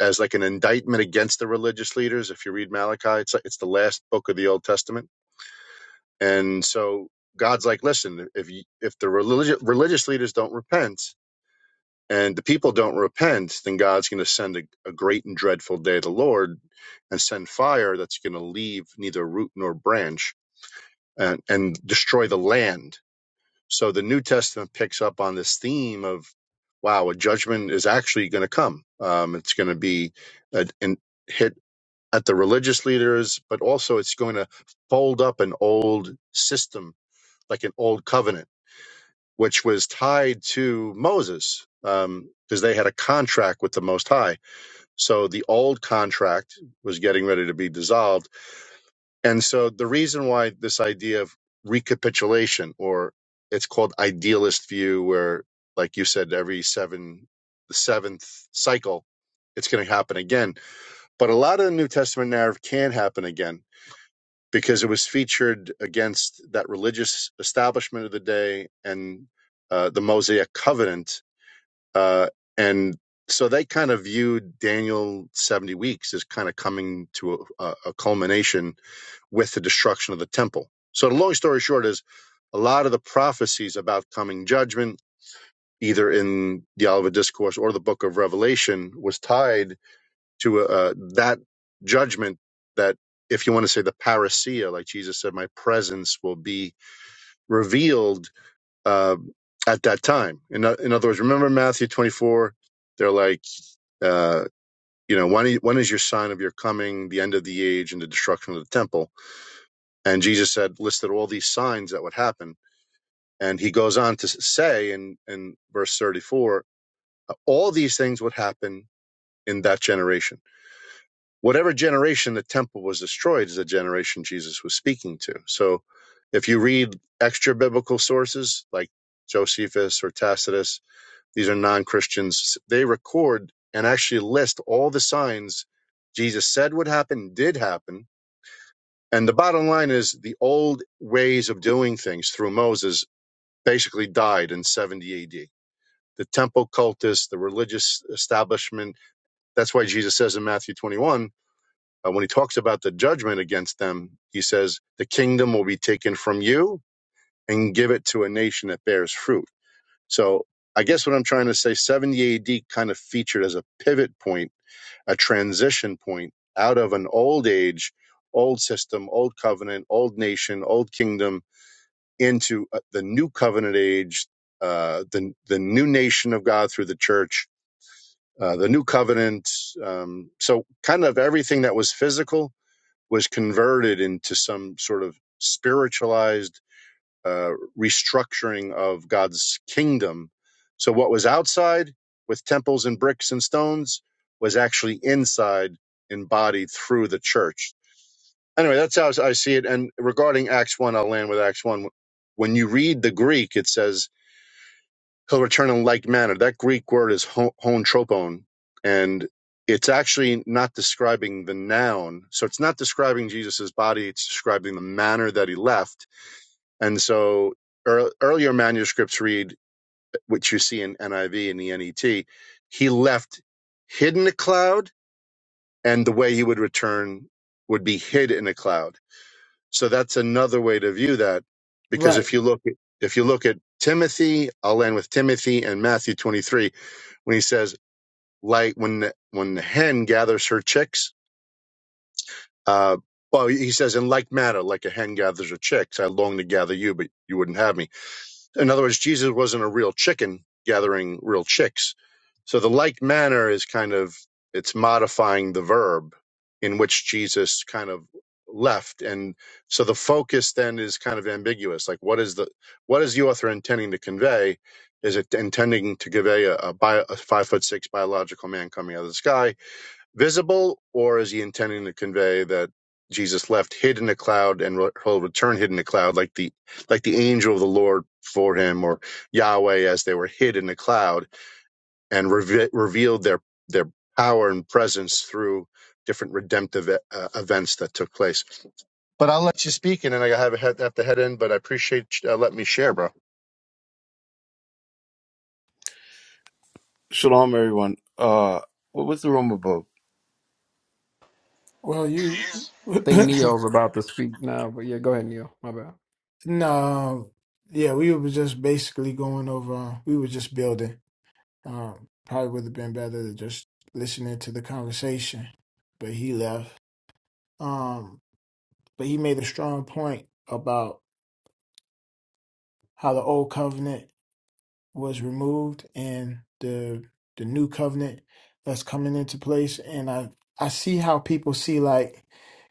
Speaker 10: as like an indictment against the religious leaders. If you read Malachi, it's like, it's the last book of the Old Testament, and so God's like, listen, if you, if the religious religious leaders don't repent and the people don't repent, then God's going to send a, a great and dreadful day of the Lord and send fire that's going to leave neither root nor branch and, and destroy the land. So the New Testament picks up on this theme of, wow, a judgment is actually going to come. Um, it's going to be a, an hit at the religious leaders, but also it's going to fold up an old system, like an old covenant, which was tied to Moses. Um, because they had a contract with the Most High. So the old contract was getting ready to be dissolved and so the reason why this idea of recapitulation, or it's called idealist view, where, like you said, every seven, the seventh cycle, it's going to happen again. But a lot of the New Testament narrative can happen again because it was featured against that religious establishment of the day and uh, the Mosaic covenant. Uh, and so they kind of viewed Daniel 70 weeks as kind of coming to a, a a culmination with the destruction of the temple. So the long story short is a lot of the prophecies about coming judgment, either in the Olivet Discourse or the Book of Revelation, was tied to uh, uh, that judgment. That, if you want to say the parousia, like Jesus said, my presence will be revealed uh, at that time. In, o- in other words, remember Matthew twenty-four. They're like, uh, you know, when, when is your sign of your coming, the end of the age, and the destruction of the temple? And Jesus said, listed all these signs that would happen. And he goes on to say in, in verse 34, uh, all these things would happen in that generation. Whatever generation the temple was destroyed is the generation Jesus was speaking to. So if you read extra biblical sources like Josephus or Tacitus, these are non Christians, they record and actually list all the signs Jesus said would happen, did happen, And the bottom line is the old ways of doing things through Moses basically died in 70 AD. The temple cultus, the religious establishment. That's why Jesus says in Matthew 21, uh, when he talks about the judgment against them, he says, The kingdom will be taken from you and give it to a nation that bears fruit so I guess what I'm trying to say, 70 AD kind of featured as a pivot point, a transition point out of an old age, old system, old covenant, old nation, old kingdom into uh, the new covenant age, uh, the the new nation of God through the church, uh, the new covenant. Um, so kind of everything that was physical was converted into some sort of spiritualized uh, restructuring of God's kingdom. So what was outside with temples and bricks and stones was actually inside embodied through the church. Anyway, that's how I see it. And regarding Acts 1, I'll land with Acts 1. When you read the Greek, it says, He'll return in like manner. That Greek word is ho- hontropon, and it's actually not describing the noun. So it's not describing Jesus' body, it's describing the manner that he left and so ear earlier manuscripts read, which you see in NIV and the NET, he left hidden a cloud, and the way he would return would be hid in a cloud. So that's another way to view that,
Speaker 5: Right.
Speaker 10: because if you look at, if you look at Timothy, I'll end with Timothy and Matthew 23 when he says, like when the, when the hen gathers her chicks. Uh, well, he says, in like manner, like a hen gathers her chicks, I long to gather you, but you wouldn't have me In other words, Jesus wasn't a real chicken gathering real chicks. So the like manner is kind of it's modifying the verb in which Jesus kind of left and so the focus then is kind of ambiguous like what is the what is the author intending to convey is it intending to convey a, a, bio, a five foot six biological man coming out of the sky visible, or is he intending to convey that Jesus left hid in a cloud and re- he'll return hid in a cloud, like the like the angel of the Lord for him, or Yahweh as they were hid in a cloud and reve- revealed their their power and presence through different redemptive e-, uh, events that took place. But I'll let you speak, and then I have, a head, have to head in. But I appreciate you, uh, letting me share, bro.
Speaker 11: Shalom, everyone. Uh, what was the room about?
Speaker 5: Well, you
Speaker 1: Peace.
Speaker 8: think Neo's about to speak now, but yeah, go ahead, Neo. My bad.
Speaker 5: no, yeah, we were just basically going over. We were just building. Um, probably would have been better to just listening to the conversation, but he left. Um, but he made a strong point about how the old covenant. was removed and the the new covenant that's coming into place and i i see how people see like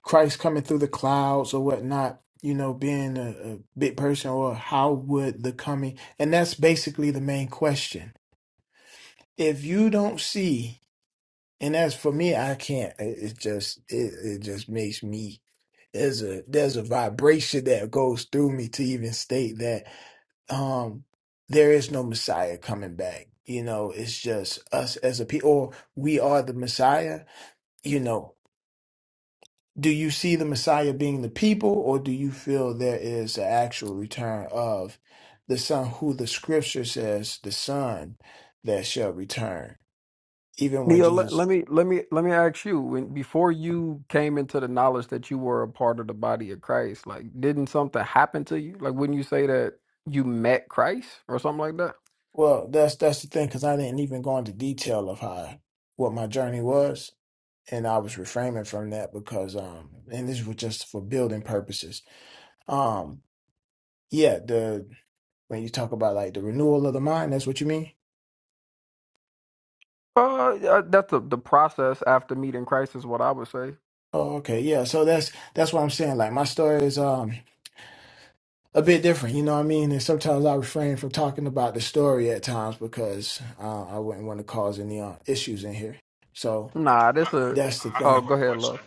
Speaker 5: christ coming through the clouds or whatnot you know being a, a big person or how would the coming and that's basically the main question if you don't see and as for me i can't it, it just it, it just makes me there's a there's a vibration that goes through me to even state that um there is no messiah coming back you know it's just us as a people or we are the messiah you know do you see the messiah being the people or do you feel there is an actual return of the son who the scripture says the son that shall return even when
Speaker 8: Neil, let,
Speaker 5: jesus
Speaker 8: let me let me let me ask you, when before you came into the knowledge that you were a part of the body of Christ, like didn't something happen to you? Like wouldn't you say that you met Christ or something like that?
Speaker 5: well that's that's the thing because i didn't even go into detail of how what my journey was and i was reframing from that because um and this was just for building purposes Um, Yeah, the when you talk about like the renewal of the mind, that's what you mean?
Speaker 8: Uh, yeah, that's the the process after meeting Christ is what I would say.
Speaker 5: Oh, okay. Yeah. So that's that's what I'm saying. Like my story is um a bit different, you know what I mean? And sometimes I refrain from talking about the story at times because uh, I wouldn't want to cause any uh, issues in here. So
Speaker 8: Nah, this
Speaker 1: I
Speaker 8: a
Speaker 5: that's the
Speaker 1: I
Speaker 8: oh,
Speaker 1: have
Speaker 5: thing.
Speaker 1: a
Speaker 8: go ahead,
Speaker 1: question.
Speaker 8: love.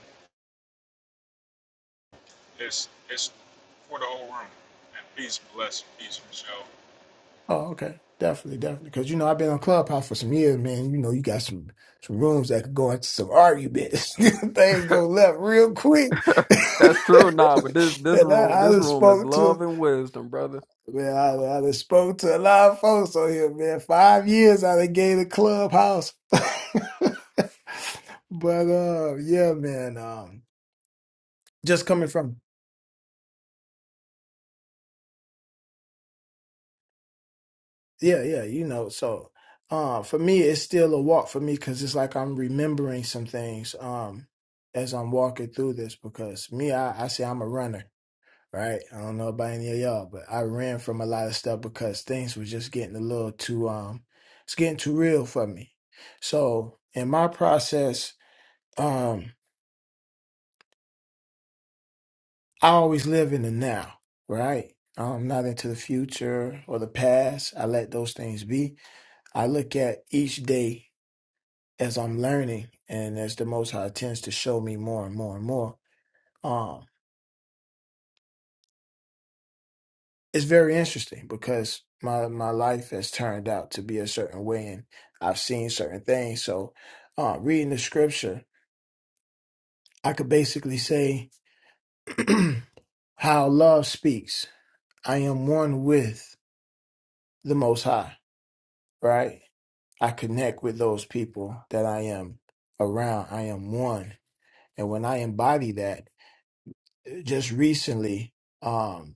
Speaker 1: It's it's for the whole room. And peace, bless, peace, Michelle.
Speaker 5: Oh, okay. Definitely, definitely. Because you know I've been on Clubhouse for some years, man. You know you got some some rooms that could go into some arguments. Things go left real quick.
Speaker 8: that's true, nah, but this this
Speaker 5: and
Speaker 8: room
Speaker 5: I, I
Speaker 8: this
Speaker 5: just
Speaker 8: room is
Speaker 5: spoke to
Speaker 8: love and wisdom, brother.
Speaker 5: Man, I, I done spoke to a lot of folks on here, man. Five years I done gave the clubhouse. But uh yeah, man. Um just coming from yeah, yeah, you know, so uh for me it's still a walk for me because it's like I'm remembering some things um as I'm walking through this because me, I, I say I'm a runner. right? I don't know about any of y'all, but I ran from a lot of stuff because things was just getting a little too um it's getting too real for me. So in my process, um, I always live in the now, right? I'm not into the future or the past. I let those things be. I look at each day as I'm learning and as the most high tends to show me more and more and more. Um, it's very interesting because my my life has turned out to be a certain way and I've seen certain things. So uh reading the scripture, I could basically say how love speaks. I am one with the most high, right? I connect with those people that I am around. I am one. And when I embody that, just recently um,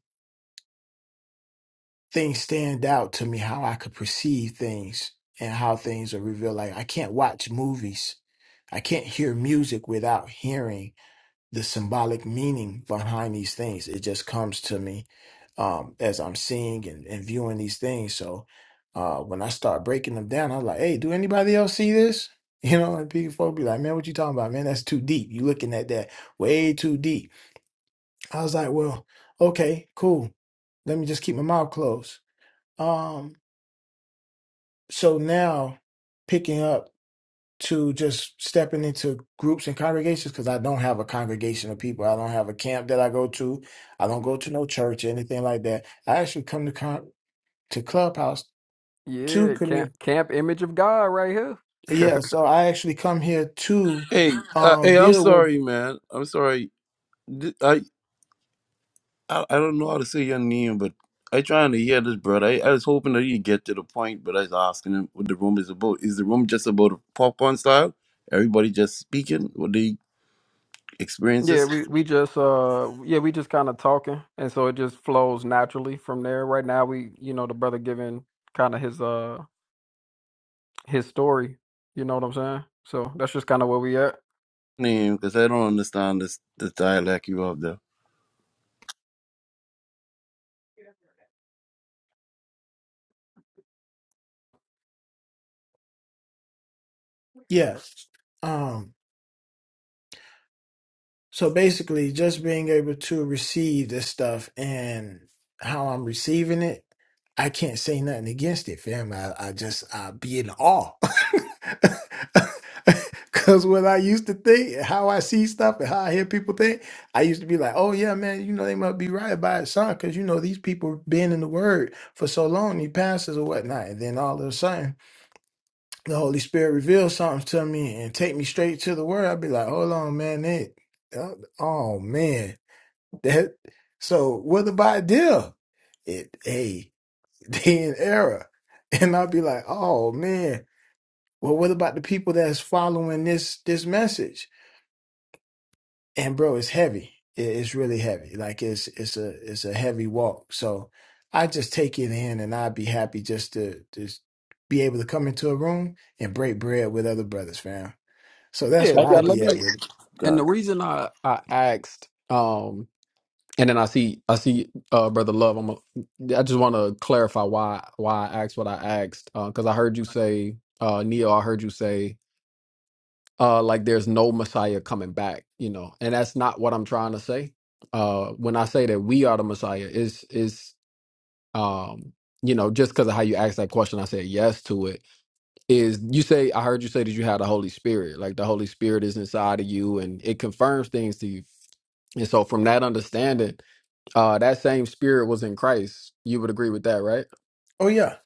Speaker 5: things stand out to me, how I could perceive things and how things are revealed. Like I can't watch movies. I can't hear music without hearing the symbolic meaning behind these things. It just comes to me um, as I'm seeing and, and viewing these things. So uh, when I start breaking them down, I'm like, hey, do anybody else see this? You know, and people be like, man, what you talking about, man? That's too deep. You looking at that way too deep. I was like, well, okay, cool. Let me just keep my mouth closed. Um, so now picking up to just stepping into groups and congregations because I don't have a congregation of people. I don't have a camp that I go to. I don't go to no church or anything like that. I actually come to con- to Clubhouse to
Speaker 8: Yeah, camp
Speaker 5: community.
Speaker 8: camp image of God right here.
Speaker 5: Yeah, so I actually come here to
Speaker 11: Hey, uh,
Speaker 5: um
Speaker 11: hey, I'm
Speaker 5: build with
Speaker 11: sorry, man. I'm sorry. Th- I, I I don't know how to say your name, but I trying to hear this, brother. I, I was hoping that you get to the point, but I was asking him what the room is about. Is the room just about popcorn style? Everybody just speaking what they
Speaker 8: Yeah,
Speaker 11: experiences?
Speaker 8: we we just uh yeah, we just kind of talking and so it just flows naturally from there. Right now we, you know, the brother giving kind of his uh his story, you know what I'm saying? So that's just kind of where we at.
Speaker 11: Name, because I don't understand this the dialect you have there.
Speaker 5: yes. um, So basically, just being able to receive this stuff and how I'm receiving it, I can't say nothing against it, fam. I, I just I be in awe. Cause what I used to think, how I see stuff and how I hear people think, I used to be like, oh yeah, man, you know, they must be right about it, son. Cause you know, these people been in the word for so long, these pastors or whatnot. And then all of a sudden the Holy Spirit reveals something to me and take me straight to the word, I'd be like, hold on, man, that, uh, oh man, that. So what about deal? It, hey, they in error, and I'd be like, oh man, well, what about the people that's following this this message? And bro, it's heavy. It, it's really heavy. Like it's it's a it's a heavy walk. So I just take it in, and I'd be happy just to just be able to come into a room and break bread with other brothers, fam So that's
Speaker 8: Yeah,
Speaker 5: where I'd
Speaker 8: and let
Speaker 5: be at
Speaker 8: me
Speaker 5: with it.
Speaker 8: and
Speaker 11: God,
Speaker 8: the reason I I asked um and then I see I see uh brother Love I'm a, I just want to clarify why why I asked what I asked uh, cuz I heard you say uh Neo I heard you say uh like there's no messiah coming back you know and that's not what i'm trying to say uh when i say that we are the messiah is is um you know just because of how you asked that question i said yes to it is you say i heard you say that you had the holy spirit like the holy spirit is inside of you and it confirms things to you and so from that understanding uh that same spirit was in christ you would agree with that right
Speaker 5: Oh yeah,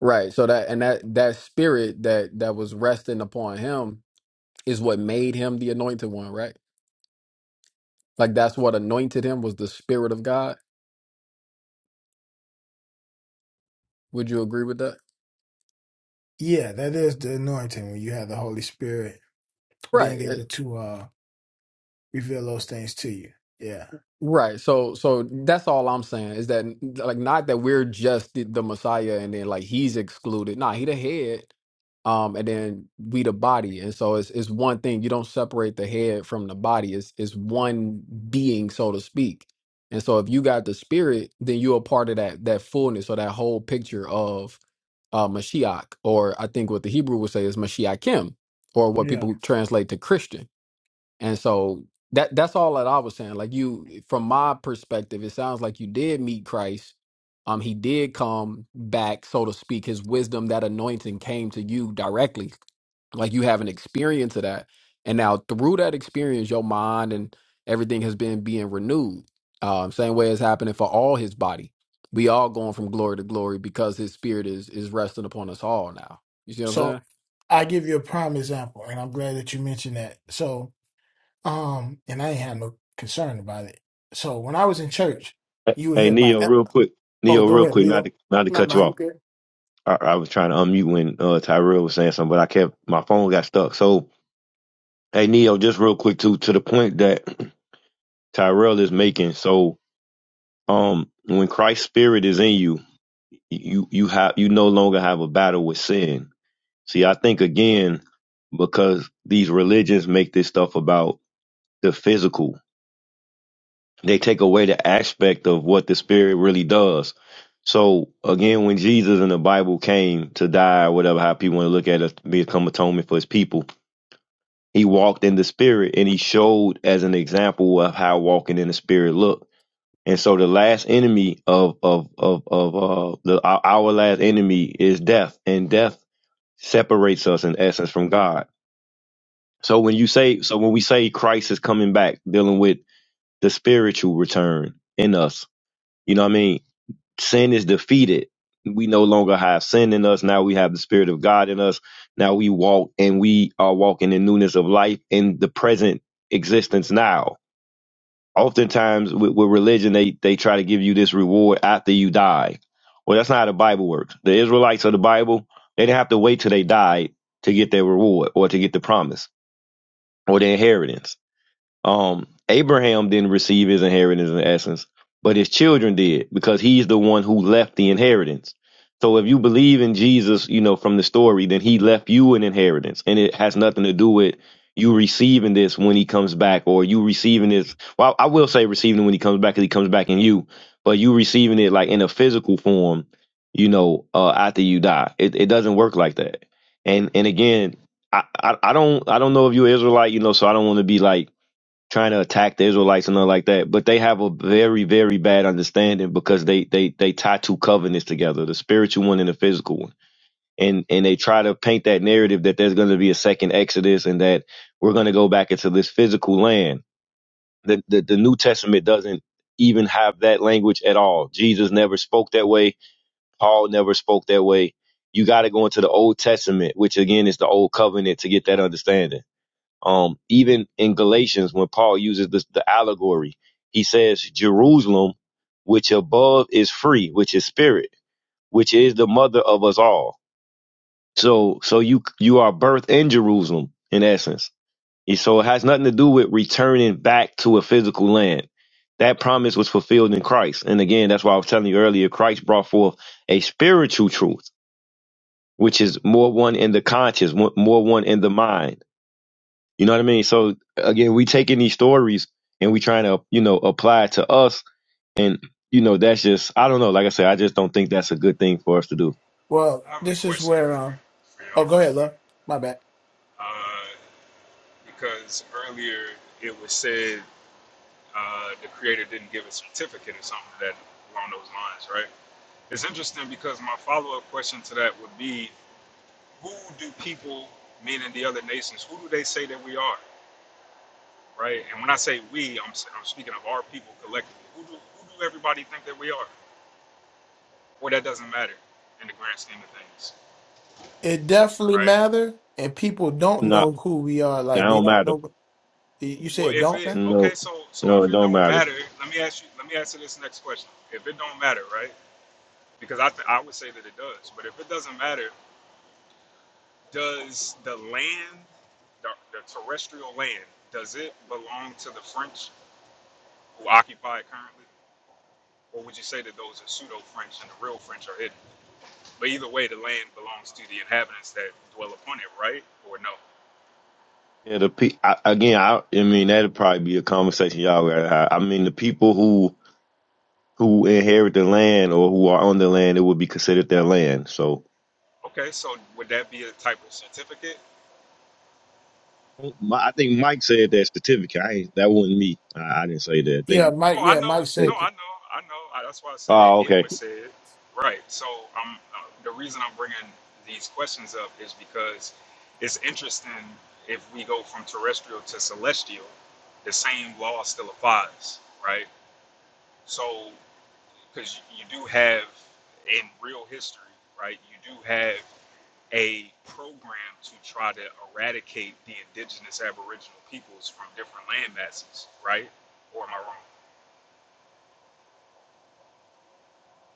Speaker 8: right so that and that that spirit that that was resting upon him is what made him the anointed one right Like that's what anointed him was the spirit of God. Would you agree with that?
Speaker 5: yeah, that is the anointing when you have the Holy Spirit
Speaker 8: Right.
Speaker 5: being
Speaker 8: eh,
Speaker 5: able to uh reveal those things to you. Yeah,
Speaker 8: Right. So so that's all I'm saying is that like not that we're just the, the Messiah and then like he's excluded. Nah, he the head. um, and then we the body. And so it's it's one thing. You don't separate the head from the body. It's it's one being, so to speak. And so if you got the spirit, then you're a part of that that fullness or that whole picture of uh Mashiach, or I think what the Hebrew would say is Mashiachim, or what
Speaker 5: yeah.
Speaker 8: people translate to Christian. And so that that's all that I was saying. Like you from my perspective, it sounds like you did meet Christ. Um he did come back, so to speak, his wisdom, that anointing came to you directly. Like you have an experience of that. And now through that experience, your mind and everything has been being renewed. Um, same way it's happening for all his body. We all going from glory to glory because his spirit is is resting upon us all now. You see what I'm
Speaker 5: So
Speaker 8: saying?
Speaker 5: I give you a prime example, and I'm glad that you mentioned that. So um, and I ain't had no concern about it. So when I was in church,
Speaker 9: uh,
Speaker 5: you would
Speaker 9: hey
Speaker 5: hear about.
Speaker 9: Neo,
Speaker 5: eh,
Speaker 9: real quick,
Speaker 5: Oh,
Speaker 9: Neo,
Speaker 5: go
Speaker 9: real
Speaker 5: ahead,
Speaker 9: quick, not
Speaker 5: Lilo.
Speaker 9: to not to
Speaker 5: No,
Speaker 9: cut
Speaker 5: no,
Speaker 9: you
Speaker 5: you
Speaker 9: off.
Speaker 5: good.
Speaker 9: I, I was trying to unmute when uh, Tyrell was saying something, but I kept my phone got stuck. So hey Neo, just real quick too, to the point that Tyrell is making. So um, when Christ's spirit is in you. you you have you no longer have a battle with sin. See, I think again because these religions make this stuff about the physical. They take away the aspect of what the spirit really does. So again, when Jesus in the Bible came to die, or whatever how people want to look at it, become atonement for his people, he walked in the spirit and he showed as an example of how walking in the spirit looked. And so the last enemy of of of of uh the our our last enemy is death, and death separates us in essence from God. So when you say, so when we say Christ is coming back, dealing with the spiritual return in us, you know what I mean? Sin is defeated. We no longer have sin in us. Now we have the Spirit of God in us. Now we walk and we are walking in newness of life in the present existence now. Oftentimes with, with religion, they, they try to give you this reward after you die. Well, that's not how the Bible works. The Israelites of the Bible, they didn't have to wait till they died to get their reward or to get the promise or the inheritance. Um, Abraham didn't receive his inheritance in essence, but his children did because he's the one who left the inheritance. So if you believe in Jesus, you know, from the story, then he left you an inheritance and it has nothing to do with you receiving this when he comes back or you receiving this. Well, I will say receiving it when he comes back because he comes back in you, but you receiving it like in a physical form, you know, uh, after you die. It, it doesn't work like that. And, and again, I, I, I don't I don't know if you're Israelite, you know, so I don't want to be like trying to attack the Israelites and nothing like that. But they have a very, very bad understanding because they they they tie two covenants together, the spiritual one and the physical one. And and they try to paint that narrative that there's gonna be a second Exodus and that we're gonna go back into this physical land. The the, the New Testament doesn't even have that language at all. Jesus never spoke that way, Paul never spoke that way. You got to go into the Old Testament, which again is the Old Covenant, to get that understanding. Um, even in Galatians, when Paul uses this, the allegory, he says, Jerusalem, which above is free, which is spirit, which is the mother of us all. So, so you, you are birthed in Jerusalem, in essence. And so it has nothing to do with returning back to a physical land. That promise was fulfilled in Christ. And again, that's why I was telling you earlier, Christ brought forth a spiritual truth, which is more one in the conscious, more more one in the mind you know what I mean? So again, we taking these stories and we trying to, you know, apply it to us. And, you know, that's just I don't know. Like I said, I just don't think that's a good thing for us to do.
Speaker 5: Well,
Speaker 1: I have a
Speaker 5: this is
Speaker 1: question
Speaker 5: where.
Speaker 1: for
Speaker 5: Um,
Speaker 1: for y'all
Speaker 5: oh, go
Speaker 1: real
Speaker 5: ahead,
Speaker 1: quick.
Speaker 5: love. My bad.
Speaker 1: Uh, because earlier it was said uh, the creator didn't give a certificate or something that along those lines, right? It's interesting because my follow up question to that would be, who do people, meaning the other nations, who do they say that we are, right? And when I say we, I'm I'm speaking of our people collectively. Who do who do everybody think that we are? Well, that doesn't matter in the grand scheme of things.
Speaker 5: It definitely
Speaker 1: right?
Speaker 5: matter, and people don't
Speaker 9: No,
Speaker 5: know who we are.
Speaker 9: it
Speaker 5: Like they
Speaker 9: don't
Speaker 5: don't
Speaker 9: matter.
Speaker 5: know. Y- You
Speaker 1: Well,
Speaker 5: said
Speaker 1: if
Speaker 5: don't
Speaker 1: it
Speaker 5: now?
Speaker 1: okay,
Speaker 9: No,
Speaker 1: so so
Speaker 9: no,
Speaker 1: if
Speaker 9: it
Speaker 1: it
Speaker 9: don't
Speaker 1: don't
Speaker 9: matter.
Speaker 1: matter, let me ask you. Let me ask you this next question. If it don't matter, right? Because I th- I would say that it does. But if it doesn't matter, does the land, the, the terrestrial land, does it belong to the French who occupy it currently, or would you say that those are pseudo French and the real French are hidden? But either way, the land belongs to the inhabitants that dwell upon it, right? Or no?
Speaker 9: Yeah, the pe- I, again, I, I mean, that'd probably be a conversation y'all gotta have. I mean, the people who who inherit the land or who are on the land, it would be considered their land. So,
Speaker 1: Okay, so would that be a type of certificate?
Speaker 9: my, I think Mike said that certificate. I ain't, that wasn't me. I, I didn't say that. I
Speaker 5: Yeah,
Speaker 9: think.
Speaker 5: Mike.
Speaker 1: Oh, I
Speaker 5: Yeah,
Speaker 1: know.
Speaker 5: Mike
Speaker 9: hey.
Speaker 1: No, I
Speaker 5: said,
Speaker 1: know. I know. I, that's why I said
Speaker 9: Oh,
Speaker 1: it
Speaker 9: okay.
Speaker 1: was said. Right. So um, uh, the reason I'm bringing these questions up is because it's interesting if we go from terrestrial to celestial, the same law still applies, right? So, because you do have in real history, right, you do have a program to try to eradicate the indigenous aboriginal peoples from different land masses, right? Or am I wrong?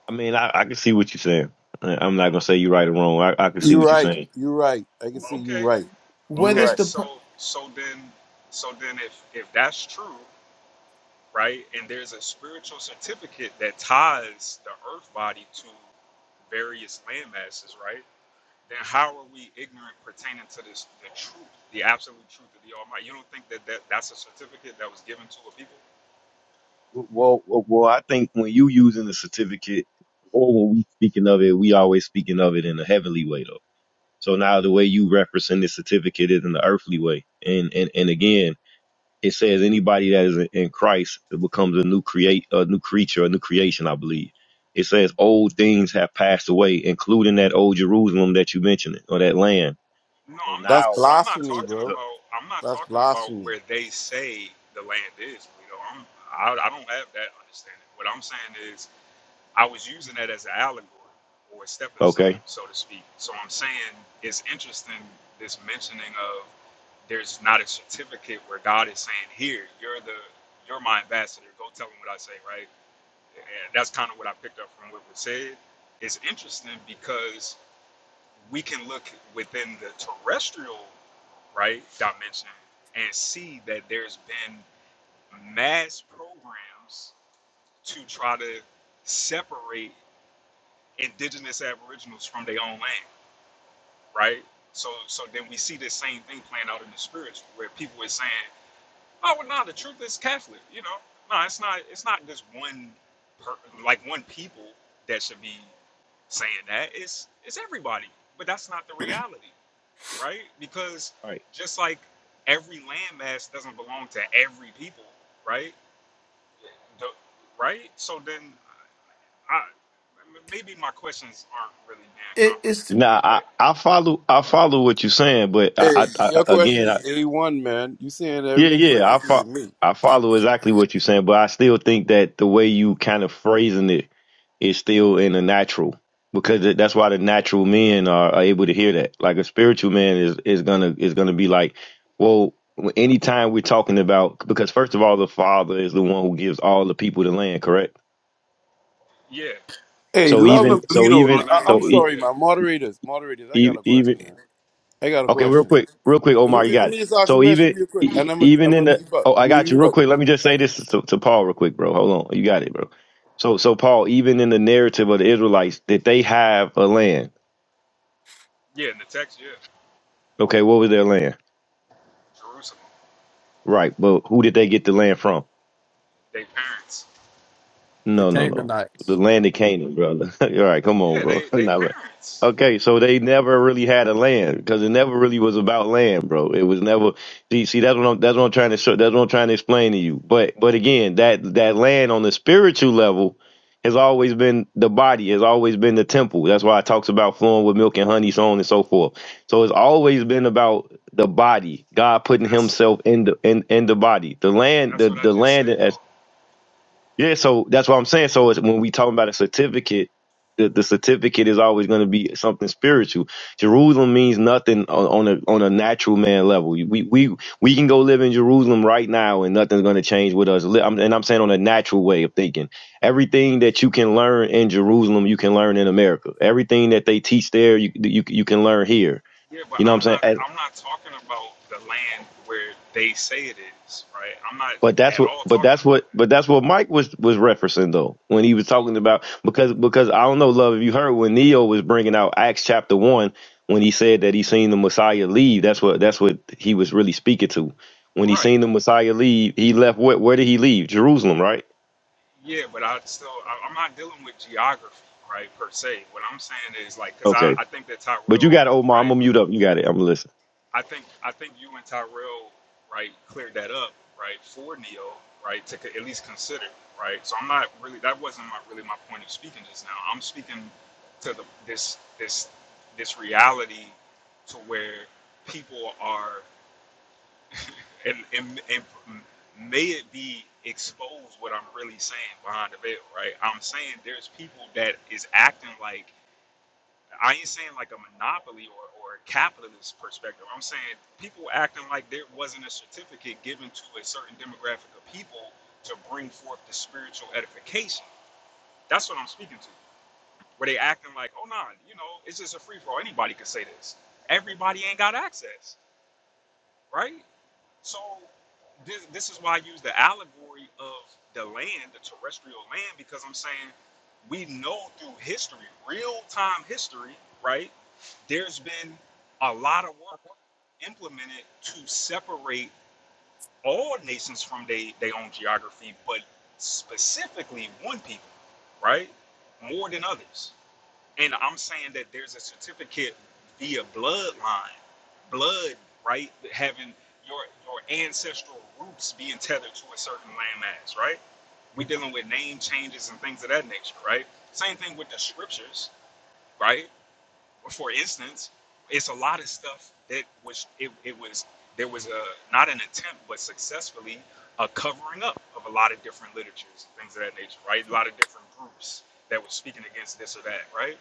Speaker 9: I mean, I, I can see what you're saying. I- I'm not gonna say you're right or wrong. I, I can see
Speaker 11: you're
Speaker 9: what you're
Speaker 11: right.
Speaker 9: saying.
Speaker 11: You're right. I can
Speaker 1: Oh,
Speaker 11: see you're
Speaker 1: okay.
Speaker 11: right. You're
Speaker 5: "Where
Speaker 1: Okay,
Speaker 5: is
Speaker 11: right.
Speaker 5: the per-
Speaker 1: so so then so then if if that's true, right, and there's a spiritual certificate that ties the earth body to various land masses, right? Then how are we ignorant pertaining to this the truth, the absolute truth of the Almighty? You don't think that, that that's a certificate that was given to a people?
Speaker 9: Well, well, well, I think when you using the certificate, or when we speaking of it, we always speaking of it in a heavenly way, though. So now the way you referencing the certificate is in the earthly way, and and and again, it says anybody that is in in Christ becomes a new create, a new creature, a new creation. I believe it says old things have passed away, including that old Jerusalem that you mentioned, or that land.
Speaker 1: No,
Speaker 9: So
Speaker 1: I'm not
Speaker 11: That's
Speaker 9: now,
Speaker 1: but I'm not
Speaker 11: blasphemy,
Speaker 1: talking
Speaker 11: bro.
Speaker 1: about I'm not
Speaker 11: That's
Speaker 1: talking about
Speaker 11: blasphemy.
Speaker 1: where they say the land is, Bleedo. I'm I, I don't have that understanding. What I'm saying is I was using that as an allegory or a stepping stone,
Speaker 9: okay.
Speaker 1: so to speak. So I'm saying it's interesting this mentioning of there's not a certificate where God is saying, "Here, you're the you're my ambassador. Go tell them what I say." Right? And that's kind of what I picked up from what was said. It's interesting because we can look within the terrestrial right dimension and see that there's been mass programs to try to separate indigenous aboriginals from their own land, right? So so then we see this same thing playing out in the spiritual where people is saying, Oh well no, the truth is Catholic, you know. No, it's not it's not just one per, like one people that should be saying that. It's it's everybody. But that's not the reality, right? Because
Speaker 9: all right.
Speaker 1: just like every landmass doesn't belong to every people, right? The- right? So then I maybe my questions aren't really being
Speaker 5: it, it's
Speaker 1: comprehended,
Speaker 9: Now
Speaker 1: man.
Speaker 9: I,
Speaker 1: But
Speaker 9: I follow I follow what you're saying, but
Speaker 11: Hey,
Speaker 9: I, I, I
Speaker 11: your question
Speaker 9: again
Speaker 11: is
Speaker 9: I,
Speaker 11: A1, man. You saying
Speaker 9: yeah
Speaker 11: everything
Speaker 9: yeah I
Speaker 11: perfectly to
Speaker 9: fo-
Speaker 11: me.
Speaker 9: I follow exactly what you're saying, but I still think that the way you kind of phrasing it is still in the natural because that- that's why the natural men are, are able to hear that. Like a spiritual man is is gonna is gonna be like, well, anytime we're talking about because first of all, the father is the one who gives all the people the land, correct?
Speaker 1: yeah,
Speaker 11: Hey,
Speaker 9: So
Speaker 11: love
Speaker 9: even
Speaker 11: and
Speaker 9: so
Speaker 1: the
Speaker 11: Bleedo. No,
Speaker 9: even
Speaker 1: father
Speaker 11: I-
Speaker 1: and the
Speaker 11: I'm
Speaker 9: so
Speaker 1: mother,
Speaker 9: e-
Speaker 11: sorry,
Speaker 1: yeah,
Speaker 11: my Moderators, moderators. I got
Speaker 9: e-
Speaker 11: a
Speaker 9: even
Speaker 11: question, man. I got a
Speaker 9: Okay, real
Speaker 11: question.
Speaker 9: quick, real quick,
Speaker 11: Let me
Speaker 9: Omar, you
Speaker 11: just, let
Speaker 9: got
Speaker 11: me
Speaker 9: it.
Speaker 11: just ask a
Speaker 9: So
Speaker 11: question
Speaker 9: even
Speaker 11: real
Speaker 9: e-
Speaker 11: quick, and
Speaker 9: e,
Speaker 11: I'm gonna
Speaker 9: even
Speaker 11: I'm
Speaker 9: in
Speaker 11: gonna
Speaker 9: the
Speaker 11: mute up.
Speaker 9: oh, I
Speaker 11: I'm gonna
Speaker 9: got you
Speaker 11: mute
Speaker 9: real
Speaker 11: up.
Speaker 9: quick. Let me just say this to, to Paul real quick, bro. Hold on, you got it, bro. So so Paul, even in the narrative of the Israelites, did they have a land?
Speaker 1: yeah. In the text, yeah,
Speaker 9: Okay, what was their land?
Speaker 1: Jerusalem,
Speaker 9: Right, but who did they get the land from?
Speaker 1: they parents,
Speaker 8: The
Speaker 9: No, no,
Speaker 8: kingdom
Speaker 9: no. The land of Canaan, brother. All right, come on,
Speaker 1: yeah,
Speaker 9: bro.
Speaker 1: they
Speaker 9: We
Speaker 1: they
Speaker 9: not right.
Speaker 1: parents.
Speaker 9: Okay, so they never really had a land because it never really was about land, bro. It was never. See, see, that's what I'm. That's what I'm trying to show. That's what I'm trying to explain to you. But, but again, that that land on the spiritual level has always been the body. Has always been the temple. That's why it talks about flowing with milk and honey, so on and so forth. So it's always been about the body. God putting
Speaker 1: That's
Speaker 9: Himself in the in in the body. The
Speaker 1: but
Speaker 9: land,
Speaker 1: that's
Speaker 9: the
Speaker 1: what I
Speaker 9: the
Speaker 1: just
Speaker 9: land
Speaker 1: said
Speaker 9: as
Speaker 1: though.
Speaker 9: yeah, so that's what I'm saying. So it's, when we talk about a certificate, the, the certificate is always going to be something spiritual. Jerusalem means nothing on, on a on a natural man level. We we we can go live in Jerusalem right now, and nothing's going to change with us. Li- I'm- And I'm saying on a natural way of thinking. Everything that you can learn in Jerusalem, you can learn in America. Everything that they teach there, you you, you can learn here.
Speaker 1: Yeah, but
Speaker 9: You know what I'm
Speaker 1: I'm
Speaker 9: saying?
Speaker 1: not I'm not talking about the land where they say it is, right? I'm not
Speaker 9: But that's
Speaker 1: at
Speaker 9: what,
Speaker 1: all
Speaker 9: but
Speaker 1: talking
Speaker 9: that's what,
Speaker 1: about
Speaker 9: but
Speaker 1: that,
Speaker 9: that's what Mike was was referencing though when he was talking about because because I don't know, love, if you heard when Neo was bringing out Acts chapter one when he said that he seen the Messiah leave. That's what that's what he was really speaking to. When he
Speaker 1: right?
Speaker 9: seen the Messiah leave, he left. Where, where did he leave? Jerusalem, right?
Speaker 1: Yeah, but I still I, I'm not dealing with geography, right? Per se, what I'm saying is like because I
Speaker 9: Okay.
Speaker 1: I think that
Speaker 9: But you
Speaker 1: Tyrell,
Speaker 9: got it, Omar. I'm
Speaker 1: right?
Speaker 9: gonna mute up. You got it. I'm gonna listen.
Speaker 1: I think I think you and Tyrell right cleared that up right for Neo right to co- at least consider right. So I'm not really that wasn't my, really my point of speaking just now. I'm speaking to the this this this reality to where people are and and, and may it be exposed what I'm really saying behind the veil right. I'm saying there's people that is acting like I ain't saying like a monopoly or, or a capitalist perspective. I'm saying people acting like there wasn't a certificate given to a certain demographic of people to bring forth the spiritual edification. That's what I'm speaking to. Where they acting like, oh nah, you know, it's just a free for all. Anybody could say this. Everybody ain't got access, right? So this this is why I use the allegory of the land, the terrestrial land, because I'm saying we know through history, real time history, right? There's been a lot of work implemented to separate all nations from their their own geography, but specifically one people, right? More than others. And I'm saying that there's a certificate via bloodline, blood, right? Having your your ancestral roots being tethered to a certain landmass, right? We dealing with name changes and things of that nature, right? Same thing with the scriptures, right? For instance, it's a lot of stuff that was it, it was there was a not an attempt but successfully a covering up of a lot of different literatures and things of that nature, right? A lot of different groups that were speaking against this or that, right?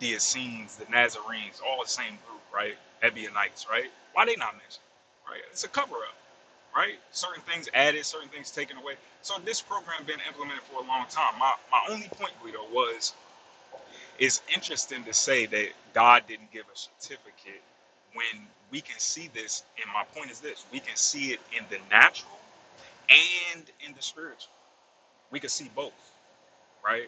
Speaker 1: the Essenes, the Nazarenes, all the same group, right? Ebionites, right? Why they not mentioned, right? It's a cover up, right? Certain things added, certain things taken away. So this program been implemented for a long time. My my only point, Guido, was it's interesting to say that God didn't give a certificate when we can see this. And my point is this: we can see it in the natural and in the spiritual. We can see both, right?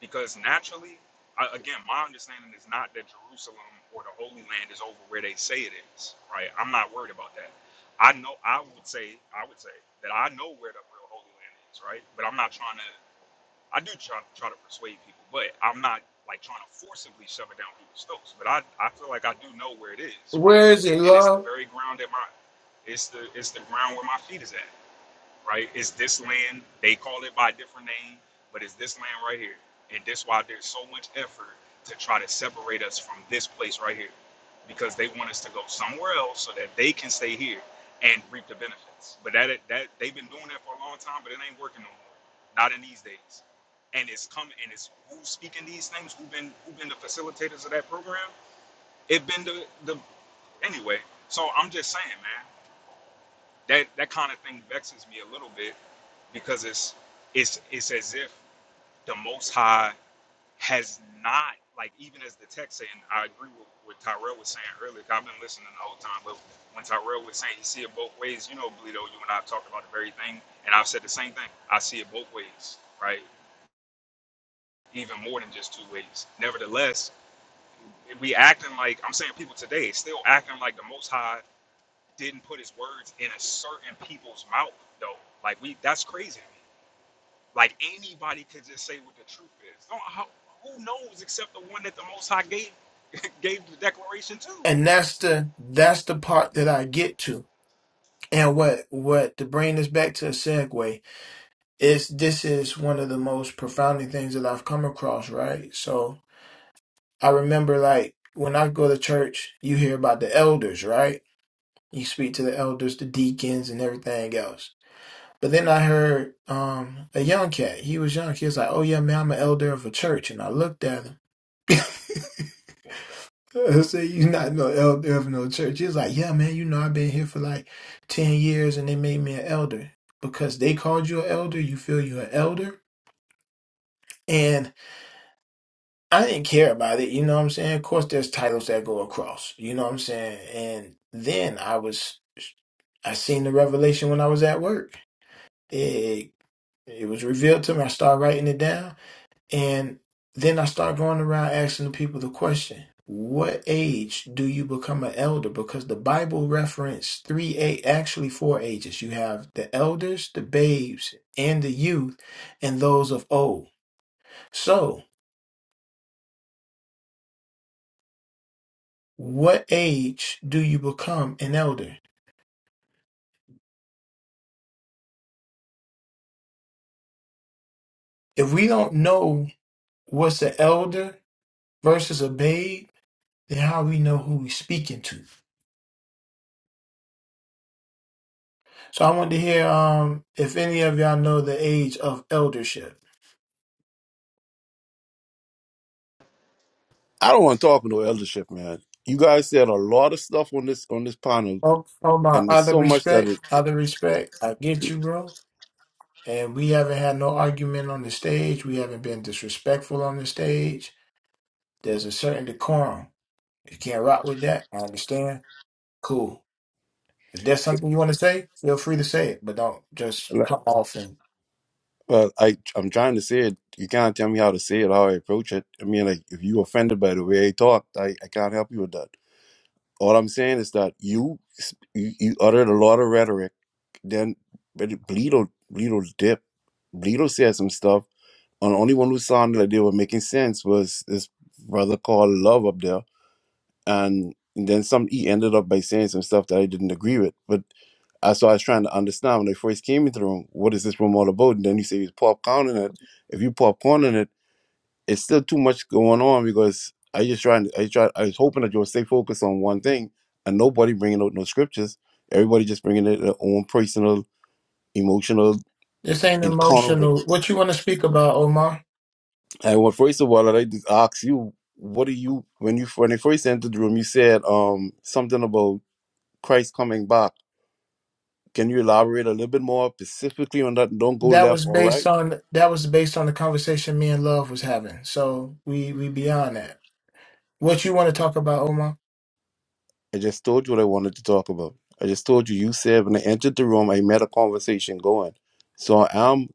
Speaker 1: Because naturally, I- again, my understanding is not that Jerusalem or the Holy Land is over where they say it is, right? I'm not worried about that. I know, I would say, I would say that I know where the real Holy Land is, right? But I'm not trying to, I do try, try to persuade people, but I'm not like trying to forcibly shove it down people's throats. But I, I feel like I do know where it is, right?
Speaker 5: where is it
Speaker 1: And it's the
Speaker 5: love?"
Speaker 1: very ground that my, it's the, it's the ground where my feet is at right? It's this land. They call it by a different name, but it's this land right here. And that's why there's so much effort to try to separate us from this place right here. Because they want us to go somewhere else so that they can stay here and reap the benefits. But that that they've been doing that for a long time, but it ain't working no more. Not in these days. And it's coming and it's who's speaking these things, who've been who've been the facilitators of that program? It been the the anyway. So I'm just saying, man. That that kind of thing vexes me a little bit because it's it's it's as if the Most High has not like even as the text saying I agree with what Tyrell was saying earlier. 'cause I've been listening the whole time, but when Tyrell was saying he see it both ways, you know, Bleedo, you and I have talked about the very thing, and I've said the same thing. I see it both ways, right? Even more than just two ways. Nevertheless, we acting like I'm saying people today still acting like the Most High didn't put his words in a certain people's mouth though. Like we, that's crazy to me. Like anybody could just say what the truth is. Don't, how, who knows except the one that the Most High gave gave the declaration to?
Speaker 5: And that's the that's the part that I get to. And what what to bring this back to a segue? it's this is one of the most profounding things that I've come across, right? So I remember like when I go to church, you hear about the elders, right? You speak to the elders, the deacons and everything else. But then I heard um a young cat. He was young. He was like, Oh yeah, man, I'm an elder of a church. And I looked at him. I said, you not no elder of no church. He was like, Yeah, man, you know, I've been here for like ten years and they made me an elder. Because they called you an elder, you feel you're an elder. and." I didn't care about it, you know what I'm saying? Of course, there's titles that go across, you know what I'm saying? And then I was, I seen the revelation when I was at work. It, it was revealed to me. I started writing it down. And then I started going around asking the people the question What age do you become an elder? Because the Bible referenced three, eight, actually four ages. You have the elders, the babes, and the youth, and those of old. So, what age do you become an elder? If we don't know what's an elder versus a babe, then how we know who we speaking to? So I want to hear um if any of y'all know the age of eldership.
Speaker 11: I don't want to talk no eldership, man. You guys said a lot of stuff on this on this panel,
Speaker 5: Oh, oh my,
Speaker 11: and there's
Speaker 5: out of
Speaker 11: so much that
Speaker 5: respect,
Speaker 11: it.
Speaker 5: out of respect, I get you, bro. And we haven't had no argument on the stage. We haven't been disrespectful on the stage. There's a certain decorum. You can't rock with that. I understand. Cool. If there's something you want to say, feel free to say it, but don't just
Speaker 11: like,
Speaker 5: cut off and
Speaker 11: Well, I I'm trying to say it. You can't tell me how to say it, how I approach it. I mean, like if you offended by the way I talked, I, I can't help you with that. All I'm saying is that you you, you uttered a lot of rhetoric. Then but Bledo Bleedo dip. Bledo said some stuff. And the only one who sounded like they were making sense was this brother called Love up there. And then some he ended up by saying some stuff that I didn't agree with. But I so I was trying to understand when I first came into the room, what is this room all about? And then you say he's popcorning it. If you popcorning it it's still too much going on because I just trying I try I was hoping that you'll stay focused on one thing and nobody bringing out no scriptures. Everybody just bringing it their own personal, emotional
Speaker 5: this ain't
Speaker 11: encounter with.
Speaker 5: emotional. What you want to speak about, Omar?
Speaker 11: And well, first of all, I just ask you, what do you when you when you first entered the room? You said um something about Christ coming back. Can you elaborate a little bit more specifically on that? Don't go
Speaker 5: That
Speaker 11: left
Speaker 5: was
Speaker 11: or right.
Speaker 5: based on that was based on the conversation me and Love was having. So we we beyond that. What you want to talk about, Omar?
Speaker 11: I just told you what I wanted to talk about. I just told you, you said when I entered the room, I met a conversation going. So I'm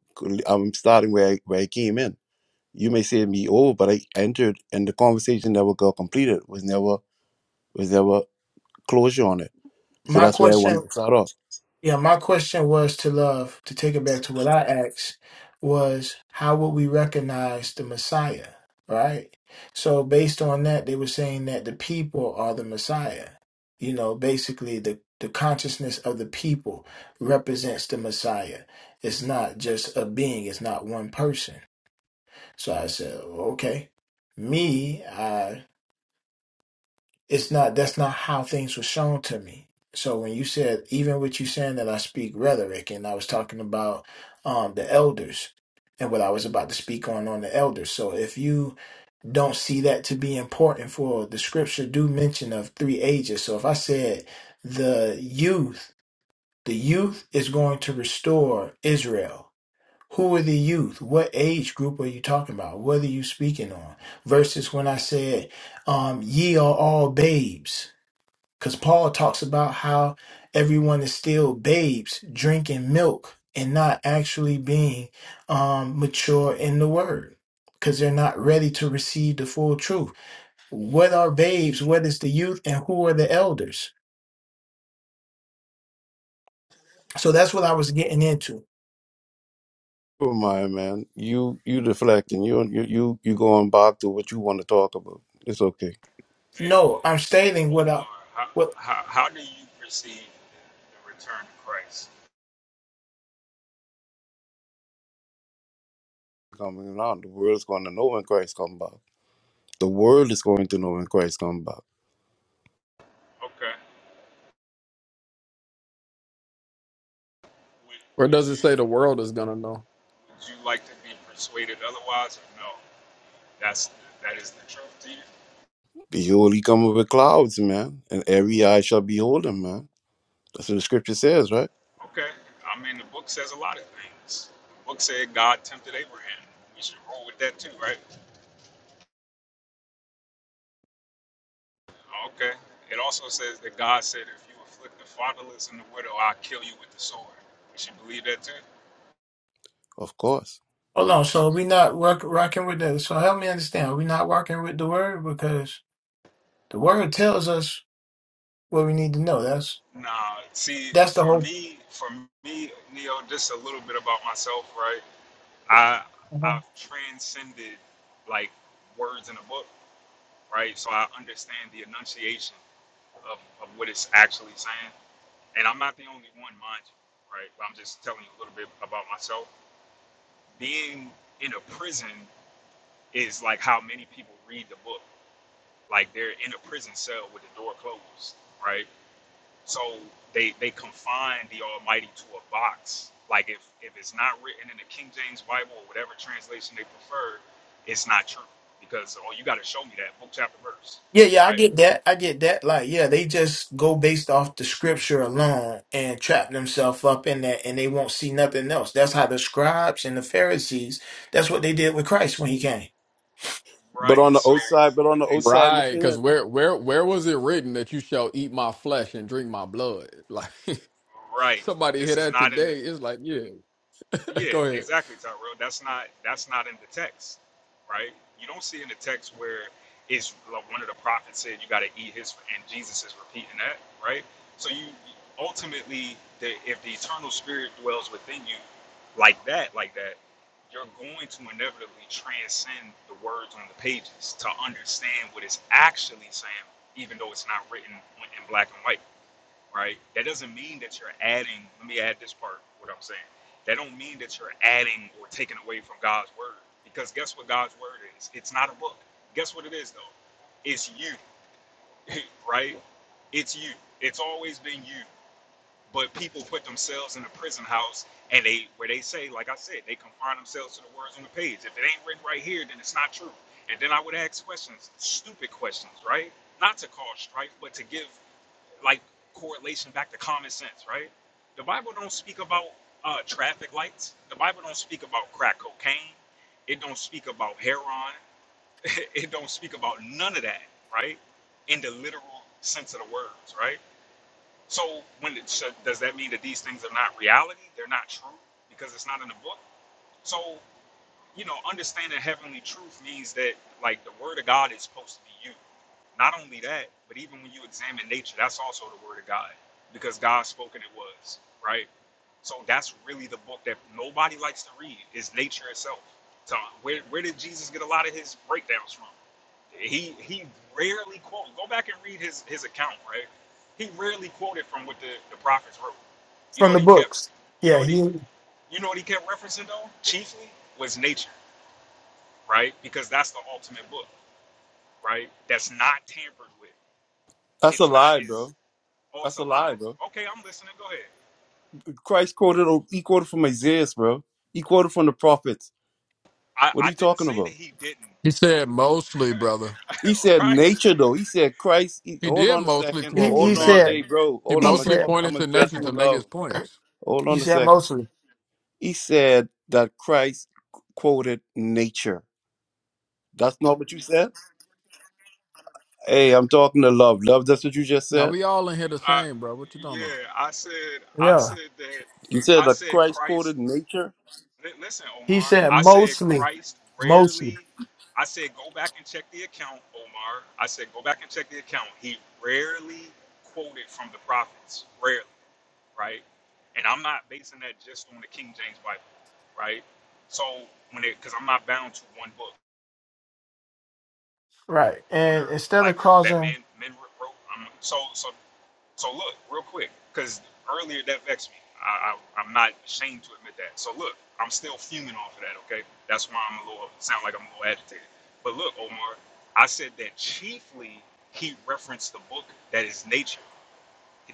Speaker 11: I'm starting where I, where I came in. You may say to me, oh, but I entered and the conversation never got completed, was never was never closure on it. So
Speaker 5: My
Speaker 11: that's where I
Speaker 5: question
Speaker 11: wanted to start off.
Speaker 5: Yeah, my question was to love, to take it back to what I asked, was how would we recognize the Messiah, right? So, based on that, they were saying that the people are the Messiah. You know, basically, the, the consciousness of the people represents the Messiah. It's not just a being, it's not one person. So I said, okay, me, it's not that's not how things were shown to me so when you said even with you saying that i speak rhetoric and i was talking about um the elders and what i was about to speak on on the elders so if you don't see that to be important for the scripture do mention of three ages so if i said the youth the youth is going to restore israel who are the youth what age group are you talking about what are you speaking on versus when i said um, ye are all babes because Paul talks about how everyone is still babes drinking milk and not actually being um, mature in the word because they're not ready to receive the full truth. What are babes? What is the youth? And who are the elders? So that's what I was getting into.
Speaker 11: Oh my man, you you deflecting. you you you you going back to what you want to talk about. It's okay.
Speaker 1: Hey,
Speaker 5: No, I'm
Speaker 1: hey
Speaker 5: stating
Speaker 1: Omar,
Speaker 5: what I,
Speaker 1: how,
Speaker 5: what,
Speaker 1: how, how do you perceive the return of Christ?
Speaker 11: Coming around, the world's going to know when Christ come back. The world is going to know when Christ come back
Speaker 1: Okay. Would,
Speaker 8: Where
Speaker 1: would
Speaker 8: does it
Speaker 1: you
Speaker 8: say the world is gonna know?
Speaker 1: would you like to be persuaded otherwise, or no? That's that is the truth to you.
Speaker 11: Behold, he coming with clouds, man, and every eye shall behold him, man. That's what the scripture says, right?
Speaker 1: Okay. I mean, the book says a lot of things. The book said God tempted Abraham. We should roll with that too, right? Okay. It also says that God said, if you afflict the fatherless and the widow, I'll kill you with the sword. We should believe that too.
Speaker 11: Of course.
Speaker 5: hold on. So we're not work, rocking with the, so help me understand. We're not working with the word because the word tells us what we need to know. That's,
Speaker 1: Nah, see,
Speaker 5: that's the
Speaker 1: for
Speaker 5: whole.
Speaker 1: me, for me, Neo, just a little bit about myself, right? I I've transcended like words in a book, right? So I understand the enunciation of, of what it's actually saying. and I'm not the only one, mind you, right? But I'm just telling you a little bit about myself. Being in a prison is like how many people read the book. Like they're in a prison cell with the door closed, right? So they they confine the Almighty to a box. Like if if it's not written in the King James Bible or whatever translation they prefer, it's not true because oh you got to show me that book chapter verse,
Speaker 5: Yeah, yeah, I
Speaker 1: right?
Speaker 5: get that. I get that. Like, yeah, they just go based off the scripture alone and trap themselves up in that and they won't see nothing else. That's how the scribes and the Pharisees, that's what they did with Christ when he came.
Speaker 11: But
Speaker 1: Right.
Speaker 11: on the
Speaker 1: So
Speaker 11: outside, but
Speaker 1: but
Speaker 11: on the
Speaker 1: this
Speaker 11: outside
Speaker 8: Right,
Speaker 11: looking
Speaker 8: because
Speaker 11: in,
Speaker 8: where where where was it written that you shall eat my flesh and drink my blood? Like
Speaker 1: right
Speaker 8: somebody hear
Speaker 1: this is
Speaker 8: that
Speaker 1: not in the
Speaker 8: today, it's like, yeah.
Speaker 1: Yeah,
Speaker 8: Go ahead.
Speaker 1: exactly, Tyrell. That's not that's not in the text, right? You don't see in the text where it's like one of the prophets said you got to eat his, and Jesus is repeating that, right? So you ultimately, the, if the eternal spirit dwells within you, like that, like that, you're going to inevitably transcend the words on the pages to understand what it's actually saying, even though it's not written in black and white right? That doesn't mean that you're adding. Let me add this part. What I'm saying. That don't mean that you're adding or taking away from God's word. Because guess what God's word is? It's not a book. Guess what it is though? It's you, right? It's you. It's always been you. But people put themselves in a prison house and they where they say, like I said, they confine themselves to the words on the page. If it ain't written right here, then it's not true. And then I would ask questions, stupid questions, right? Not to cause strife, but to give like correlation back to common sense, right? The Bible don't speak about uh, traffic lights. The Bible don't speak about crack cocaine. It don't speak about heroin. it don't speak about none of that, right? In the literal sense of the words, right? So when it, so does that mean that these things are not reality? They're not true because it's not in the book. So you know, understanding heavenly truth means that like the word of God is supposed to be you. Not only that, but even when you examine nature, that's also the word of God because God spoke and it was, right? So that's really the book that nobody likes to read is nature itself. So where, where did Jesus get a lot of his breakdowns from? He he rarely quoted. Go back and read his his account, right? He rarely quoted from what the, the prophets wrote. You know
Speaker 5: From the
Speaker 1: what he kept?
Speaker 5: books.
Speaker 1: You know
Speaker 5: Yeah,
Speaker 1: what he?
Speaker 5: he
Speaker 1: You know what he kept referencing though? Chiefly was nature right? Because that's the ultimate book, right? That's not tampered with.
Speaker 11: that's a
Speaker 1: It's not
Speaker 11: lie,
Speaker 1: is
Speaker 11: bro.
Speaker 1: oh, it's
Speaker 11: That's a
Speaker 1: a
Speaker 11: lie,
Speaker 1: lie.
Speaker 11: bro.
Speaker 1: Okay, I'm listening. Go ahead.
Speaker 11: Christ quoted, he quoted from Isaiah, bro. He quoted from the prophets. What
Speaker 1: I,
Speaker 11: are
Speaker 1: I
Speaker 11: you
Speaker 1: didn't
Speaker 11: talking
Speaker 1: say that
Speaker 11: about?
Speaker 1: he didn't,
Speaker 8: He said mostly, brother.
Speaker 11: He said
Speaker 1: right?
Speaker 11: nature, though. He said Christ. He,
Speaker 8: He
Speaker 11: hold
Speaker 8: did
Speaker 11: on a
Speaker 8: mostly
Speaker 11: second.
Speaker 5: he,
Speaker 8: quote
Speaker 5: he
Speaker 11: Hold
Speaker 8: from
Speaker 11: on,
Speaker 5: said
Speaker 11: hey,
Speaker 8: nature.
Speaker 11: bro.
Speaker 8: He
Speaker 11: Hold
Speaker 5: he
Speaker 11: on. I'm
Speaker 8: mostly
Speaker 11: a
Speaker 5: said
Speaker 11: talk. I'm
Speaker 8: pointed to nature
Speaker 11: addressing
Speaker 8: to make
Speaker 11: love.
Speaker 8: his points.
Speaker 11: Hold
Speaker 5: he
Speaker 11: on a
Speaker 5: said
Speaker 11: second.
Speaker 5: mostly.
Speaker 11: He said that Christ quoted nature. That's not what you said. Hey, I'm talking to love. Love, that's what you just
Speaker 8: Now
Speaker 11: said?
Speaker 8: we all in here the
Speaker 1: I,
Speaker 8: same, bro. What you talking about?
Speaker 1: yeah, I said I
Speaker 5: Yeah.
Speaker 1: said that
Speaker 11: You said
Speaker 1: I
Speaker 11: a
Speaker 1: said
Speaker 11: Christ quoted
Speaker 1: Christ.
Speaker 11: nature?
Speaker 1: li- listen,
Speaker 5: He
Speaker 1: Omar.
Speaker 5: said
Speaker 1: I said
Speaker 5: mostly.
Speaker 1: Christ
Speaker 5: Mostly.
Speaker 1: rarely. I said go back and check the account, Omar. I said go back and check the account. He rarely quoted from the prophets. Rarely. right? And I'm not basing that just on the King James Bible, right? So when it, because I'm not bound to one book
Speaker 5: Right.
Speaker 1: on
Speaker 5: And
Speaker 1: earth
Speaker 5: instead of
Speaker 1: like that
Speaker 5: causing
Speaker 1: men men wrote. I'm, so so so look real quick, because earlier that vexed me. I, I I'm not ashamed to admit that. So look, I'm still fuming off of that. Okay, that's why I'm a little sound like I'm a little agitated. But look, Omar, I said that chiefly he referenced the book that is nature.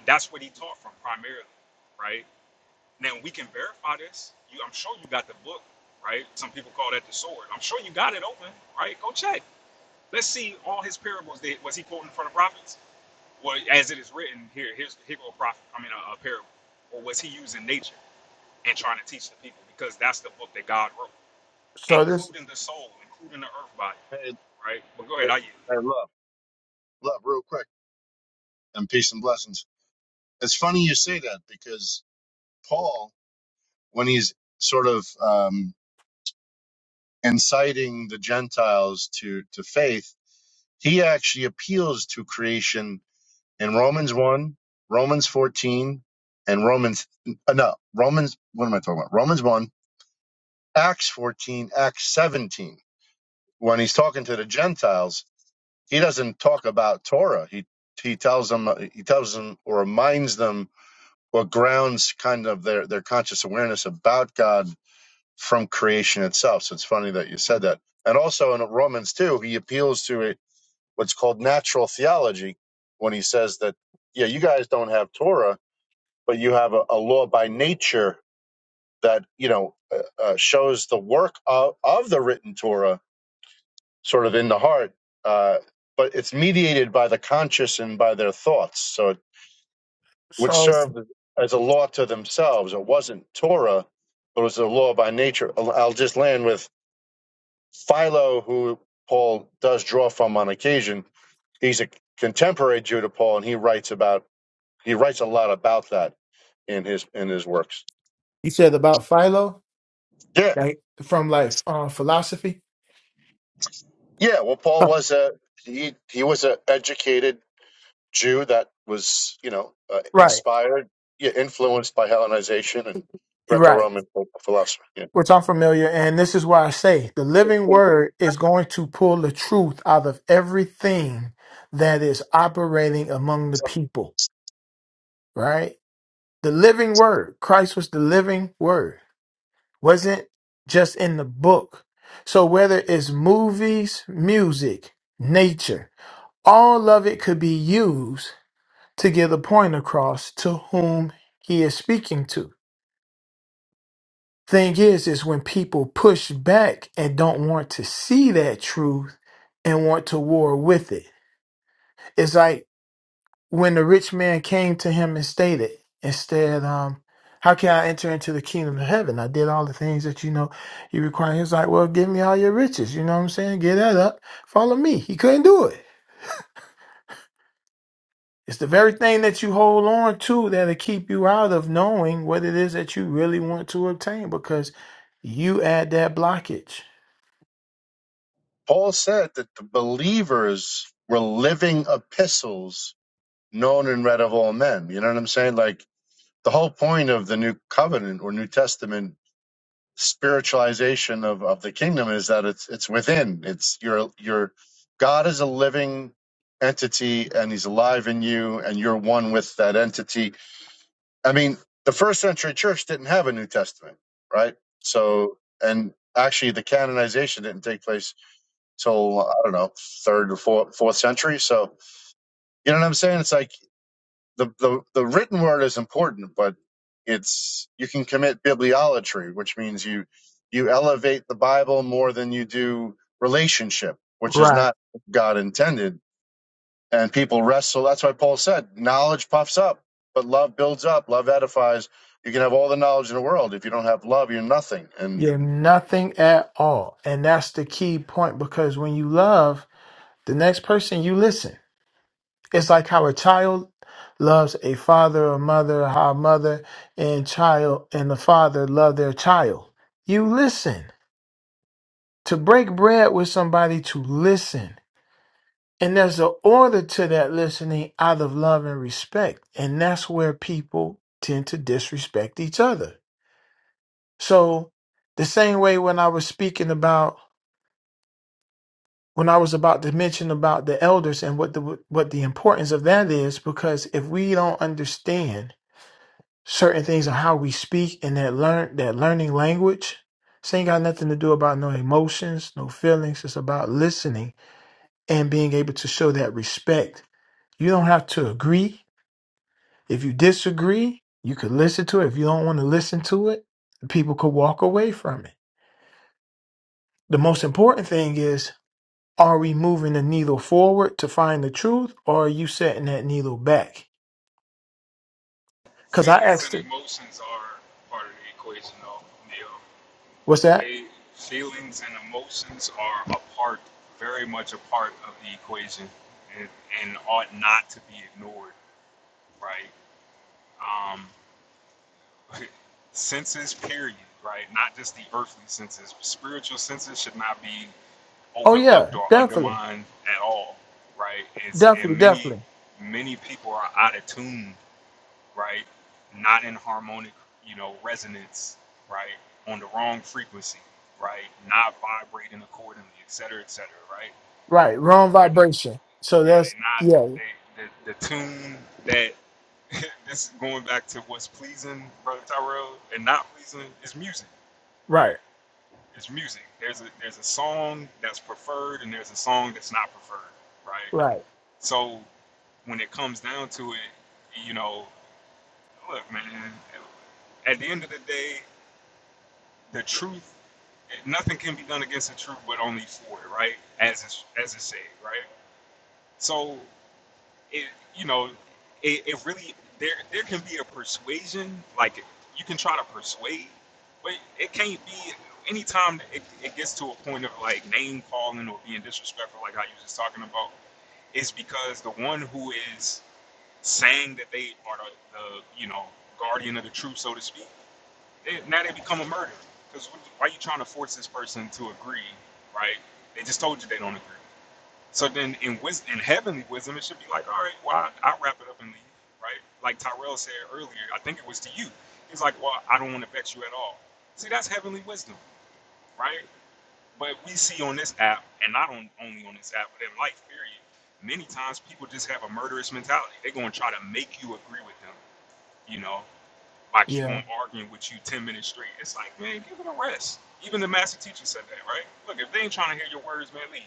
Speaker 1: That's what he taught from primarily, right? Now we can verify this. You, I'm sure you got the book, right? Some people call that the sword. I'm sure you got it open, right? Go check. Let's see all his parables. That, was he quoting from the prophets? Well, as it is written here, here's here go a prophet. I mean, a, a parable. Or was he using nature and trying to teach the people? Because that's the book that God wrote,
Speaker 5: so this
Speaker 1: including the soul, including the earth body,
Speaker 10: Hey,
Speaker 1: right? But go
Speaker 10: hey,
Speaker 1: ahead, I you.
Speaker 10: hey, love, love, real quick, and peace and blessings. It's funny you say that because Paul when he's sort of um, inciting the Gentiles to to faith, he actually appeals to creation in Romans one, Romans fourteen, and Romans uh, no Romans. What am I talking about? Romans one, Acts fourteen, Acts seventeen. When he's talking to the Gentiles, he doesn't talk about Torah. He he tells them he tells them or reminds them or grounds kind of their their conscious awareness about God from creation itself. So it's funny that you said that. And also in Romans 2, he appeals to a, what's called natural theology when he says that, yeah, you guys don't have Torah, but you have a, a law by nature that, you know, uh, uh, shows the work of, of the written Torah sort of in the heart. Uh, but it's mediated by the conscious and by their thoughts. So it, which
Speaker 5: so
Speaker 10: served as a law to themselves. It wasn't Torah, but it was a law by nature. I'll I'll just land with Philo, who Paul does draw from on occasion, he's a contemporary Jew to Paul, and he writes about he writes a lot about that in his in his works.
Speaker 5: he said about Philo,
Speaker 10: Yeah,
Speaker 5: like from like uh, philosophy.
Speaker 10: yeah. Well, Paul was a he he was an educated Jew that was you know uh,
Speaker 5: Right.
Speaker 10: inspired, yeah, influenced by Hellenization and
Speaker 5: You're Right.
Speaker 10: Greco-Roman philosophy. Yeah.
Speaker 5: which I'm familiar, and this is why I say the living word is going to pull the truth out of everything that is operating among the
Speaker 10: So
Speaker 5: people, right? The living word, Christ was the living word, wasn't just in the book. So whether it's movies, music, nature, all of it could be used to get the point across to whom he is speaking to. thing is is when people push back and don't want to see that truth and want to war with it it's like when the rich man came to him and stated instead um how can i enter into the kingdom of heaven i did all the things that you know you require he's like well give me all your riches you know what i'm saying get that up follow me he couldn't do it it's the very thing that you hold on to that'll keep you out of knowing what it is that you really want to obtain because you add that blockage
Speaker 10: Paul said that the believers were living epistles known and read of all men. You know what I'm saying? Like the whole point of the new covenant or new testament spiritualization of, of the kingdom is that it's it's within it's your your god is a living entity and he's alive in you and you're one with that entity i mean the first century church didn't have a new testament right so and actually the canonization didn't take place till i don't know third or fourth, fourth century so you know what i'm saying it's like the, the the written word is important, but it's you can commit bibliolatry, which means you you elevate the Bible more than you do relationship, which is
Speaker 5: right?
Speaker 10: not what God intended. And people wrestle. That's why Paul said, "Knowledge puffs up, but love builds up. Love edifies." You can have all the knowledge in the world if you don't have love, you're nothing. And
Speaker 5: You're nothing at all. And that's the key point because when you love the next person, you listen. It's like how a child loves a father or mother, how a mother and child and the father love their child. You listen. To break bread with somebody, to listen. And there's an order to that listening out of love and respect. And that's where people tend to disrespect each other. So, the same way when I was speaking about when I was about to mention about the elders and what the what the importance of that is, because if we don't understand certain things on how we speak and that learn that learning language, this ain't got nothing to do about no emotions, no feelings. It's about listening and being able to show that respect. You don't have to agree. If you disagree, you could listen to it. If you don't want to listen to it, people could walk away from it. The most important thing is are we moving the needle forward to find the truth or are you setting that needle back because i
Speaker 1: Feelings
Speaker 5: asked
Speaker 1: and
Speaker 5: her
Speaker 1: emotions are part of the equation, though, Neil.
Speaker 5: what's that
Speaker 1: They, feelings and emotions are a part, very much a part of the equation, and, and ought not to be ignored, right? Um, senses, period, right? Not just the earthly senses. Spiritual senses should not be
Speaker 5: oh
Speaker 1: overlooked
Speaker 5: yeah
Speaker 1: or
Speaker 5: definitely
Speaker 1: undermined at all, right? It's,
Speaker 5: definitely
Speaker 1: and many,
Speaker 5: definitely
Speaker 1: many people are out of tune right? Not in harmonic, you know, resonance, right? On the wrong frequency, right? Not vibrating accordingly, et cetera, et cetera, right?
Speaker 5: right wrong
Speaker 1: They're,
Speaker 5: vibration so
Speaker 1: yeah,
Speaker 5: that's
Speaker 1: they're not,
Speaker 5: yeah
Speaker 1: they, the, the tune that, this is going back to what's pleasing, Brother Tyrell, and not pleasing is music, right?
Speaker 5: right
Speaker 1: It's music. There's a, there's a song that's preferred and there's a song that's not preferred, right?
Speaker 5: right
Speaker 1: So when it comes down to it, you know, Look, man, at the end of the day, the truth, nothing can be done against the truth, but only for it, right? As it's, as it said, right? So, it, you know, it, it really there there can be a persuasion, like you can try to persuade, but it can't be. Anytime it, it gets to a point of like name calling or being disrespectful, like how you was just talking about, is because the one who is saying that they are the, the you know guardian of the truth, so to speak They, now they become a murder. Because why are you trying to force this person to agree, right? They just told you they don't agree. So then in wisdom, in heavenly wisdom, it should be like, all right, well, I, I'll wrap it up and leave, right? Like Tyrell said earlier, I think it was to you. He's like, well, I don't want to vex you at all. See, that's heavenly wisdom, right? But we see on this app, and not on, only on this app, but in life, period, many times people just have a murderous mentality. They're going to try to make you agree with them, you know? I keep
Speaker 5: yeah
Speaker 1: on arguing with you 10 minutes straight. It's like, man, give it a rest. Even the master teacher said that, right? Look, if they ain't trying to hear your words, man, leave.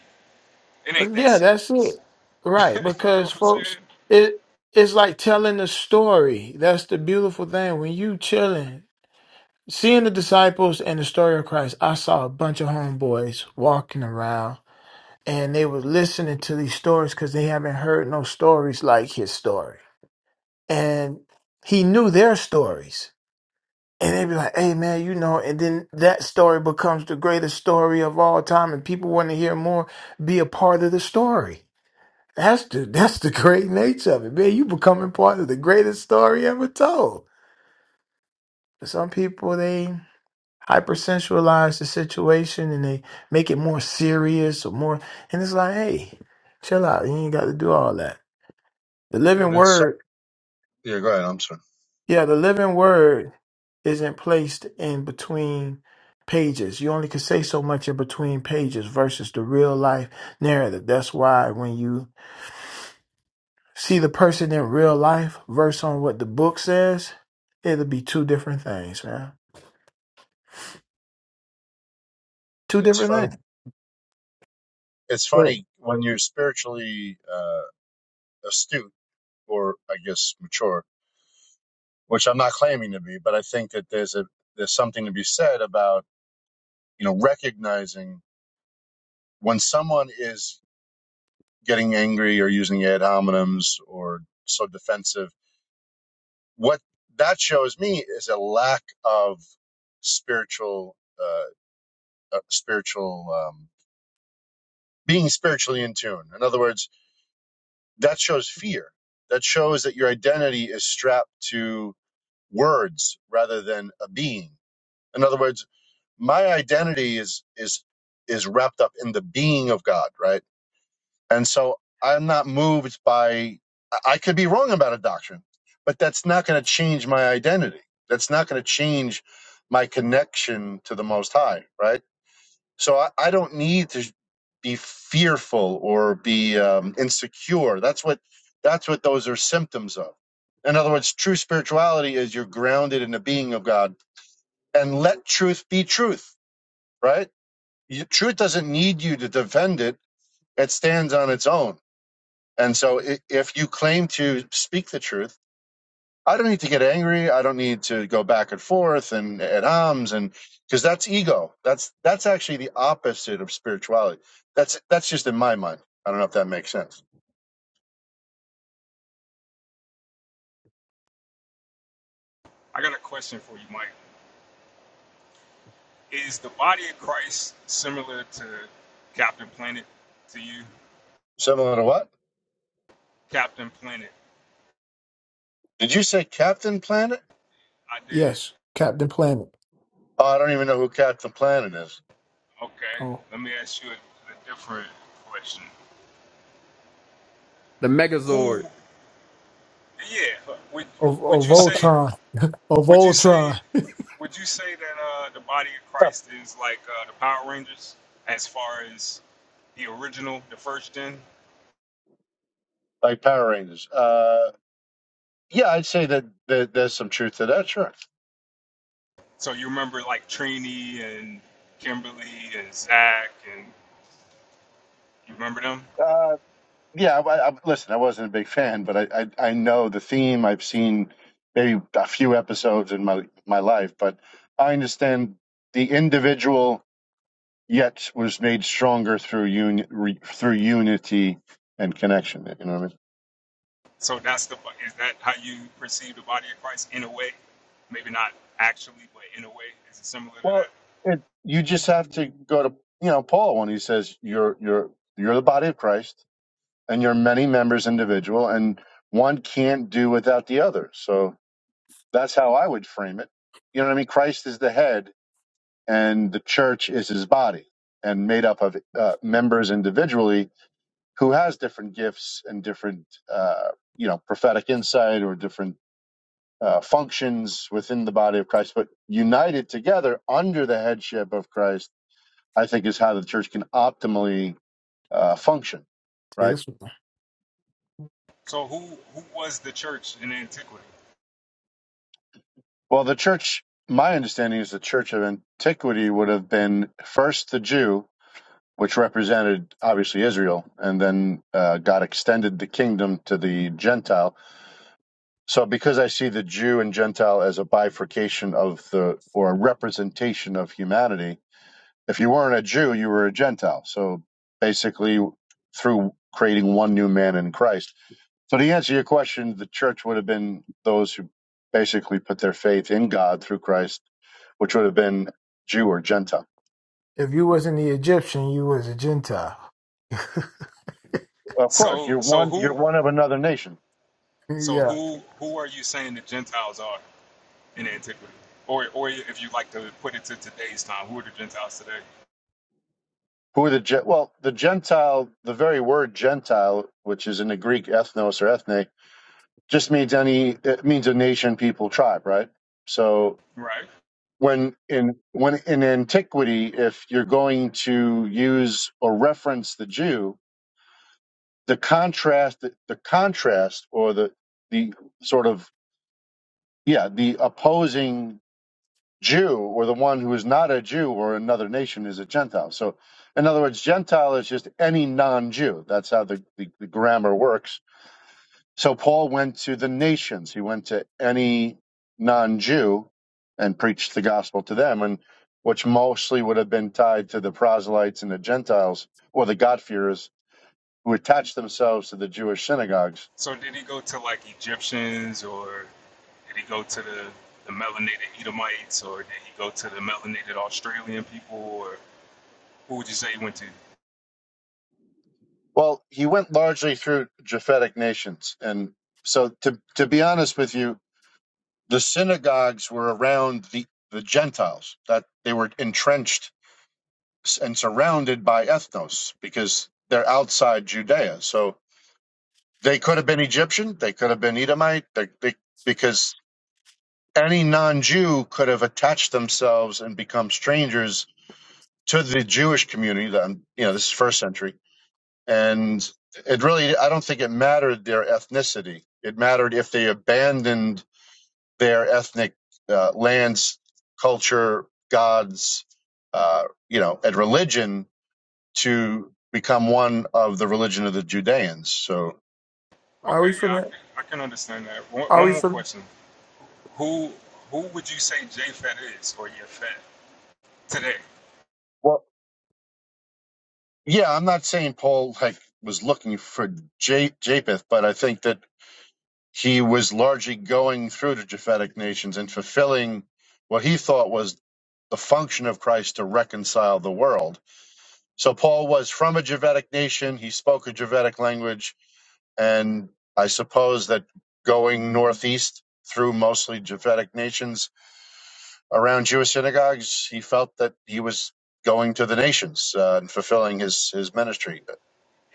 Speaker 1: It
Speaker 5: Uh,
Speaker 1: ain't that
Speaker 5: yeah that's
Speaker 1: serious.
Speaker 5: it right
Speaker 1: You know
Speaker 5: because
Speaker 1: what I'm saying?
Speaker 5: folks it it's like telling the story that's the beautiful thing when you chilling seeing the disciples and the story of christ i saw a bunch of homeboys walking around and they were listening to these stories because they haven't heard no stories like his story. And he knew their stories. And they'd be like, hey man, you know, and then that story becomes the greatest story of all time and people want to hear more, be a part of the story. That's the that's the great nature of it. Man, you becoming part of the greatest story ever told. But some people they hypersensualize the situation and they make it more serious or more and it's like, hey, chill out. You ain't got to do all that. The
Speaker 10: dude,
Speaker 5: living
Speaker 10: it's so
Speaker 5: word,
Speaker 10: yeah. Go ahead. I'm sorry.
Speaker 5: yeah, the living word isn't placed in between pages. You only can say so much in between pages versus the real life narrative. That's why when you see the person in real life versus on what the book says, it'll be two different things, man. Two
Speaker 10: It's
Speaker 5: different
Speaker 10: funny.
Speaker 5: things.
Speaker 10: It's
Speaker 5: Right.
Speaker 10: funny when you're spiritually uh, astute or I guess mature which I'm not claiming to be, but I think that there's a there's something to be said about you know recognizing when someone is getting angry or using ad hominems or so defensive. What that shows me is a lack of spiritual uh, uh, spiritual um, being spiritually in tune. In other words, that shows fear. That shows that your identity is strapped to words rather than a being. In other words my identity is is is wrapped up in the being of God, right? And so I'm not moved by I I could be wrong about a doctrine, but that's not going to change my identity. That's not going to change my connection to the most high, right? So I, I don't need to be fearful or be um, insecure. That's what that's what those are symptoms of. In other words, true spirituality is you're grounded in the being of God and let truth be truth, right? truth doesn't need you to defend it. It stands on its own. And so if you claim to speak the truth, I don't need to get angry. I don't need to go back and forth and at arms and because that's ego. That's that's actually the opposite of spirituality. That's that's just in my mind. I don't know if that makes sense.
Speaker 1: I got a question for you, Mike. Is the body of Christ similar to Captain Planet to you?
Speaker 10: Similar to what?
Speaker 1: Captain Planet.
Speaker 10: Did you say Captain Planet?
Speaker 1: I did.
Speaker 5: Yes, Captain Planet.
Speaker 10: Oh, I don't even know who Captain Planet is.
Speaker 1: Okay.
Speaker 5: Oh,
Speaker 1: Let me ask you a, a different question.
Speaker 8: The
Speaker 1: Who,
Speaker 8: Megazord.
Speaker 1: yeah, would,
Speaker 5: of
Speaker 1: would
Speaker 5: of
Speaker 1: you say,
Speaker 5: Voltron. Of
Speaker 1: would you say
Speaker 5: Voltron.
Speaker 1: Would you say that uh, the body of
Speaker 10: Huh.
Speaker 1: Christ is like uh, the Power Rangers as far as the original, the first gen?
Speaker 10: Like Power Rangers. Uh, yeah, I'd say that, that there's some truth to that. Sure.
Speaker 1: So you remember like Trini and Kimberly and Zach, and you remember them?
Speaker 10: Uh, yeah, I, I, listen, I wasn't a big fan, but I, I I know the theme. I've seen maybe a few episodes in my my life, but I understand the individual yet was made stronger through un, re, through unity and connection. You know what I mean?
Speaker 1: So that's the bo- is that how you perceive the body of Christ in a way? Maybe not actually, but in a way, is it similar to
Speaker 10: Well,
Speaker 1: that?
Speaker 10: it, you just have to go to you know Paul when he says you're you're you're the body of Christ and you're many members individual and one can't do without the other. So that's how I would frame it. You know what I mean? Christ is the head and the church is his body and made up of uh, members individually who has different gifts and different uh, you know prophetic insight or different uh, functions within the body of christ but united together under the headship of christ i think is how the church can optimally uh, function
Speaker 5: Yeah,
Speaker 10: right
Speaker 5: this one.
Speaker 1: So who who was the church in antiquity?
Speaker 10: well the church my understanding is the church of antiquity would have been first the jew which represented obviously Israel, and then uh, God extended the kingdom to the Gentile. So, because I see the Jew and Gentile as a bifurcation of the or a representation of humanity, if you weren't a Jew, you were a Gentile. So, basically, through creating one new man in Christ. So, to answer your question, the church would have been those who basically put their faith in God through Christ, which would have been Jew or Gentile.
Speaker 5: If you wasn't the Egyptian, you was a Gentile.
Speaker 10: Of course,
Speaker 1: So
Speaker 10: you're
Speaker 1: so
Speaker 10: one. You're
Speaker 1: who
Speaker 10: one of another nation.
Speaker 1: so
Speaker 5: yeah.
Speaker 1: who who are you saying the Gentiles are? in antiquity? Or, or if you like to put it to today's time, who are the Gentiles today?
Speaker 10: Who are the Gen- well, the Gentile, the very word Gentile, which is in the Greek ethnos or ethne, just means any it means a nation, people, tribe, right? So
Speaker 1: Right.
Speaker 10: when in when in antiquity, if you're going to use or reference the Jew, the contrast the contrast or the the sort of yeah, the opposing Jew or the one who is not a Jew or another nation is a Gentile. So, in other words, Gentile is just any non Jew. That's how the, the, the grammar works. So, Paul went to the nations, he went to any non Jew and preached the gospel to them, and which mostly would have been tied to the proselytes and the Gentiles or the God-fearers who attached themselves to the Jewish synagogues.
Speaker 1: So did he go to like Egyptians or did he go to the, the melanated Edomites or did he go to the melanated Australian people or who would you say he went to?
Speaker 10: Well, he went largely through Japhetic nations. And so, to, to be honest with you, the synagogues were around the, the Gentiles, that they were entrenched and surrounded by ethnos because they're outside Judea. So they could have been Egyptian, they could have been Edomite, they, they, because any non Jew could have attached themselves and become strangers to the Jewish community. That, you know, this is first century. And it really, I don't think it mattered their ethnicity. It mattered if they abandoned their ethnic uh, lands, culture, gods, uh, you know, and religion to become one of the religion of the Judeans. So,
Speaker 1: Okay,
Speaker 5: Are we
Speaker 1: yeah, I
Speaker 5: finna?
Speaker 1: can, I can understand that. One,
Speaker 5: Are
Speaker 1: one
Speaker 5: we
Speaker 1: more
Speaker 5: finna?
Speaker 1: question. Who who would you say Japhet is or Yafet today?
Speaker 10: well, yeah, I'm not saying Paul like was looking for Ja- Japheth, but I think that he was largely going through the Japhetic nations and fulfilling what he thought was the function of Christ to reconcile the world. So Paul was from a Japhetic nation. He spoke a Japhetic language And I suppose that going northeast through mostly Japhetic nations around Jewish synagogues, he felt that he was going to the nations uh, and fulfilling his, his ministry.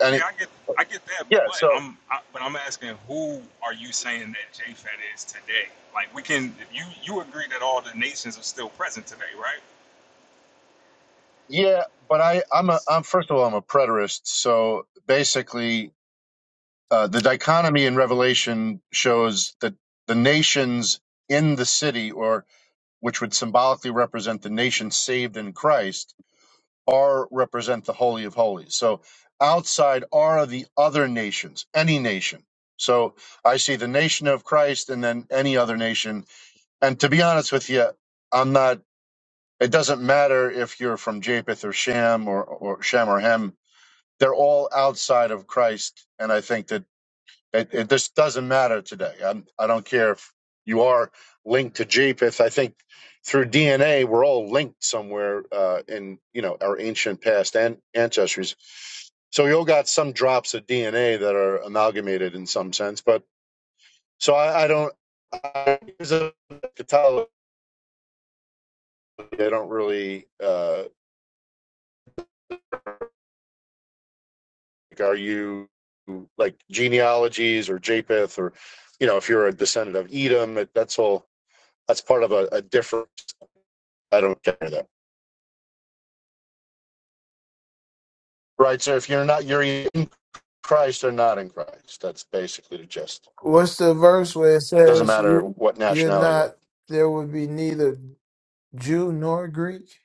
Speaker 1: Yeah,
Speaker 10: it,
Speaker 1: I get I get that,
Speaker 10: yeah,
Speaker 1: but
Speaker 10: so
Speaker 1: I'm I, but I'm asking who are you saying that JFET is today? Like we can you you agree that all the nations are still present today, right?
Speaker 10: yeah, but I I'm a I'm first of all I'm a preterist. So basically, uh, the dichotomy in Revelation shows that the nations in the city, or which would symbolically represent the nation saved in Christ, R represent the Holy of Holies. So outside R are the other nations, any nation. So I see the nation of Christ and then any other nation. And to be honest with you, I'm not, it doesn't matter if you're from Japheth or Shem or, or Shem or Hem. They're all outside of Christ. And I think that it, it just doesn't matter today. I'm, I don't care if you are linked to Japheth. I think through DNA, we're all linked somewhere uh, in you know our ancient past and ancestries. So you all got some drops of DNA that are amalgamated in some sense. But so I, I don't. I, as a Catholic, I don't really. Uh, like, are you like genealogies or Japheth or you know if you're a descendant of Edom? That, that's all. That's part of a, a different I don't care that. Right. So if you're not, you're in Christ or not in Christ. That's basically the gist.
Speaker 5: What's the verse where it
Speaker 10: Doesn't
Speaker 5: says
Speaker 10: matter
Speaker 5: you
Speaker 10: what
Speaker 5: you're
Speaker 10: nationality you are.
Speaker 5: not? There would be neither Jew nor Greek.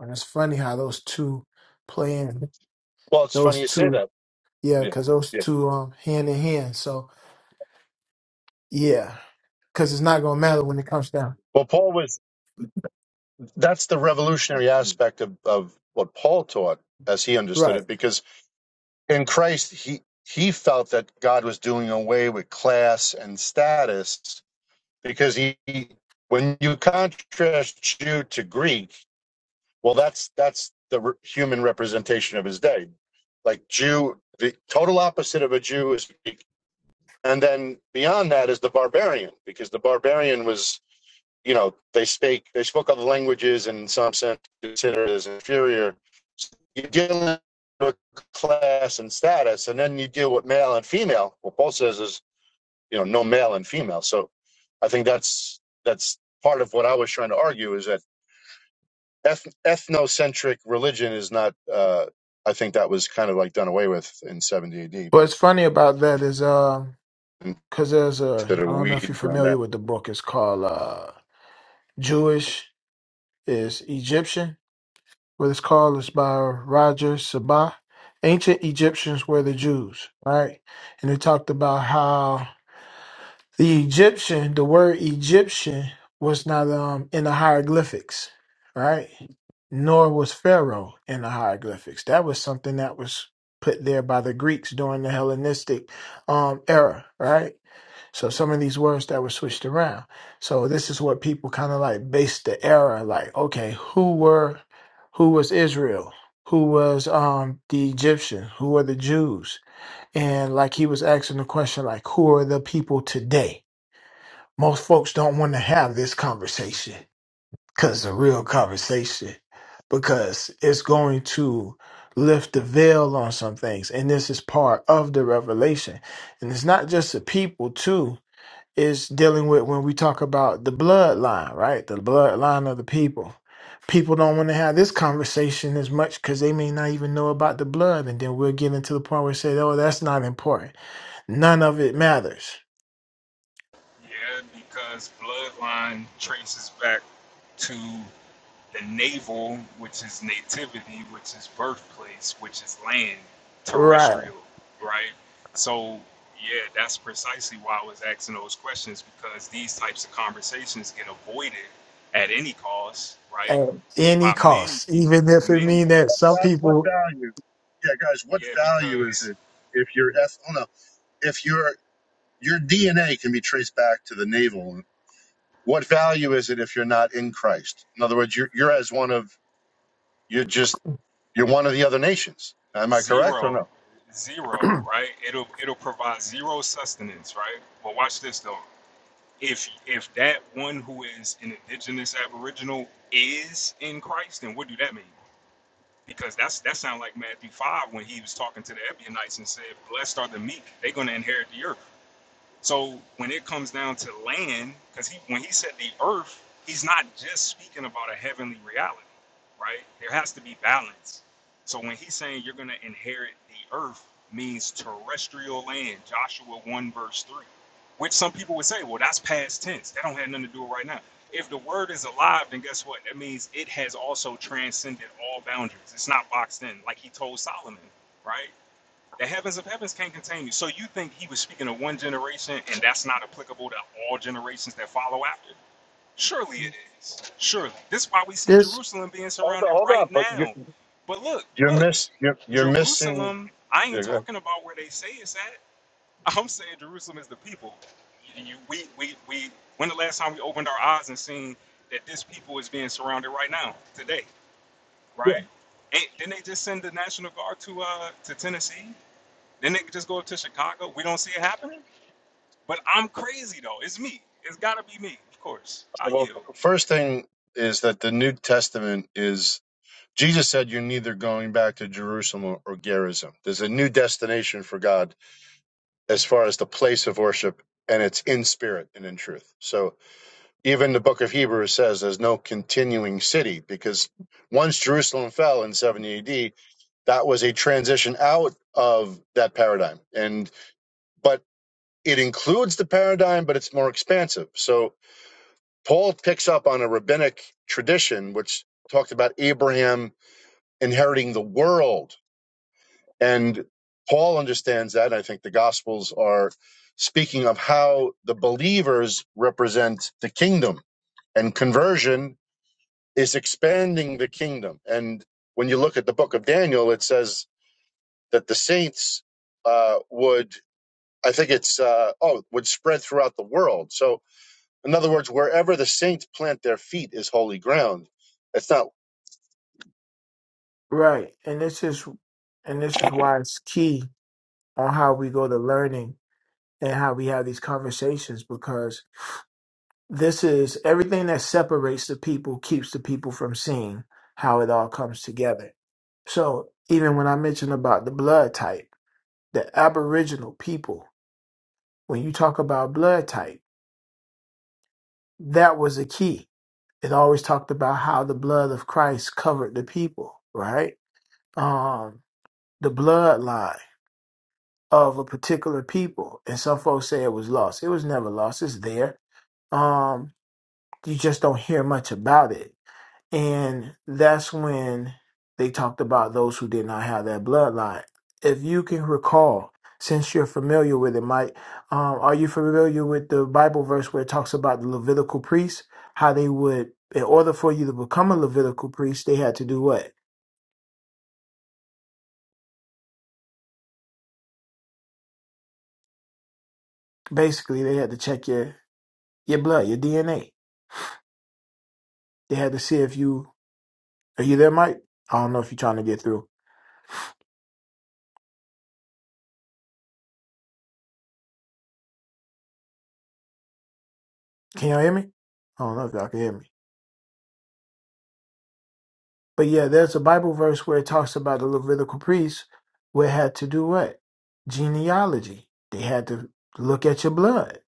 Speaker 5: And it's funny how those two playing
Speaker 10: Well, it's funny
Speaker 5: those
Speaker 10: you say
Speaker 5: two.
Speaker 10: that.
Speaker 5: Yeah,
Speaker 10: Yeah.
Speaker 5: because those
Speaker 10: Yeah.
Speaker 5: two um hand in hand. So yeah, because it's not gonna matter when it comes down.
Speaker 10: Well, Paul was, that's the revolutionary aspect of, of what Paul taught as he
Speaker 5: Right.
Speaker 10: understood it, because in Christ, he, he felt that God was doing away with class and status because he, when you contrast Jew to Greek, Well, that's that's the re- human representation of his day. Like Jew, the total opposite of a Jew is, and then beyond that is the barbarian, because the barbarian was, you know, they spake they spoke other languages, and in some sense considered as inferior. So you deal with class and status, and then you deal with male and female. What Paul says is, you know, no male and female. So I think that's that's part of what I was trying to argue is that eth- ethnocentric religion is not. Uh, I think that was kind of like done away with in 70 AD, but
Speaker 5: What's funny about that is um,
Speaker 10: into
Speaker 5: cause there's a
Speaker 10: the
Speaker 5: I don't know if you're
Speaker 10: weeds on
Speaker 5: familiar
Speaker 10: that.
Speaker 5: with the book. It's called uh Jewish is Egyptian. What it's called is by Roger Sabah. Ancient Egyptians were the Jews, right? And it talked about how the Egyptian, the word Egyptian, was not um in the hieroglyphics, right? Nor was Pharaoh in the hieroglyphics. That was something that was put there by the Greeks during the Hellenistic um era, right? So some of these words that were switched around. So this is what people kind of like based the era like, okay, who were who was Israel? Who was um the Egyptian? Who were the Jews? And like he was asking the question like, who are the people today? Most folks don't want to have this conversation because it's a real conversation because it's going to lift the veil on some things and this is part of the revelation and it's not just the people too is dealing with when we talk about the bloodline, right? The bloodline of the people. People don't want to have this conversation as much because they may not even know about the blood. And then we'll get into the point where we say, oh, that's not important. None of it matters.
Speaker 1: Yeah, because bloodline traces back to the navel, which is nativity, which is birthplace, which is land,
Speaker 5: Right.
Speaker 1: terrestrial, right? So, yeah, that's precisely why I was asking those questions because these types of conversations get avoided at any cost,
Speaker 5: At
Speaker 1: right?
Speaker 5: any
Speaker 1: By many
Speaker 5: cost,
Speaker 1: people,
Speaker 5: even if it
Speaker 10: But
Speaker 1: many
Speaker 5: mean
Speaker 10: but
Speaker 5: that some
Speaker 1: peoples.
Speaker 10: that- What
Speaker 5: people
Speaker 10: value? Yeah, guys, what
Speaker 1: Yeah,
Speaker 10: value is
Speaker 1: because
Speaker 10: it if your eth? Oh no, if your your DNA can be traced back to the navel, what value is it if you're not in Christ? In other words, you're you're as one of you're just you're one of the other nations. Am I correct or
Speaker 1: zero,
Speaker 10: no?
Speaker 1: zero, right? It'll it'll provide zero sustenance, right? But watch this though. if if that one who is an indigenous aboriginal is in Christ, then what do that mean? Because that's that sounds like Matthew five when he was talking to the Ebionites and said, "Blessed are the meek; they're going to inherit the earth." So when it comes down to land, because he when he said the earth, he's not just speaking about a heavenly reality, right? There has to be balance. So when he's saying you're gonna inherit the earth means terrestrial land, Joshua 1 verse 3. Which some people would say, well, that's past tense. That don't have nothing to do with right now. If the word is alive, then guess what? That means it has also transcended all boundaries. It's not boxed in, like he told Solomon, right? The heavens of heavens can't contain you. So you think he was speaking to one generation and that's not applicable to all generations that follow after? Surely it is. Surely. This is why we see
Speaker 5: this
Speaker 1: Jerusalem being
Speaker 10: Hold on,
Speaker 1: surrounded
Speaker 10: hold on,
Speaker 1: right
Speaker 10: but you
Speaker 1: now. But look,
Speaker 10: you're
Speaker 1: look,
Speaker 10: miss you're, you're missing.
Speaker 1: Jerusalem, I ain't
Speaker 10: Yeah, go ahead.
Speaker 1: talking about where they say it's at. I'm saying Jerusalem is the people. You, you- we, we, we, when the last time we opened our eyes and seen that this people is being surrounded right now, today, right? And didn't they just send the National Guard to uh to Tennessee? Then they could just go up to Chicago. We don't see it happening. But I'm crazy though. It's me. It's gotta be me. Of course. I
Speaker 10: Well,
Speaker 1: yield.
Speaker 10: first thing is that the New Testament is Jesus said you're neither going back to Jerusalem or, or Gerizim. There's a new destination for God as far as the place of worship, and it's in spirit and in truth. So even the book of Hebrews says there's no continuing city because once Jerusalem fell in 70 AD, that was a transition out of that paradigm. And but it includes the paradigm, but it's more expansive. So Paul picks up on a rabbinic tradition which talked about Abraham inheriting the world. And Paul understands that. I think the Gospels are speaking of how the believers represent the kingdom, and conversion is expanding the kingdom. And when you look at the book of Daniel, it says that the saints uh, would, I think it's, uh, oh, would spread throughout the world. So, in other words, wherever the saints plant their feet is holy ground. It's not
Speaker 5: right. And this is and this is why it's key on how we go to learning and how we have these conversations This is everything that separates the people, keeps the people from seeing how it all comes together. So, even when I mention about the blood type, the Aboriginal people, when you talk about blood type, that was a key. It always talked about how the blood of Christ covered the people, right? Um, the bloodline of a particular people. And some folks say it was lost. It was never lost, it's there. Um, you just don't hear much about it And that's when they talked about those who did not have that bloodline. If you can recall, since you're familiar with it, Mike, um, are you familiar with the Bible verse where it talks about the Levitical priests? How they would, in order for you to become a Levitical priest, they had to do what? Basically, they had to check your your blood, your DNA. They had to see if you are you there, Mike. I don't know if you're trying to get through. Can y'all hear me? I don't know if y'all can hear me. But yeah, there's a Bible verse where it talks about the Levitical priests where it had to do what? Genealogy. They had to look at your blood.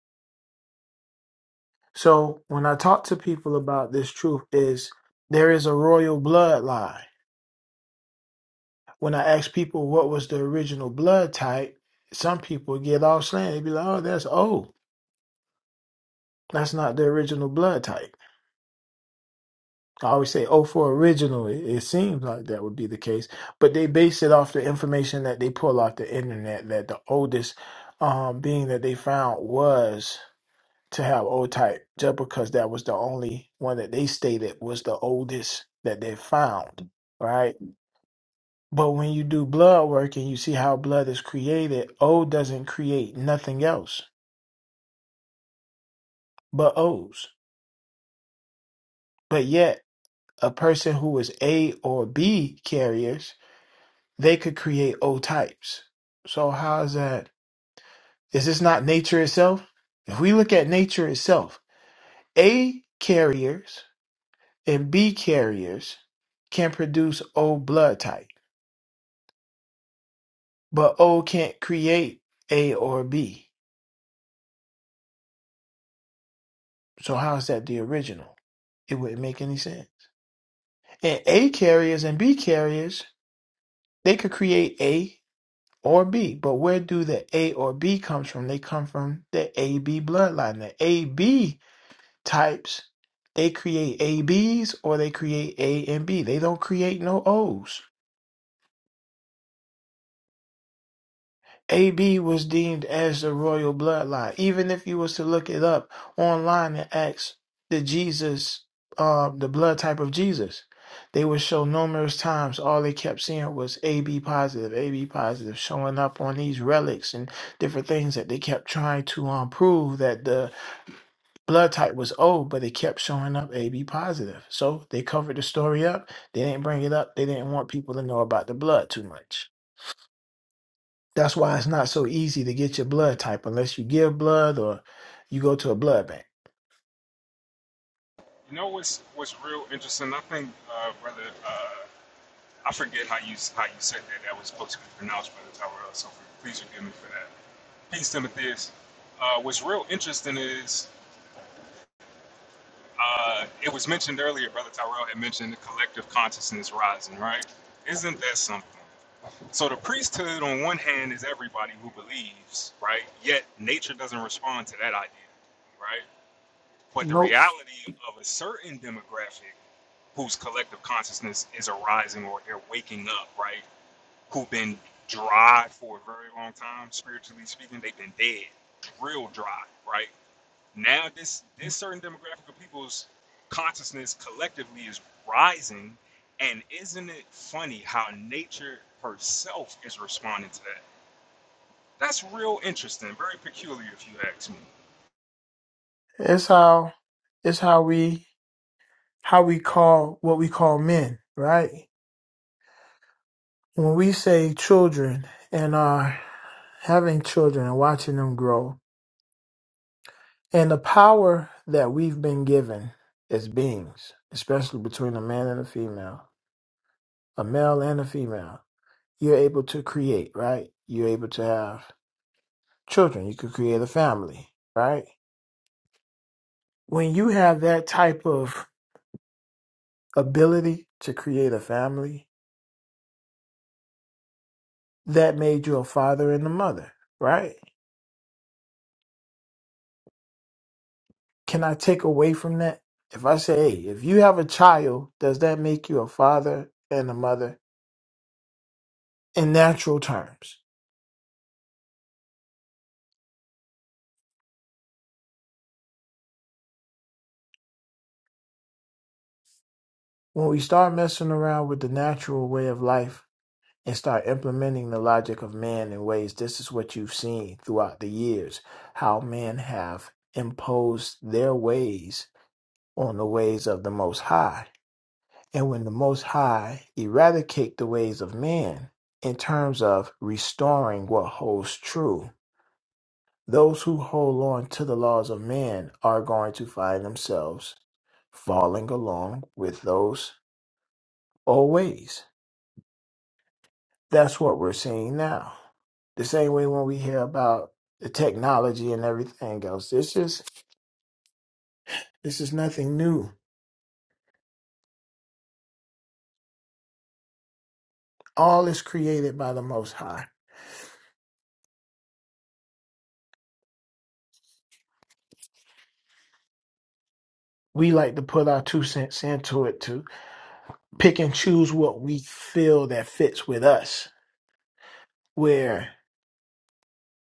Speaker 5: So when I talk to people about this truth is there is a royal bloodline. When I ask people what was the original blood type, some people get all slanted. They be like, oh, that's old. That's not the original blood type. I always say, oh, for original. It, it seems like that would be the case, but they base it off the information that they pull off the internet. That the oldest um, being that they found was to have old type, just because that was the only one that they stated was the oldest that they found, right? But when you do blood work and you see how blood is created, O doesn't create nothing else but O's. But yet, a person who is A or B carriers they could create O types. So how is that? Is this not nature itself? If we look at nature itself, A carriers and B carriers can produce O blood type, but O can't create A or B. So how is that the original? It wouldn't make any sense. And A carriers and B carriers, they could create A or B, but where do the A or B comes from? They come from the AB bloodline. The AB types, they create A Bs or they create A and B. They don't create no O's. AB was deemed as the royal bloodline. Even if you was to look it up online and ask the Jesus, uh, the blood type of Jesus, they would show numerous times all they kept seeing was AB positive, AB positive, showing up on these relics and different things that they kept trying to um, prove that the blood type was O, but it kept showing up AB positive. So they covered the story up. They didn't bring it up. They didn't want people to know about the blood too much. That's why it's not so easy to get your blood type unless you give blood or you go to a blood bank.
Speaker 1: You know what's what's real interesting? I think, uh, brother, uh, I forget how you how you said that. That was supposed to be pronounced, brother Tyrell. So please forgive me for that. Peace, Timotheus. Uh, what's real interesting is uh, it was mentioned earlier. Brother Tyrell had mentioned the collective consciousness rising. Right? Isn't that something? So the priesthood, on one hand, is everybody who believes, right? Yet nature doesn't respond to that idea, right? But the
Speaker 5: Nope.
Speaker 1: reality of a certain demographic whose collective consciousness is arising or they're waking up, right? Who've been dry for a very long time, spiritually speaking, they've been dead, real dry, right? Now this this certain demographic of people's consciousness collectively is rising, and isn't it funny how nature herself is responding to that? That's real interesting. Very peculiar, if you ask me.
Speaker 5: It's how it's how we how we call what we call men, right? When we say children and are having children and watching them grow, And the power that we've been given as beings, especially between a man and a female, a male and a female, you're able to create, right? You're able to have children. You could create a family, right? When you have that type of ability to create a family, that made you a father and a mother, right? Can I take away from that? If I say, hey, if you have a child, does that make you a father and a mother in natural terms? When we start messing around with the natural way of life and start implementing the logic of man in ways, this is what you've seen throughout the years how men have imposed their ways on the ways of the Most High. And when the Most High eradicate the ways of man in terms of restoring what holds true, those who hold on to the laws of man are going to find themselves falling along with those old ways That's what we're seeing now. The same way when we hear about the technology and everything else. This is this is nothing new. All is created by the Most High. We like to put our two cents into it to pick and choose what we feel that fits with us. Where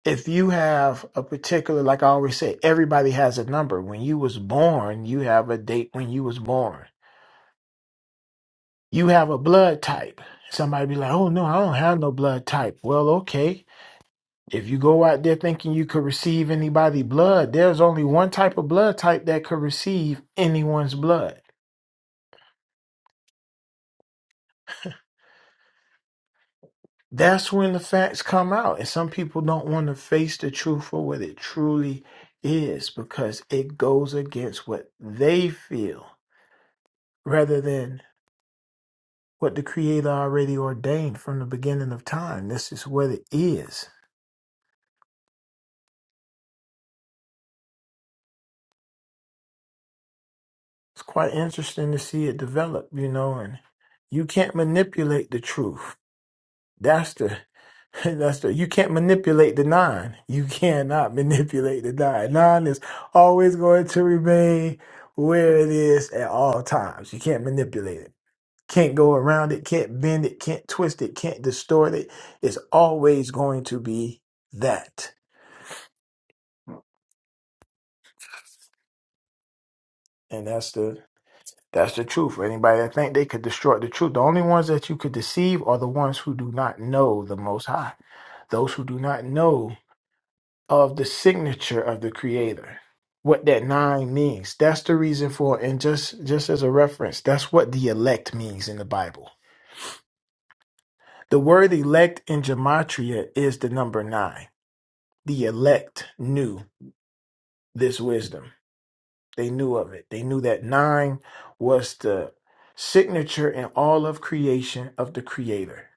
Speaker 5: if you have a particular, like I always say, everybody has a number. When you was born, you have a date when you was born. You have a blood type. Somebody be like, oh no, I don't have no blood type. Well, okay If you go out there thinking you could receive anybody's blood, there's only one type of blood type that could receive anyone's blood. That's when the facts come out. And some people don't want to face the truth for what it truly is because it goes against what they feel rather than what the Creator already ordained from the beginning of time. This is what it is. It's quite interesting to see it develop, you know, and you can't manipulate the truth. That's the that's the you can't manipulate the nine. You cannot manipulate the nine. Nine is always going to remain where it is at all times. You can't manipulate it. Can't go around it, can't bend it, can't twist it, can't distort it. It's always going to be that. And that's the that's the truth. For anybody that think they could distort the truth, the only ones that you could deceive are the ones who do not know the most high. Those who do not know of the signature of the creator what that nine means that's the reason for and just just as a reference that's what the elect means in the bible the word elect in gematria is the number nine the elect knew this wisdom they knew of it they knew that nine was the signature in all of creation of the creator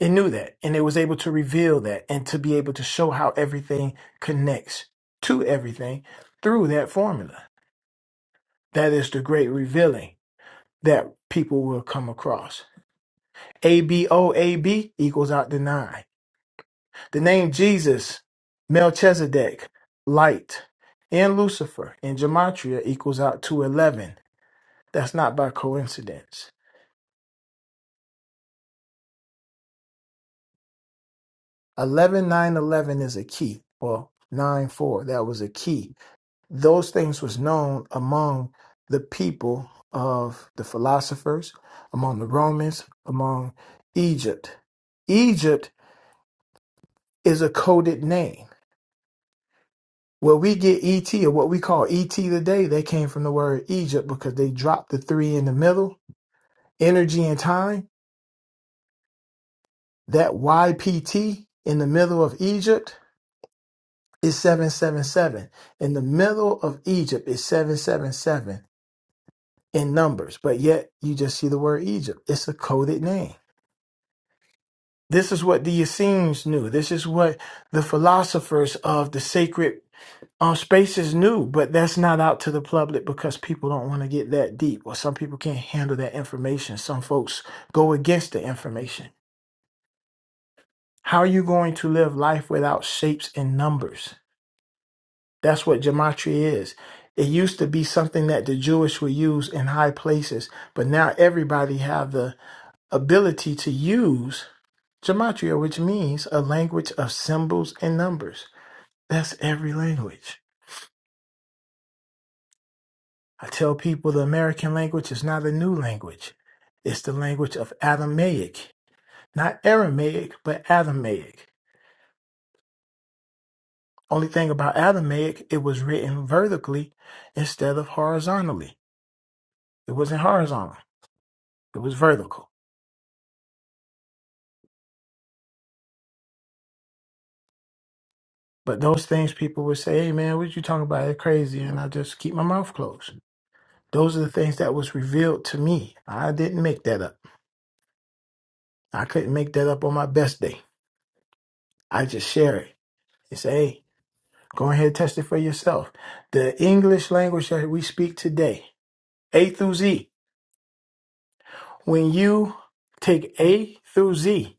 Speaker 5: it knew that and it was able to reveal that and to be able to show how everything connects to everything through that formula That is the great revealing that people will come across. A B O A B equals out the nine. The name Jesus, Melchizedek, light, and Lucifer in Gematria equals out to 11. That's not by coincidence. 11 9 11 is a key, or 9, 4, that was a key. Those things was known among the people of the philosophers, among the Romans, among Egypt. Egypt is a coded name. What we get ET or what we call ET today, they came from the word Egypt because they dropped the three in the middle. Energy and time, that YPT in the middle of Egypt is 777. In the middle of Egypt is 777 in numbers, but yet you just see the word Egypt. It's a coded name. This is what the Essenes knew. This is what the philosophers of the sacred Um, space is new, but that's not out to the public because people don't want to get that deep, or some people can't handle that information. Some folks go against the information. How are you going to live life without shapes and numbers? That's what gematria is. It used to be something that the Jewish would use in high places, but now everybody have the ability to use gematria, which means a language of symbols and numbers. That's every language. I tell people the American language is not a new language. It's the language of Aramaic. Not Aramaic, but Aramaic. Only thing about Aramaic, it was written vertically instead of horizontally. It wasn't horizontal, it was vertical. But those things people would say, hey man, what you talking about? It's crazy. And I just keep my mouth closed. Those are the things that was revealed to me. I didn't make that up. I couldn't make that up on my best day. I just share it. It's a. Go ahead and test it for yourself. The English language that we speak today, A through Z, when you take A through Z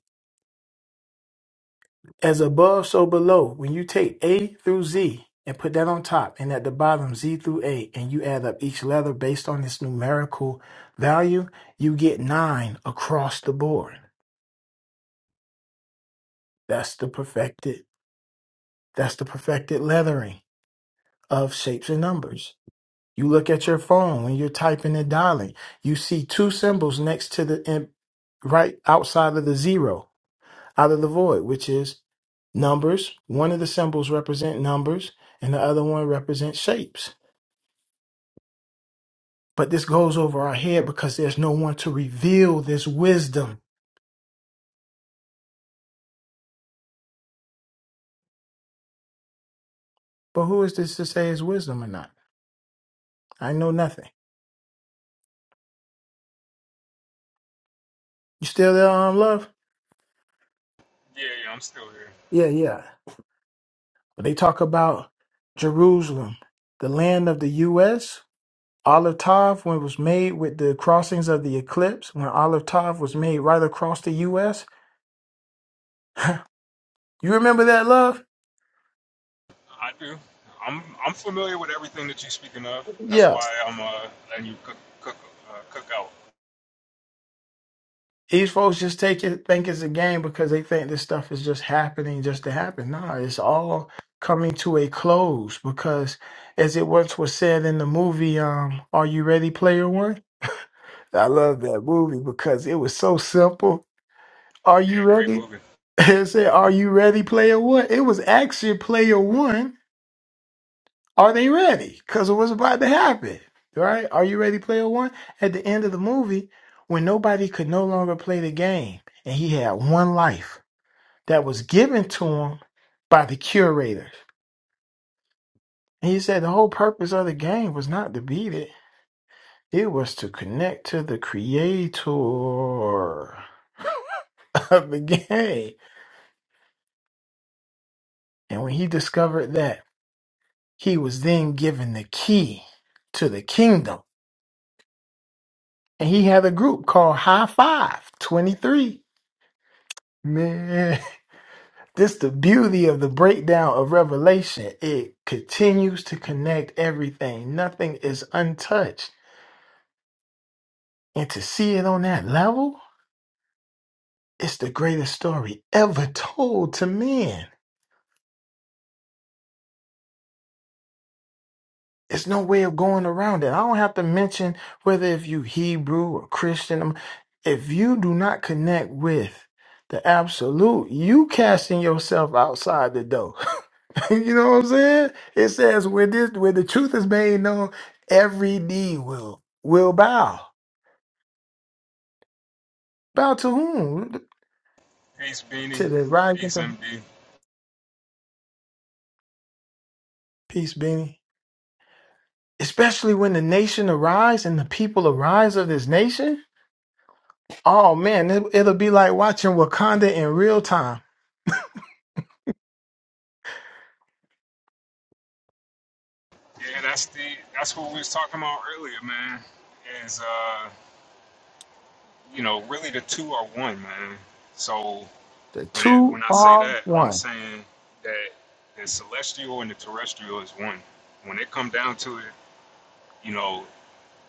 Speaker 5: as above, so below, when you take A through Z and put that on top and at the bottom, Z through A, and you add up each letter based on its numerical value, you get nine across the board. That's the perfected, that's the perfected lettering of shapes and numbers. You look at your phone when you're typing and dialing. You see two symbols next to the in- right outside of the zero, out of the void, which is numbers. One of the symbols represent numbers, and the other one represents shapes. But this goes over our head because there's no one to reveal this wisdom. But who is this to say is wisdom or not? I know nothing. You still there, um, love?
Speaker 1: Yeah, yeah, I'm still here.
Speaker 5: Yeah, yeah. But they talk about Jerusalem, the land of the U.S. Olive Tav, when it was made with the crossings of the eclipse, when Olive Tav was made right across the US. You remember that love?
Speaker 1: I do. I'm I'm familiar with everything that you're speaking of. That's
Speaker 5: Yeah.
Speaker 1: why I'm uh letting you cook cook uh, cook out.
Speaker 5: These folks just take it think it's a game because they think this stuff is just happening just to happen. Nah, it's all coming to a close because as it once was said in the movie, um, Are You Ready Player One? I love that movie because it was so simple. Are
Speaker 1: Yeah,
Speaker 5: you
Speaker 1: great
Speaker 5: ready?
Speaker 1: movie.
Speaker 5: It said, Are you ready, player one? It was actually player one Are they ready? Because of what's about to happen. Right? Are you ready, player one? At the end of the movie, when nobody could no longer play the game, and he had one life that was given to him by the curator. And he said the whole purpose of the game was not to beat it, it was to connect to the creator of the game. And when he discovered that, he was then given the key to the kingdom. And he had a group called High Five Twenty Three. Man, this the beauty of the breakdown of Revelation. It continues to connect everything. Nothing is untouched. And to see it on that level, it's the greatest story ever told to men. It's no way of going around it. I don't have to mention whether if you Hebrew or Christian. um, If you do not connect with the absolute, you casting yourself outside the door. you know what I'm saying? It says where this where the truth is made known, every knee will will bow. Bow to whom?
Speaker 1: Peace, Beanie.
Speaker 5: To the rising.
Speaker 1: Peace, MD.
Speaker 5: Peace, Benny. Especially when the nation arise and the people arise of this nation. Oh man, it, it'll be like watching Wakanda in real time.
Speaker 1: Yeah, that's the that's what we was talking about earlier, man. Is uh you know really the two are one, man. So
Speaker 5: The
Speaker 1: when it
Speaker 5: two
Speaker 1: when I say
Speaker 5: are
Speaker 1: that, I'm
Speaker 5: one.
Speaker 1: saying that the celestial and the terrestrial is one. When it come down to it, you know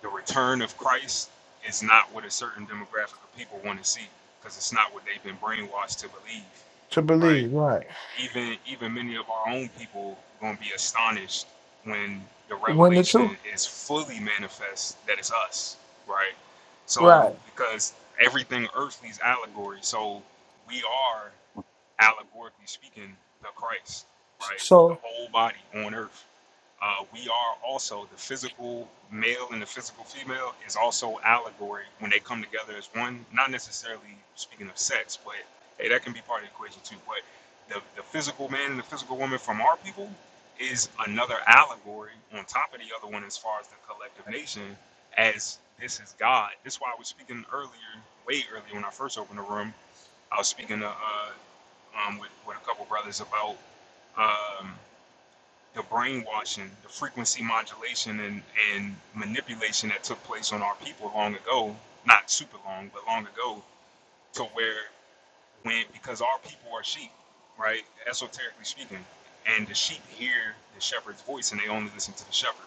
Speaker 1: the return of Christ is not what a certain demographic of people want to see because it's not what they've been brainwashed to believe,
Speaker 5: to
Speaker 1: right?
Speaker 5: believe, right?
Speaker 1: Even even many of our own people gonna be astonished when the
Speaker 5: When the truth,
Speaker 1: revelation is fully manifest that it's us, right? So
Speaker 5: right?
Speaker 1: because everything earthly is allegory, so we are allegorically speaking, the Christ, right? The
Speaker 5: So
Speaker 1: whole body on earth. Uh, we are also the physical male and the physical female is also allegory when they come together as one. Not necessarily speaking of sex, but hey, that can be part of the equation too. But the, the physical man and the physical woman from our people is another allegory on top of the other one as far as the collective nation as this is God. That's why I was speaking earlier, way earlier when I first opened the room I was speaking to uh, um, with, with a couple brothers about um, the brainwashing, the frequency modulation, and, and manipulation that took place on our people long ago, not super long, but long ago, to where when, because our people are sheep, right, esoterically speaking, and the sheep hear the shepherd's voice and they only listen to the shepherd.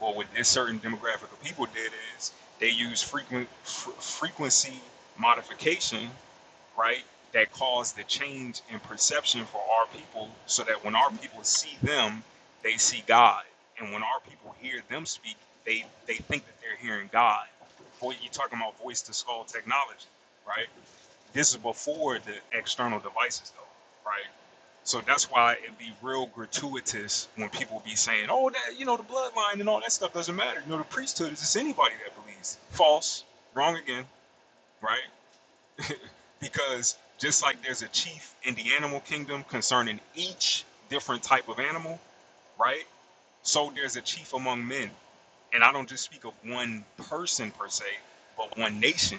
Speaker 1: Well, what this certain demographic of people did is they use frequent, fr- frequency modification right? That caused the change in perception for our people so that when our people see them, they see God. And when our people hear them speak, they, they think that they're hearing God. Boy, you're talking about voice to skull technology, right? This is before the external devices, though, right? So that's why it'd be real gratuitous when people be saying, oh, that, you know, the bloodline and all that stuff doesn't matter. You know, the priesthood is just anybody that believes. False, wrong again, right? because just like there's a chief in the animal kingdom concerning each different type of animal, right? So there's a chief among men. And I don't just speak of one person per se, but one nation,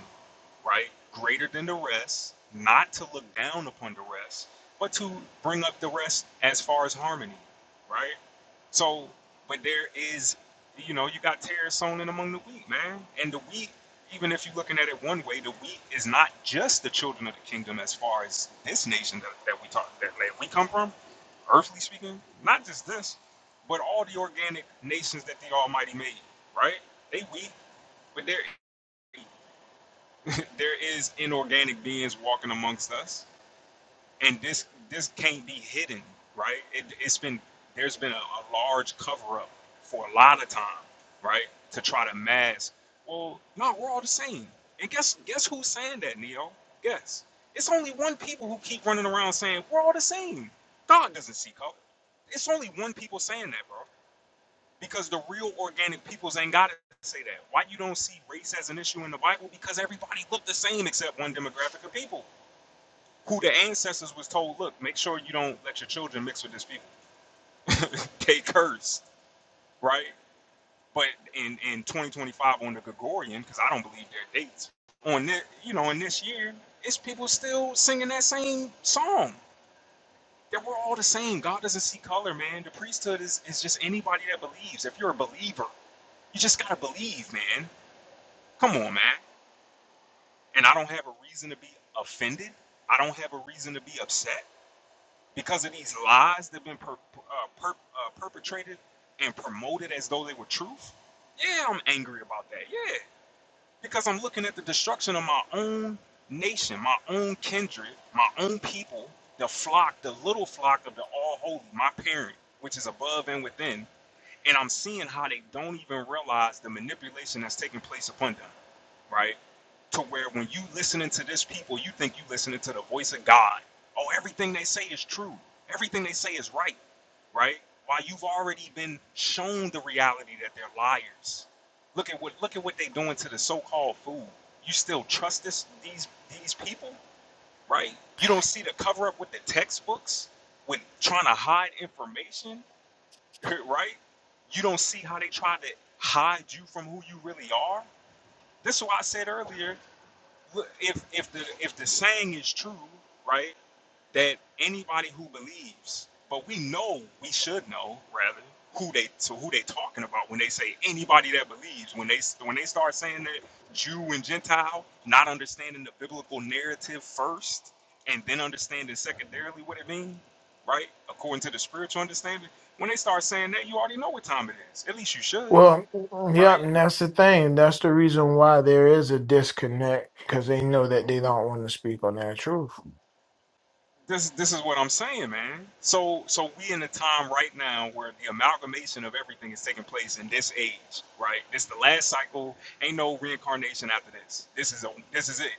Speaker 1: right? Greater than the rest, not to look down upon the rest, but to bring up the rest as far as harmony, right? So, but there is, you know, you got tares sown in among the wheat, man. And the wheat, even if you're looking at it one way, the wheat is not just the children of the kingdom as far as this nation that, that we talk that, that we come from, earthly speaking, not just this but all the organic nations that the Almighty made, right? They weak, but there there is inorganic beings walking amongst us, and this this can't be hidden, right? It, it's been there's been a, a large cover up for a lot of time, right? To try to mask. Well, no, we're all the same. And guess guess who's saying that, Neo? Guess it's only one people who keep running around saying we're all the same. God doesn't see color. It's only one people saying that, bro because the real organic peoples ain't got to say that. Why you don't see race as an issue in the Bible? Because everybody looked the same except one demographic of people who the ancestors was told, look, make sure you don't let your children mix with this people. They curse, right? But in, in 2025 on the Gregorian, because I don't believe their dates, on this, you know, in this year, it's people still singing that same song. That we're all the same. God doesn't see color, man. The priesthood is, is just anybody that believes. If you're a believer, you just gotta believe, man. Come on, man. And I don't have a reason to be offended. I don't have a reason to be upset because of these lies that have been per, uh, per, uh, perpetrated and promoted as though they were truth. Yeah, I'm angry about that. Yeah, because I'm looking at the destruction of my own nation, my own kindred, my own people, the flock, the little flock of the All Holy, my parent, which is above and within. And I'm seeing how they don't even realize the manipulation that's taking place upon them right? to where when you listening to this people, you think you listening to the voice of God. Oh, everything they say is true. Everything they say is right, right? Why you've already been shown the reality that they're liars. Look at what look at what they doing to the so-called food. You still trust this these these people, right? You don't see the cover up with the textbooks with trying to hide information, right? You don't see how they try to hide you from who you really are. This is why I said earlier well, if if the if the saying is true, right, that anybody who believes, but we know, we should know rather who they to who they talking about when they say anybody that believes. When they when they start saying that Jew and Gentile, not understanding the biblical narrative first, and then understanding secondarily what it means, right, according to the spiritual understanding. When they start saying that, you already know what time it is. At least you should,
Speaker 5: Well, yep,
Speaker 1: right?
Speaker 5: and that's the thing. That's the reason why there is a disconnect because they know that they don't want to speak on their truth.
Speaker 1: this this is what I'm saying, man. So so we in a time right now where the amalgamation of everything is taking place in this age, right? This the last cycle. Ain't no reincarnation after this. This is a, this is it.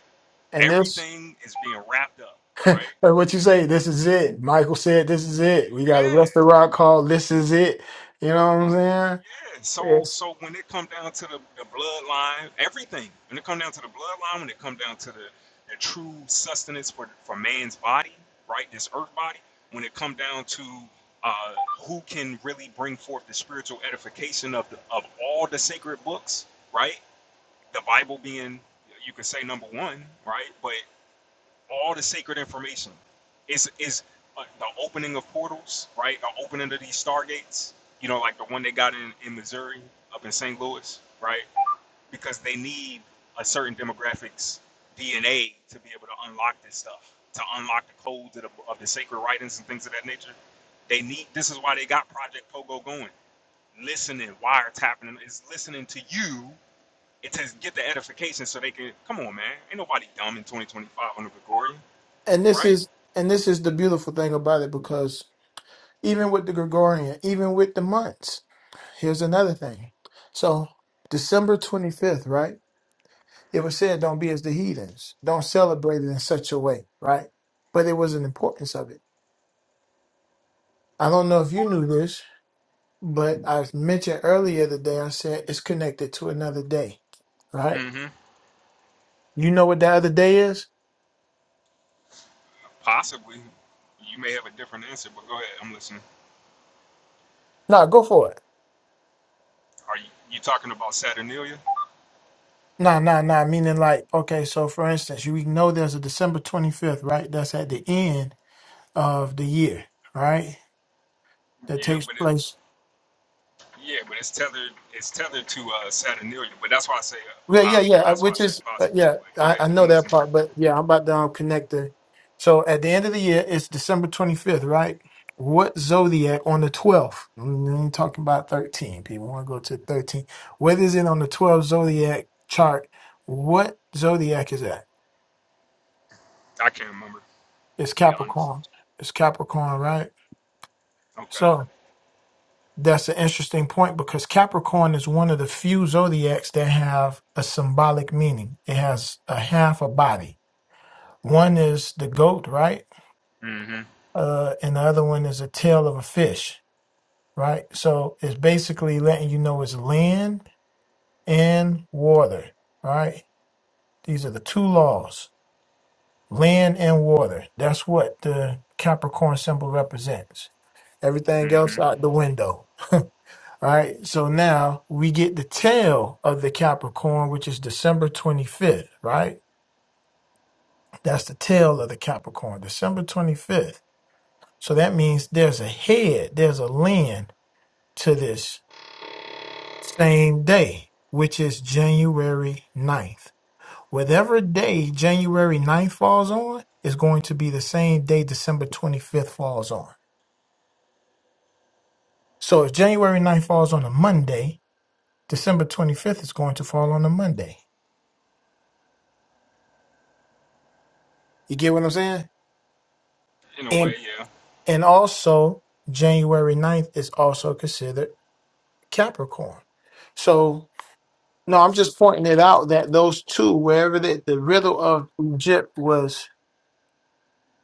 Speaker 5: And this,
Speaker 1: Everything is being wrapped up, right?
Speaker 5: like what you say, this is it. Michael said, "This is it." We got a
Speaker 1: Yeah.
Speaker 5: restaurant called "This Is It." You know what I'm saying?
Speaker 1: Yeah, so
Speaker 5: Yes.
Speaker 1: so when it come down to the, the bloodline, everything. When it come down to the bloodline, when it come down to the, the true sustenance for for man's body, right? This earth body. When it come down to uh, who can really bring forth the spiritual edification of the, of all the sacred books, right? The Bible being you could say number one, right? But all the sacred information is is uh, the opening of portals, right? The opening of these stargates, you know, like the one they got in in Missouri, up in St. Louis, right? Because they need a certain demographics DNA to be able to unlock this stuff, to unlock the codes of the, of the sacred writings and things of that nature. They need. This is why they got Project Pogo going. Listening, wiretapping is listening to you. It says get the edification so they can come on, man. Ain't nobody dumb in 2025 on the Gregorian,
Speaker 5: and this
Speaker 1: right?
Speaker 5: is and this is the beautiful thing about it because even with the Gregorian, even with the months. Here's another thing. So December 25th, right? It was said, don't be as the heathens. Don't celebrate it in such a way, right? But it was an importance of it. I don't know if you knew this, but I mentioned earlier the day I said it's connected to another day, right?
Speaker 1: mm hmm
Speaker 5: You know what that other day is?
Speaker 1: Possibly. You may have a different answer, but go ahead. I'm listening.
Speaker 5: Nah, go for it.
Speaker 1: Are you, you talking about Saturnalia?
Speaker 5: Nah, nah, nah. Meaning like, okay, so for instance, you we know there's a December 25th, right? That's at the end of the year, right? That
Speaker 1: Yeah,
Speaker 5: takes
Speaker 1: but it,
Speaker 5: place
Speaker 1: yeah, but it's tethered. It's tethered to uh, Saturnalia. But that's why I say.
Speaker 5: Yeah,
Speaker 1: Uh, I,
Speaker 5: yeah, yeah. uh,
Speaker 1: that's why I
Speaker 5: Which
Speaker 1: say
Speaker 5: is, uh,
Speaker 1: possibly.
Speaker 5: yeah,
Speaker 1: But go
Speaker 5: I,
Speaker 1: ahead.
Speaker 5: I know
Speaker 1: I'm
Speaker 5: that
Speaker 1: listening.
Speaker 5: part, but yeah, I'm about to um, connect the. So at the end of the year, it's December 25th, right? What zodiac on the 12th? We ain't talking about 13. People We want to go to 13. What is it on the 12th zodiac chart? What zodiac is that?
Speaker 1: I can't remember. To
Speaker 5: It's
Speaker 1: be honest.
Speaker 5: Capricorn. It's Capricorn, right?
Speaker 1: Okay.
Speaker 5: So that's an interesting point because Capricorn is one of the few zodiacs that have a symbolic meaning. It has a half a body One is the goat, right?
Speaker 1: Mm-hmm.
Speaker 5: Uh, and the other one is a tail of a fish, right? So it's basically letting you know it's land and water, right? These are the two laws, land and water. That's what the Capricorn symbol represents. Everything
Speaker 1: Mm-hmm.
Speaker 5: else out the window. All right, so now we get the tail of the Capricorn, which is December 25th, right? That's the tail of the Capricorn, December 25th. So that means there's a head, there's a land to this same day, which is January ninth. Whatever day January ninth falls on is going to be the same day December 25th falls on. So if January ninth falls on a Monday, December 25th is going to fall on a Monday. You get what I'm saying?
Speaker 1: In a way,
Speaker 5: And
Speaker 1: yeah.
Speaker 5: and also January ninth is also considered Capricorn. So No, I'm just pointing it out that those two, wherever the, the riddle of Egypt was,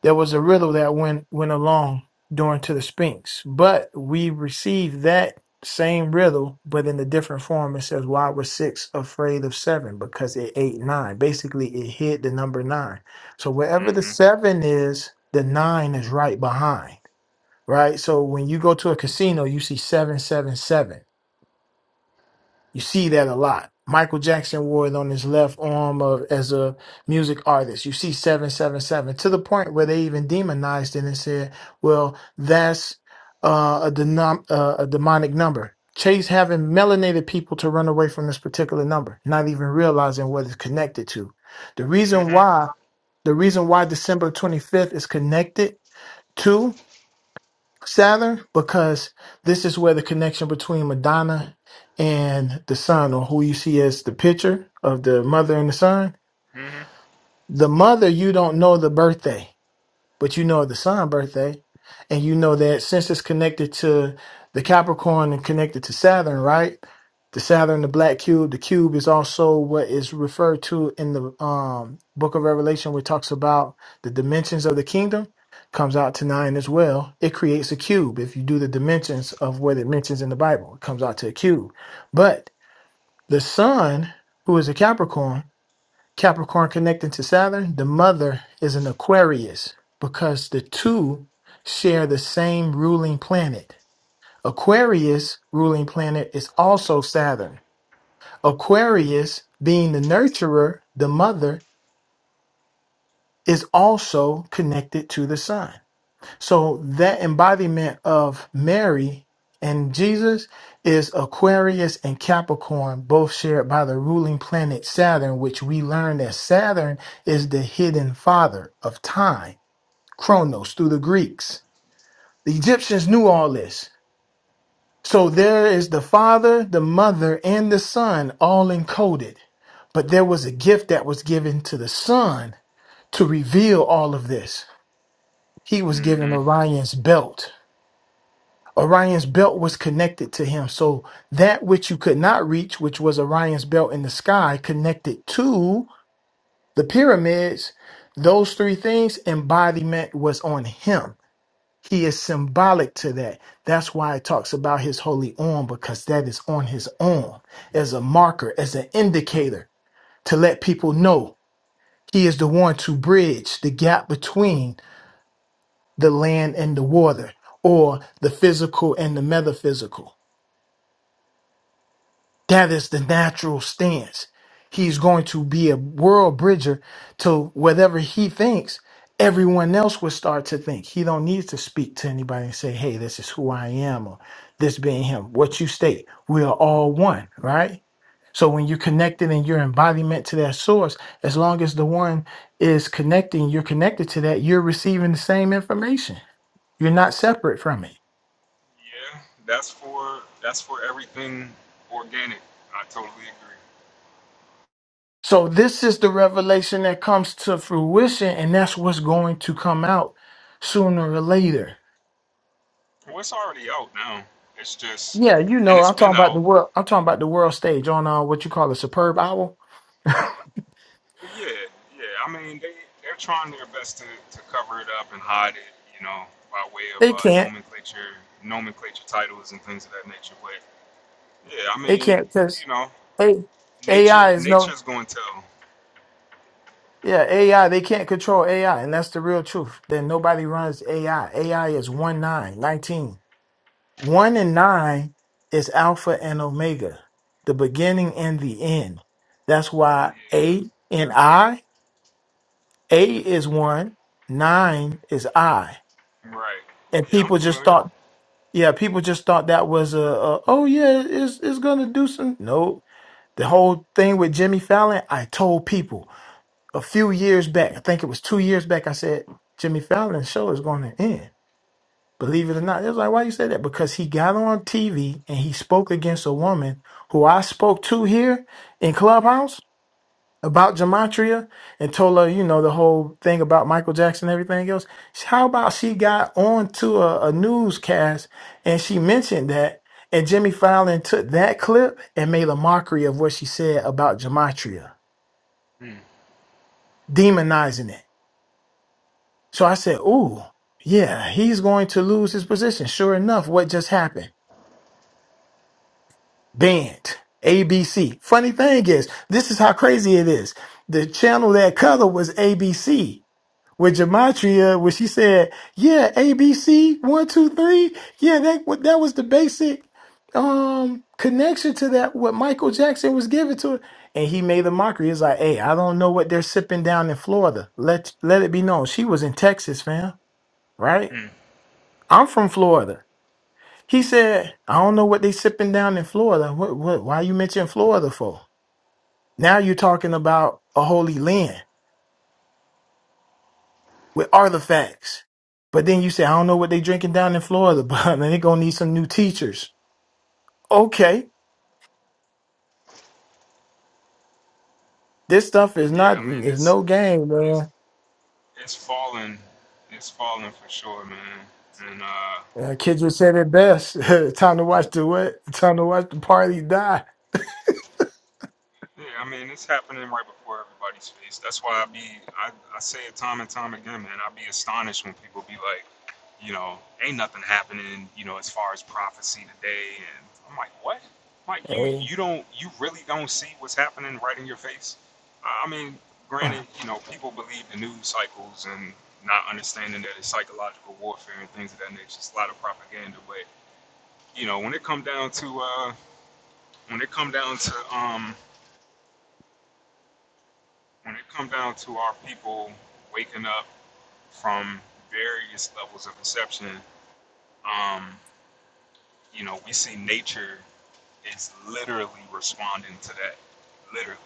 Speaker 5: there was a riddle that went went along during to the Sphinx. But we received that same riddle, but in a different form. It says, "Why was six afraid of seven? Because it ate nine." Basically, it hid the number nine. So wherever the
Speaker 1: Mm-hmm.
Speaker 5: seven is, the nine is right behind. Right. So when you go to a casino, you see seven, seven, seven. You see that a lot. Michael Jackson wore it on his left arm of, as a music artist. You see 777 to the point where they even demonized it and said, well, that's uh, a, denom- uh, a demonic number. Chase having melanated people to run away from this particular number, not even realizing what it's connected to. The reason
Speaker 1: Mm-hmm.
Speaker 5: why, the reason why December 25th is connected Saturn because this is where the connection between Madonna and the son, or who you see as the picture of the mother and the son.
Speaker 1: Mm-hmm.
Speaker 5: The mother, you don't know the birthday but you know the sun birthday and you know that since it's connected to the capricorn and connected to saturn right the saturn the black cube the cube is also what is referred to in the um, book of revelation which talks about the dimensions of the kingdom comes out to nine as well it creates a cube if you do the dimensions of what it mentions in the bible it comes out to a cube but the sun who is a capricorn Capricorn connecting to Saturn, the mother is an Aquarius because the two share the same ruling planet. Aquarius ruling planet is also Saturn. Aquarius being the nurturer, the mother, is also connected to the sun. So that embodiment of Mary and Jesus is Aquarius and Capricorn, both shared by the ruling planet Saturn, which we learn that Saturn is the hidden father of time, Chronos through the Greeks. The Egyptians knew all this. So there is the father, the mother, and the son all encoded. But there was a gift that was given to the son to reveal all of this. He was
Speaker 1: Mm-hmm.
Speaker 5: given Orion's belt Orion's belt was connected to him. So that which you could not reach, which was Orion's belt in the sky, connected to the pyramids, those three things, embodiment was on him. He is symbolic to that. That's why it talks about his holy arm, because that is on his arm as a marker, as an indicator to let people know he is the one to bridge the gap between the land and the water or the physical and the metaphysical That is the natural stance. He's going to be a world bridger to whatever he thinks. Everyone else will start to think. He don't need to speak to anybody and say, "Hey, this is who I am," or "This being him." What you state, we are all one, right? So when you're connected in your embodiment to that source, as long as the one is connecting, you're connected to that. You're receiving the same information. You're not separate from it.
Speaker 1: Yeah. That's for. That's for everything organic. I totally agree.
Speaker 5: So this is the revelation that comes to fruition, and that's what's going to come out sooner or later.
Speaker 1: Well, it's already out now. It's just,
Speaker 5: Yeah, you
Speaker 1: and
Speaker 5: know,
Speaker 1: it's
Speaker 5: I'm talking
Speaker 1: been
Speaker 5: about
Speaker 1: out.
Speaker 5: the world. I'm talking about the world stage on uh, what you call a superb hour.
Speaker 1: Yeah, yeah. I mean, they they're trying their best to, to cover it up and hide it, you know, by way of
Speaker 5: they
Speaker 1: uh,
Speaker 5: can't.
Speaker 1: nomenclature, nomenclature titles and things of that nature. But yeah, I
Speaker 5: They
Speaker 1: mean,
Speaker 5: can't because
Speaker 1: you know,
Speaker 5: A
Speaker 1: nature
Speaker 5: AI is no.
Speaker 1: nature's going to tell.
Speaker 5: Yeah, AI. They can't control AI, and that's the real truth. Then nobody runs AI. AI is one nine nineteen. One and nine is Alpha and Omega, the beginning and the end. That's why
Speaker 1: Yeah,
Speaker 5: A and I, A is one, nine is I.
Speaker 1: right.
Speaker 5: And
Speaker 1: Yeah, I'm
Speaker 5: people just
Speaker 1: familiar.
Speaker 5: thought, yeah, people just thought that was a, a oh yeah, it's it's gonna do some. No, the whole thing with Jimmy Fallon, I told people a few years back, I think it was two years back, I said Jimmy Fallon's show is going to end Believe it or not, it was like, why you say that? Because he got on TV and he spoke against a woman who I spoke to here in Clubhouse about Gematria and told her, you know, the whole thing about Michael Jackson and everything else. How about she got on to a, a newscast and she mentioned that and Jimmy Fallon took that clip and made a mockery of what she said about Gematria,
Speaker 1: Mm,
Speaker 5: demonizing it. So I said, ooh, yeah, he's going to lose his position. Sure enough, what just happened? banned. ABC. Funny thing is, this is how crazy it is. The channel that color was ABC. With Gematria, where she said, "Yeah, ABC one two three. Yeah, that wa- that was the basic um connection to that. What Michael Jackson was giving to it, and he made a mockery. It's like, "Hey, I don't know what they're sipping down in Florida. Let let it be known, she was in Texas, fam. Right?
Speaker 1: mm.
Speaker 5: I'm from Florida. He said, I don't know what they sipping down in Florida. What, what, why you mention Florida for? Now you're talking about a holy land with artifacts. But then you say, I don't know what they drinking down in Florida, but they're going to need some new teachers. Okay. This stuff is
Speaker 1: Yeah,
Speaker 5: not,
Speaker 1: I mean,
Speaker 5: is
Speaker 1: it's
Speaker 5: no game,
Speaker 1: it's
Speaker 5: man.
Speaker 1: it's fallen, it's fallen for sure, man. And uh,
Speaker 5: Uh, kids would say it best. Time to watch the what? Time to watch the party die.
Speaker 1: Yeah, I mean, it's happening right before everybody's face. That's why I be, I, I say it time and time again, man. I be astonished when people be like, you know, ain't nothing happening, you know, as far as prophecy today. And I'm like, what? Like you,
Speaker 5: Hey,
Speaker 1: you don't, you really don't see what's happening right in your face? I I mean, granted, you know, people believe the news cycles and not understanding that it's psychological warfare and things of that nature. It's a lot of propaganda, but you know, when it come down to, uh, when it come down to, um, when it comes down to our people waking up from various levels of perception, um, you know, we see nature is literally responding to that, literally,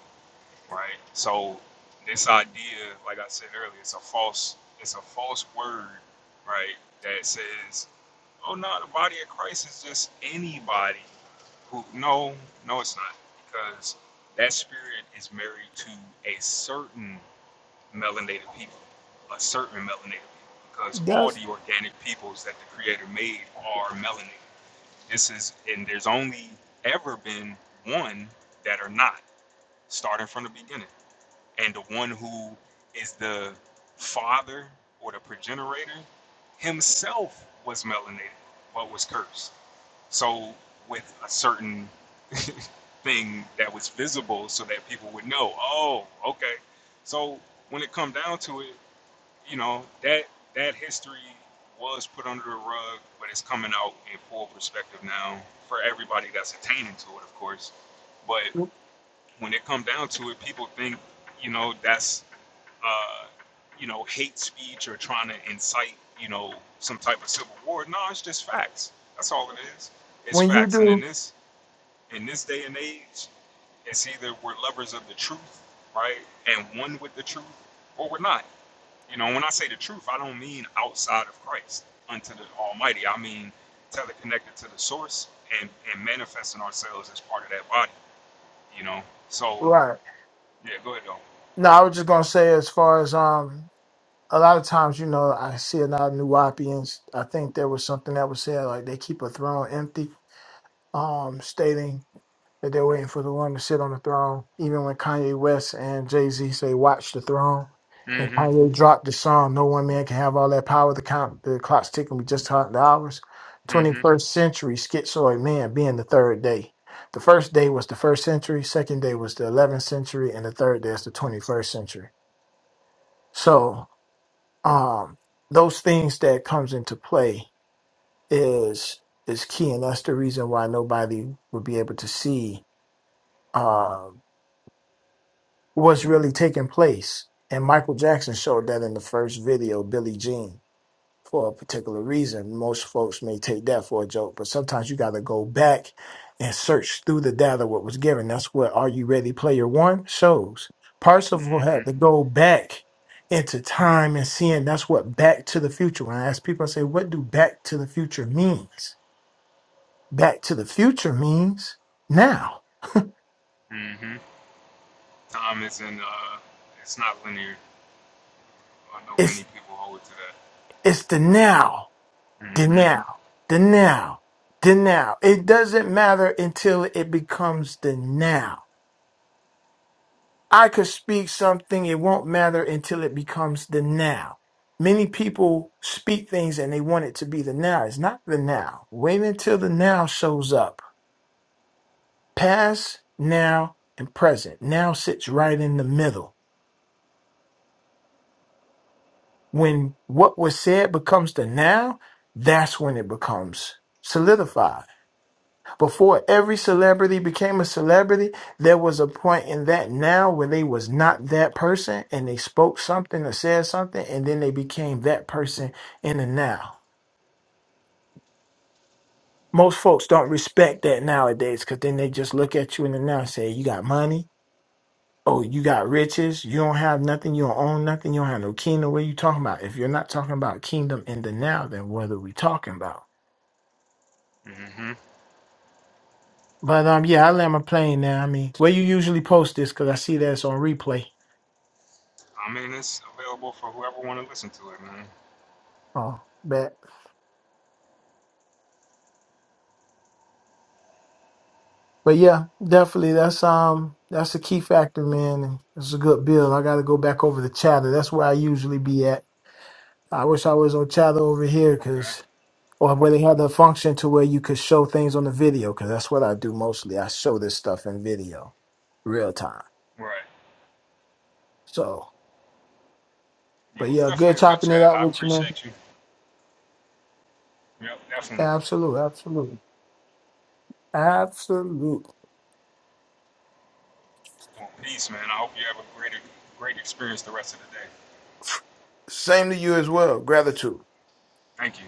Speaker 1: right? So this idea, like I said earlier, it's a false, it's a false word, right? That says, oh no, the body of Christ is just anybody who, no, no, it's not, because that spirit is married to a certain melanated people, a certain melanated people, because all
Speaker 5: that's
Speaker 1: the organic peoples that the Creator made are melanated. This is, and there's only ever been one that are not, starting from the beginning. And the one who is the father or the progenitor himself was melanated, but was cursed. So, with a certain thing that was visible so that people would know, oh, okay. So, when it come down to it, you know that that history was put under the rug, but it's coming out in full perspective now for everybody that's attaining to it, of course. But when it comes down to it, people think, you know, that's uh, you know hate speech or trying to incite, you know, some type of civil war. No, it's just facts. That's all it is. It's
Speaker 5: when you
Speaker 1: facts. And in
Speaker 5: do
Speaker 1: this in this day and age, it's either we're lovers of the truth, right, and one with the truth, or we're not. You know, when I say the truth, I don't mean outside of Christ unto the Almighty. I mean teleconnected to the source and, and manifesting ourselves as part of that body, you know? So,
Speaker 5: right.
Speaker 1: yeah, go ahead, though.
Speaker 5: No, I was just gonna say as far as um a lot of times, you know, I see a lot of new Wapians. I think there was something that was said like they keep a throne empty, um, stating that they're waiting for the one to sit on the throne. Even when Kanye West and Jay Z say, "Watch the throne,"
Speaker 1: Mm
Speaker 5: and Kanye dropped the song, "No one man can have all that power." The count, the clock's ticking. We just talked the hours.
Speaker 1: hmm. Mm
Speaker 5: Twenty
Speaker 1: hmm.
Speaker 5: first century schizoid man being the third day. The first day was the first century. Second day was the eleventh century, and the third day is the twenty first century. So, um, those things that comes into play is is key, and that's the reason why nobody would be able to see. um, what's really taking place. And Michael Jackson showed that in the first video, Billie Jean, for a particular reason. Most folks may take that for a joke, but sometimes you got to go back and search through the data what was given. That's what Are You Ready Player One shows. Parsifal had
Speaker 1: Mm
Speaker 5: to go back into time and seeing that's what Back to the Future. When I ask people, I say, what do Back to the Future means? Back to the Future means now.
Speaker 1: hmm. Mm hmm. Time isn't, uh, it's not linear. I know many
Speaker 5: It's
Speaker 1: people hold to
Speaker 5: it's the now
Speaker 1: that. Mm hmm.
Speaker 5: denial, denial, denial. It doesn't matter until it becomes the now. I could speak something, it won't matter until it becomes the now. Many people speak things and they want it to be the now. It's not the now. Wait until the now shows up. Past, now, and present. Now sits right in the middle. When what was said becomes the now, that's when it becomes solidified Before every celebrity became a celebrity, there was a point in that now where they was not that person and they spoke something or said something and then they became that person in the now. Most folks don't respect that nowadays because then they just look at you in the now and say, You got money, oh, you got riches, you don't have nothing, you don't own nothing, you don't have no kingdom. What are you talking about? If you're not talking about kingdom in the now, then what are we talking about?
Speaker 1: Mm hmm.
Speaker 5: But um, yeah, I land my plane now. I mean, where you usually post this because I see that it's on replay.
Speaker 1: I mean, it's available for whoever want to listen to it, man.
Speaker 5: Oh, bet. But yeah, definitely that's um that's a key factor, man. and It's a good build. I got to go back over to Chatter. That's where I usually be at. I wish I was on Chatter over here,
Speaker 1: Okay.
Speaker 5: cause or where they had the function to where you could show things on the video, cause that's what I do mostly. I show this stuff in video, real time.
Speaker 1: Right.
Speaker 5: So,
Speaker 1: Yeah, it
Speaker 5: but
Speaker 1: was
Speaker 5: yeah, good
Speaker 1: definitely a good
Speaker 5: chopping it
Speaker 1: chat.
Speaker 5: up
Speaker 1: I
Speaker 5: with you, man.
Speaker 1: appreciate you. Yep, definitely.
Speaker 5: Absolute, absolute, absolute.
Speaker 1: Well, peace, man. I hope you have a great, great experience the rest of the day.
Speaker 5: Same to you as well. Gratitude.
Speaker 1: Thank you.